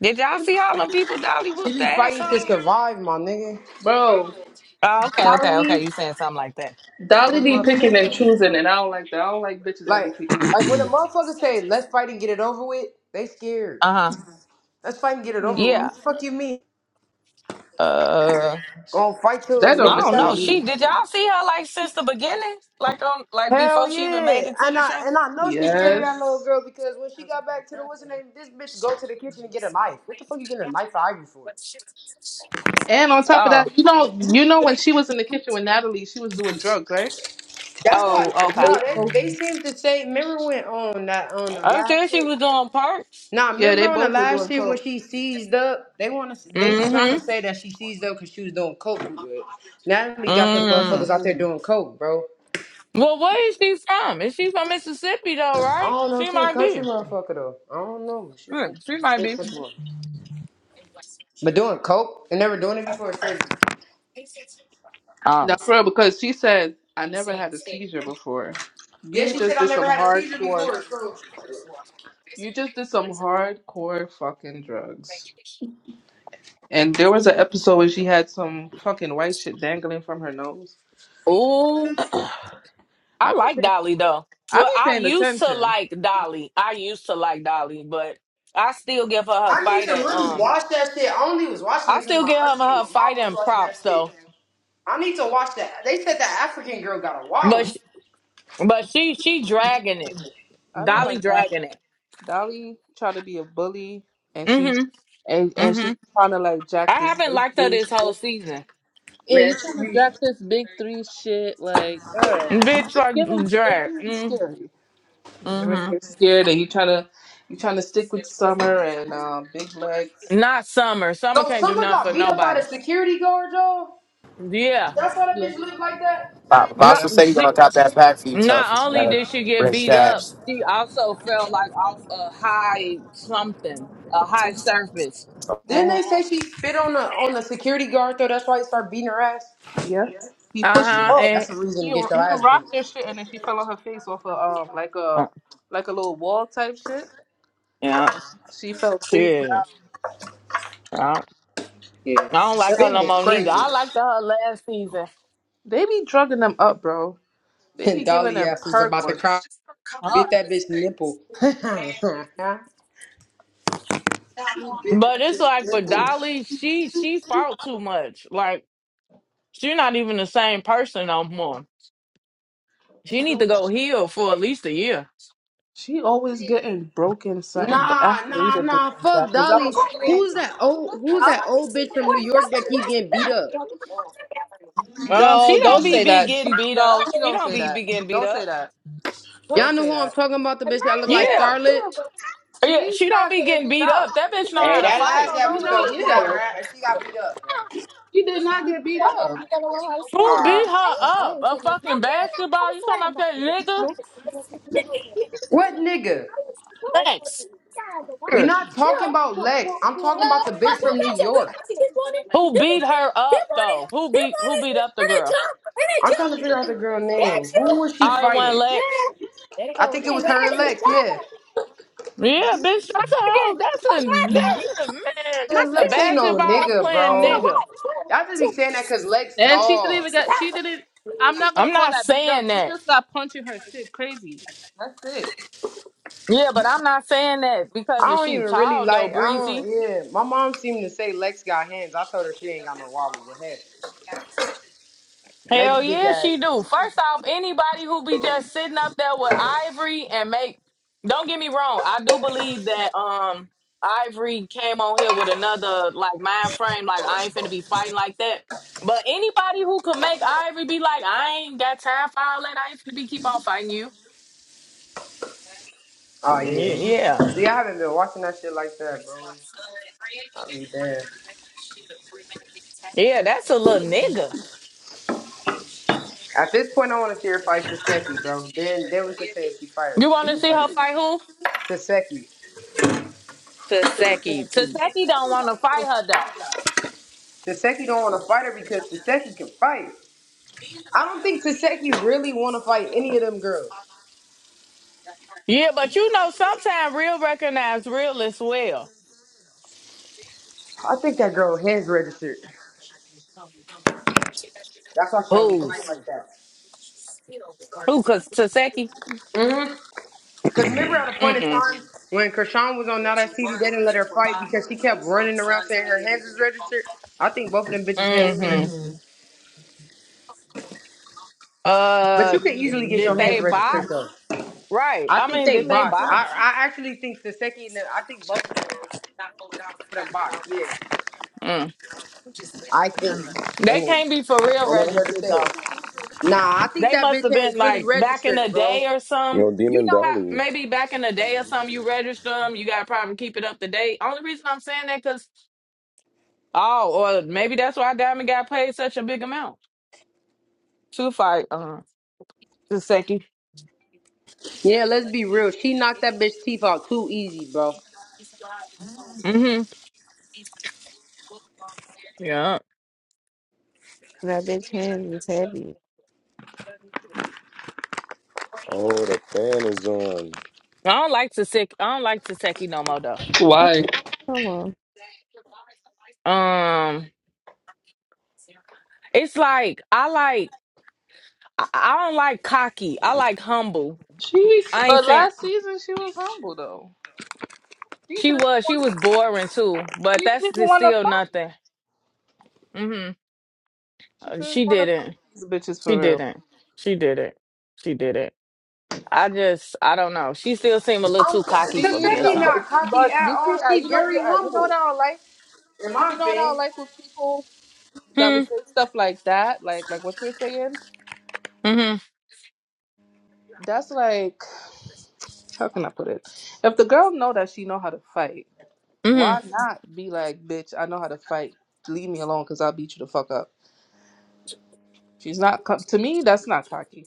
S17: Did y'all see all them people Dolly
S24: She
S17: whooped the
S24: be
S17: ass
S24: fighting to
S17: on?
S24: survive, my nigga.
S27: bro.
S17: Oh, okay, okay, okay.
S27: Dolly,
S17: You saying something like that.
S27: Dolly be picking and choosing, and I don't like that. I don't like bitches that
S24: Like
S27: be picking and
S24: like when a motherfucker say let's fight and get it over with, they scared.
S17: Uh-huh.
S24: Let's fight and get it over with.
S27: hmm
S17: Yeah.
S24: What the fuck you mean?
S17: Uh.
S24: Gonna fight till
S27: That
S17: I
S27: don't
S24: niggas
S17: don't know.
S27: necessarily
S24: satisfied.
S17: She
S27: mean.
S17: did y'all see her like since the beginning? Like on like before
S24: Hell
S17: she even
S24: yeah,
S17: made it to
S24: and
S17: the
S24: I
S17: show?
S24: and I know she's scared of that little
S27: Yes.
S24: girl because when she got back to the what's her name, this bitch go to the kitchen and get a knife. What the fuck you getting a knife for Ivy for?
S27: And on top of
S17: Oh.
S27: that, you know, you know when she was in the kitchen with Natalie, she was doing drugs, right?
S24: That's
S27: They
S24: not
S17: Oh,
S27: both,
S17: okay.
S24: no.
S27: they
S24: They
S27: both,
S24: they seem to say. Remember when on that on the
S17: I said
S24: last
S17: she
S24: shit.
S17: was doing parts.
S24: Nah,
S27: yeah, they
S24: remember on the
S27: both were doing
S24: last shit when
S27: coke.
S24: she seized up. They want to. They trying
S17: Mm-hmm.
S24: to say that she seized up because she was doing coke. But Natalie got them
S17: Mm.
S24: motherfuckers out there doing coke, bro.
S17: Well, where is she from? Is she from Mississippi though,
S24: I
S17: right?
S24: don't know. if
S17: She
S24: She a
S17: might
S24: country
S17: be.
S24: motherfucker though. I don't know. She from
S17: Hmm, she might
S24: she
S17: be.
S24: from Baltimore. But doing coke and never doing it before is crazy.
S27: Now, for real, because she said, "I never had a seizure before.
S24: Yeah,
S27: You
S24: she said
S27: just
S24: I
S27: did some
S24: never had a seizure
S27: hardcore.
S24: before. So
S27: You just did some hardcore fucking drugs." And there was an episode where she had some fucking white shit dangling from her nose.
S17: Ooh. I
S27: I be
S17: like
S27: paying,
S17: Dolly though.
S27: I
S17: Well,
S27: be
S17: I
S27: paying
S17: used to
S27: attention.
S17: like Dolly. I used to like Dolly, but I still give her her
S24: I need to
S17: fighting.
S24: really
S17: Um,
S24: watch that shit. I only was watching
S17: I
S24: it because
S17: still
S24: my
S17: give her
S24: auntie and
S17: her
S24: my mom was
S17: fighting
S24: watching that
S17: props
S24: shit.
S17: though.
S24: I need to watch that. They said that African girl got a
S17: but.
S24: wobble.
S17: But she she dragging it.
S27: I don't
S17: Dolly
S27: like that.
S17: dragging it.
S27: Dolly tried to be a bully, and she
S17: Mm-hmm.
S27: and and
S17: Mm-hmm.
S27: she's trying to like
S17: I
S27: jack this
S17: haven't
S27: big
S17: liked her
S27: three
S17: this whole
S27: shit.
S17: season.
S27: Yeah,
S24: Man,
S27: you trying
S24: she
S27: to jack this big three shit, like girl.
S17: Bitch
S27: It's
S17: like
S27: giving, it's
S17: drag.
S27: giving
S17: Mm,
S27: scary. You're really
S17: hmm
S27: scared, and you trying to you trying to stick with Summer and um, Big Legs.
S17: Not summer. Summer
S24: So
S17: can't do
S24: Summer
S17: nothing
S24: got
S17: for
S24: beat up by the
S17: nobody.
S24: security guard, y'all.
S17: Yeah.
S24: That's why that
S27: Yeah,
S24: bitch looked like that.
S6: Uh,
S17: Not
S27: yeah.
S6: Apostle said he gonna
S17: she
S6: top that pack for you, tough.
S17: not
S6: You
S17: only did
S6: gotta
S17: she get
S6: bring
S17: beat up,
S6: stabs.
S17: she also fell like off a high something, a high surface.
S24: Didn't
S27: Mm-hmm.
S24: they say she spit on the on the security guard though? That's why he started beating her ass.
S27: Yes. He pushed her
S17: Uh-huh.
S27: off.
S24: That's the
S17: And
S24: reason
S27: He
S24: to get your
S27: he
S24: ass beat.
S27: rocked her shit, and then she fell on her face off a um like
S17: uh,
S27: a like a little wall type shit,
S17: yeah.
S27: and she, she fell face
S17: Shit. I I don't like
S27: down.
S17: her
S24: Spitting
S17: no
S24: is
S17: more neither.
S24: crazy.
S17: I liked her last season.
S27: They be drugging them up, bro. They
S24: And
S27: be giving
S24: Dolly
S27: them
S24: ass is
S27: perk
S24: about to
S27: or
S24: cry.
S27: something.
S24: Beat that bitch nipple. (laughs)
S17: But it's like with Dolly, she she fought too much. Like she's not even the same person no more. She
S27: She do
S17: need to go
S27: what?
S17: heal for at least a year.
S27: She always getting broken something, but I
S24: nah,
S27: hate
S24: nah,
S27: a bitch
S24: nah.
S27: like that
S24: Fuck
S27: because I'm a
S24: Dolly.
S27: school.
S24: Who's that old who's
S27: I'm
S24: that old bitch from New York that keep getting beat up?
S17: Um, she
S27: no,
S17: don't
S27: don't
S17: be
S27: say
S21: What?
S17: be
S27: that. She
S17: getting beat
S27: no,
S17: up.
S27: she
S17: She
S27: don't
S17: don't
S27: say
S17: be
S27: that.
S17: be getting beat
S27: Don't say
S17: up.
S27: that. Don't
S24: Y'all know
S27: say
S24: who I'm
S27: that.
S24: talking about, the
S21: You
S24: bitch that look like
S27: Yes,
S17: Yeah,
S24: Scarlett?
S17: yeah.
S27: she's
S17: She don't
S27: not
S17: be
S27: getting
S17: getting
S27: beat
S17: beat
S27: up.
S17: up. That bitch know
S24: Hey,
S17: how to
S24: that
S17: fight.
S24: last
S27: She
S24: episode,
S27: not.
S24: she got her
S27: Yeah,
S24: ass, she got beat up, bro.
S27: she did not get
S21: better
S27: beat
S21: learn how
S27: up,
S21: you better learn how to
S17: Who
S21: swim.
S24: Uh,
S17: beat her
S21: I
S17: up?
S21: ain't
S17: A
S21: telling you.
S17: fucking
S21: I'm doing that how
S17: basketball?
S21: to
S17: You talking
S21: swim.
S17: about that nigga?
S24: what nigga?
S21: Inside the
S24: We
S21: water.
S17: Sure.
S24: not
S21: No.
S24: talking about
S21: Well,
S24: Lex.
S21: well,
S24: I'm
S21: well.
S24: talking
S21: No.
S24: about the bitch
S21: I go
S24: from New
S21: catch it. Go
S24: York.
S21: catch it. Get on it.
S17: Who
S21: Get
S17: beat
S21: on it.
S17: her up
S21: Get on it.
S17: though? Who
S21: Get
S17: beat
S21: on
S17: who beat
S21: it.
S17: up the
S21: And it
S17: girl?
S21: jump. And it
S24: I'm trying to figure out the
S21: jump.
S24: girl
S21: Catch
S24: name.
S21: you.
S24: Who was she
S17: All it one
S24: fighting?
S17: Lex.
S21: Yeah. There you
S24: I
S21: go.
S24: think it was her and Lex. Yeah,
S21: Okay,
S17: Yeah, bitch, that's a hoe.
S21: turn.
S17: That's
S21: Oh, It's
S17: a
S21: my turn.
S17: that's a man.
S21: My
S17: That's
S24: and
S17: a
S21: turn.
S24: Lex ain't no
S17: basketball
S24: nigga,
S21: My
S17: playing
S21: turn.
S24: bro.
S17: nigga.
S21: What?
S24: Y'all just be
S21: What?
S24: saying that because Lex
S27: and she didn't
S24: tall.
S27: even get. She didn't. I'm
S21: Stop.
S27: not gonna
S17: I'm
S27: call
S17: not
S27: that beat up.
S17: saying
S27: She
S17: that.
S27: just got punching her shit crazy. That's it.
S17: Yeah, but I'm not saying that
S24: I
S17: because if
S24: don't
S17: she
S24: even really
S17: tall though,
S24: like. I
S17: breezy.
S24: don't. Yeah, my mom seemed to say Lex got hands. I told her she ain't got no wobble, but heck, Lex
S17: Hell
S24: big
S17: yeah, she
S24: ass.
S17: do. First off, anybody who be just sitting up there with Ivory and make don't get me wrong, I do believe that um Ivory came on here with another like mind frame, like I ain't finna be fighting like that. But anybody who could make Ivory be like, I ain't got time for all that, I ain't finna be keep on fighting you.
S24: Oh yeah.
S17: Y- Yeah.
S24: See, I haven't been watching that shit like that, bro. I be damn.
S17: Yeah, that's a little nigga.
S24: At this point, I want to see her fight Saseki, bro. Then, then we could say if she fired her.
S17: You want
S24: She
S17: to see her fight who?
S24: Saseki.
S17: Taseki. Taseki don't want to fight her though.
S24: Saseki don't want to fight her because Saseki can fight. I don't think Saseki really want to fight any of them girls.
S17: Yeah, but you know, sometimes real recognize real as well.
S24: I think that girl hands registered. That's why she don't be
S17: Who's
S24: fighting like that.
S17: who? Cause Taseki.
S24: Mm-hmm. Because remember at a point
S17: Mm
S24: in
S17: mm.
S24: time when Krishan was on Now That TV, they didn't let her fight because she kept running around saying her hands is registered. I think both of them bitches' hands is
S17: Mm hmm.
S24: registered. But
S17: Uh,
S24: you can easily get
S17: did
S24: your hands
S17: they box?
S24: registered, though.
S17: Right.
S24: I
S17: I
S24: think
S17: mean, did
S24: they
S17: they
S24: boxed. I,
S17: box?
S24: I actually think Saseki and the, I think both with box, yeah.
S17: Mm.
S24: I think. Let
S17: They
S24: me.
S17: can't be for real
S24: I never heard her
S17: registered
S24: say
S17: though.
S24: it. Nah, I think
S17: They
S24: that
S17: must have
S24: bitch
S17: been
S24: hands really
S17: like back in
S24: registered,
S17: the
S24: bro.
S17: day or some.
S1: Yo,
S17: You
S1: Demon
S17: know, how
S1: Dolly.
S17: maybe back in the day or something, you register them. You got to probably keep it up to date. Only reason I'm saying that because, oh, or maybe that's why Diamond got paid such a big amount to fight uh, Saseki.
S24: Yeah, let's be real. She knocked that bitch teeth out too easy, bro.
S17: Mm-hmm. Yeah.
S14: That bitch hands is heavy.
S1: Oh, the fan is on.
S17: I don't like Taseki. I don't like Taseki no more, though.
S27: Why?
S14: Come on.
S17: Um, It's like, I like, I I don't like cocky. I like humble.
S27: She
S17: I ain't
S27: but
S17: saying,
S27: last season she was humble though. She
S17: she
S27: didn't
S17: was, she
S27: want
S17: was boring too, but
S27: she
S17: that's
S27: didn't
S17: just
S27: want to
S17: still
S27: fight.
S17: nothing. Mm-hmm.
S27: She
S17: Uh,
S27: didn't
S17: She
S27: want to fight
S17: didn't.
S27: these bitches
S17: She
S27: for real.
S17: didn't. She didn't. She didn't. I just, I don't know. She still seemed a little
S24: Um,
S17: too cocky for
S27: She
S17: me or
S27: no,
S24: Kaseki
S27: but
S17: something.
S24: not cocky
S27: but
S24: at
S27: you see,
S24: all.
S27: I
S24: She
S27: you know
S24: very
S27: you, I, you know what
S24: humble,
S27: I don't like.
S24: in my
S27: You know what I don't
S24: opinion.
S27: like with people that
S17: Hmm.
S27: would say stuff like that, like like what you're saying.
S17: Mm-hmm.
S27: That's like how can I put it? If the girl know that she know how to fight,
S17: Mm-hmm.
S27: why not be like, bitch? I know how to fight. Leave me alone, cause I'll beat you the fuck up. She's not co- to me. That's not cocky.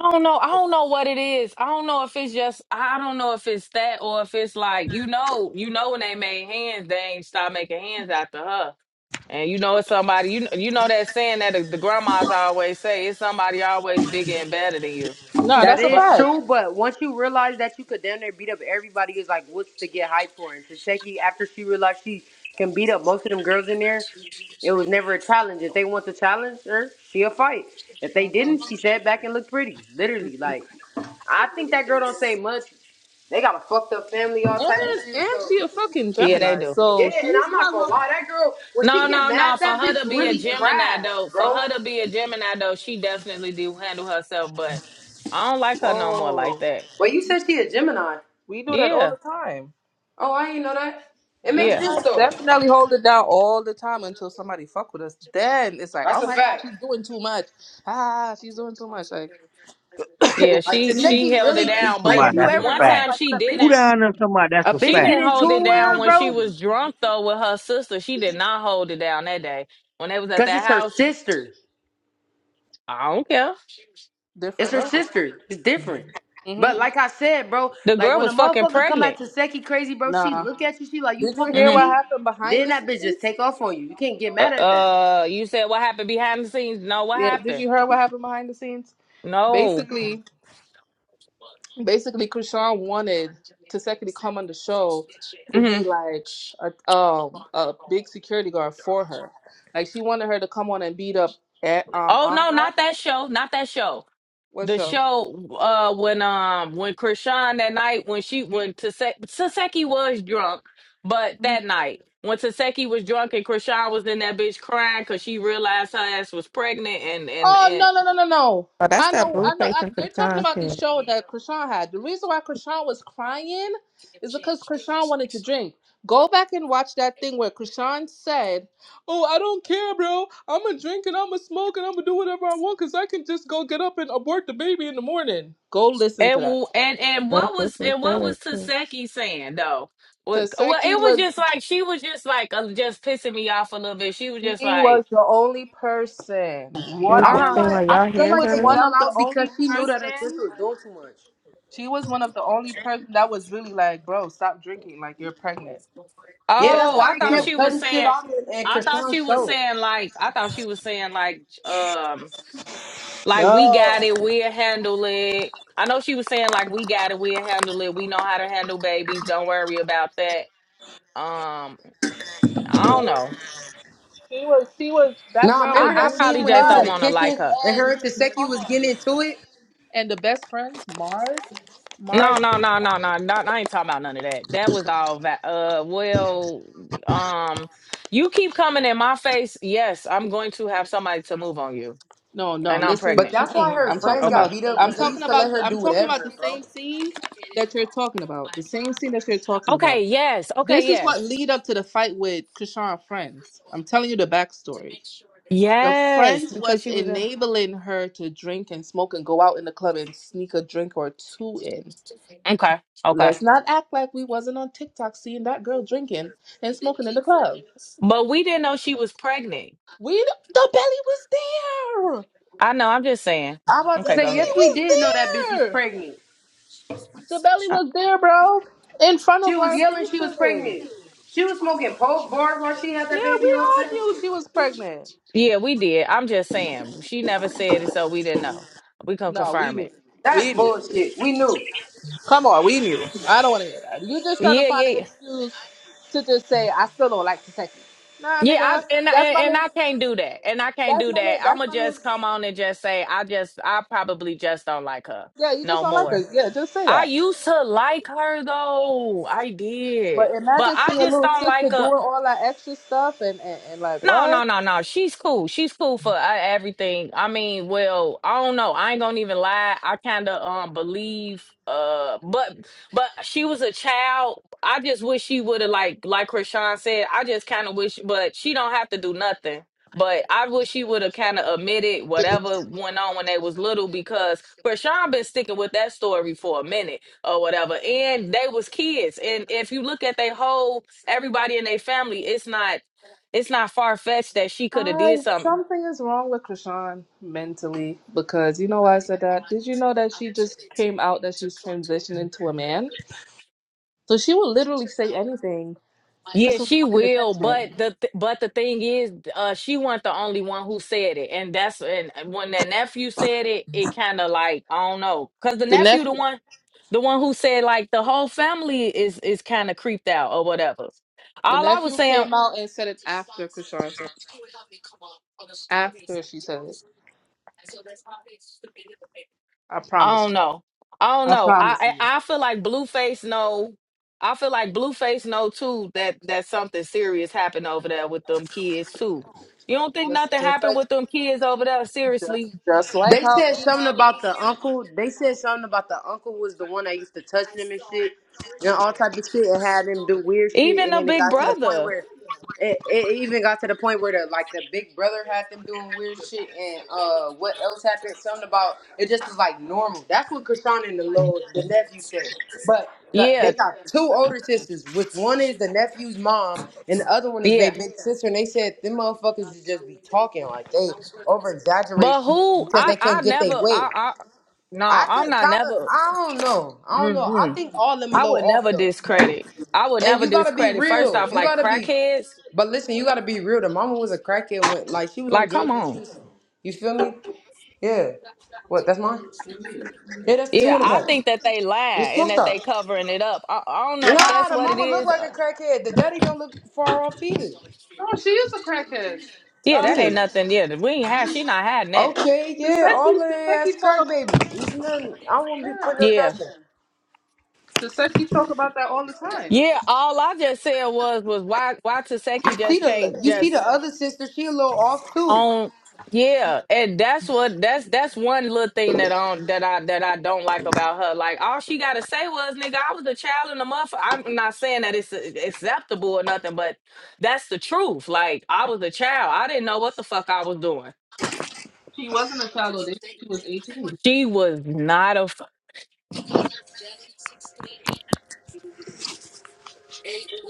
S17: I don't know. I don't know what it is. I don't know if it's just. I don't know if it's that or if it's like you know, you know when they made hands, they ain't stop making hands after her. And you know it's somebody. You you know that saying that the, the grandmas always say it's somebody always bigger and better than you.
S27: No,
S14: Oh,
S24: That
S27: that's a
S24: is
S17: But
S27: fact.
S24: true, but once you realize that you could damn near beat up everybody, it's like, what's to get hyped for? And Taseki, after she realized she can beat up most of them girls in there, it was never a challenge. If they want to challenge her, she'll fight. If they didn't, she sat back and looked pretty. Literally, like, I think that girl don't say much. They got a fucked up family, all
S27: And
S24: type of shit.
S27: and
S24: So
S27: she a fucking
S17: yeah, they
S27: Gemini,
S17: do.
S24: yeah,
S27: so
S24: and
S27: she's
S24: I'm not
S27: not
S24: gonna
S27: gonna.
S24: lie, that girl when
S17: No,
S24: she get
S17: no,
S24: mad,
S17: no. For
S24: that
S17: her
S24: bitch
S17: to be a
S24: really
S17: Gemini
S24: crash,
S17: though, for
S24: bro.
S17: her to be a Gemini though, she definitely do handle herself. But I don't like her no more like
S27: Whoa,
S17: that.
S24: But you said she a Gemini.
S27: we do that all
S17: Yeah,
S27: the time.
S24: Oh, I ain't know that. It makes
S27: Gemini
S17: yeah,
S24: sense though.
S27: definitely hold it down all the time until somebody fuck with us. Then it's like, oh
S24: That's a
S27: my god,
S24: fact.
S27: she's doing too much. Ah, she's doing too much. Like
S17: yeah.
S27: (coughs)
S24: Like
S17: She
S12: they-
S17: she
S24: Taseki
S17: held it
S24: really
S17: down,
S24: like
S17: but
S12: somebody
S24: if you
S12: that's a
S24: ever
S17: one
S24: notice
S12: fact.
S17: time
S24: like
S17: she
S24: when a bitch
S12: Who
S17: didn't.
S12: down there? Somebody that's
S24: a
S12: a
S17: She
S24: bitch
S12: fact.
S24: get
S17: didn't
S24: into
S17: hold
S24: it
S17: it
S24: with
S17: down
S24: her,
S17: when she
S24: bro,
S17: was drunk though with her sister. She did not hold it down that day when they was at
S24: cause
S17: that
S24: it's her
S17: house.
S24: sister.
S17: I don't care.
S24: It's
S27: different
S24: her
S27: level.
S24: sister. It's different.
S27: hmm
S24: But like I said, bro,
S17: The
S24: like
S17: girl
S24: when
S17: was
S24: a
S17: fucking
S24: motherfucker come at
S17: pregnant.
S24: Taseki crazy, bro, she
S27: Nah.
S24: look at you, she like you
S27: Did you
S24: talking to
S27: hear
S17: hmm
S27: what
S24: me.
S27: happened behind
S24: Then
S27: the
S24: that bitch just
S27: scenes?
S24: take off on you. You can't get mad
S17: Uh,
S24: at that.
S17: uh, you said what happened behind the scenes? No, what
S27: Yeah. Did
S17: happened?
S27: you hear what happened behind the scenes?
S17: No,
S27: Basically, basically Krishan wanted Taseki to secondly come on the show to
S17: hmm
S27: be like a um a big security guard for her. Like she wanted her to come on and beat up at um
S17: Oh no,
S27: Anna.
S17: not that show, not that show.
S27: What
S17: The
S27: show?
S17: show uh when um when Krishan that night when she when Tase- Taseki was drunk, but that night when Taseki was drunk and Krishan was in that bitch crying because she realized her ass was pregnant and and
S27: Oh
S17: and
S27: no no no no no!
S14: that's
S27: I
S14: that
S27: know
S14: blue
S27: I know.
S14: face
S27: I,
S14: and
S27: they're talking
S14: Krishan
S27: about the
S14: shit.
S27: show that Krishan had. The reason why Krishan was crying is because Krishan wanted to drink. Go back and watch that thing where Krishan said, "Oh, I don't care, bro. I'm gonna drink and I'm gonna smoke and I'm gonna do whatever I want because I can just go get up and abort the baby in the morning." Go listen
S17: and
S27: to that.
S17: w- and, and
S14: That's
S17: what
S14: what
S17: was
S14: she
S17: and what
S14: said.
S17: was
S14: too.
S17: Taseki saying though? Well, well, it
S27: Taseki
S17: was
S27: was
S17: just like she was just like uh, just pissing me off a little bit. She was just
S27: she was
S17: like,
S27: the only person.
S14: It
S27: What,
S14: was
S24: I
S17: uh
S14: just
S27: what
S17: huh.
S14: saying
S24: realize
S14: like y'all
S24: I feel
S27: she
S14: hear
S24: like
S27: was
S24: they
S14: her?
S27: one
S24: fell
S27: of the
S24: out because
S27: only
S24: she knew that her
S27: person
S24: sister was doing too much.
S27: She was one of the only person that was really like, bro, stop drinking. Like you're pregnant. The
S24: Yeah,
S27: second
S24: that's
S17: Oh,
S24: why
S17: I
S24: they
S27: you got
S17: thought
S27: kids.
S17: she
S24: kept
S17: was
S24: cutting shit
S17: saying.
S24: off and, and
S17: I thought she
S24: Krishan's
S17: was
S24: show.
S17: saying like. I thought she was saying like. Um, like we got
S27: No.
S17: it. We'll handle it. I know she was saying like we got it. We'll handle it. We know how to handle babies. Don't worry about that. Um, I don't
S27: no.
S17: know.
S27: She was she was that
S24: Nah,
S27: girl
S17: I
S24: remember
S27: was
S17: I
S24: that
S27: doing
S24: scene
S17: probably
S27: too
S24: when they
S17: just
S24: was in
S17: don't
S27: much.
S24: the
S17: want to like
S24: kitchen
S17: her.
S24: and her
S27: And
S24: and Taseki was
S27: hold on.
S24: getting into it?
S27: And the best friends, Mars.
S17: No,
S27: Mars
S17: no, no, no, no, no. I ain't talking about none of that. That was all that. Uh, well, um, you keep coming in my face. Yes, I'm going to have somebody to move on you,
S27: no, no,
S17: and I'm
S27: listen.
S24: But
S17: pregnant.
S24: that's why
S27: Mm-mm. I'm
S24: her
S27: talking
S24: friends
S17: Okay.
S24: got
S27: about
S24: beat up
S27: I'm
S24: because they
S27: talking
S24: used to let
S27: about the
S24: her
S27: I'm
S24: do
S27: talking about the
S24: whatever, bro.
S27: same scene that you're talking about. The same scene that you're talking
S17: Okay,
S27: about.
S17: yes. Okay,
S27: This is
S17: yes.
S27: what lead up to the fight with Krishan friends. I'm telling you the backstory. The
S17: Yes,
S27: friends
S17: because
S27: was
S17: she was a
S27: enabling her to drink and smoke and go out in the club and sneak a drink or two in.
S17: Okay. Okay.
S27: Let's not act like we wasn't on TikTok seeing that girl drinking and smoking in the club.
S17: But we didn't know she was pregnant.
S27: We the belly was there.
S17: I know, I'm just saying.
S24: I'm about to
S27: The
S17: Okay, go
S24: say,
S27: belly
S24: yes,
S17: ahead.
S24: we
S27: was
S24: did know that bitch was
S27: there.
S24: pregnant.
S27: The belly
S17: Uh,
S27: was there, bro, in front
S24: She
S27: of
S24: was
S27: our
S24: yelling she was
S27: faces.
S24: pregnant. She was smoking poke bars while she
S27: Yeah,
S24: had
S27: we
S24: that baby on
S27: all
S24: type of
S27: knew
S24: shit.
S27: she was pregnant.
S17: yeah, we did. I'm just saying. She never said it, so we didn't know. We can
S27: No, we
S17: confirm
S27: knew.
S17: it.
S27: We
S24: That's
S27: knew.
S24: bullshit. We knew.
S27: Come on, we knew. I don't want to hear that. You just trying to
S17: Yeah,
S27: find an
S17: yeah.
S27: excuse to just say I still don't like Kentucky. Nah,
S17: Yeah, I
S27: nigga,
S17: and, I-
S27: that's
S17: and
S27: my
S17: and
S27: little.
S17: I can't do that, and I can't
S27: That's
S17: do
S27: my little.
S17: that.
S27: That's
S17: I'ma
S27: my little.
S17: just come on and just say I just I probably just don't like her
S27: Yeah, you just
S17: no
S27: don't like her.
S17: more.
S27: Yeah, just say
S17: I
S27: that.
S17: used to like her though, I
S27: But
S17: did, but
S27: imagine
S17: I
S27: seeing a
S17: just
S27: little
S17: don't like
S27: sister
S17: her.
S27: doing all that extra stuff and and, and like
S17: No, no,
S27: what?
S17: no, no. She's cool. She's cool for uh, everything. I mean, well, I don't know. I ain't gonna even lie. I kind of um believe uh, but but she was a child. I just wish she would have like like Krishan said. I just kind of wish, but she don't have to do nothing. But I wish she would have kind of admitted whatever went on when they was little because Krishan been sticking with that story for a minute or whatever, and they was kids. And if you look at their whole everybody in their family, it's not it's not far fetched that she could have did
S27: I
S17: something.
S27: something is wrong with Krishan mentally because you know why I said that. Did you know that she just came out that she's transitioning to a man? So she will literally say anything for
S17: Yeah,
S27: some
S17: she
S27: fucking
S17: will,
S27: attention.
S17: but the th- but the thing is, uh, she wasn't the only one who said it, and that's and when that nephew said it, it kind of like I don't know, cause the
S27: The
S17: nephew
S27: next
S17: the one, the one who said like the whole family is is kind of creeped out or whatever.
S27: The
S17: All I was
S27: nephew
S17: saying
S27: came out and said it after Krishan said it. After she said it. I
S17: I
S27: promise
S17: don't
S27: you.
S17: know. I don't
S27: I
S17: know.
S27: promise
S17: I
S27: you.
S17: I, I feel like Blueface know. I feel like Blueface know too that that something serious happened over there with them kids too. You don't think
S27: Just
S17: nothing
S27: just
S17: happened with
S27: like
S17: them kids over there?
S27: just
S17: Seriously,
S27: just like
S24: They
S27: how
S24: said
S27: he
S24: something
S27: knew.
S24: about
S27: No,
S24: the uncle. They said something about the uncle was the one that used to touch them and shit, and all type of shit, and had them do weird shit.
S17: even
S24: And
S17: a
S24: then it
S17: big
S24: got to the point
S17: brother.
S24: where it, it even got to the point where the like the big brother had them doing weird shit, and uh, what else happened? Something about it just was like normal. That's what Krishan and the little the nephew said. But the, they
S17: Yeah,
S24: got two older sisters, which one is the nephew's mom, and the other one is their
S17: yeah.
S24: big sister. And they said them motherfuckers is just be talking like they over exaggerate
S17: But
S24: shit
S17: who?
S24: because
S17: I
S24: they
S17: I
S24: can't get their
S17: never.
S24: way.
S17: I I no.
S24: I
S17: I'm
S24: could
S17: not
S24: kind of,
S17: never.
S24: I don't know, I don't know. I
S17: Mm-mm.
S24: think all them a
S17: I
S24: little
S17: would
S24: off
S17: never
S24: though.
S17: discredit. I would
S24: And
S17: never
S24: you gotta be
S17: discredit. First
S24: real.
S17: off,
S24: You
S17: like
S24: gotta be,
S17: crackheads.
S24: but listen, you gotta be real. The mama was a crackhead when, like, she was on
S17: Like, come
S24: drugs when
S17: on.
S24: she was, you feel me? Yeah. What? That's mine. Yeah, that's the two
S17: Yeah,
S24: in the
S17: I
S24: pack.
S17: think that they
S24: It's
S17: lie and
S24: smoked
S17: that
S24: out.
S17: they covering it up. I, I don't know if
S24: Nah,
S17: that's
S24: the
S17: what it
S24: mama look
S17: is.
S24: like a
S17: Uh,
S24: crackhead. The daddy don't look far off either.
S27: she is a crackhead.
S17: yeah,
S27: Uh
S17: that
S24: Yeah.
S17: ain't
S27: Tis-
S17: nothing. Yeah, we ain't have. She not hiding that.
S24: Okay, yeah, all
S27: Tiseki
S24: of they ass
S27: Tiseki told
S24: crack
S27: us
S24: babies. It's nothing. I won't be
S27: yeah.
S24: putting them
S17: Yeah,
S24: past them.
S27: Tiseki talk about that all the time.
S17: yeah. All I just said was was why why
S24: You
S17: Taseki
S24: see
S17: just
S24: the
S17: can't
S24: you see
S17: just
S24: the other sister. She a little off too.
S17: on yeah and that's what that's that's one little thing that on that i that i don't like about her like all she gotta say was nigga i was a child in the month i'm not saying that it's a- acceptable or nothing but that's the truth like i was a child i didn't know what the fuck i was doing
S27: She wasn't a child older, she was eighteen.
S17: she was not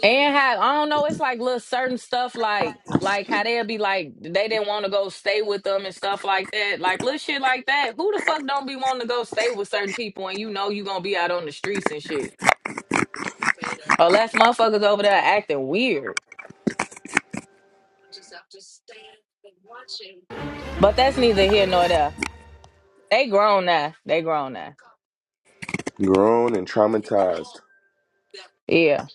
S17: And how I don't know, it's like little certain stuff like like how they'll be like they didn't want to go stay with them and stuff like that. Like little shit like that. Who the fuck don't be wanting to go stay with certain people and you know you gonna be out on the streets and shit. Unless motherfuckers over there acting weird. But that's neither here nor there. They grown now. They grown now.
S1: Grown and traumatized.
S17: Yeah.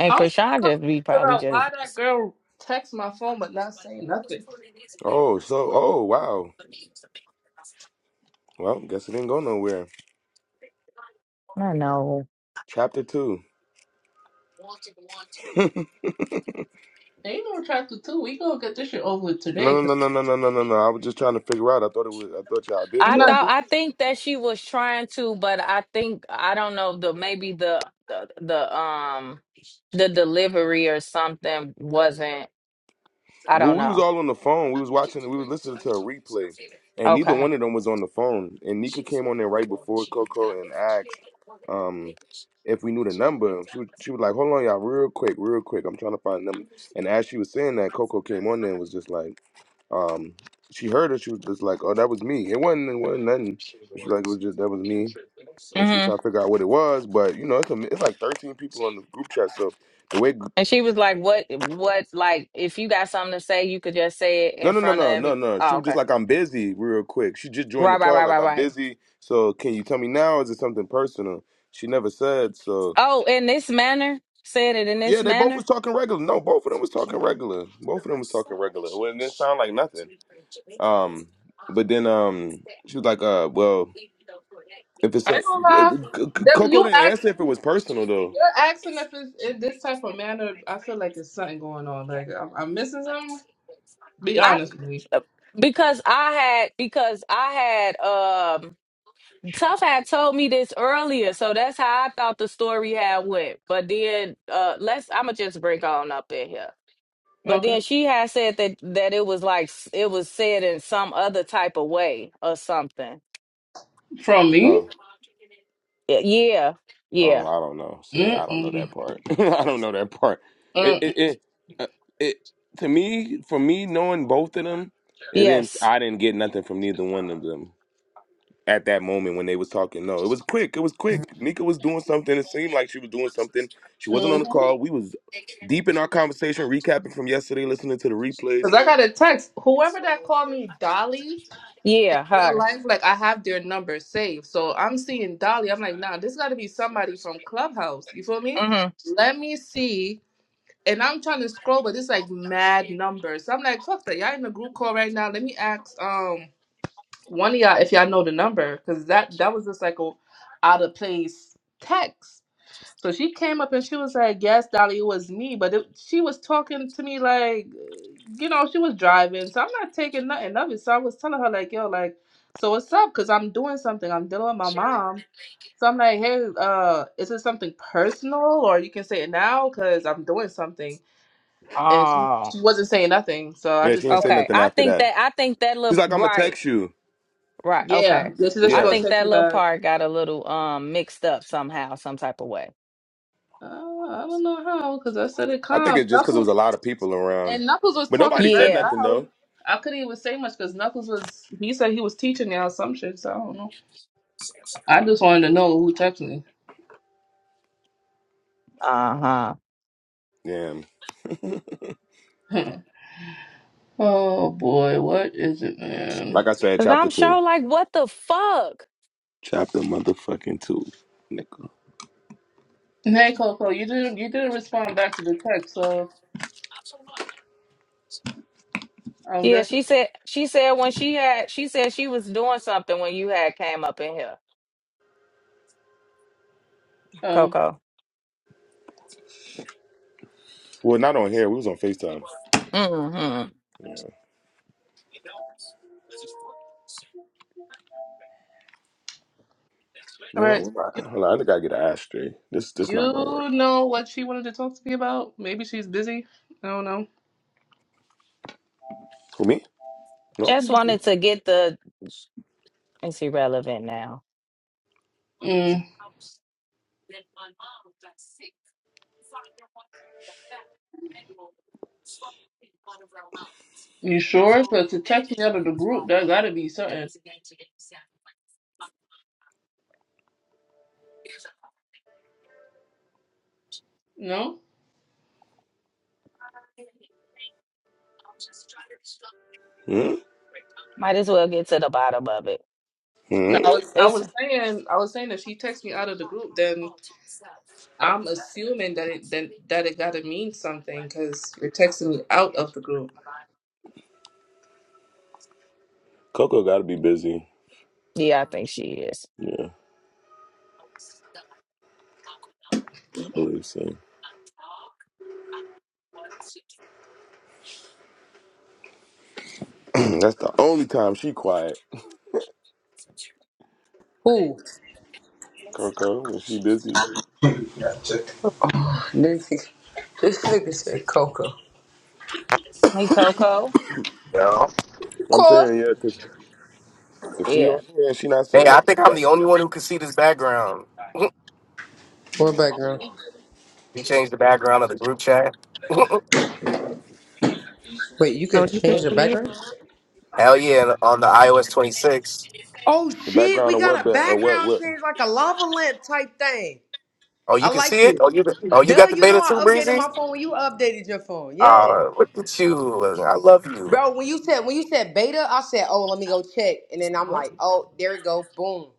S17: And
S27: I'm
S17: Krishan
S27: trying
S17: just
S27: to
S17: be
S27: figure
S17: probably
S27: out
S17: just
S27: why that girl text my phone but not say nothing.
S1: Oh, so oh wow. Well, guess it didn't go nowhere.
S17: I don't know.
S1: Chapter two.
S27: They ain't no attracted too. We gonna get this shit over with today
S1: No,
S27: because
S1: no, no, no, no, no, no, no. no. I was just trying to figure out. I thought it was. I thought y'all did
S27: I'm
S17: I
S1: talk.
S27: not
S17: thought I think that she was trying to, but I think I don't know the maybe the the, the um the delivery or something wasn't I
S1: Well,
S17: don't
S1: we was
S17: know.
S1: all on the phone. We was watching. We was listening to a replay, and neither
S17: Okay.
S1: one of them was on the phone. And Nika came on there right before Coco and asked um, if we knew the number. She was she was like, "Hold on, y'all, real quick, real quick. I'm trying to find them." And as she was saying that, Coco came on there and was just like, um, she heard her. She was just like, "Oh, that was me. It wasn't. It wasn't nothing." She was like, "It was just that was me." And she was
S17: hmm
S1: trying to figure out what it was, but you know, it's a, it's like 13 people on the group chat, so the way
S17: And she was like, "What? What? Like, if you got something to say, you could just say it
S1: No,
S17: in
S1: no, no,
S17: front of
S1: no, no,
S17: every."
S1: no. She
S17: Oh,
S1: was just
S17: okay.
S1: like, I'm busy, real quick. She just joined the
S17: Right, right,
S1: call,
S17: right, right,
S1: like, I'm
S17: right.
S1: busy. So, can you tell me now? or Is it something personal? She never said. So,
S17: Oh, in this manner, said it in this
S1: yeah, they both
S17: manner.
S1: was talking regular. No, both of them was talking regular. Both of them was talking regular. Well, it didn't sound like nothing. Um, but then, um, she was like, uh, well, if it's
S27: I
S1: a,
S27: ain't gonna lie. Debbie,
S1: Coco
S27: you
S1: didn't answer if
S27: asked.
S1: it was personal though.
S27: You're asking if it's in this type of manner. I feel like it's something going on. Like I'm, I'm missing something. Be
S17: I
S27: honest with me.
S17: because I had because I had um Tough had told me this earlier, so that's how I thought the story had went. But then uh let's I'ma just break on up in here. But
S27: Okay.
S17: then she had said that that it was like s- it was said in some other type of way or something.
S27: From me?
S1: Oh.
S17: Y- Yeah.
S1: Oh,
S17: Yeah.
S1: I don't know. See, I don't know
S27: Mm-mm.
S1: that part. (laughs) I don't know that part. It,
S27: Mm-mm.
S1: it, it, uh, it, to me, for me, knowing both of them, it didn't.
S17: Yes.
S1: I didn't get nothing from neither one of them at that moment when they was talking. No, it was quick. It was quick. Nika was doing something. It seemed like she was doing something. She wasn't on the
S27: mm
S1: call. We was deep in our conversation, recapping from yesterday, listening to the replays.
S27: Cause I got a text. Whoever that called me Dolly in
S17: Yeah,
S27: real
S17: her.
S27: life, like I have their number saved. So I'm seeing Dolly. I'm like, nah, this got to be somebody from Clubhouse. You feel me?
S17: Mhm.
S27: Let me see. And I'm trying to scroll, but it's like mad numbers. So I'm like, fuck that. Y'all in the group call right now. Let me ask. Um. One of y'all, if y'all know the number, because that that was just like a out of place text. So she came up and she was like, "Yes, Dolly, it was me," but it, she was talking to me like, you know, she was driving, so I'm not taking nothing of it. So I was telling her like, "Yo, like, so what's up?" Because I'm doing something. I'm dealing with my mom. So I'm like, "Hey, uh, is it something personal, or you can say it now because I'm doing something." And she
S17: Oh.
S27: she wasn't saying nothing, so I
S1: Yeah, she
S27: just
S1: didn't say
S27: left.
S17: Okay.
S1: nothing
S17: I
S1: after
S17: think
S1: that.
S17: that I think that
S1: She's
S17: looked
S1: like, "I'm gonna
S17: right.
S1: text you."
S17: Right.
S27: Yeah,
S17: Okay.
S27: this is she
S17: I
S1: Yeah,
S27: gonna
S17: think
S27: text
S17: that
S27: me
S17: little
S27: back.
S17: part got a little um mixed up somehow, some type of way.
S27: Uh, I don't know how, because I said it
S1: I think
S27: calm.
S1: it's just because it was
S27: Knuckles
S1: a lot of people around,
S27: and Knuckles was
S1: but nobody
S27: talking
S1: said
S27: very
S17: Yeah.
S1: nothing
S27: loud.
S1: though.
S27: I couldn't even say much because Knuckles was. He said he was teaching y'all some shit, so I don't know. I just wanted to know who texted me.
S17: Uh-huh.
S1: Yeah.
S27: (laughs) Hmm. oh boy, what is it, man?
S1: Like I said,
S17: Cause
S1: chapter
S17: I'm
S1: two.
S17: sure like what the fuck?
S1: Chapter motherfucking two, nigga.
S27: And Hey Coco, you didn't you didn't respond back to the text, so I'm
S17: Yeah,
S27: guessing.
S17: she said she said when she had she said she was doing something when you had came up in here,
S27: Oh,
S17: Coco.
S1: Well, not on here. We was on Facetime.
S17: hmm
S1: Yeah.
S27: all
S1: Yeah, like,
S27: right.
S1: what
S27: You,
S1: hold on, I gotta get an ass straight. This this not gonna
S27: you
S1: work.
S27: know what she wanted to talk to me about? Maybe she's busy. I don't know.
S1: Who me? No.
S17: Just
S27: Mhm.
S17: wanted to get the it's irrelevant now.
S27: Mm, you sure? Because to text me out of the group, there gotta be something. No.
S1: Hmm?
S17: Might as well get to the bottom of it.
S27: No,
S1: Hmm?
S27: I was, I
S17: It's
S27: was saying, I was saying, if she texts me out of the group, then I'm assuming that it then that it gotta mean something because you're texting me out of the group.
S1: Coco gotta be busy.
S17: yeah, I think she is.
S1: Yeah, I believe so. (clears throat) That's the only time she quiet.
S24: Who?
S1: Coco, when she busy.
S24: (sighs) Oh, this this nigga said Coco.
S17: Hey Coco.
S6: Yo.
S24: Of
S1: I'm
S24: course.
S1: saying yeah, cause if she on
S17: Yeah.
S1: here and she not
S6: Hey,
S1: saying
S6: I
S1: nothing,
S6: think
S1: she
S6: I'm
S1: got
S6: the only one who can see this background. (laughs)
S24: What background?
S6: We changed the background of the group chat. (laughs)
S24: Wait, you
S14: Oh,
S24: could
S14: you can
S24: change the
S14: see it.
S24: background?
S6: Hell yeah, on the iOS 26.
S24: Oh
S1: the
S24: shit,
S1: background
S24: we
S1: of
S24: got
S1: what?
S24: a
S1: But uh, what?
S24: background
S1: What?
S24: change like a lava lamp type thing.
S6: Oh,
S24: I
S6: you can
S24: like
S6: see it.
S24: this.
S6: Oh, you oh you
S24: Duh,
S6: got the
S24: you know
S6: beta too,
S24: I updated
S6: Breezy.
S24: my phone when you updated your phone. Yeah.
S6: Oh, look at you! I love you.
S24: Bro, when you said when you said beta, I said, "Oh, let me go check," and then I'm like, "Oh, there it go, boom."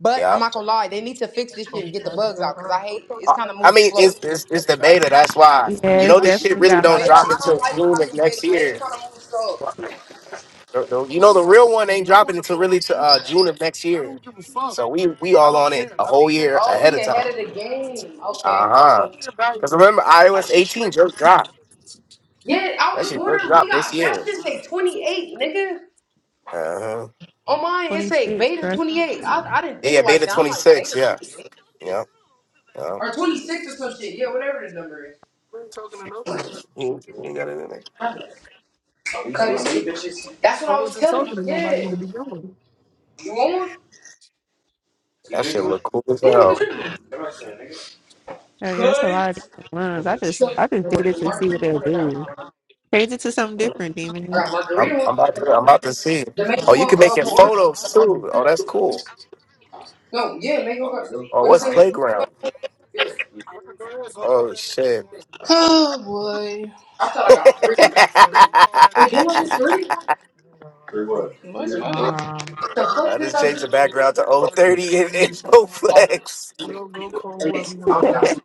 S24: But I'm
S6: Yeah.
S24: not gonna lie, they need to fix this shit
S6: Uh,
S24: and get the bugs out because I hate it's kind of
S6: I
S24: moving
S6: mean,
S24: slow.
S6: it's it's it's the beta. That's why
S14: Yeah,
S6: you
S14: it's
S6: know this shit
S14: definitely
S6: really
S14: got a lot
S6: don't
S24: Beta,
S14: of
S6: drop
S24: I
S14: shit
S24: don't
S14: going
S6: until
S24: like
S14: on.
S24: when
S6: June
S24: I do
S6: of next
S24: beta. Beta
S6: year.
S24: kind of moves slow.
S6: The- the- You know the real one ain't dropping until really to uh, June of next year. So we we all on it a whole year
S24: Oh,
S6: ahead
S24: we
S6: of time.
S24: ahead of the game.
S6: Uh
S24: Okay.
S6: huh. Because remember iOS 18 just dropped.
S24: Yeah, I
S6: That
S24: was
S6: shit just
S24: wondering. We
S6: dropped this
S24: got that
S6: year.
S24: shit say 28, nigga.
S6: Uh huh.
S24: On mine, it
S14: Twenty
S24: say
S14: six,
S24: beta
S14: right?
S24: 28. I, I didn't think
S6: Yeah,
S24: like
S6: beta
S24: that. I'm like
S6: 26.
S24: beta
S6: Yeah.
S24: 28
S6: Yeah. Yeah.
S24: or 26 or some shit. Yeah, whatever the number is.
S6: You, you got it in there.
S24: That's what I was telling you. Yeah. You want one? You
S6: That shit
S24: drinking one?
S6: look cool as
S24: Yeah, we can
S6: hell.
S24: drink one. Come on, son, nigga.
S14: Hell yeah, it's a lot of different ones. I just I just did
S24: Sure,
S14: it
S24: the
S14: to see what
S24: margarita
S14: they'll
S24: one or that
S14: do.
S24: one?
S14: Change it to something different,
S24: I
S14: demon.
S24: got
S6: I'm,
S24: margarita one.
S6: I'm about to I'm about to see. Oh,
S24: Jamaican
S6: you
S24: one,
S6: can make
S24: uh,
S6: it
S24: more.
S6: photos too. Oh, that's cool.
S24: No, yeah, mango. one.
S6: Oh,
S24: What is
S6: what's
S24: it?
S6: playground?
S24: Yeah.
S6: Oh shit.
S27: Oh boy,
S24: I thought
S6: (laughs)
S24: I
S6: I
S24: got three. Wait, didn't I do three? Three what?
S27: what's
S24: Three. what?
S27: funny?
S17: Um
S24: The fuck did
S6: just
S24: I
S6: changed the
S24: do?
S6: background to 030 and, and no
S24: Oh,
S6: flex.
S24: that makes sense. I only got two.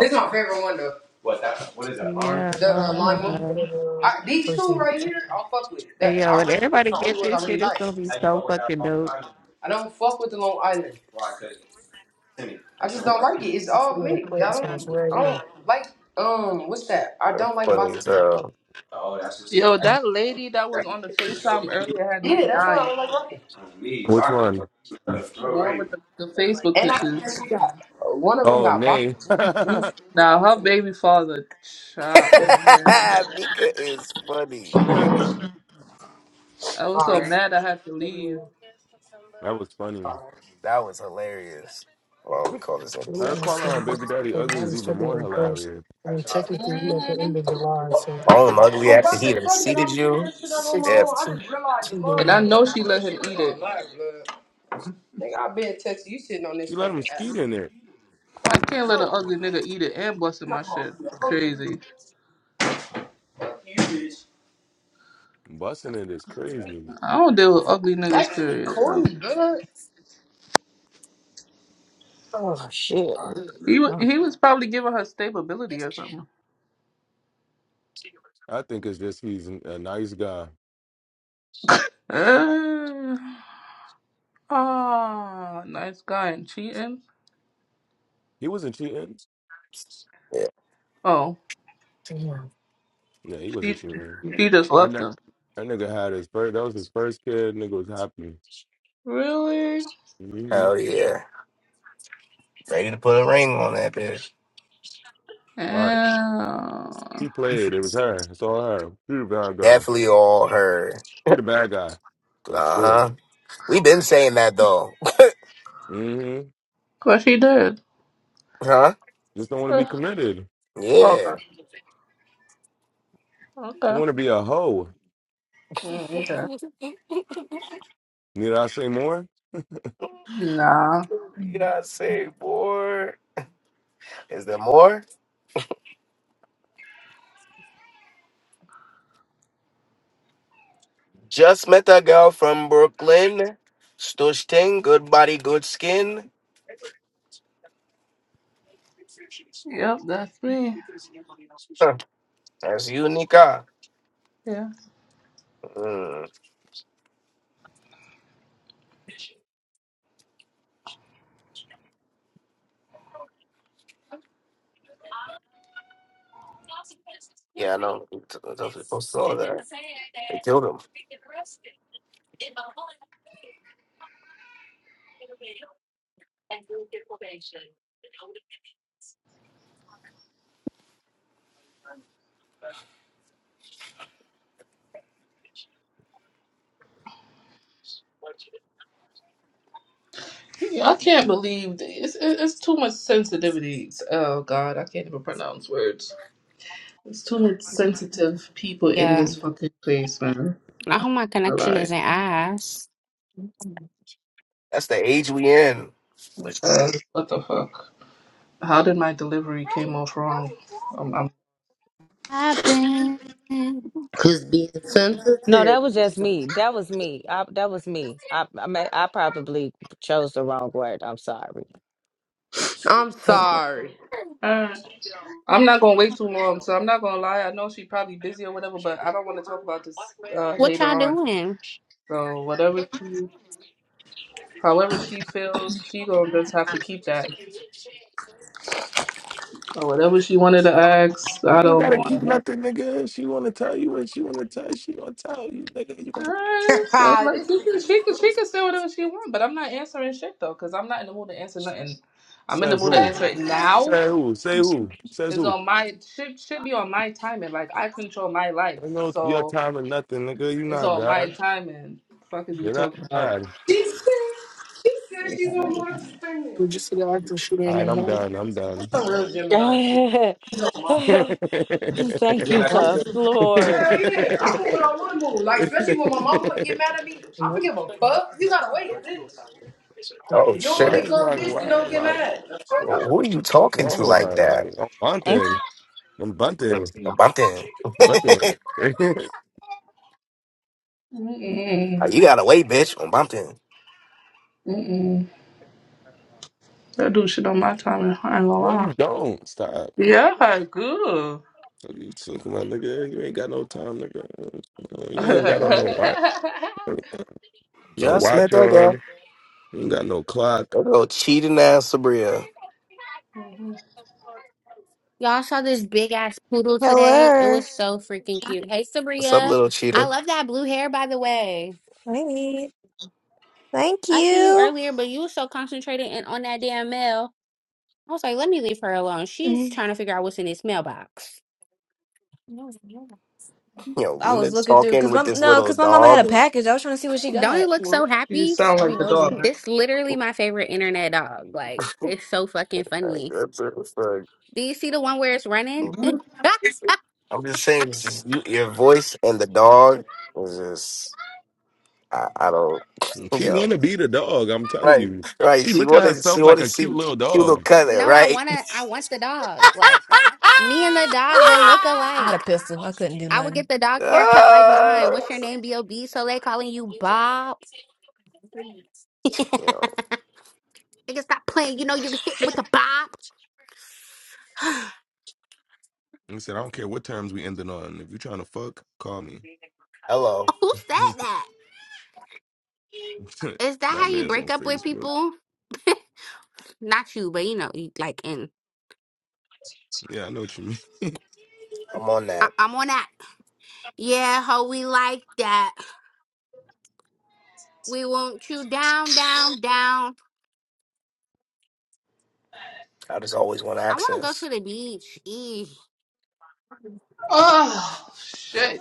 S24: This is my favorite one though. What that? What is that? Lime?
S14: Yeah.
S24: The uh,
S14: Um,
S24: lime one.
S14: uh,
S24: I, these two right here, I'll fuck with.
S14: hey
S24: That
S14: yo,
S24: I
S14: when
S24: really, this
S14: everybody
S24: the only
S14: get
S24: ones I
S14: this
S24: really
S14: shit, it's
S24: like.
S14: gonna be
S24: How you
S14: so
S24: fuck with that
S14: fucking
S24: Long
S14: dope.
S24: Island? I don't fuck with the Long Island. Why? 'Cause I just don't like it. It's all me. I don't. I don't like. Um, what's that? I
S6: That's
S24: don't like
S6: funny as
S24: vodka.
S6: hell.
S24: Oh, that's just
S27: Yo,
S24: that's
S27: that lady that was on the
S24: that's so
S27: FaceTime earlier had me
S24: Yeah, that's why I
S27: dying.
S24: don't like vodka. me,
S1: Which
S24: vodka.
S1: one?
S27: The
S24: All
S27: one
S24: right.
S27: with the, the Facebook
S24: And I think
S27: pictures.
S24: that's who got one of them
S1: Oh,
S24: got vodka
S1: Nay.
S24: gin
S1: (laughs)
S24: juice
S1: that
S27: Now her
S24: in the
S27: baby father, chop man,
S6: (laughs) Nika is funny.
S27: I was so
S24: car. Right?
S27: mad I had to leave.
S1: was funny.
S6: That was hilarious. Well, let me call this nigga
S1: Her
S6: Fats.
S1: calling her baby daddy ugly is even more hilarious.
S24: I tried to put
S27: hmm
S6: All them ugly
S24: Well, of
S6: after he done
S24: tell you that
S6: seated
S24: I figured
S6: you.
S24: that shit out on my
S6: Yeah.
S24: own. I just realized the
S27: And I
S24: motherfucker.
S27: know she
S24: I know
S27: let him
S24: shit
S27: eat it.
S24: on live. blood. Nigga, I been texting you sitting on this
S1: She let him
S24: fucking app.
S1: skeet in there.
S27: I can't let an ugly nigga eat it and busting my shit. Crazy.
S1: Busting it is crazy. to me.
S27: I don't deal with ugly niggas,
S24: That's just
S27: period. So
S24: corny, blood.
S17: oh shit.
S27: he was
S17: Mm.
S27: he was probably giving her stability or something.
S1: I think it's just he's a nice guy.
S27: Uh, ah, nice guy and cheating.
S1: He wasn't cheating.
S6: yeah.
S27: Oh,
S1: Yeah, he wasn't
S27: she
S1: cheating.
S27: she just
S1: That,
S27: left
S1: ni-
S27: him.
S1: that nigga had his first. That was his first kid. Nigga was happy.
S27: Really?
S1: hmm
S6: Hell yeah. Ready to put a ring on that bitch.
S1: All right,
S27: Yeah.
S1: he played. It was her. It's all her. He the bad guy.
S6: Definitely all her.
S1: He the bad guy for
S6: Uh
S1: sure.
S6: huh. we been saying that though.
S1: hmm
S27: But she did. (sighs)
S6: (laughs) huh?
S1: Just don't want to be
S27: Uh,
S1: committed.
S6: Yeah.
S27: Okay.
S1: You
S27: Okay.
S1: want to be a hoe.
S27: Mm, okay.
S1: Need I say more?
S27: Nah.
S6: Beyonce, boy. Is there more? Just met a girl from Brooklyn. Stush ting, good body, good skin.
S27: Yep, that's me.
S6: (laughs) That's you, Nika.
S27: Yeah.
S6: Mm. Yeah, I know. Those people saw that. They killed him.
S27: Yeah, I can't believe th- it's it- it's too much sensitivity. Oh God, I can't even pronounce words. There's too much sensitive people in
S21: Yeah.
S27: this fucking place, man.
S21: I
S27: I'm
S21: hope my
S27: not gonna
S21: connection
S27: lie.
S21: isn't ass.
S6: That's the age we in.
S27: Like, uh, what the fuck? How did my delivery came off wrong? I'm, I'm,
S24: Cause being
S17: No,
S24: sensitive.
S17: that was just me. That was me. I, that was me. I I, may, I probably chose the wrong word. I'm sorry.
S24: I'm sorry. (laughs)
S27: Alright. I'm not gonna wait too long, so I'm not gonna lie. I know she's probably busy or whatever, but I don't want to talk about this uh,
S21: What
S27: later
S21: y'all
S27: on.
S21: doing?
S27: So whatever she, however she feels, she gonna just have to keep that. Or whatever she wanted to ask, I
S1: You
S27: don't
S1: got
S27: want.
S1: it.
S27: Alright, So
S24: Ah,
S27: like
S24: this
S27: she can
S24: nigga
S27: she can
S24: stupid.
S27: she can say whatever she wants, but I'm not answering shit though, cause I'm not in the mood to answer nothing. I'm in the
S1: Says
S27: mood to
S1: who?
S24: That
S27: answer it
S24: nigga,
S27: now.
S1: Say who? Say who? Says
S27: It's
S1: who?
S27: on my should should be on my timing. Like I control my
S1: I
S27: life,
S1: know your
S27: so
S1: time or nothing, nigga. You
S27: it's
S1: not
S27: on my
S1: God.
S27: timing. Fuck is you
S1: You're not
S27: talking about?
S1: done.
S24: she said, she said
S27: Yeah.
S24: she's on one spinning.
S1: All right, I'm done. I'm
S24: That's
S1: done.
S24: a real
S17: (laughs)
S24: Gemini shit.
S17: Thank
S1: (laughs)
S17: you, tough Lord.
S24: Hell yeah, I'm moving on one move. Like, especially when my mama get mad at me, I don't give a fuck. You gotta wait, bitch.
S6: Oh
S24: You
S1: why,
S24: don't wanna be
S6: shit.
S24: called
S1: why,
S24: a bitch, then
S1: why,
S24: don't get
S1: why?
S24: mad. The fuck?
S6: Well, who are you
S1: What's
S6: talking
S1: wrong
S6: to
S1: with
S6: like
S1: her?
S6: that?
S1: Like, I'm
S17: I'm
S1: bunting. I'm bunting.
S6: Mm, Bumpton.
S1: Bunting. (laughs)
S27: Mm-mm.
S6: Oh, you gotta wait, bitch. On Bumpton.
S27: Mm-mm. That dude shit on my timing. I ain't gonna
S1: no,
S27: lie.
S1: you don't. Stop.
S27: Yeah, good.
S1: So You took my nigga. You ain't got no time, nigga. You ain't got no no
S27: (laughs)
S1: watch. No
S6: Just met
S1: watch
S6: that girl.
S1: on. You ain't got no clock.
S6: That little cheating ass Sabria.
S27: Mhm.
S21: Y'all saw this big ass poodle today. It
S28: Hello.
S21: was so freaking cute. Hey,
S6: What's up,
S21: Sabria.
S6: little
S21: I
S6: cheater?
S21: love that blue hair, by the way.
S28: Wait. Thank
S21: I seen you
S28: you.
S21: earlier, but you were so concentrated and on that damn mail. I was like, let me leave her alone. She's
S28: Mm.
S21: trying to figure out what's in this mailbox. No, no.
S6: You know,
S28: I was
S6: Lena's
S28: looking through
S6: talking
S28: because
S6: with
S28: my
S6: this
S28: no,
S6: little
S28: because my mama had
S6: dog.
S28: a package. I was trying to see what she
S21: Don't it
S28: got.
S21: look so
S27: You
S21: happy?
S27: sound
S28: I'd
S27: like
S28: be
S27: the
S28: nosy.
S27: dog.
S21: This literally my favorite internet dog. Like it's so fucking
S6: Like,
S21: funny.
S6: that's a- that's a-
S21: Do you see the one where it's running?
S27: man.
S21: (laughs)
S6: I'm just saying, it's just you, your voice and the dog was just. I, I don't. (laughs)
S1: She
S6: Yo.
S1: wanna be the dog. I'm telling
S6: Right,
S1: you.
S6: right.
S1: She
S6: She
S1: look at
S6: wanted she wanted to see cute little color,
S21: no, I
S6: right?
S21: wanna I want the dog. Like
S6: (laughs)
S21: me and the
S28: (laughs)
S21: dog would look
S28: I had a
S21: alike.
S28: pistol. I couldn't do
S21: I would
S28: nothing.
S21: get the dog's haircut like
S6: Ah.
S21: mine. What's your name, B.O.B.? So they calling you Bob. (laughs)
S6: Yo,
S21: Nigga, stop playing. You know you get hit with the Bob. (gasps) Who
S1: and said, "I don't care what terms we ending on. If you trying to fuck, call me."
S6: hello.
S21: said
S1: (laughs)
S21: that? Is that
S1: My
S21: how you
S1: man's on
S21: break up with
S1: Facebook.
S21: people? (laughs) Not you, but you know, you- like in
S1: Yeah, I know what you mean.
S6: I'm on
S21: I-
S6: that.
S21: I'm on that. Yeah, ho, we like that. We want you down, down, down.
S6: I just always want
S21: I want to go
S6: access.
S21: to the beach. Eee.
S27: Oh shit.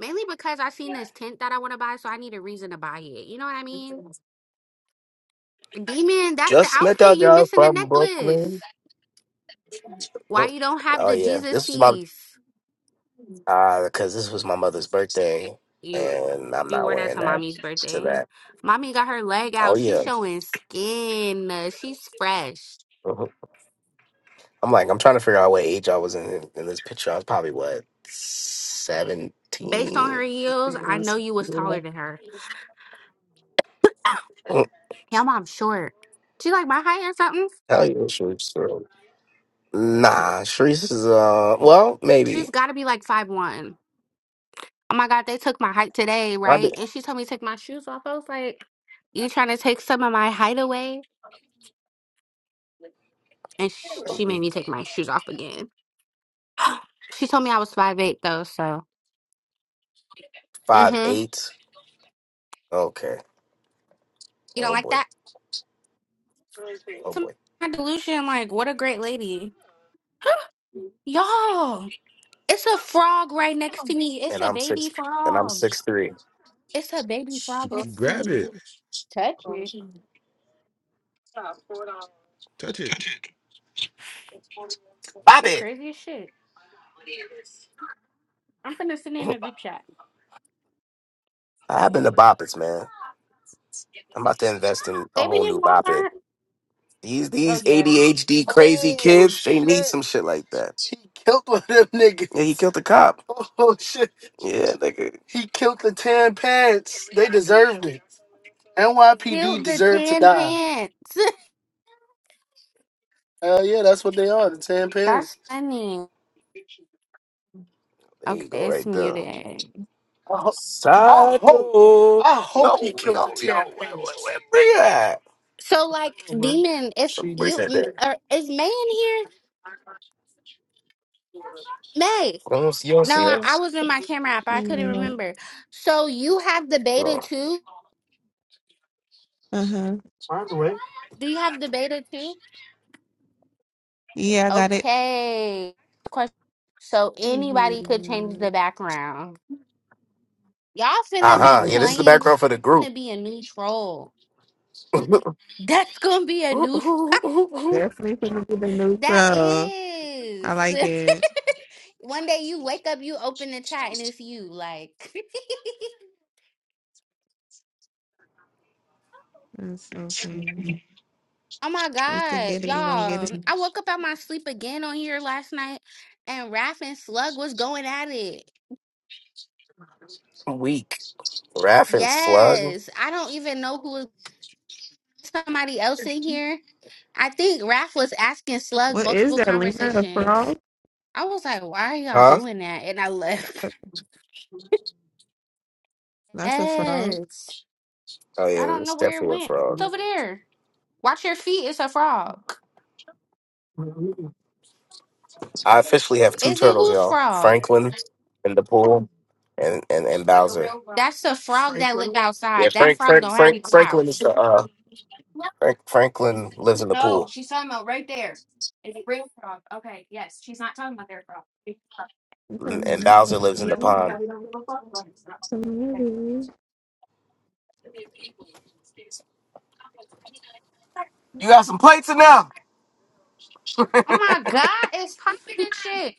S21: Mainly because I seen this tent that I want to buy, so I need a reason to buy it. You know what I mean? Demon, that's the
S6: Just met
S21: outfit.
S6: that
S21: You
S6: guy
S21: missing the
S6: from
S21: necklace.
S6: Brooklyn.
S21: Why
S6: Mm,
S21: you don't have
S6: Oh
S21: the
S6: yeah,
S21: Jesus
S6: this was my
S21: piece?
S6: uh because this was my mother's
S21: Y-
S6: birthday,
S21: You
S6: and I'm
S21: you
S6: not
S21: wore that
S6: wearing
S21: to
S6: that
S21: mommy's
S6: to
S21: birthday.
S6: that.
S21: Mommy got her leg
S6: Oh
S21: out. She
S6: yeah.
S21: showing skin. Uh, She's fresh.
S6: Mm-hmm. I'm like, I'm trying to figure out what age I was in in this picture. I was probably what
S21: Based on her
S6: seventeen.
S21: heels, I know you was taller than her.
S6: Mm,
S21: Y'all, am short. She like my height or something.
S6: Hell yeah, Sharice. bro. Nah, Sharice is uh, well, maybe.
S21: She's got to be like five one. Oh my god, they took my height today,
S6: I be
S21: right? And she told me to take my shoes off. I was like, "You trying to take some of my height away?" And sh-
S6: I'm
S21: she made me
S6: weak.
S21: take my shoes off again. (gasps) she told me I was five eight though, so
S6: Five
S21: hmm
S6: eight. Okay.
S21: you don't
S6: Oh
S21: like
S6: boy.
S21: that?
S6: Oh
S21: To
S6: boy.
S21: my delusion, like what a great lady, (gasps) y'all. It's a frog right next to me. It's
S6: And
S21: a
S6: I'm six.
S21: baby
S6: And I'm
S21: frog.
S6: six three.
S21: It's a baby frog
S1: (laughs)
S21: next to
S1: Grab
S21: me.
S1: it,
S21: Touch it.
S1: touch it.
S6: Bop
S21: You
S6: it.
S21: crazy as shit. I'm finna send it in a group chat.
S6: I've been to bop it, man. I'm about to invest in a
S21: They be
S6: whole new
S21: in
S6: bop it.
S21: Walmart.
S6: These
S21: Oh
S6: these
S21: yeah.
S6: ADHD crazy kids, they need some shit like that. Yeah, he killed the cop. Yeah, nigga.
S21: Hilt the tan pants. (laughs) That's funny.
S6: There you go,
S21: Okay, it's
S6: right there.
S21: muted.
S6: ho- Side door. No, no, no. Wait, wait, wait. Bring it
S21: So like, demon, if
S6: She bring
S21: you
S6: it
S21: m-
S6: there.
S21: er, is May in here? May.
S6: You don't see you don't
S21: No,
S6: see
S21: I, I
S6: us?
S21: was in my camera app. I couldn't
S14: Yeah.
S21: remember. So you have the beta
S6: Uh
S21: too?
S14: Uh huh.
S21: Do you have the beta too?
S14: Yeah, I got it.
S21: Okay. Question. So anybody could change
S14: Mhm.
S21: the background. Y'all finna
S6: huh.
S21: be
S6: Yeah, this
S14: Yeah.
S6: is the
S21: playing. T-
S6: background for the group.
S21: Finna be a new troll. That's gonna be a new.
S14: Definitely gonna be the new
S21: That
S14: flow. I
S21: is.
S14: like
S21: (laughs)
S14: it.
S21: One day you wake up, you open the chat, and it's you. Like, (laughs)
S14: That's so funny.
S21: oh my
S14: You should
S21: god,
S14: get it. You gonna get
S21: y'all!
S14: it.
S21: mm, I woke up out my sleep again on here last night, and Raph and Slug was going at it.
S6: (laughs) Weak. Raffin slug.
S21: Yes, I don't even know who was somebody else in here. I think Raph was asking Slug
S14: What is
S21: multiple
S14: that, Lena? A
S21: conversations.
S14: frog?
S21: I was like, why are y'all
S6: Huh?
S21: doing that? And I left. (laughs)
S14: That's a frog.
S21: Yes.
S6: Oh yeah,
S21: I don't
S6: that's
S21: know where it
S6: definitely a
S21: went. It's
S6: frog.
S21: over there. Watch your feet. It's a frog.
S6: I officially have two
S21: Is it
S6: turtles,
S21: whose
S6: y'all.
S21: frog?
S6: Franklin and the pool and, and, and
S21: Like a
S6: Bowser.
S21: real frog. That's a frog that live
S6: Yeah,
S21: outside. That
S6: Frank
S21: frog
S6: Frank
S21: don't have no
S6: Frank Franklin is the
S21: house.
S6: uh Frank Franklin lives in the
S21: No,
S6: pool.
S21: she's talking about right there. It's a real frog. Okay, yes. She's not talking about their frog. It's a frog.
S14: We
S6: And and Bowser lives in the pond. You got some plates in there?
S21: Oh my god, it's popping and shit.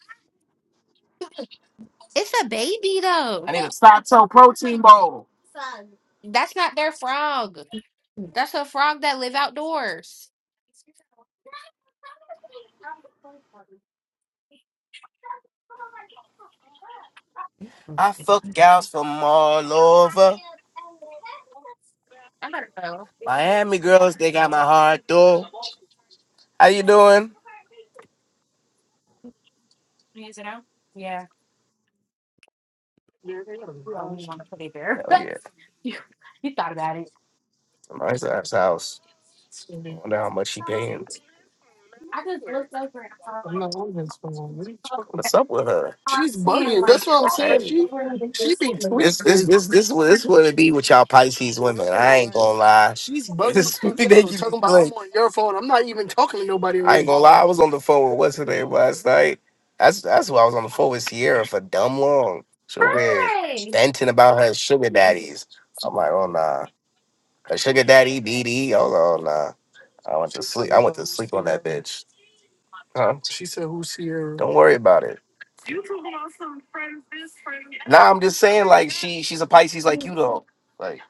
S21: It's a baby though.
S6: I need a Sato protein bowl.
S21: Frog. That's not their frog. That's a frog that live outdoors.
S6: I fuck gals from all over.
S21: I gotta go.
S6: Miami girls, they got my heart though. How you doing?
S21: Is it out?
S6: Hell yeah.
S21: You, (laughs) you got it.
S6: Somebody's at his house. Wonder how much she paying.
S21: I just looked over.
S6: What's up with her? She's bugging. That's
S21: like,
S6: what I'm saying. Like, She she be tweaking. This this this this what this what it be with y'all Pisces women. I ain't gonna lie. She's (laughs) bugging. as This fuck. This They keep talking be about I'm like, on your phone. I'm not even talking to nobody. I ain't right gonna now. lie. I was on the phone with what's her name last night. That's that's why I was on the phone with Sierra for dumb long. She over here
S21: Hi.
S6: venting about her sugar daddies. I'm like, oh nah, her sugar daddy BD. Oh, oh no, nah. I went to She said sleep. I went to who's sleep on that Sierra? bitch. Huh? She said, "Who's Sierra?" Don't worry about it. Nah, I'm just saying, like she she's a Pisces like you though. Like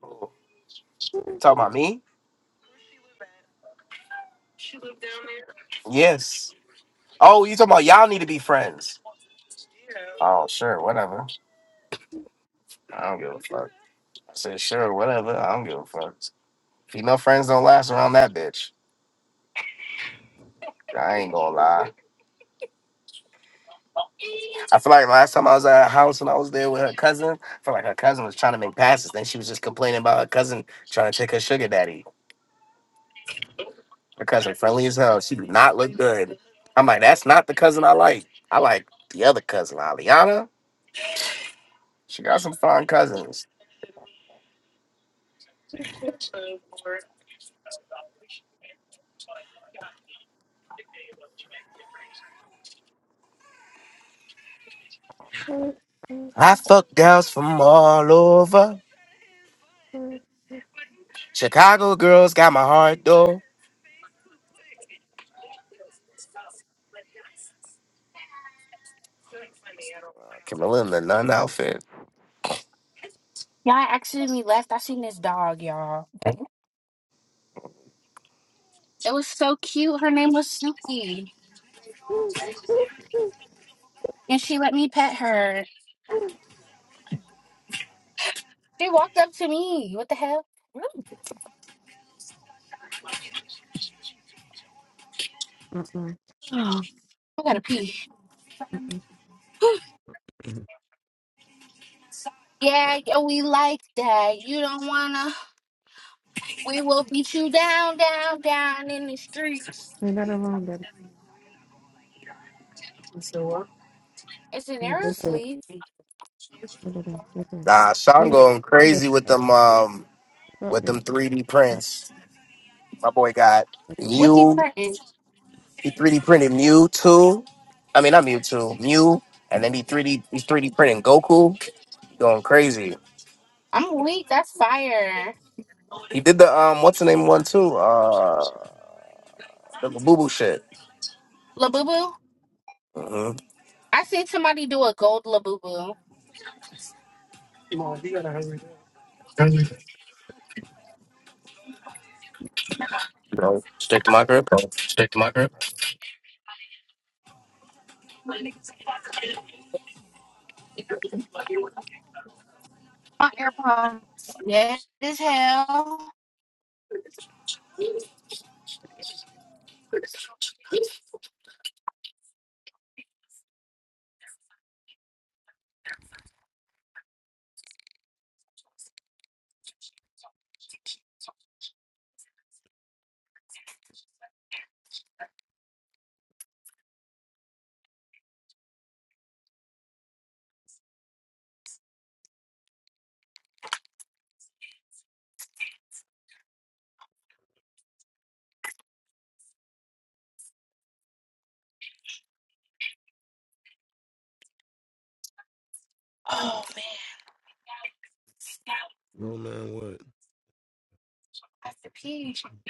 S6: talking about me? Yes. Oh, you talking about y'all need to be friends. Oh, sure, whatever. I don't give a fuck. I said, sure, whatever. I don't give a fuck. Female friends don't last around that bitch. I ain't gonna lie. I feel like last time I was at her house and I was there with her cousin, I feel like her cousin was trying to make passes. Then she was just complaining about her cousin trying to take her sugar daddy. Her cousin friendly as hell. She do not look good. I'm like, that's not the cousin I like. I like the other cousin, Aliana. She got some fine cousins. I fuck gals from all over. Chicago girls got my heart though. Camilla in the nun outfit.
S21: Y'all accidentally left. I seen this dog, y'all. It was so cute. Her name was Snoopy, and she let me pet her. She walked up to me. What the hell? (gasps) Oh, I gotta pee. (gasps) Yeah, yeah, we like that. You don't wanna. We will beat you down, down, down in the streets.
S14: got along that
S21: It's an
S14: look
S21: arrow
S14: at
S21: sleeve.
S14: look at look at
S6: Nah,
S14: We
S6: Sean
S14: were
S6: going
S14: the
S6: crazy with them um
S14: front
S6: with them
S14: man.
S6: 3D
S14: Like,
S6: prints. My boy got
S21: What's he
S6: Mew.
S21: putting?
S6: He 3D printed Mew two. I mean not Mew two, Mew, and then he 3D he's 3D printing Goku. Going crazy.
S21: I'm weak. That's fire.
S6: He did the um what's the name one too? Uh the boo boo shit.
S21: Labubu.
S6: Mm-hmm.
S21: I seen somebody do a gold labubu. Go.
S6: You know, stick to my crib.
S21: Stick to my grip. My AirPods. Dead as hell. Oh man. Now
S1: No man, what?
S21: I have to pee. You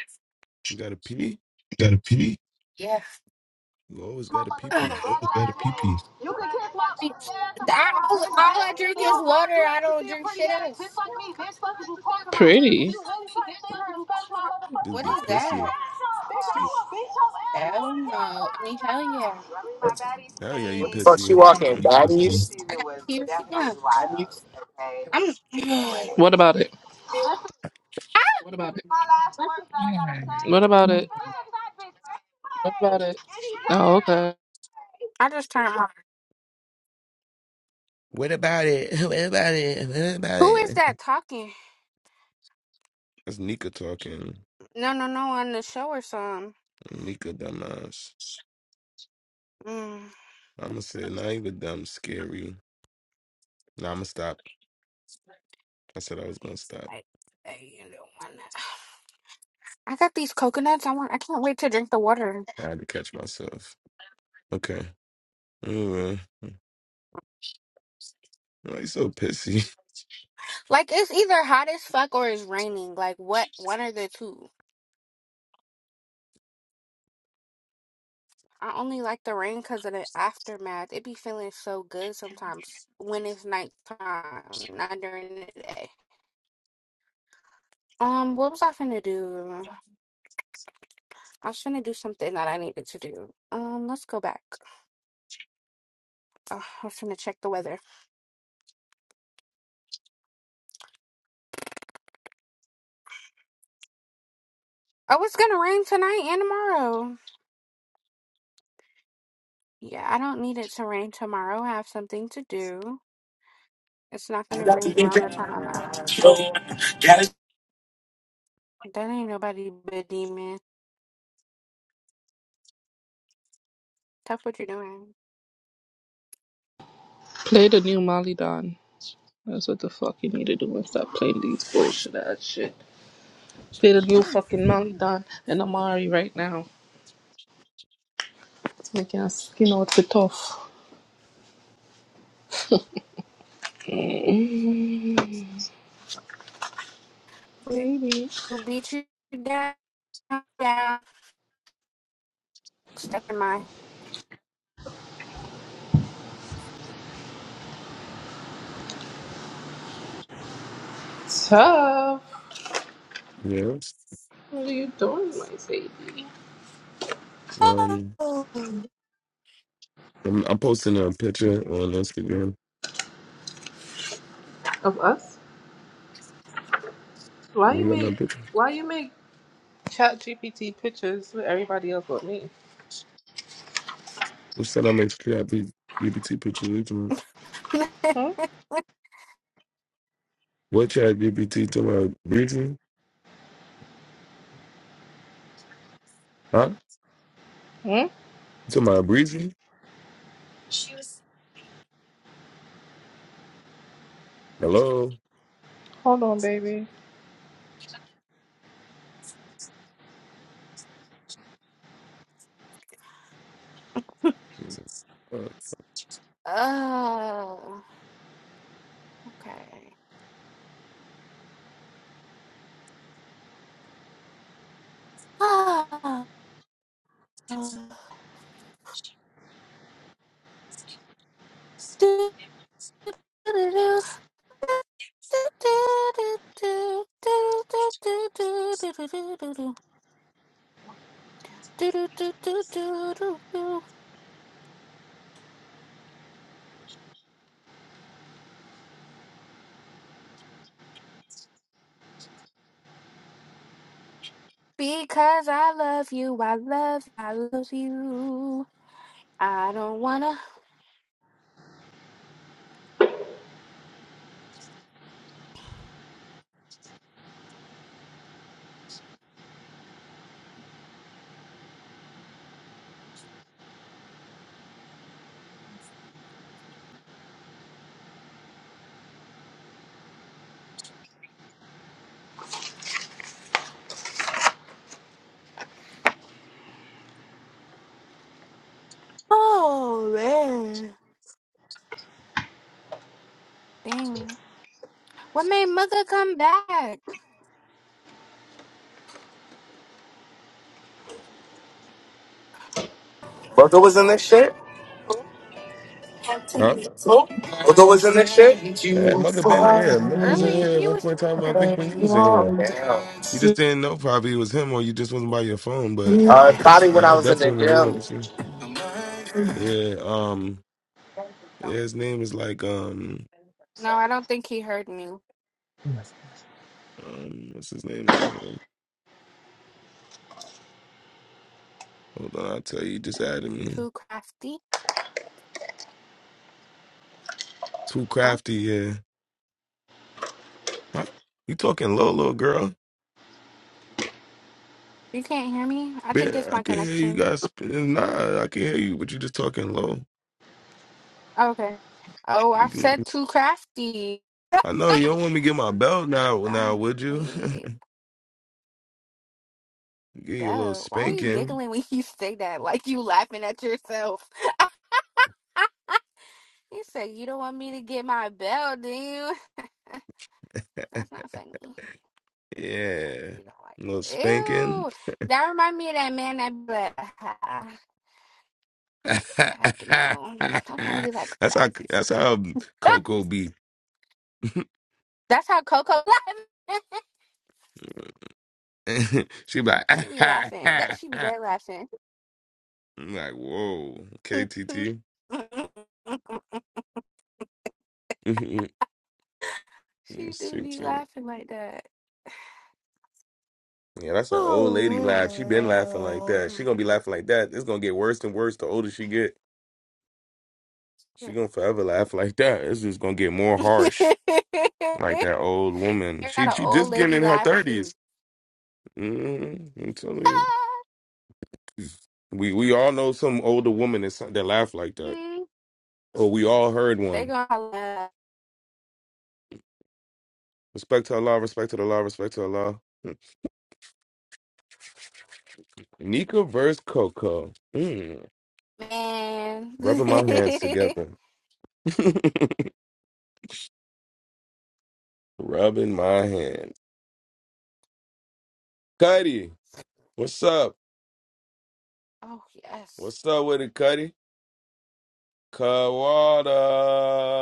S1: You got to pee?
S21: got a pee? Yeah.
S1: You always
S27: my
S1: got to pee
S21: Ugh.
S1: pee.
S27: motherfucking
S21: Oh,
S27: black
S21: you got a
S27: ass
S21: pee pee.
S27: ass. You can kiss my
S21: Bitch.
S27: ass
S21: I,
S27: around,
S21: all,
S27: bitch,
S21: all
S27: bitch.
S21: I drink
S27: You
S21: is
S27: know, God,
S21: water.
S27: you
S21: I
S27: hate to
S21: don't
S27: see a
S21: drink
S27: pretty
S21: shit
S27: ass bitch
S21: else.
S27: like me, bitch. Fuck is you talking about? Pretty. Bitch, you really trying to sit here and scratch my
S1: Just
S27: motherfucking
S21: What
S1: be
S21: is
S27: face up, you
S1: pissy.
S21: that?
S27: ass? Bitch,
S21: Let's see.
S27: will beat your ass with my
S21: Hell no. I mean,
S27: pants
S21: hell yeah.
S27: off.
S1: Hell yeah, you
S6: What the fuck she
S1: pissy.
S6: walking?
S21: Yeah, pussy.
S6: Baddies?
S21: I got a key right I'm. (gasps)
S27: What about it?
S21: What about it?
S27: My last words that I gotta say. What about it? Bitch,
S21: What
S27: a bitch.
S21: about it?
S27: Oh, okay.
S21: I just turned my.
S1: What about it? (laughs) What about it? What about
S21: Who is
S1: it?
S21: that talking?
S1: That's Nika talking.
S21: No, no, no, on the show or something.
S1: Nika dumbass.
S21: Mm.
S1: I'ma say not even dumb, scary. Nah, I'ma stop. I said I was gonna stop.
S21: I, I, you know, on that- (sighs) I got these coconuts. I want. I can't wait to drink the water.
S1: I had to catch myself. Okay. Anyway, why you so pissy? (laughs)
S21: Like it's either hot as fuck or it's raining. Like what? One or the two. I only like the rain because of the aftermath. It be feeling so good sometimes when it's nighttime, not during the day. Um, what was I finna do? I was gonna do something that I needed to do. Um, let's go back. Ugh, I was gonna check the weather. Oh, it's gonna rain tonight and tomorrow. Yeah, I don't need it to rain tomorrow. I have something to do. It's not gonna rain around the
S6: Bozo
S21: time I'm out. That ain't nobody but demon. Stop what you're doing.
S27: Play the new Molly Don. That's what the fuck you need to do and stop playing these bullshit ass shit. Play the new fucking Molly Don and Amari right now. Making our skin out be tough. Mm,
S21: Mm.
S27: baby.
S21: We'll beat you down, down. Step in my.
S27: Tough.
S1: Yes.
S27: What are you doing, my baby?
S1: Um, I'm, I'm posting a picture on Instagram.
S27: Of us? Why
S1: You
S27: you
S1: got my
S27: make
S1: picture?
S27: why you make chat GPT pictures with everybody else but me?
S1: Who said I make chat GPT pictures? You talking-
S27: Hmm?
S1: What chat GPT to my breezy? Huh?
S27: Hmm?
S1: To my breezy? Hello?
S27: Hold on, baby.
S1: Uh,
S21: oh, okay. (laughs) Ah, do, do, do, Because I love you, I love, I love you. I don't wanna. Oh man, dang! What made mother come back
S6: was in this shit?
S1: Huh?
S6: Bozo was in this shit?
S1: Yeah, Mugga been in here. Mugga was in here
S21: earlier?
S1: at
S21: You
S1: one
S21: was
S1: point in time. I
S21: here.
S1: think when you was in here,
S6: Damn.
S1: you just didn't know probably it was him, or you just wasn't by your phone. But
S6: Uh, probably when
S1: yeah, I
S6: I
S1: was
S6: was in
S1: definitely
S6: the
S1: in the room at
S6: gym.
S1: the same. Yeah, um, yeah, his name is like um,
S21: No, I don't think he heard me.
S1: um, what's his name on here? Hold on, I'll tell you. He Just added me.
S21: Too crafty,
S1: Too
S21: huh?
S1: crafty. Yeah, Huh? you talking low, little girl?
S21: You can't hear me. I think
S1: Man,
S21: it's
S1: I
S21: my
S1: can hear you
S21: connection.
S1: guys. sp- Nah, I can hear you, but you just talking low.
S21: Okay. Oh, I said too crafty.
S1: I know you don't want me to get my belt now. Now,
S21: I'm
S1: would you?
S21: weird.
S1: (laughs) get you a little
S21: Belle, why are you
S1: spanking.
S21: giggling when you (laughs) say that? Like you laughing at yourself. (laughs) He said, You don't want me to get my bell, do you? (laughs) That's not funny. I
S1: Yeah,
S21: really don't like
S1: a little spanking.
S21: Ew. That remind me of that man that be like, "Ah,
S1: (laughs) That's
S21: heck no. I don't really like all that.
S1: how that's how
S21: (laughs) Ah,
S1: Coco be. (laughs)
S21: That's how Coco laughing.
S1: she be like, (laughs)
S21: (laughs) she be
S1: I'm
S21: laughing. That she be dead laughing.
S1: like, whoa, KTT.
S21: (laughs)
S1: (laughs) yeah,
S21: she do be laughing like that.
S1: that's an old lady laugh. She been laughing like
S21: Oh
S1: that. She gonna be laughing like that. It's gonna get worse and worse the older she get. She
S21: man.
S1: gonna forever laugh like that. It's just gonna get more harsh.
S21: (laughs)
S1: Like that old woman.
S21: I got
S1: She
S21: an
S1: she
S21: old
S1: just getting
S21: lady
S1: in her
S21: laugh too.
S1: 30s Mm-hmm. We we all know some older woman that that laugh like that,
S21: (laughs)
S1: or we all heard
S21: They
S1: one.
S21: gonna holla,
S1: Respect to Allah, respect to Allah, respect to Allah. Hmm. Nika versus Coco. Mm.
S21: man. (laughs)
S1: Rubbing my hands together. (laughs) Rubbing my hands. Cuddy, what's up?
S21: oh yes,
S1: What's up with it, Cuddy?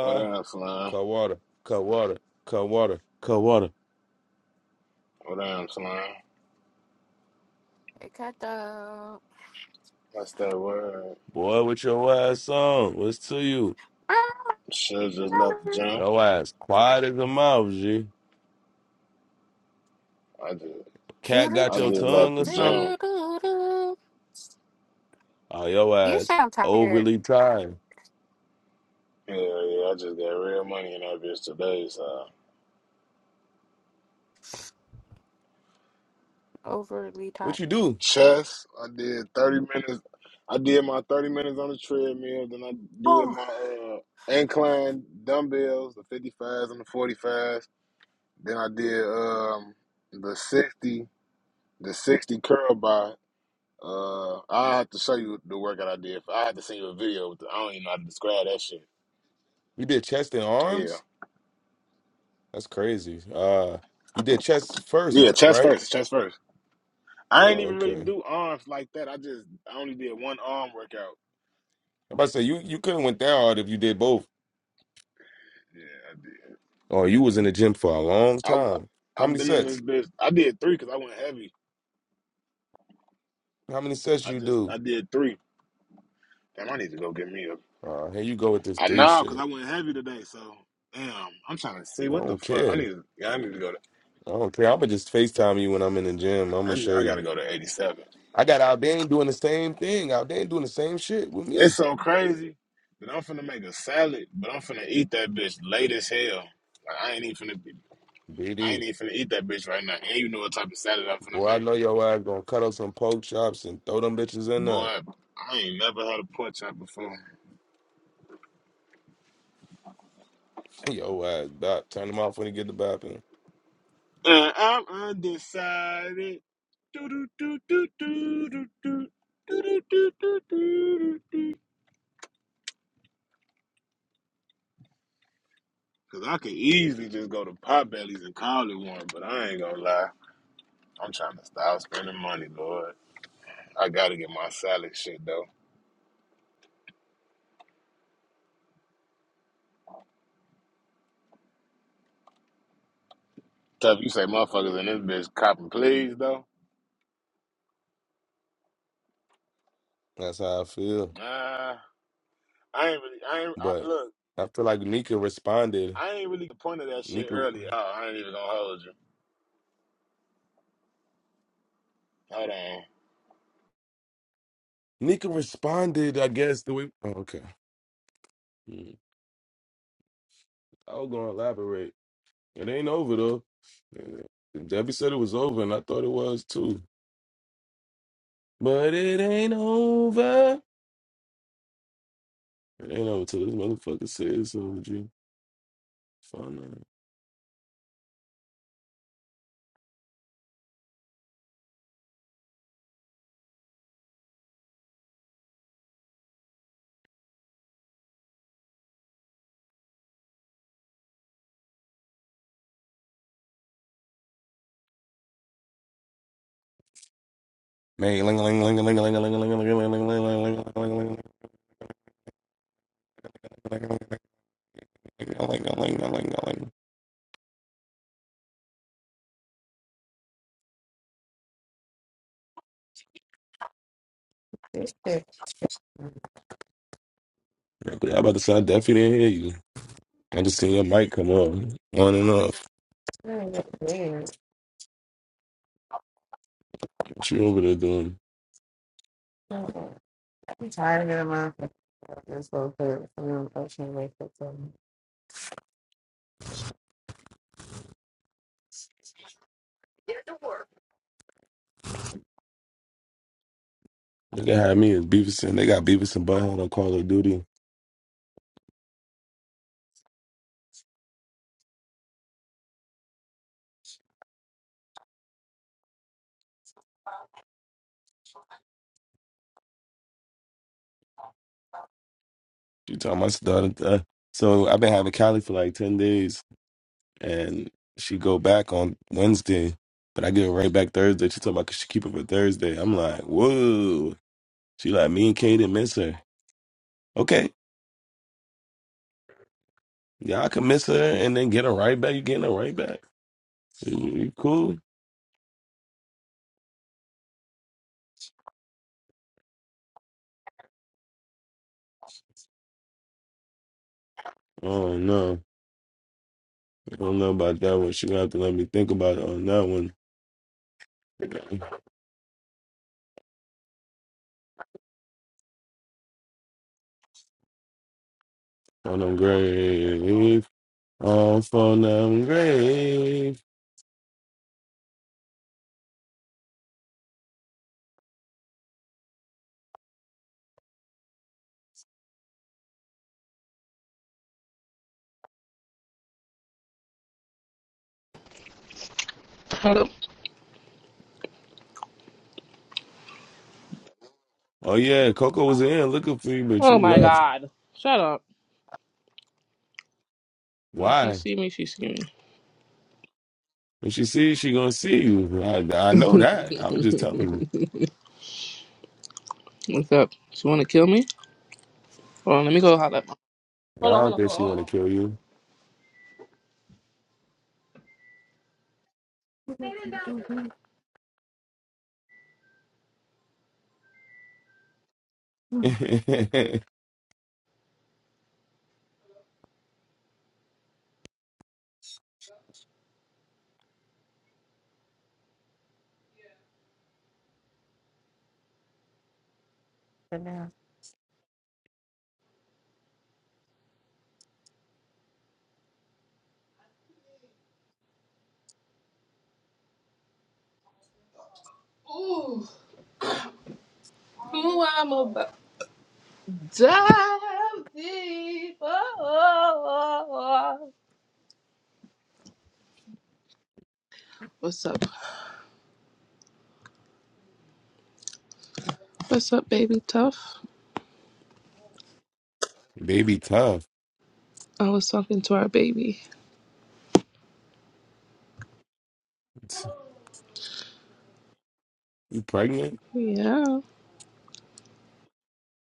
S16: What up, Slime?
S1: Kawada. Kawada. Kawada. Kawada.
S16: What up, Slime?
S21: they cut the.
S16: What's that word?
S1: Boy, with your ass on. What's to you?
S21: (laughs)
S16: Should just left the gym.
S1: Your ass quiet as a mouse, G.
S16: I just
S1: Cat got
S16: I
S1: your
S16: just left
S1: tongue or
S16: the
S1: something?
S16: gym.
S1: Oh, your
S21: You
S1: ass
S21: sound tired,
S1: overly tired.
S16: Yeah, yeah, I just got real money in that bitch today, so
S21: overly
S1: What
S21: tired.
S1: you do?
S16: chess, I did thirty minutes I did my thirty minutes on the treadmill, then I did
S21: Oh.
S16: my uh incline dumbbells, the fifty fives and the forty fives. Then I did um the sixty, the sixty curl by. Uh, I have to show you the workout I did. I had to send you a video. With the, I don't even know how to describe that shit.
S1: You did chest and
S16: Yeah,
S1: arms? That's crazy. Uh, you did chest first,
S16: yeah,
S1: ri-
S16: chest
S1: right?
S16: first, chest first. I ain't
S1: Oh,
S16: even really
S1: okay.
S16: do arms like that. I just I only did one arm workout.
S1: I'm about to say you you couldn't went that hard if you did both.
S16: Yeah,
S1: Oh, you was in the gym for a long
S16: I did.
S1: time.
S16: I
S1: How
S16: I've
S1: many
S16: been in this
S1: sets?
S16: bitch. I did three because I went heavy.
S1: How many sets
S16: I
S1: you
S16: just
S1: do?
S16: I did three. Damn, I need to go get me a.
S1: Uh, here you go with this
S16: I
S1: three
S16: know because I
S1: shit.
S16: went heavy today. So damn, I'm trying to see
S1: I
S16: what the
S1: don't
S16: fuck. I need.
S1: care.
S16: to- Yeah, I need to go to.
S1: I don't care. I'ma just FaceTime you when I'm in the gym. I'ma
S16: I, need,
S1: show
S16: I
S1: you.
S16: gotta go to eighty seven.
S1: I got Albane doing the same thing. Albane doing the same shit with me.
S16: It's so crazy that I'm finna make a salad, but I'm finna eat that bitch late as hell. Like I ain't even finna, I
S1: BD.
S16: ain't even finna eat that bitch right now. And you know what type of salad I'm finna
S1: Boy, I
S16: make,
S1: know your ass gonna cut up some pork chops and throw them bitches in there.
S16: boy? I ain't never had a pork chop before.
S1: Yo ass, dot. Turn them off when you get the bathroom.
S16: And I'm undecided. Do do do do do do do. Do, do, do, do, do, Cause I could easily just go to Potbelly's and call it one, but I ain't gonna lie. I'm trying to stop spending money, Lord. I gotta get my salad shit though. Tough, you say motherfuckers in this bitch copping please though.
S1: That's how I feel.
S16: Nah, I ain't really. I ain't I,
S1: But
S16: look.
S1: I feel like Nika responded.
S16: I ain't really the point of that shit
S1: Nika,
S16: earlier. Oh, I ain't even gonna hold you. Hold on.
S1: Nika responded. I guess the way. Oh, okay. Mm. I was gonna elaborate. It ain't over though. Debbie said it was over, and I thought it was too. But it ain't over. It ain't over till this motherfucker says it's over. G. Fun. Man, ling ling ling ling ling ling ling ling ling ling ling ling ling ling ling ling ling Yeah, I'm
S14: This shit,
S1: about to say, I definitely didn't hear you. I just seen your mic come on, on and off.
S14: I ain't got the legs.
S1: What you over there doing?
S14: Uh-uh. I'm tired of getting my this whole thing. I'm gonna go
S1: They had me as Beavis and they got Beavis and Butthead on Call of Duty. She told my daughter. uh, So I've been having Callie for like ten days, and she go back on Wednesday, but I get her right back Thursday. She told me I could she keep it for Thursday. I'm like, whoa. She like me and Kay didn't miss her. Okay, y'all can miss her and then get her right back. You getting her right back? You you cool? Oh no, I don't know about that one. She gonna have to let me think about it on that one. On them grave, off on them grave.
S27: Hello.
S1: Oh yeah, Coco was in looking for you, but
S27: Oh
S1: you
S27: my
S1: left.
S27: god. Shut up. When she
S1: Why?
S27: see me, she see me.
S1: When she sees, she gonna see you. I, I know that. I was just telling you.
S27: What's up? She wanna kill me? Hold on, let me go holler.
S1: I
S27: Hold on, hold
S1: don't
S27: on,
S1: think
S27: hold
S1: she
S27: on,
S1: want to kill you.
S14: to
S1: (laughs)
S14: the
S27: hold on. Ooh, who I'm about to dive deeper. What's up? What's up, baby tough?
S1: Baby, tough.
S27: I was talking to our baby.
S1: You pregnant?
S27: Yeah.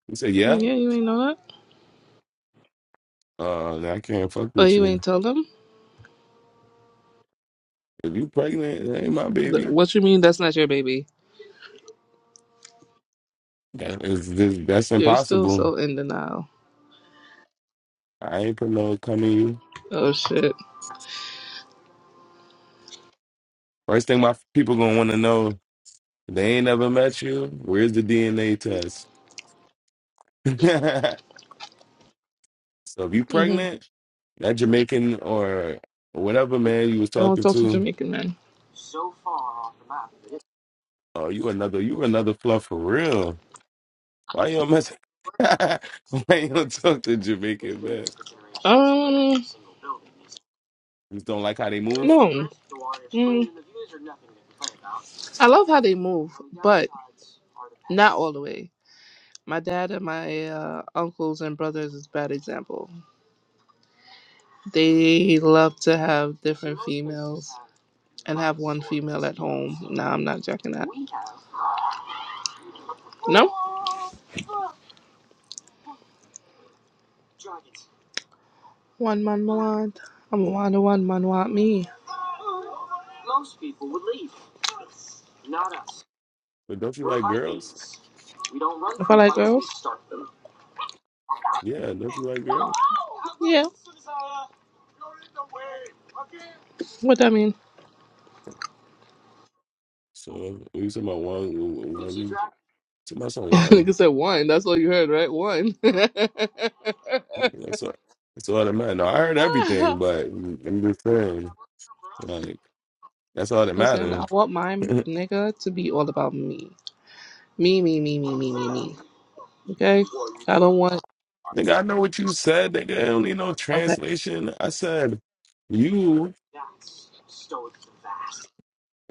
S1: You said yeah.
S27: Yeah, you ain't know that?
S1: Uh, I can't fuck
S27: Oh,
S1: with
S27: you
S1: you.
S27: ain't tell them?
S1: If you pregnant, that ain't my
S27: Th-
S1: baby.
S27: What you mean that's not your baby?
S1: That is, this, that's
S27: You're still
S1: impossible.
S27: so in denial.
S1: I ain't put no coming you.
S27: Oh, shit.
S1: First thing my people gonna want to know, if they ain't never met you. Where's the DNA test? (laughs) so if you
S27: hmm
S1: pregnant, that Jamaican or whatever man you was
S27: I don't
S1: talking
S27: talk to
S1: to,
S27: Jamaican men.
S1: oh you another you another fluff for real. Why you don't mess? (laughs) Why you don't talk to Jamaican man?
S27: Um,
S1: You just don't like how they move,
S27: no. Mm. I love how they move, but not all the way. My dad and my uh, uncles and brothers is bad example. They love to have different females and have one female at home. Nah, I'm not jacking that. No? One man me want. I'm a one, to one man want me.
S1: but don't you like girls?
S27: If I like girls?
S1: Yeah, don't you like girls?
S27: Yeah. What that mean?
S1: So we was talking about one, one, we talking about
S27: (laughs)
S1: someone.
S27: Nigga said one. That's all you heard, right? One. (laughs)
S1: That's all. That's all that matters. No, I heard everything, but I'm just saying, like, that's all that
S27: Listen,
S1: matters.
S27: I want my
S1: (laughs) nigga,
S27: nigga to be all about me. Me, me, me, me, me, me, me. Okay? I don't want.
S1: I know what you said. Nigga, I don't need no
S27: Okay.
S1: translation. I said, you.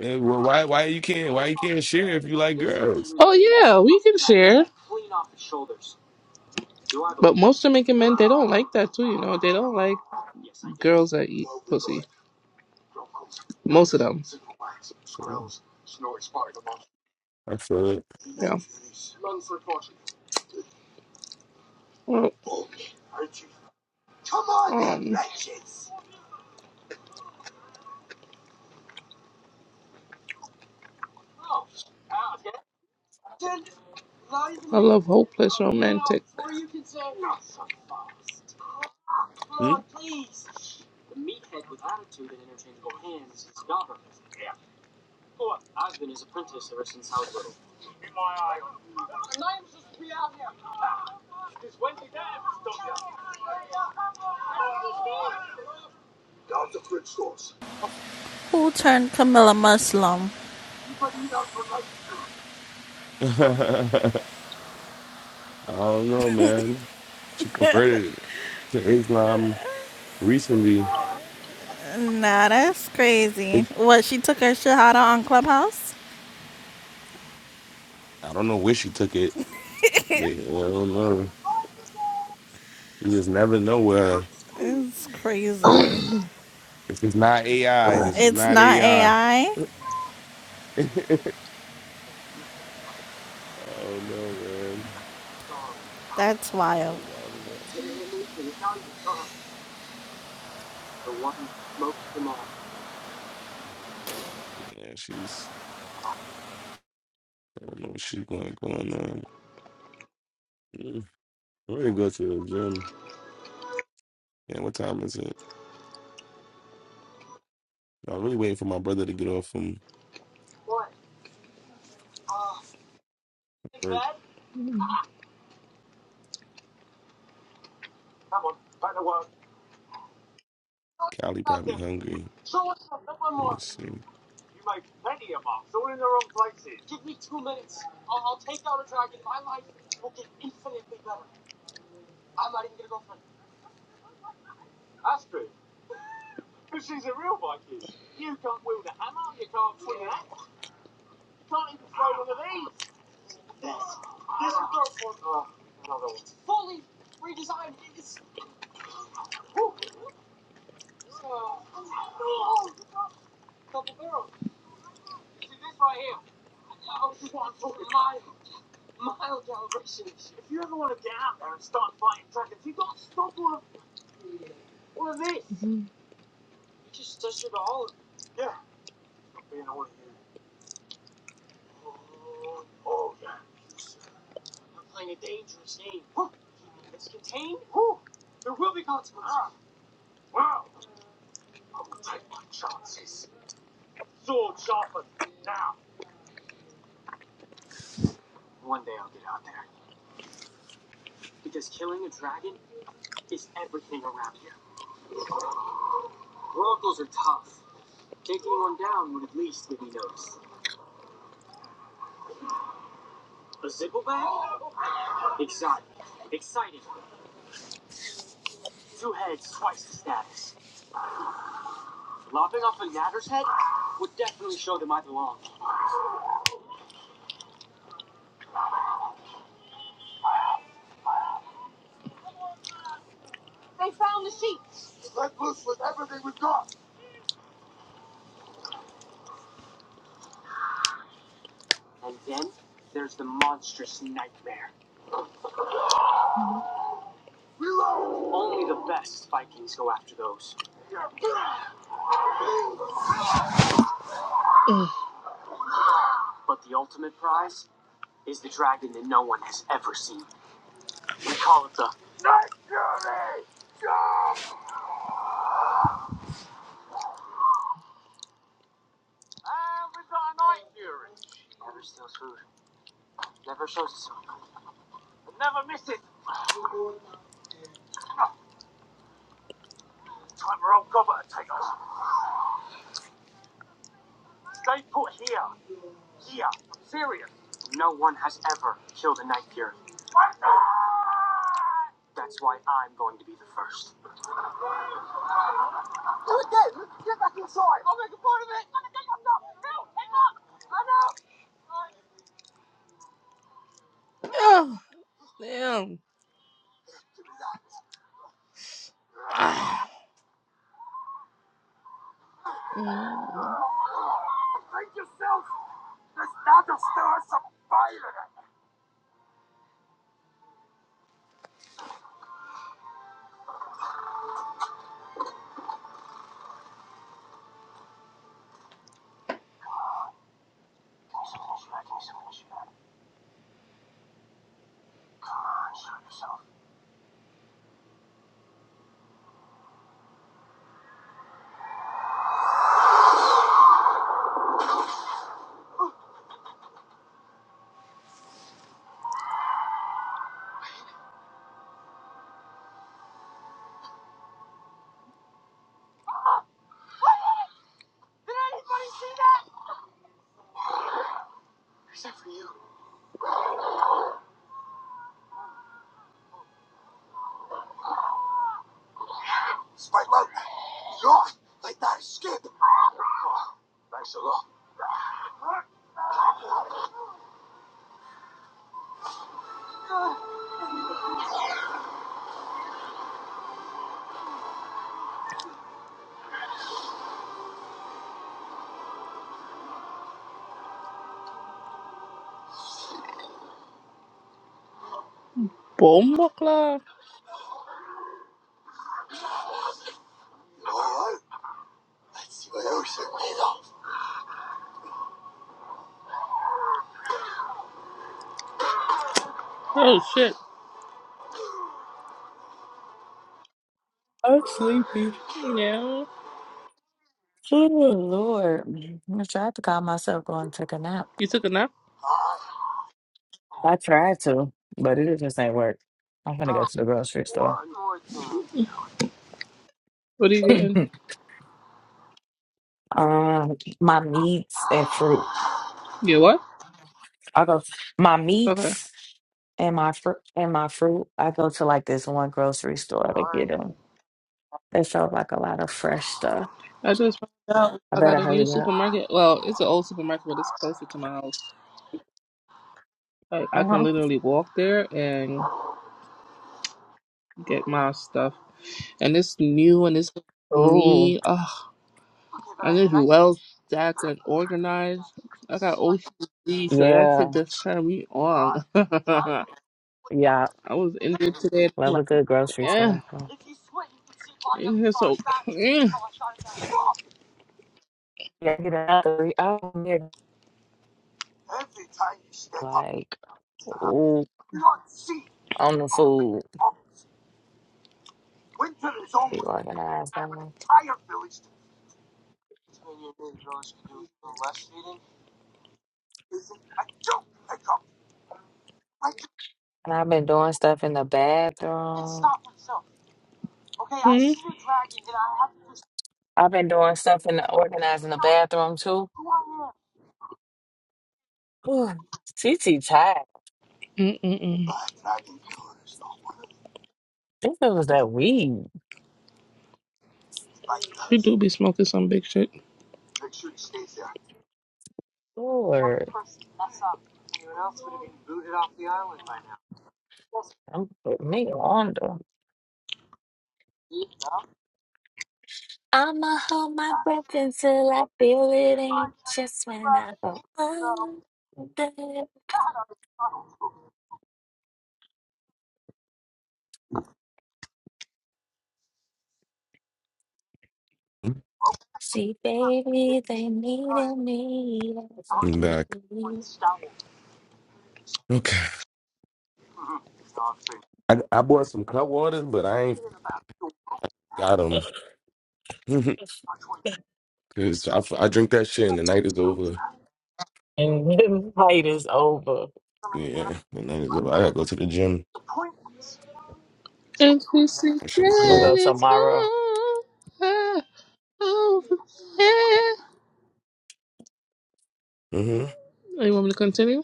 S1: eh, Well, why? Why you can't? Why you can't share if you like girls?
S27: Oh yeah, we can share. But most Jamaican men, they don't like that too. You know, they don't like girls that eat pussy. Most of them.
S1: I feel it.
S27: Yeah. Well, um, I love hopeless romantic.
S1: Hmm?
S13: Who turned Camilla Muslim?
S1: (laughs) I don't know, man. She converted to Islam recently.
S13: Nah, that's crazy.
S1: It,
S13: What, she took her shahada on Clubhouse?
S1: I don't know where she took it. Man, I don't know. You just never know where.
S13: It's crazy.
S1: This is not AI. This is
S13: It's
S1: not
S13: not
S1: AI.
S13: AI?
S1: (laughs) oh no, man.
S13: That's
S1: I
S13: wild.
S1: do got me Yeah, she's. I don't know what she's going going on. Mm. I'm ready to go to the gym. Yeah, what time is it? I'm really waiting for my brother to get off from work. Cali probably hungry. Let me see.
S27: Mhm. Oh, damn. Mm. Bomb Oh shit.
S17: I'm sleepy.
S27: Yeah.
S17: Oh, Lord. Mm-hmm. I tried to calm myself going and took a nap.
S27: You took a nap?
S17: I tried to, but it just ain't work. I'm gonna go to the grocery store.
S27: What are you getting?
S17: Um, my meats and fruit.
S27: Get what?
S17: I go my
S27: Okay.
S17: meats and my fruit and my fruit. I'd like this one grocery store to get them. That's all.
S27: I just found out
S17: I
S27: I got
S17: better
S27: a new
S17: hurry up.
S27: supermarket. Well, it's an old supermarket, but it's closer to my house. Like I
S17: hmm
S27: can literally walk there and get my stuff. And it's new and it's
S17: Oh,
S27: clean. Ugh, and it's well stacked and organized. I got OCD, so that
S17: yeah,
S27: shit just turned me on. (laughs) I
S17: yeah.
S27: was in there today and I'm
S17: Love a
S27: like,
S17: good grocery
S27: eh.
S17: store.
S27: In here so clean.
S17: Yeah, get another. I'm here, like, ooh, on the food, be organized. on. And I've been doing stuff in the bathroom.
S27: Hmm?
S17: I've been doing stuff in the organizing the bathroom too. Ooh, TT tired. I
S27: Mm-mm-mm.
S17: think it was that weed.
S27: You do be smoking some big shit.
S17: Lord, I'm putting me on though. I'ma hold my breath until I feel it ain't just when I go under. See, baby, they needed me.
S1: I'm back. Okay. I, I bought some cut waters, but I ain't got them. (laughs) Cause I, f- I drink that shit and the night is over.
S17: And the fight (laughs) is over.
S1: Yeah, the night is over. I gotta go to the gym.
S27: And he said,
S1: That shit
S17: I'm gonna
S1: was
S27: that
S17: go
S27: it's all
S17: tomorrow.
S27: I ever had." Oh,
S1: off.
S27: you want me to continue?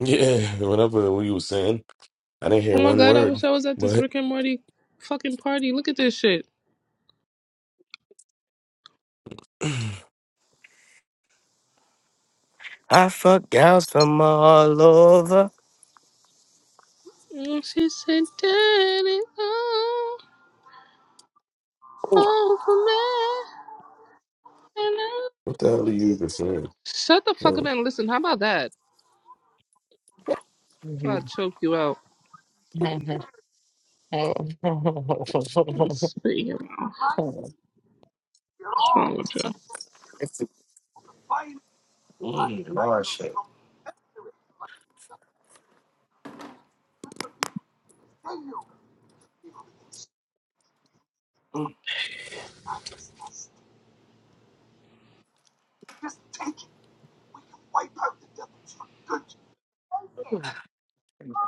S1: Yeah, whatever we was saying, I didn't hear
S27: Oh my
S1: one
S27: god, I
S1: word.
S27: wish I was at this
S1: But
S27: Rick and Morty fucking party. Look at this shit.
S6: I fuck gals from all over.
S27: And she said, that it's all over me." And I-
S1: what the hell are you even saying?
S27: Shut the fuck up
S1: Oh,
S27: and listen. How about that?
S17: Mhm.
S27: Try to choke you out
S17: (laughs)
S27: and spit you out. What's wrong
S6: It's a mm, Lord shit.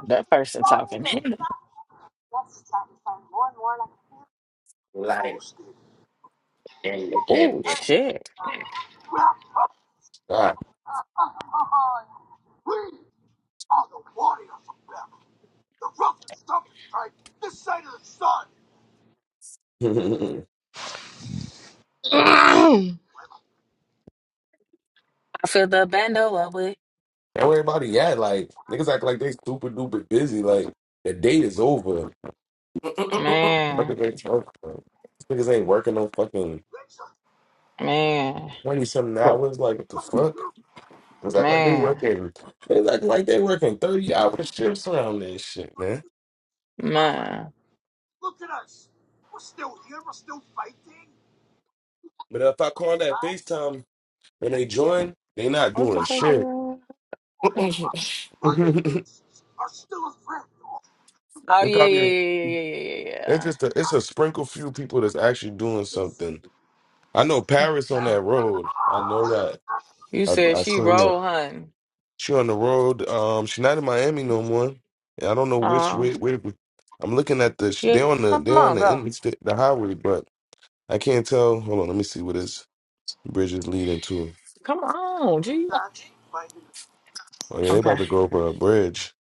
S17: that person talking.
S6: Like,
S17: Oh shit!
S1: God, (laughs) and
S27: with
S17: I feel the bandola with
S1: everybody yeah, like niggas act like they super duper busy. Like the date is over. What the fuck are
S17: man,
S1: they talking about? These Niggas ain't working no fucking
S17: man,
S1: twenty something hours. Like what the fuck? Niggas act like they
S17: man,
S1: working. They act like they working thirty hour shifts around this shit, man.
S17: man.
S1: But if I call that FaceTime and they join, they not
S17: What the
S1: doing
S17: fuck is
S1: shit.
S17: wrong?
S1: (laughs)
S17: Oh
S1: It's
S17: yeah, yeah,
S1: probably
S17: yeah, yeah, yeah, yeah,
S1: It's
S17: yeah.
S1: just a, it's a sprinkle few people that's actually doing something. I know
S17: yeah.
S1: Paris on that road. I know that.
S17: You
S1: I
S17: said
S1: I
S17: she
S1: seen her.
S17: roll, hun.
S1: She on the road. Um, she not in Miami no more. And I don't know which
S17: Oh
S1: way. Where I'm looking at the.
S17: yeah.
S1: They on the.
S17: Come
S1: They on
S17: on,
S1: the
S17: go.
S1: interstate, the highway, but I can't tell. Hold on, let me see what this bridge is leading to.
S17: Come on, G.
S1: Oh yeah, they
S17: Okay.
S1: about to go over a bridge,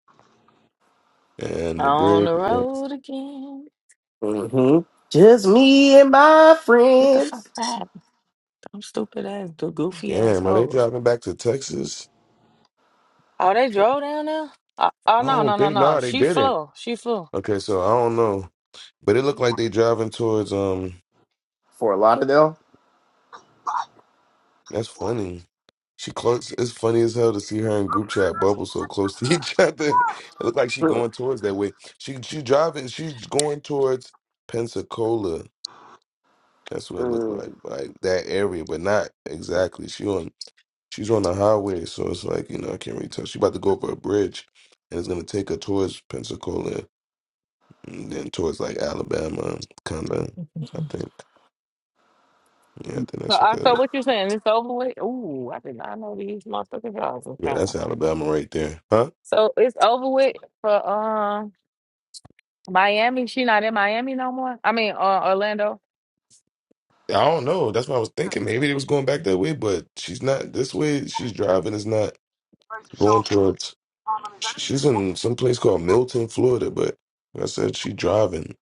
S1: and the
S17: On
S1: bridge.
S17: the
S1: Is,
S17: road again.
S6: mm-hmm. Just me and my
S17: Get the fuck
S6: friends.
S17: back. Them stupid ass, the goofy ass
S1: damn, are they
S17: hoes.
S1: driving back to Texas?
S17: Oh, they drove down there? Uh, oh,
S1: I
S17: no,
S1: don't
S17: no, no,
S1: think.
S17: no.
S1: Nah, they
S17: She
S1: didn't.
S17: flew. She flew.
S1: Okay, so I don't know, but it looked like they driving towards um.
S6: For Lauderdale.
S1: That's funny. She close. It's funny as hell to see her in group chat bubble so close to (laughs) each other. It looked like she
S6: Mm.
S1: going towards that way. She she driving. She's going towards Pensacola. That's what it looked like, like that area, but not exactly. She on she's on the highway, so it's like you know I can't really tell. She about to go over a bridge, and it's gonna take her towards Pensacola, and then towards like Alabama, kind of. I think. Yeah, I think
S17: So,
S1: that's what
S17: uh,
S1: that
S17: so
S1: is.
S17: what you're saying, it's over with? Ooh, I did not know these motherfucking drivers was
S1: Yeah, that's
S17: trying.
S1: Alabama right there, huh?
S17: So it's over with for um Miami. She not in Miami no more? I mean, uh, Orlando.
S1: I don't know. That's what I was thinking. Maybe it was going back that way, but she's not this way. She's driving. It's not going towards. sh- She's in some place called Milton, Florida. But like I said she driving.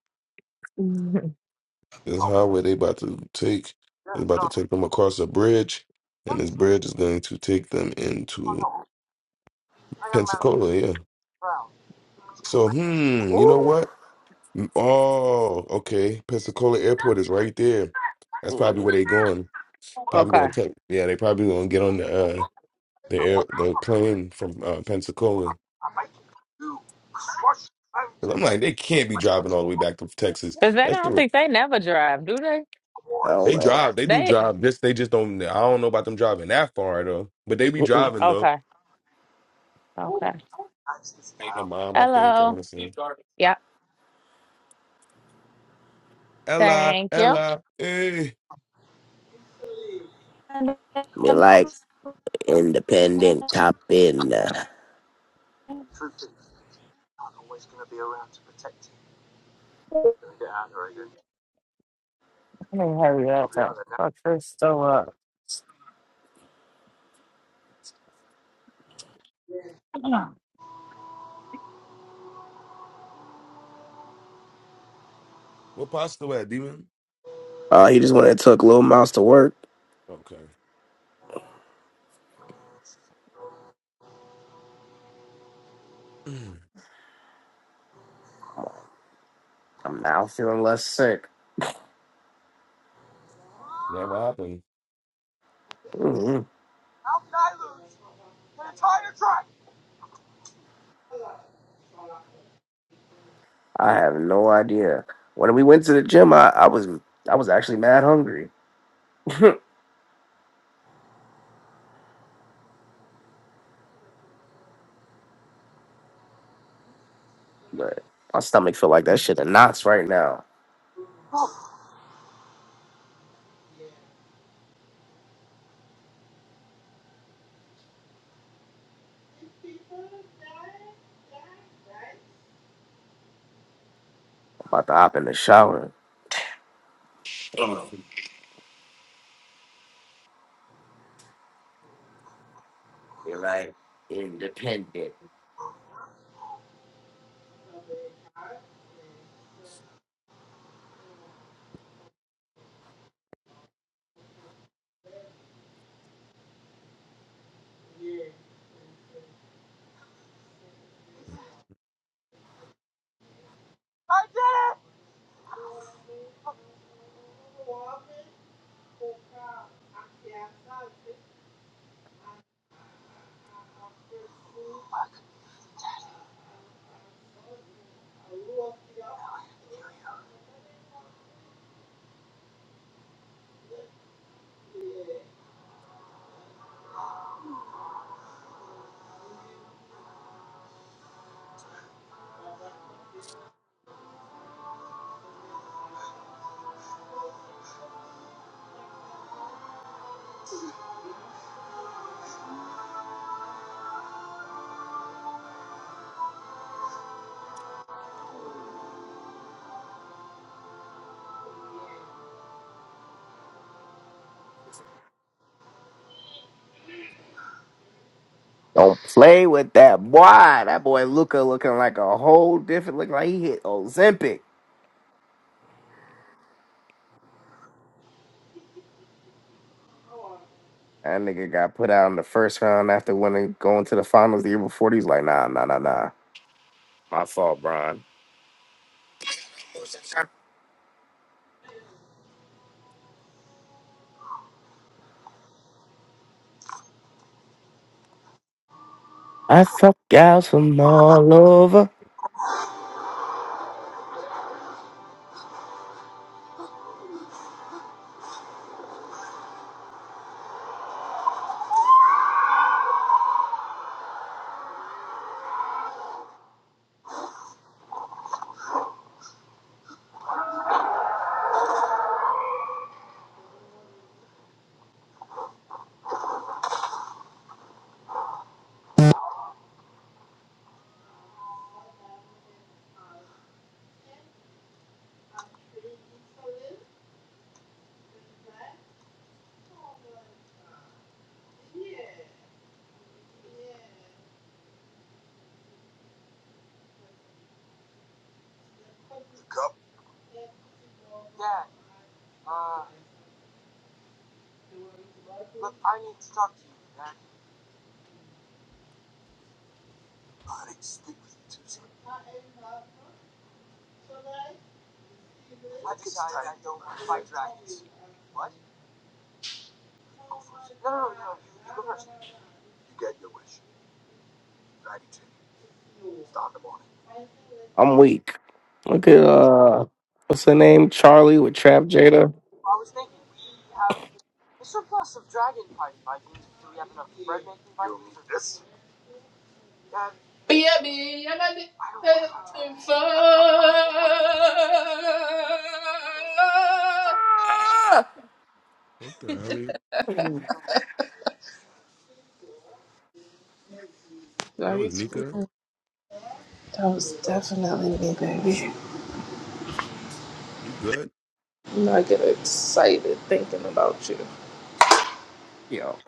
S1: This highway they about to take is about to take them across a bridge, and this bridge is going to take them into Pensacola. Yeah. So hmm, you know
S6: Ooh.
S1: what? Mm, Oh, okay. Pensacola Airport is right there. That's probably
S6: Mm.
S1: where they going. Probably
S17: Okay.
S1: gonna take. Yeah, they probably gonna get on the. uh the air, the plane from uh, Pensacola. 'Cause I'm like, they can't be driving all the way back to Texas.
S17: Because they
S1: That's
S17: don't
S1: true.
S17: think they never drive, do they?
S6: I don't
S1: They
S6: know.
S1: drive. They do
S17: They,
S1: drive. Just they just don't. I don't know about them driving that far though. But they be
S6: Mm-mm.
S1: driving though.
S17: okay, okay.
S1: My mom, I think. I want
S17: Hello.
S1: to say
S17: Yeah.
S1: Ella,
S17: Thank you.
S1: Ella. Hey,
S17: Let
S6: Me like
S17: me
S6: independent top in. Uh,
S17: hurry up. Fuck this so up.
S1: what pasta at, demon?
S6: oh, he just went and took Lil Mouse to work.
S1: Okay. (clears throat)
S6: I'm now feeling less sick.
S1: That what happened.
S6: Mhm. I have no idea. When we went to the gym, I, I was I was actually mad hungry, but my stomach feel like that shit in knots right now. I'm about to hop in the shower. Damn, you're right. Independent. Don't play with that boy. That boy Luca looking like a whole different. Look like he hit Ozempic. That nigga got put out in the first round after winning, going to the finals the year before. He's like, nah, nah, nah, nah. My fault, Brian. I fuck guys from all over.
S27: you? (clears throat)
S6: I'm weak. Look at uh, what's her name? Charlie with Trap Jada.
S27: Be a be a man nothing for.
S1: What the hell? Is-
S27: Now
S1: That
S27: you
S1: was
S27: scream.
S1: Nika.
S27: That was definitely me, baby.
S1: You good?
S27: You know, I get excited thinking about you.
S6: Yo,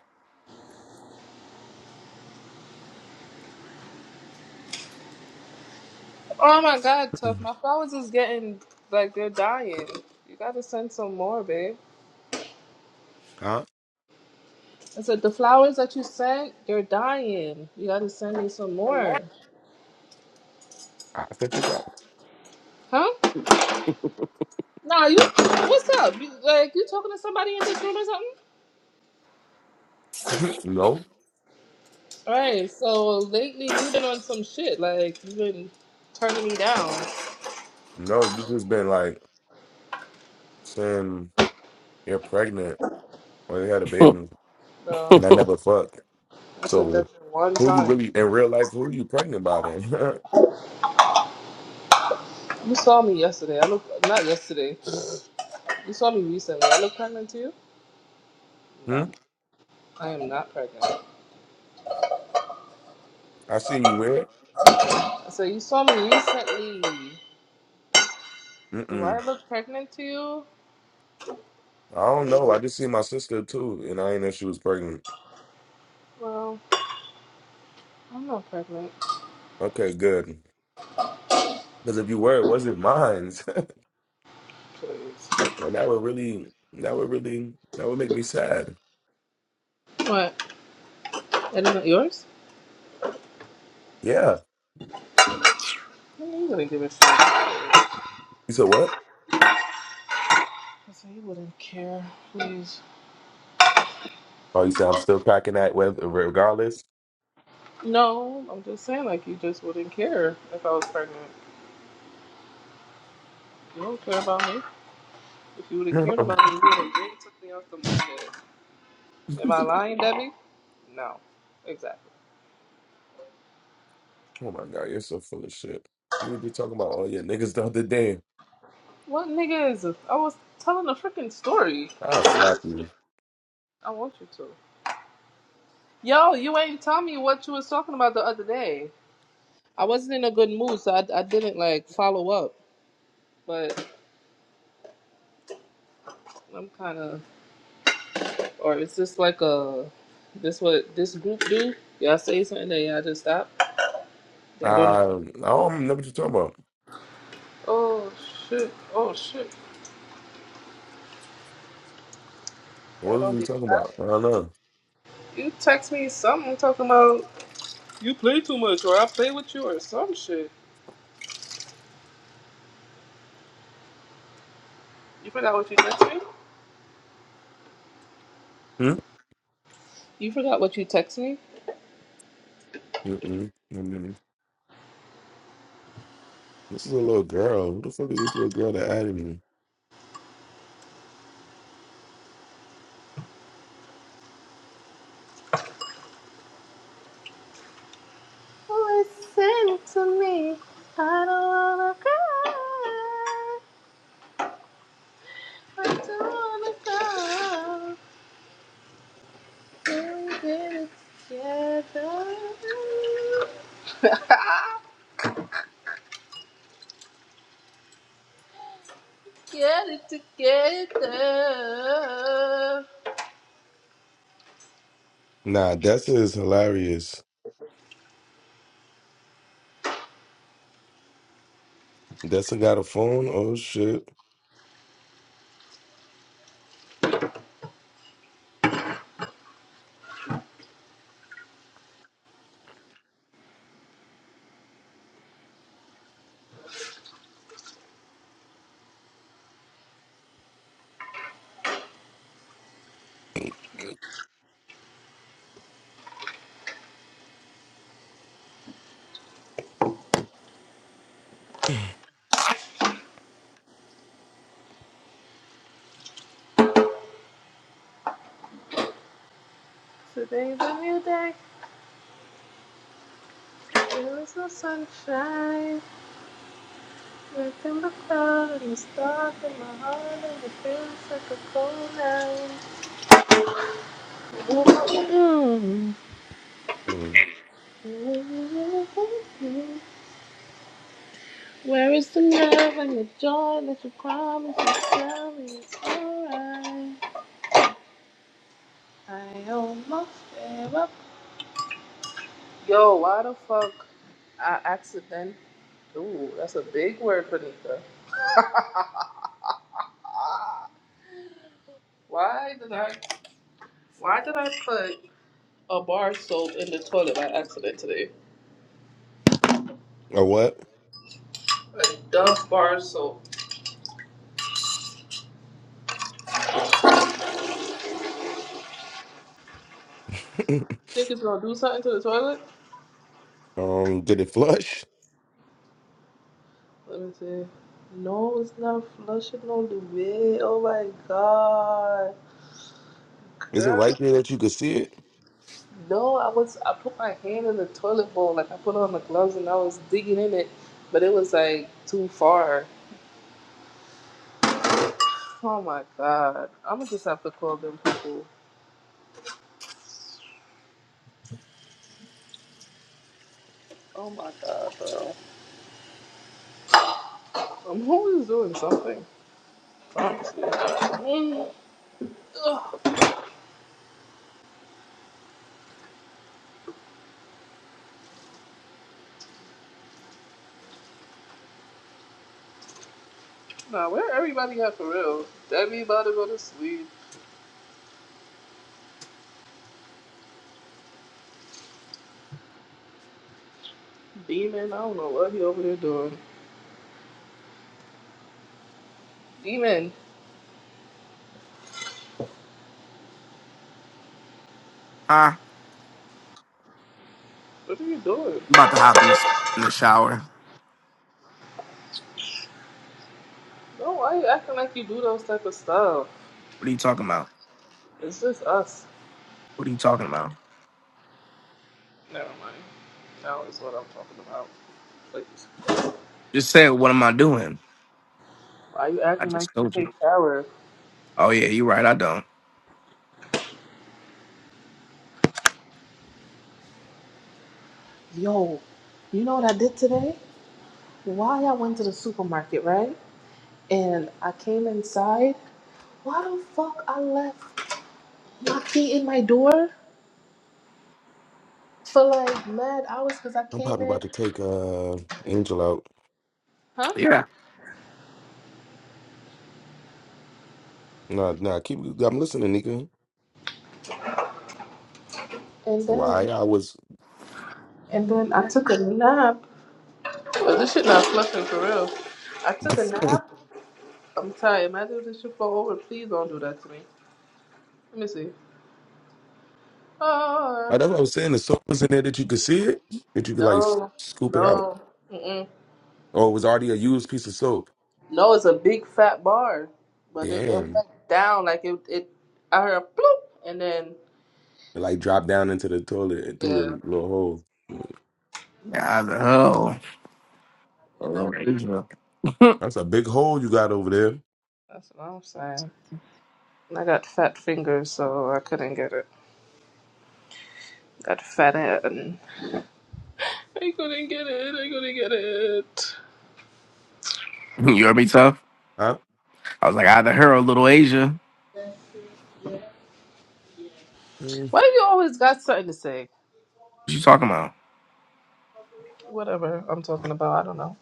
S27: Oh my God, tough. My flowers is getting like they're dying. You gotta send some more, babe.
S1: Huh?
S27: I said the flowers that you sent, they're dying. You gotta send me some more, huh? Nah, you. What's up? You, like you talking to somebody in this room or something?
S1: (laughs) No.
S27: Right. So lately you've been on some shit. Like you've been turning me down,
S1: No, you just been like saying you're pregnant. when they had a
S6: (laughs)
S1: baby,
S6: huh?
S27: bro.
S1: and I never fucked.
S27: I said
S1: So,
S27: that shit one
S1: who you
S27: time.
S1: really in real life? Who you pregnant by then?
S27: You saw me yesterday. I look not yesterday. You saw me recently. I look pregnant to you?
S1: (laughs) hmm?
S27: No, I am not pregnant.
S1: I seen you wear it.
S27: I said you saw me recently. Do I
S1: Mm-mm.
S27: look pregnant to you?
S1: I don't know. I just seen my sister too, and I ain't know she was pregnant.
S27: Well, I'm not pregnant.
S1: Okay, good. Because if you were, it wasn't mine.
S27: Please.
S1: (laughs) and that would really, that would really, that would make me sad.
S27: What? That isn't yours?
S1: Yeah.
S27: I knew you wouldn't give a shit. I
S1: You said what?
S27: said you wouldn't care. Please.
S1: Oh, you said I'm still cracking that with regardless.
S27: No, I'm just saying like you just wouldn't care if I was pregnant. You don't care about me. If you would
S1: (laughs)
S27: have cared
S1: oh
S27: about me, you would have really took me off the market. Am I lying, Debbie? No. Exactly.
S1: my god, you're so full of shit. You were just talking about all your niggas the other day.
S27: What nigga is this? I was telling a freaking story.
S1: I'll slap you.
S27: I want you to. Yo, you ain't tell me what you was talking about the other day. I wasn't in a good mood, so I, I didn't like follow up. But I'm kind of, or is this like a, this what this group do? Y'all say something, then y'all just stop. Yeah, I don't know.
S1: Uh, I don't know what you're talking about.
S27: Oh shit! Oh shit! Yeah,
S1: What was
S27: don't
S1: we
S27: be.
S1: talking about? I don't know.
S27: You text me something talking about you play too much or I play with you or some shit. You forgot what you text me?
S1: Hmm?
S27: You forgot what you text me?
S1: Mm-mm. Mm-mm. This is a little girl. Who the fuck is this little girl that added me?
S27: Yeah,
S1: Nah, Dessa is hilarious. Dessa got a phone? Oh, shit.
S27: Today's a new day. There is no sunshine. Nothing but cloud and it's dark in my heart and it feels like a cold night. Mm.
S1: Mm.
S27: Where is the love and the joy that you promised to tell me it's alright? I almost gave up Yo, why the fuck I accident? Ooh, that's a big word, Benita. (laughs) Why did I? Why did I put a bar of soap in the toilet by accident today?
S1: Or what?
S27: A Dove bar of soap.
S1: (laughs)
S27: Think it's gonna do something to the toilet?
S1: um, did it flush?
S27: Let me see. No, it's not flushing all the way. Oh my god,
S1: Is it
S27: girl.
S1: right there that you could see it?
S27: No, I was. I put my hand in the toilet bowl, like I put on the gloves, and I was digging in it, but it was like too far. Oh my god. I'm gonna just have to call them people. Oh my god, bro. I'm always doing something. Mm, ugh. Nah, where everybody at for real? Debbie about to go to sleep. Demon, I don't know what he over there doing. Demon,
S6: I'm
S27: what are you doing?
S6: about to hop in the s- in the shower.
S27: No, why you acting like you do those type of stuff?
S6: What are you talking about?
S27: It's just us.
S6: What are you talking about?
S27: Never mind. Now is what I'm talking about. Please.
S6: Just say what am I doing?
S27: Why you
S6: I
S27: acting like
S6: just
S27: you
S6: told
S27: take
S6: you.
S27: shower?
S6: Oh yeah, you're right. I don't.
S27: Yo, you know what I did today? Why I went to the supermarket, right? and I came inside. Why the fuck I left my key in my door for like mad hours because I
S1: I'm
S27: came
S1: probably
S27: in,
S1: about to take uh Angel out.
S27: huh?
S6: Yeah.
S1: Nah, nah, keep I'm listening, Nika.
S27: And
S1: Why
S27: then
S1: I was
S27: and then I took a nap. Well, this shit not flushing for real. I took a
S1: (laughs)
S27: nap. I'm tired. Imagine if this shit fall over. Please don't do that to me. Let me see.
S1: Uh,
S27: Oh
S1: That's what I was saying. The soap was in there that you could see it, that you could like s-
S27: no,
S1: scoop it out.
S27: no, mm-mm.
S1: Oh, it was already a used piece of soap.
S27: no! It's a big fat bar, but it, it
S1: Damn.
S27: went down like it it. I heard a bloop, and then
S1: It like dropped down into the toilet and through
S27: yeah.
S1: the little hole.
S6: Yeah, either her or or
S27: and I
S6: Little Asia. (laughs)
S1: That's a big hole you got over there.
S27: That's what I'm saying. I got fat fingers, so I couldn't get it. Got fat hand. I couldn't get it. I couldn't get it.
S6: You heard me tough.
S1: Huh?
S6: I was like, either her or Little Asia. What
S1: Mm,
S27: Why do you always got something to say?
S6: you talking about?
S27: Whatever I'm talking about, I don't know.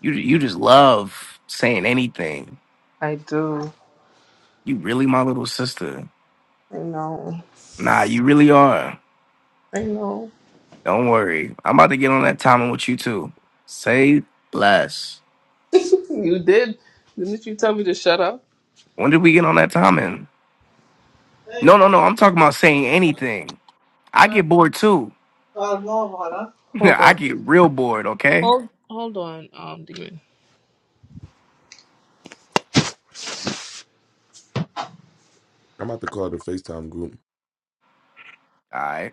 S6: You you just love saying anything.
S27: I do.
S6: You really my little sister.
S27: I know.
S6: Nah, you really are.
S27: I know.
S6: Don't worry. I'm about to get on that timing with you too. Say less.
S27: You did. Didn't you tell me to shut up?
S6: When did we get on that timing? No, no, no. I'm talking about saying anything. I
S27: What?
S6: get bored too. (laughs)
S27: Hold
S6: I
S27: on.
S6: get real bored, okay?
S27: Hold on, um, demon.
S1: I'm about to call the FaceTime group.
S6: All right.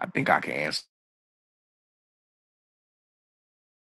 S6: I think I can answer.